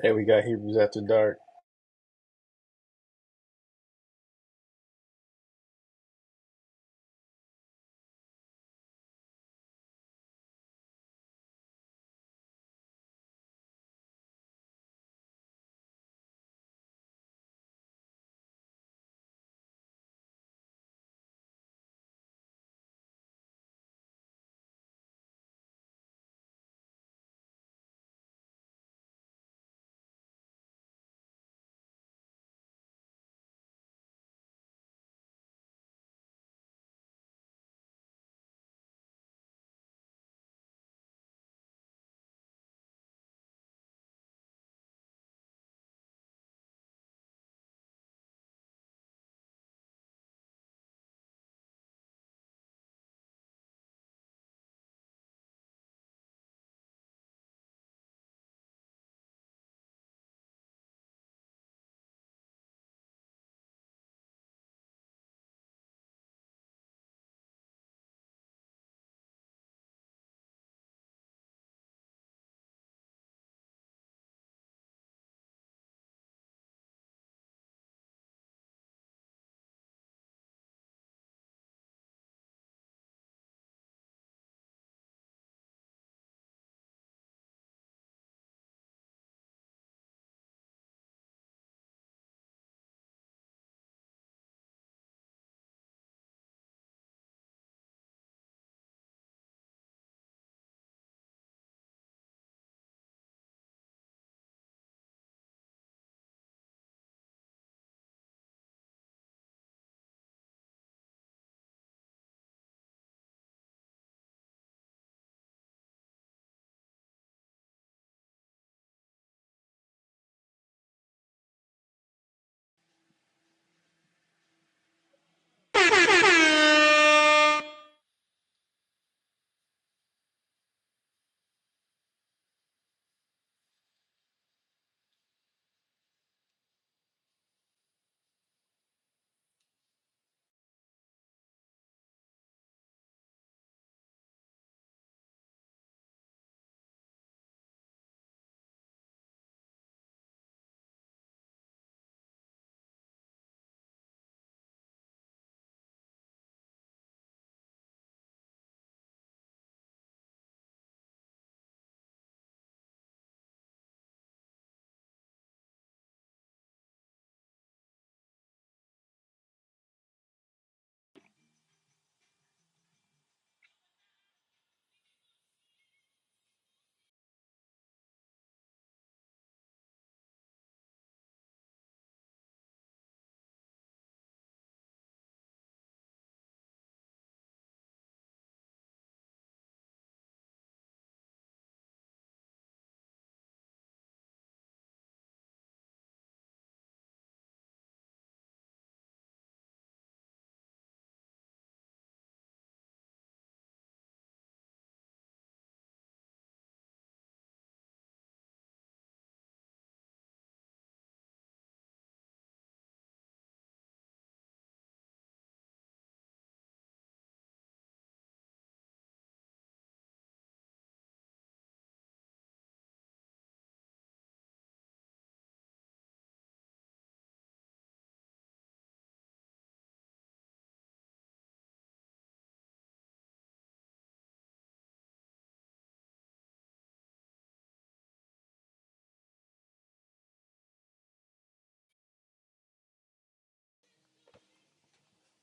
Speaker 19: Hey, we got Hebrews After Dark.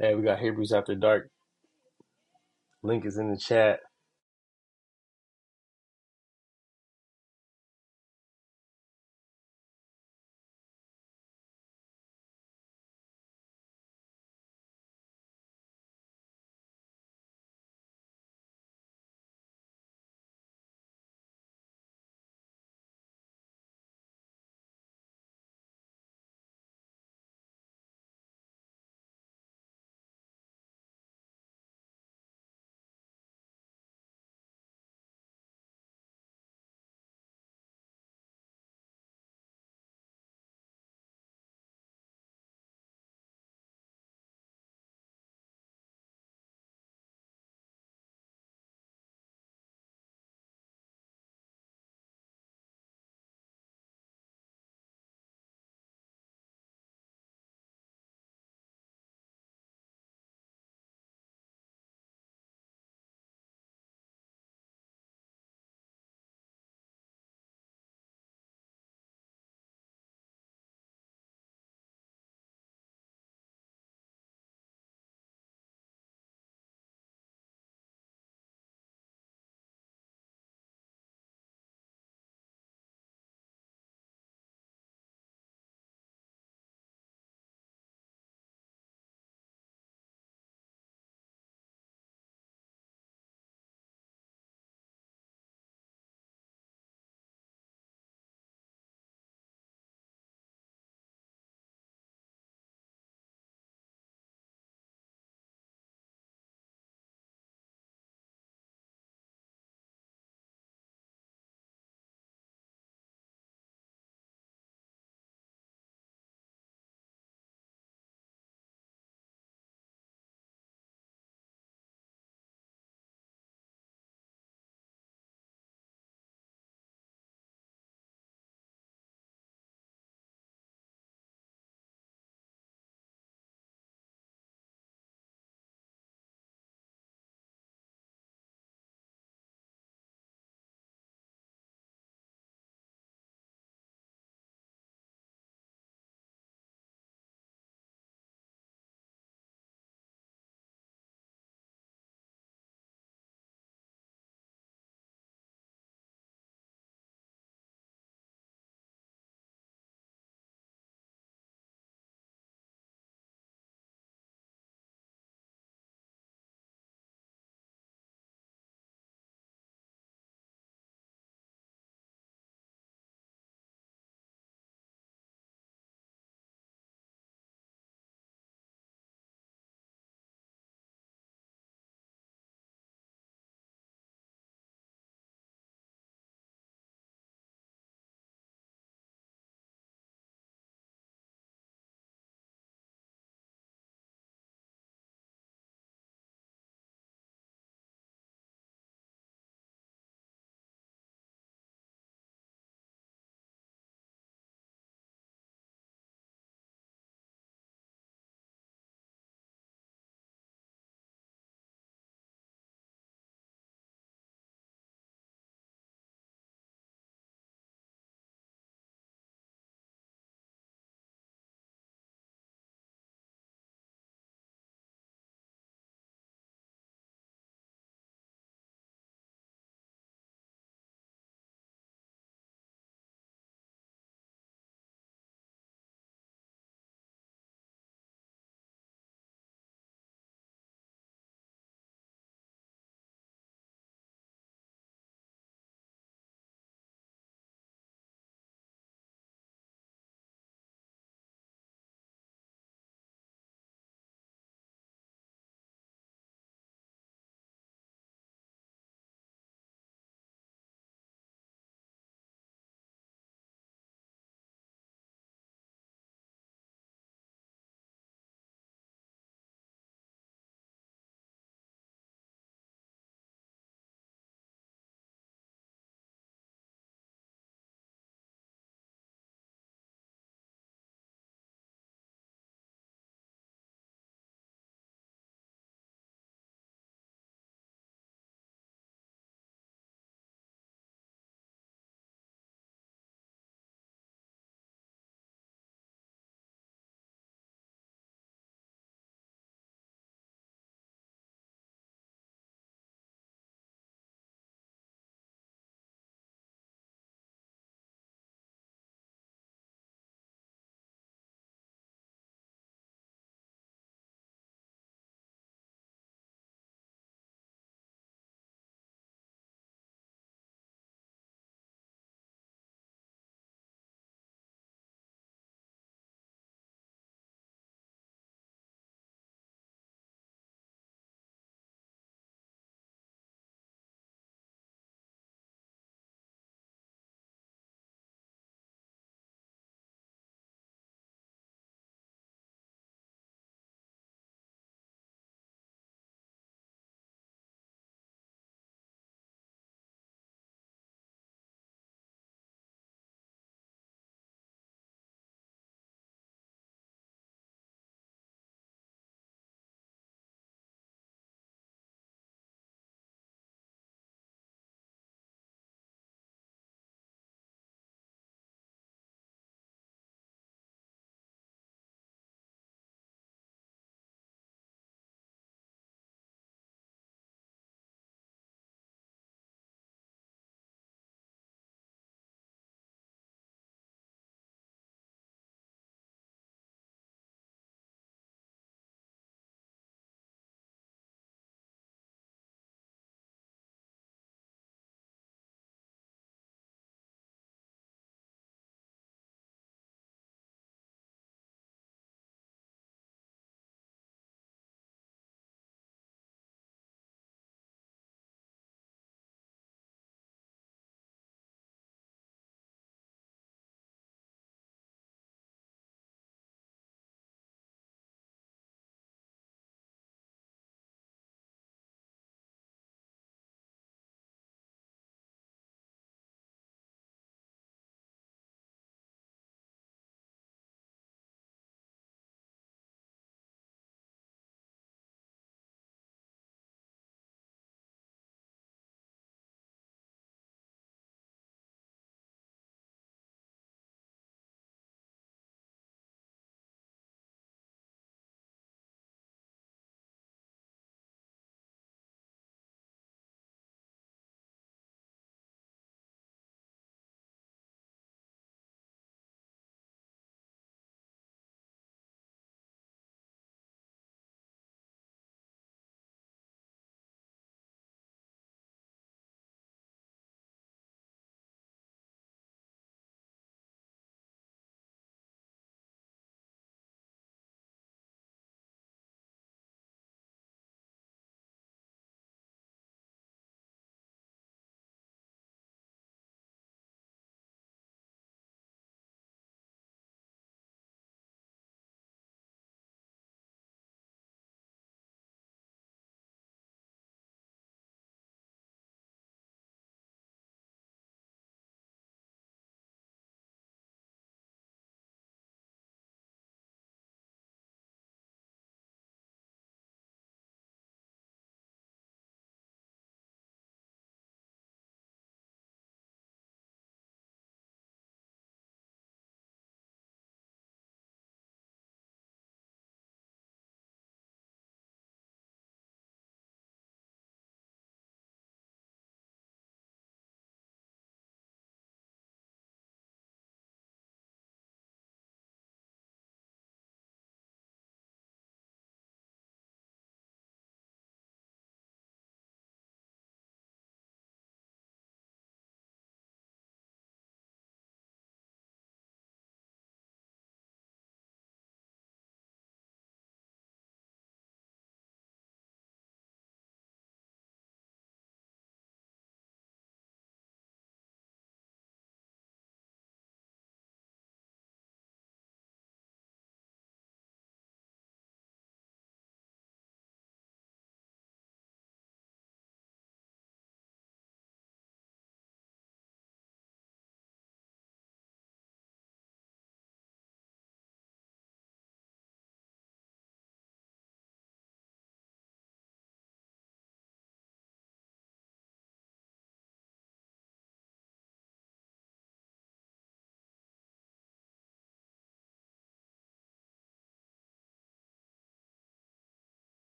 Speaker 19: Hey, we got Hebrews After Dark. Link is in the chat.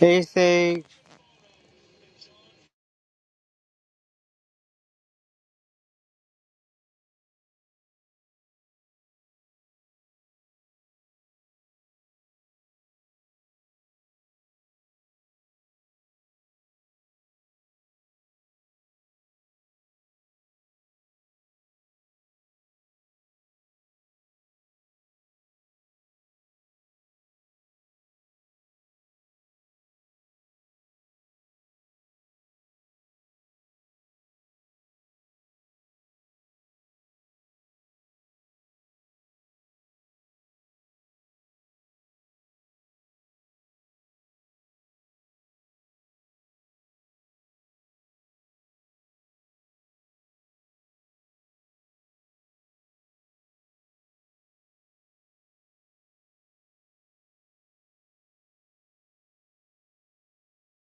Speaker 20: Anything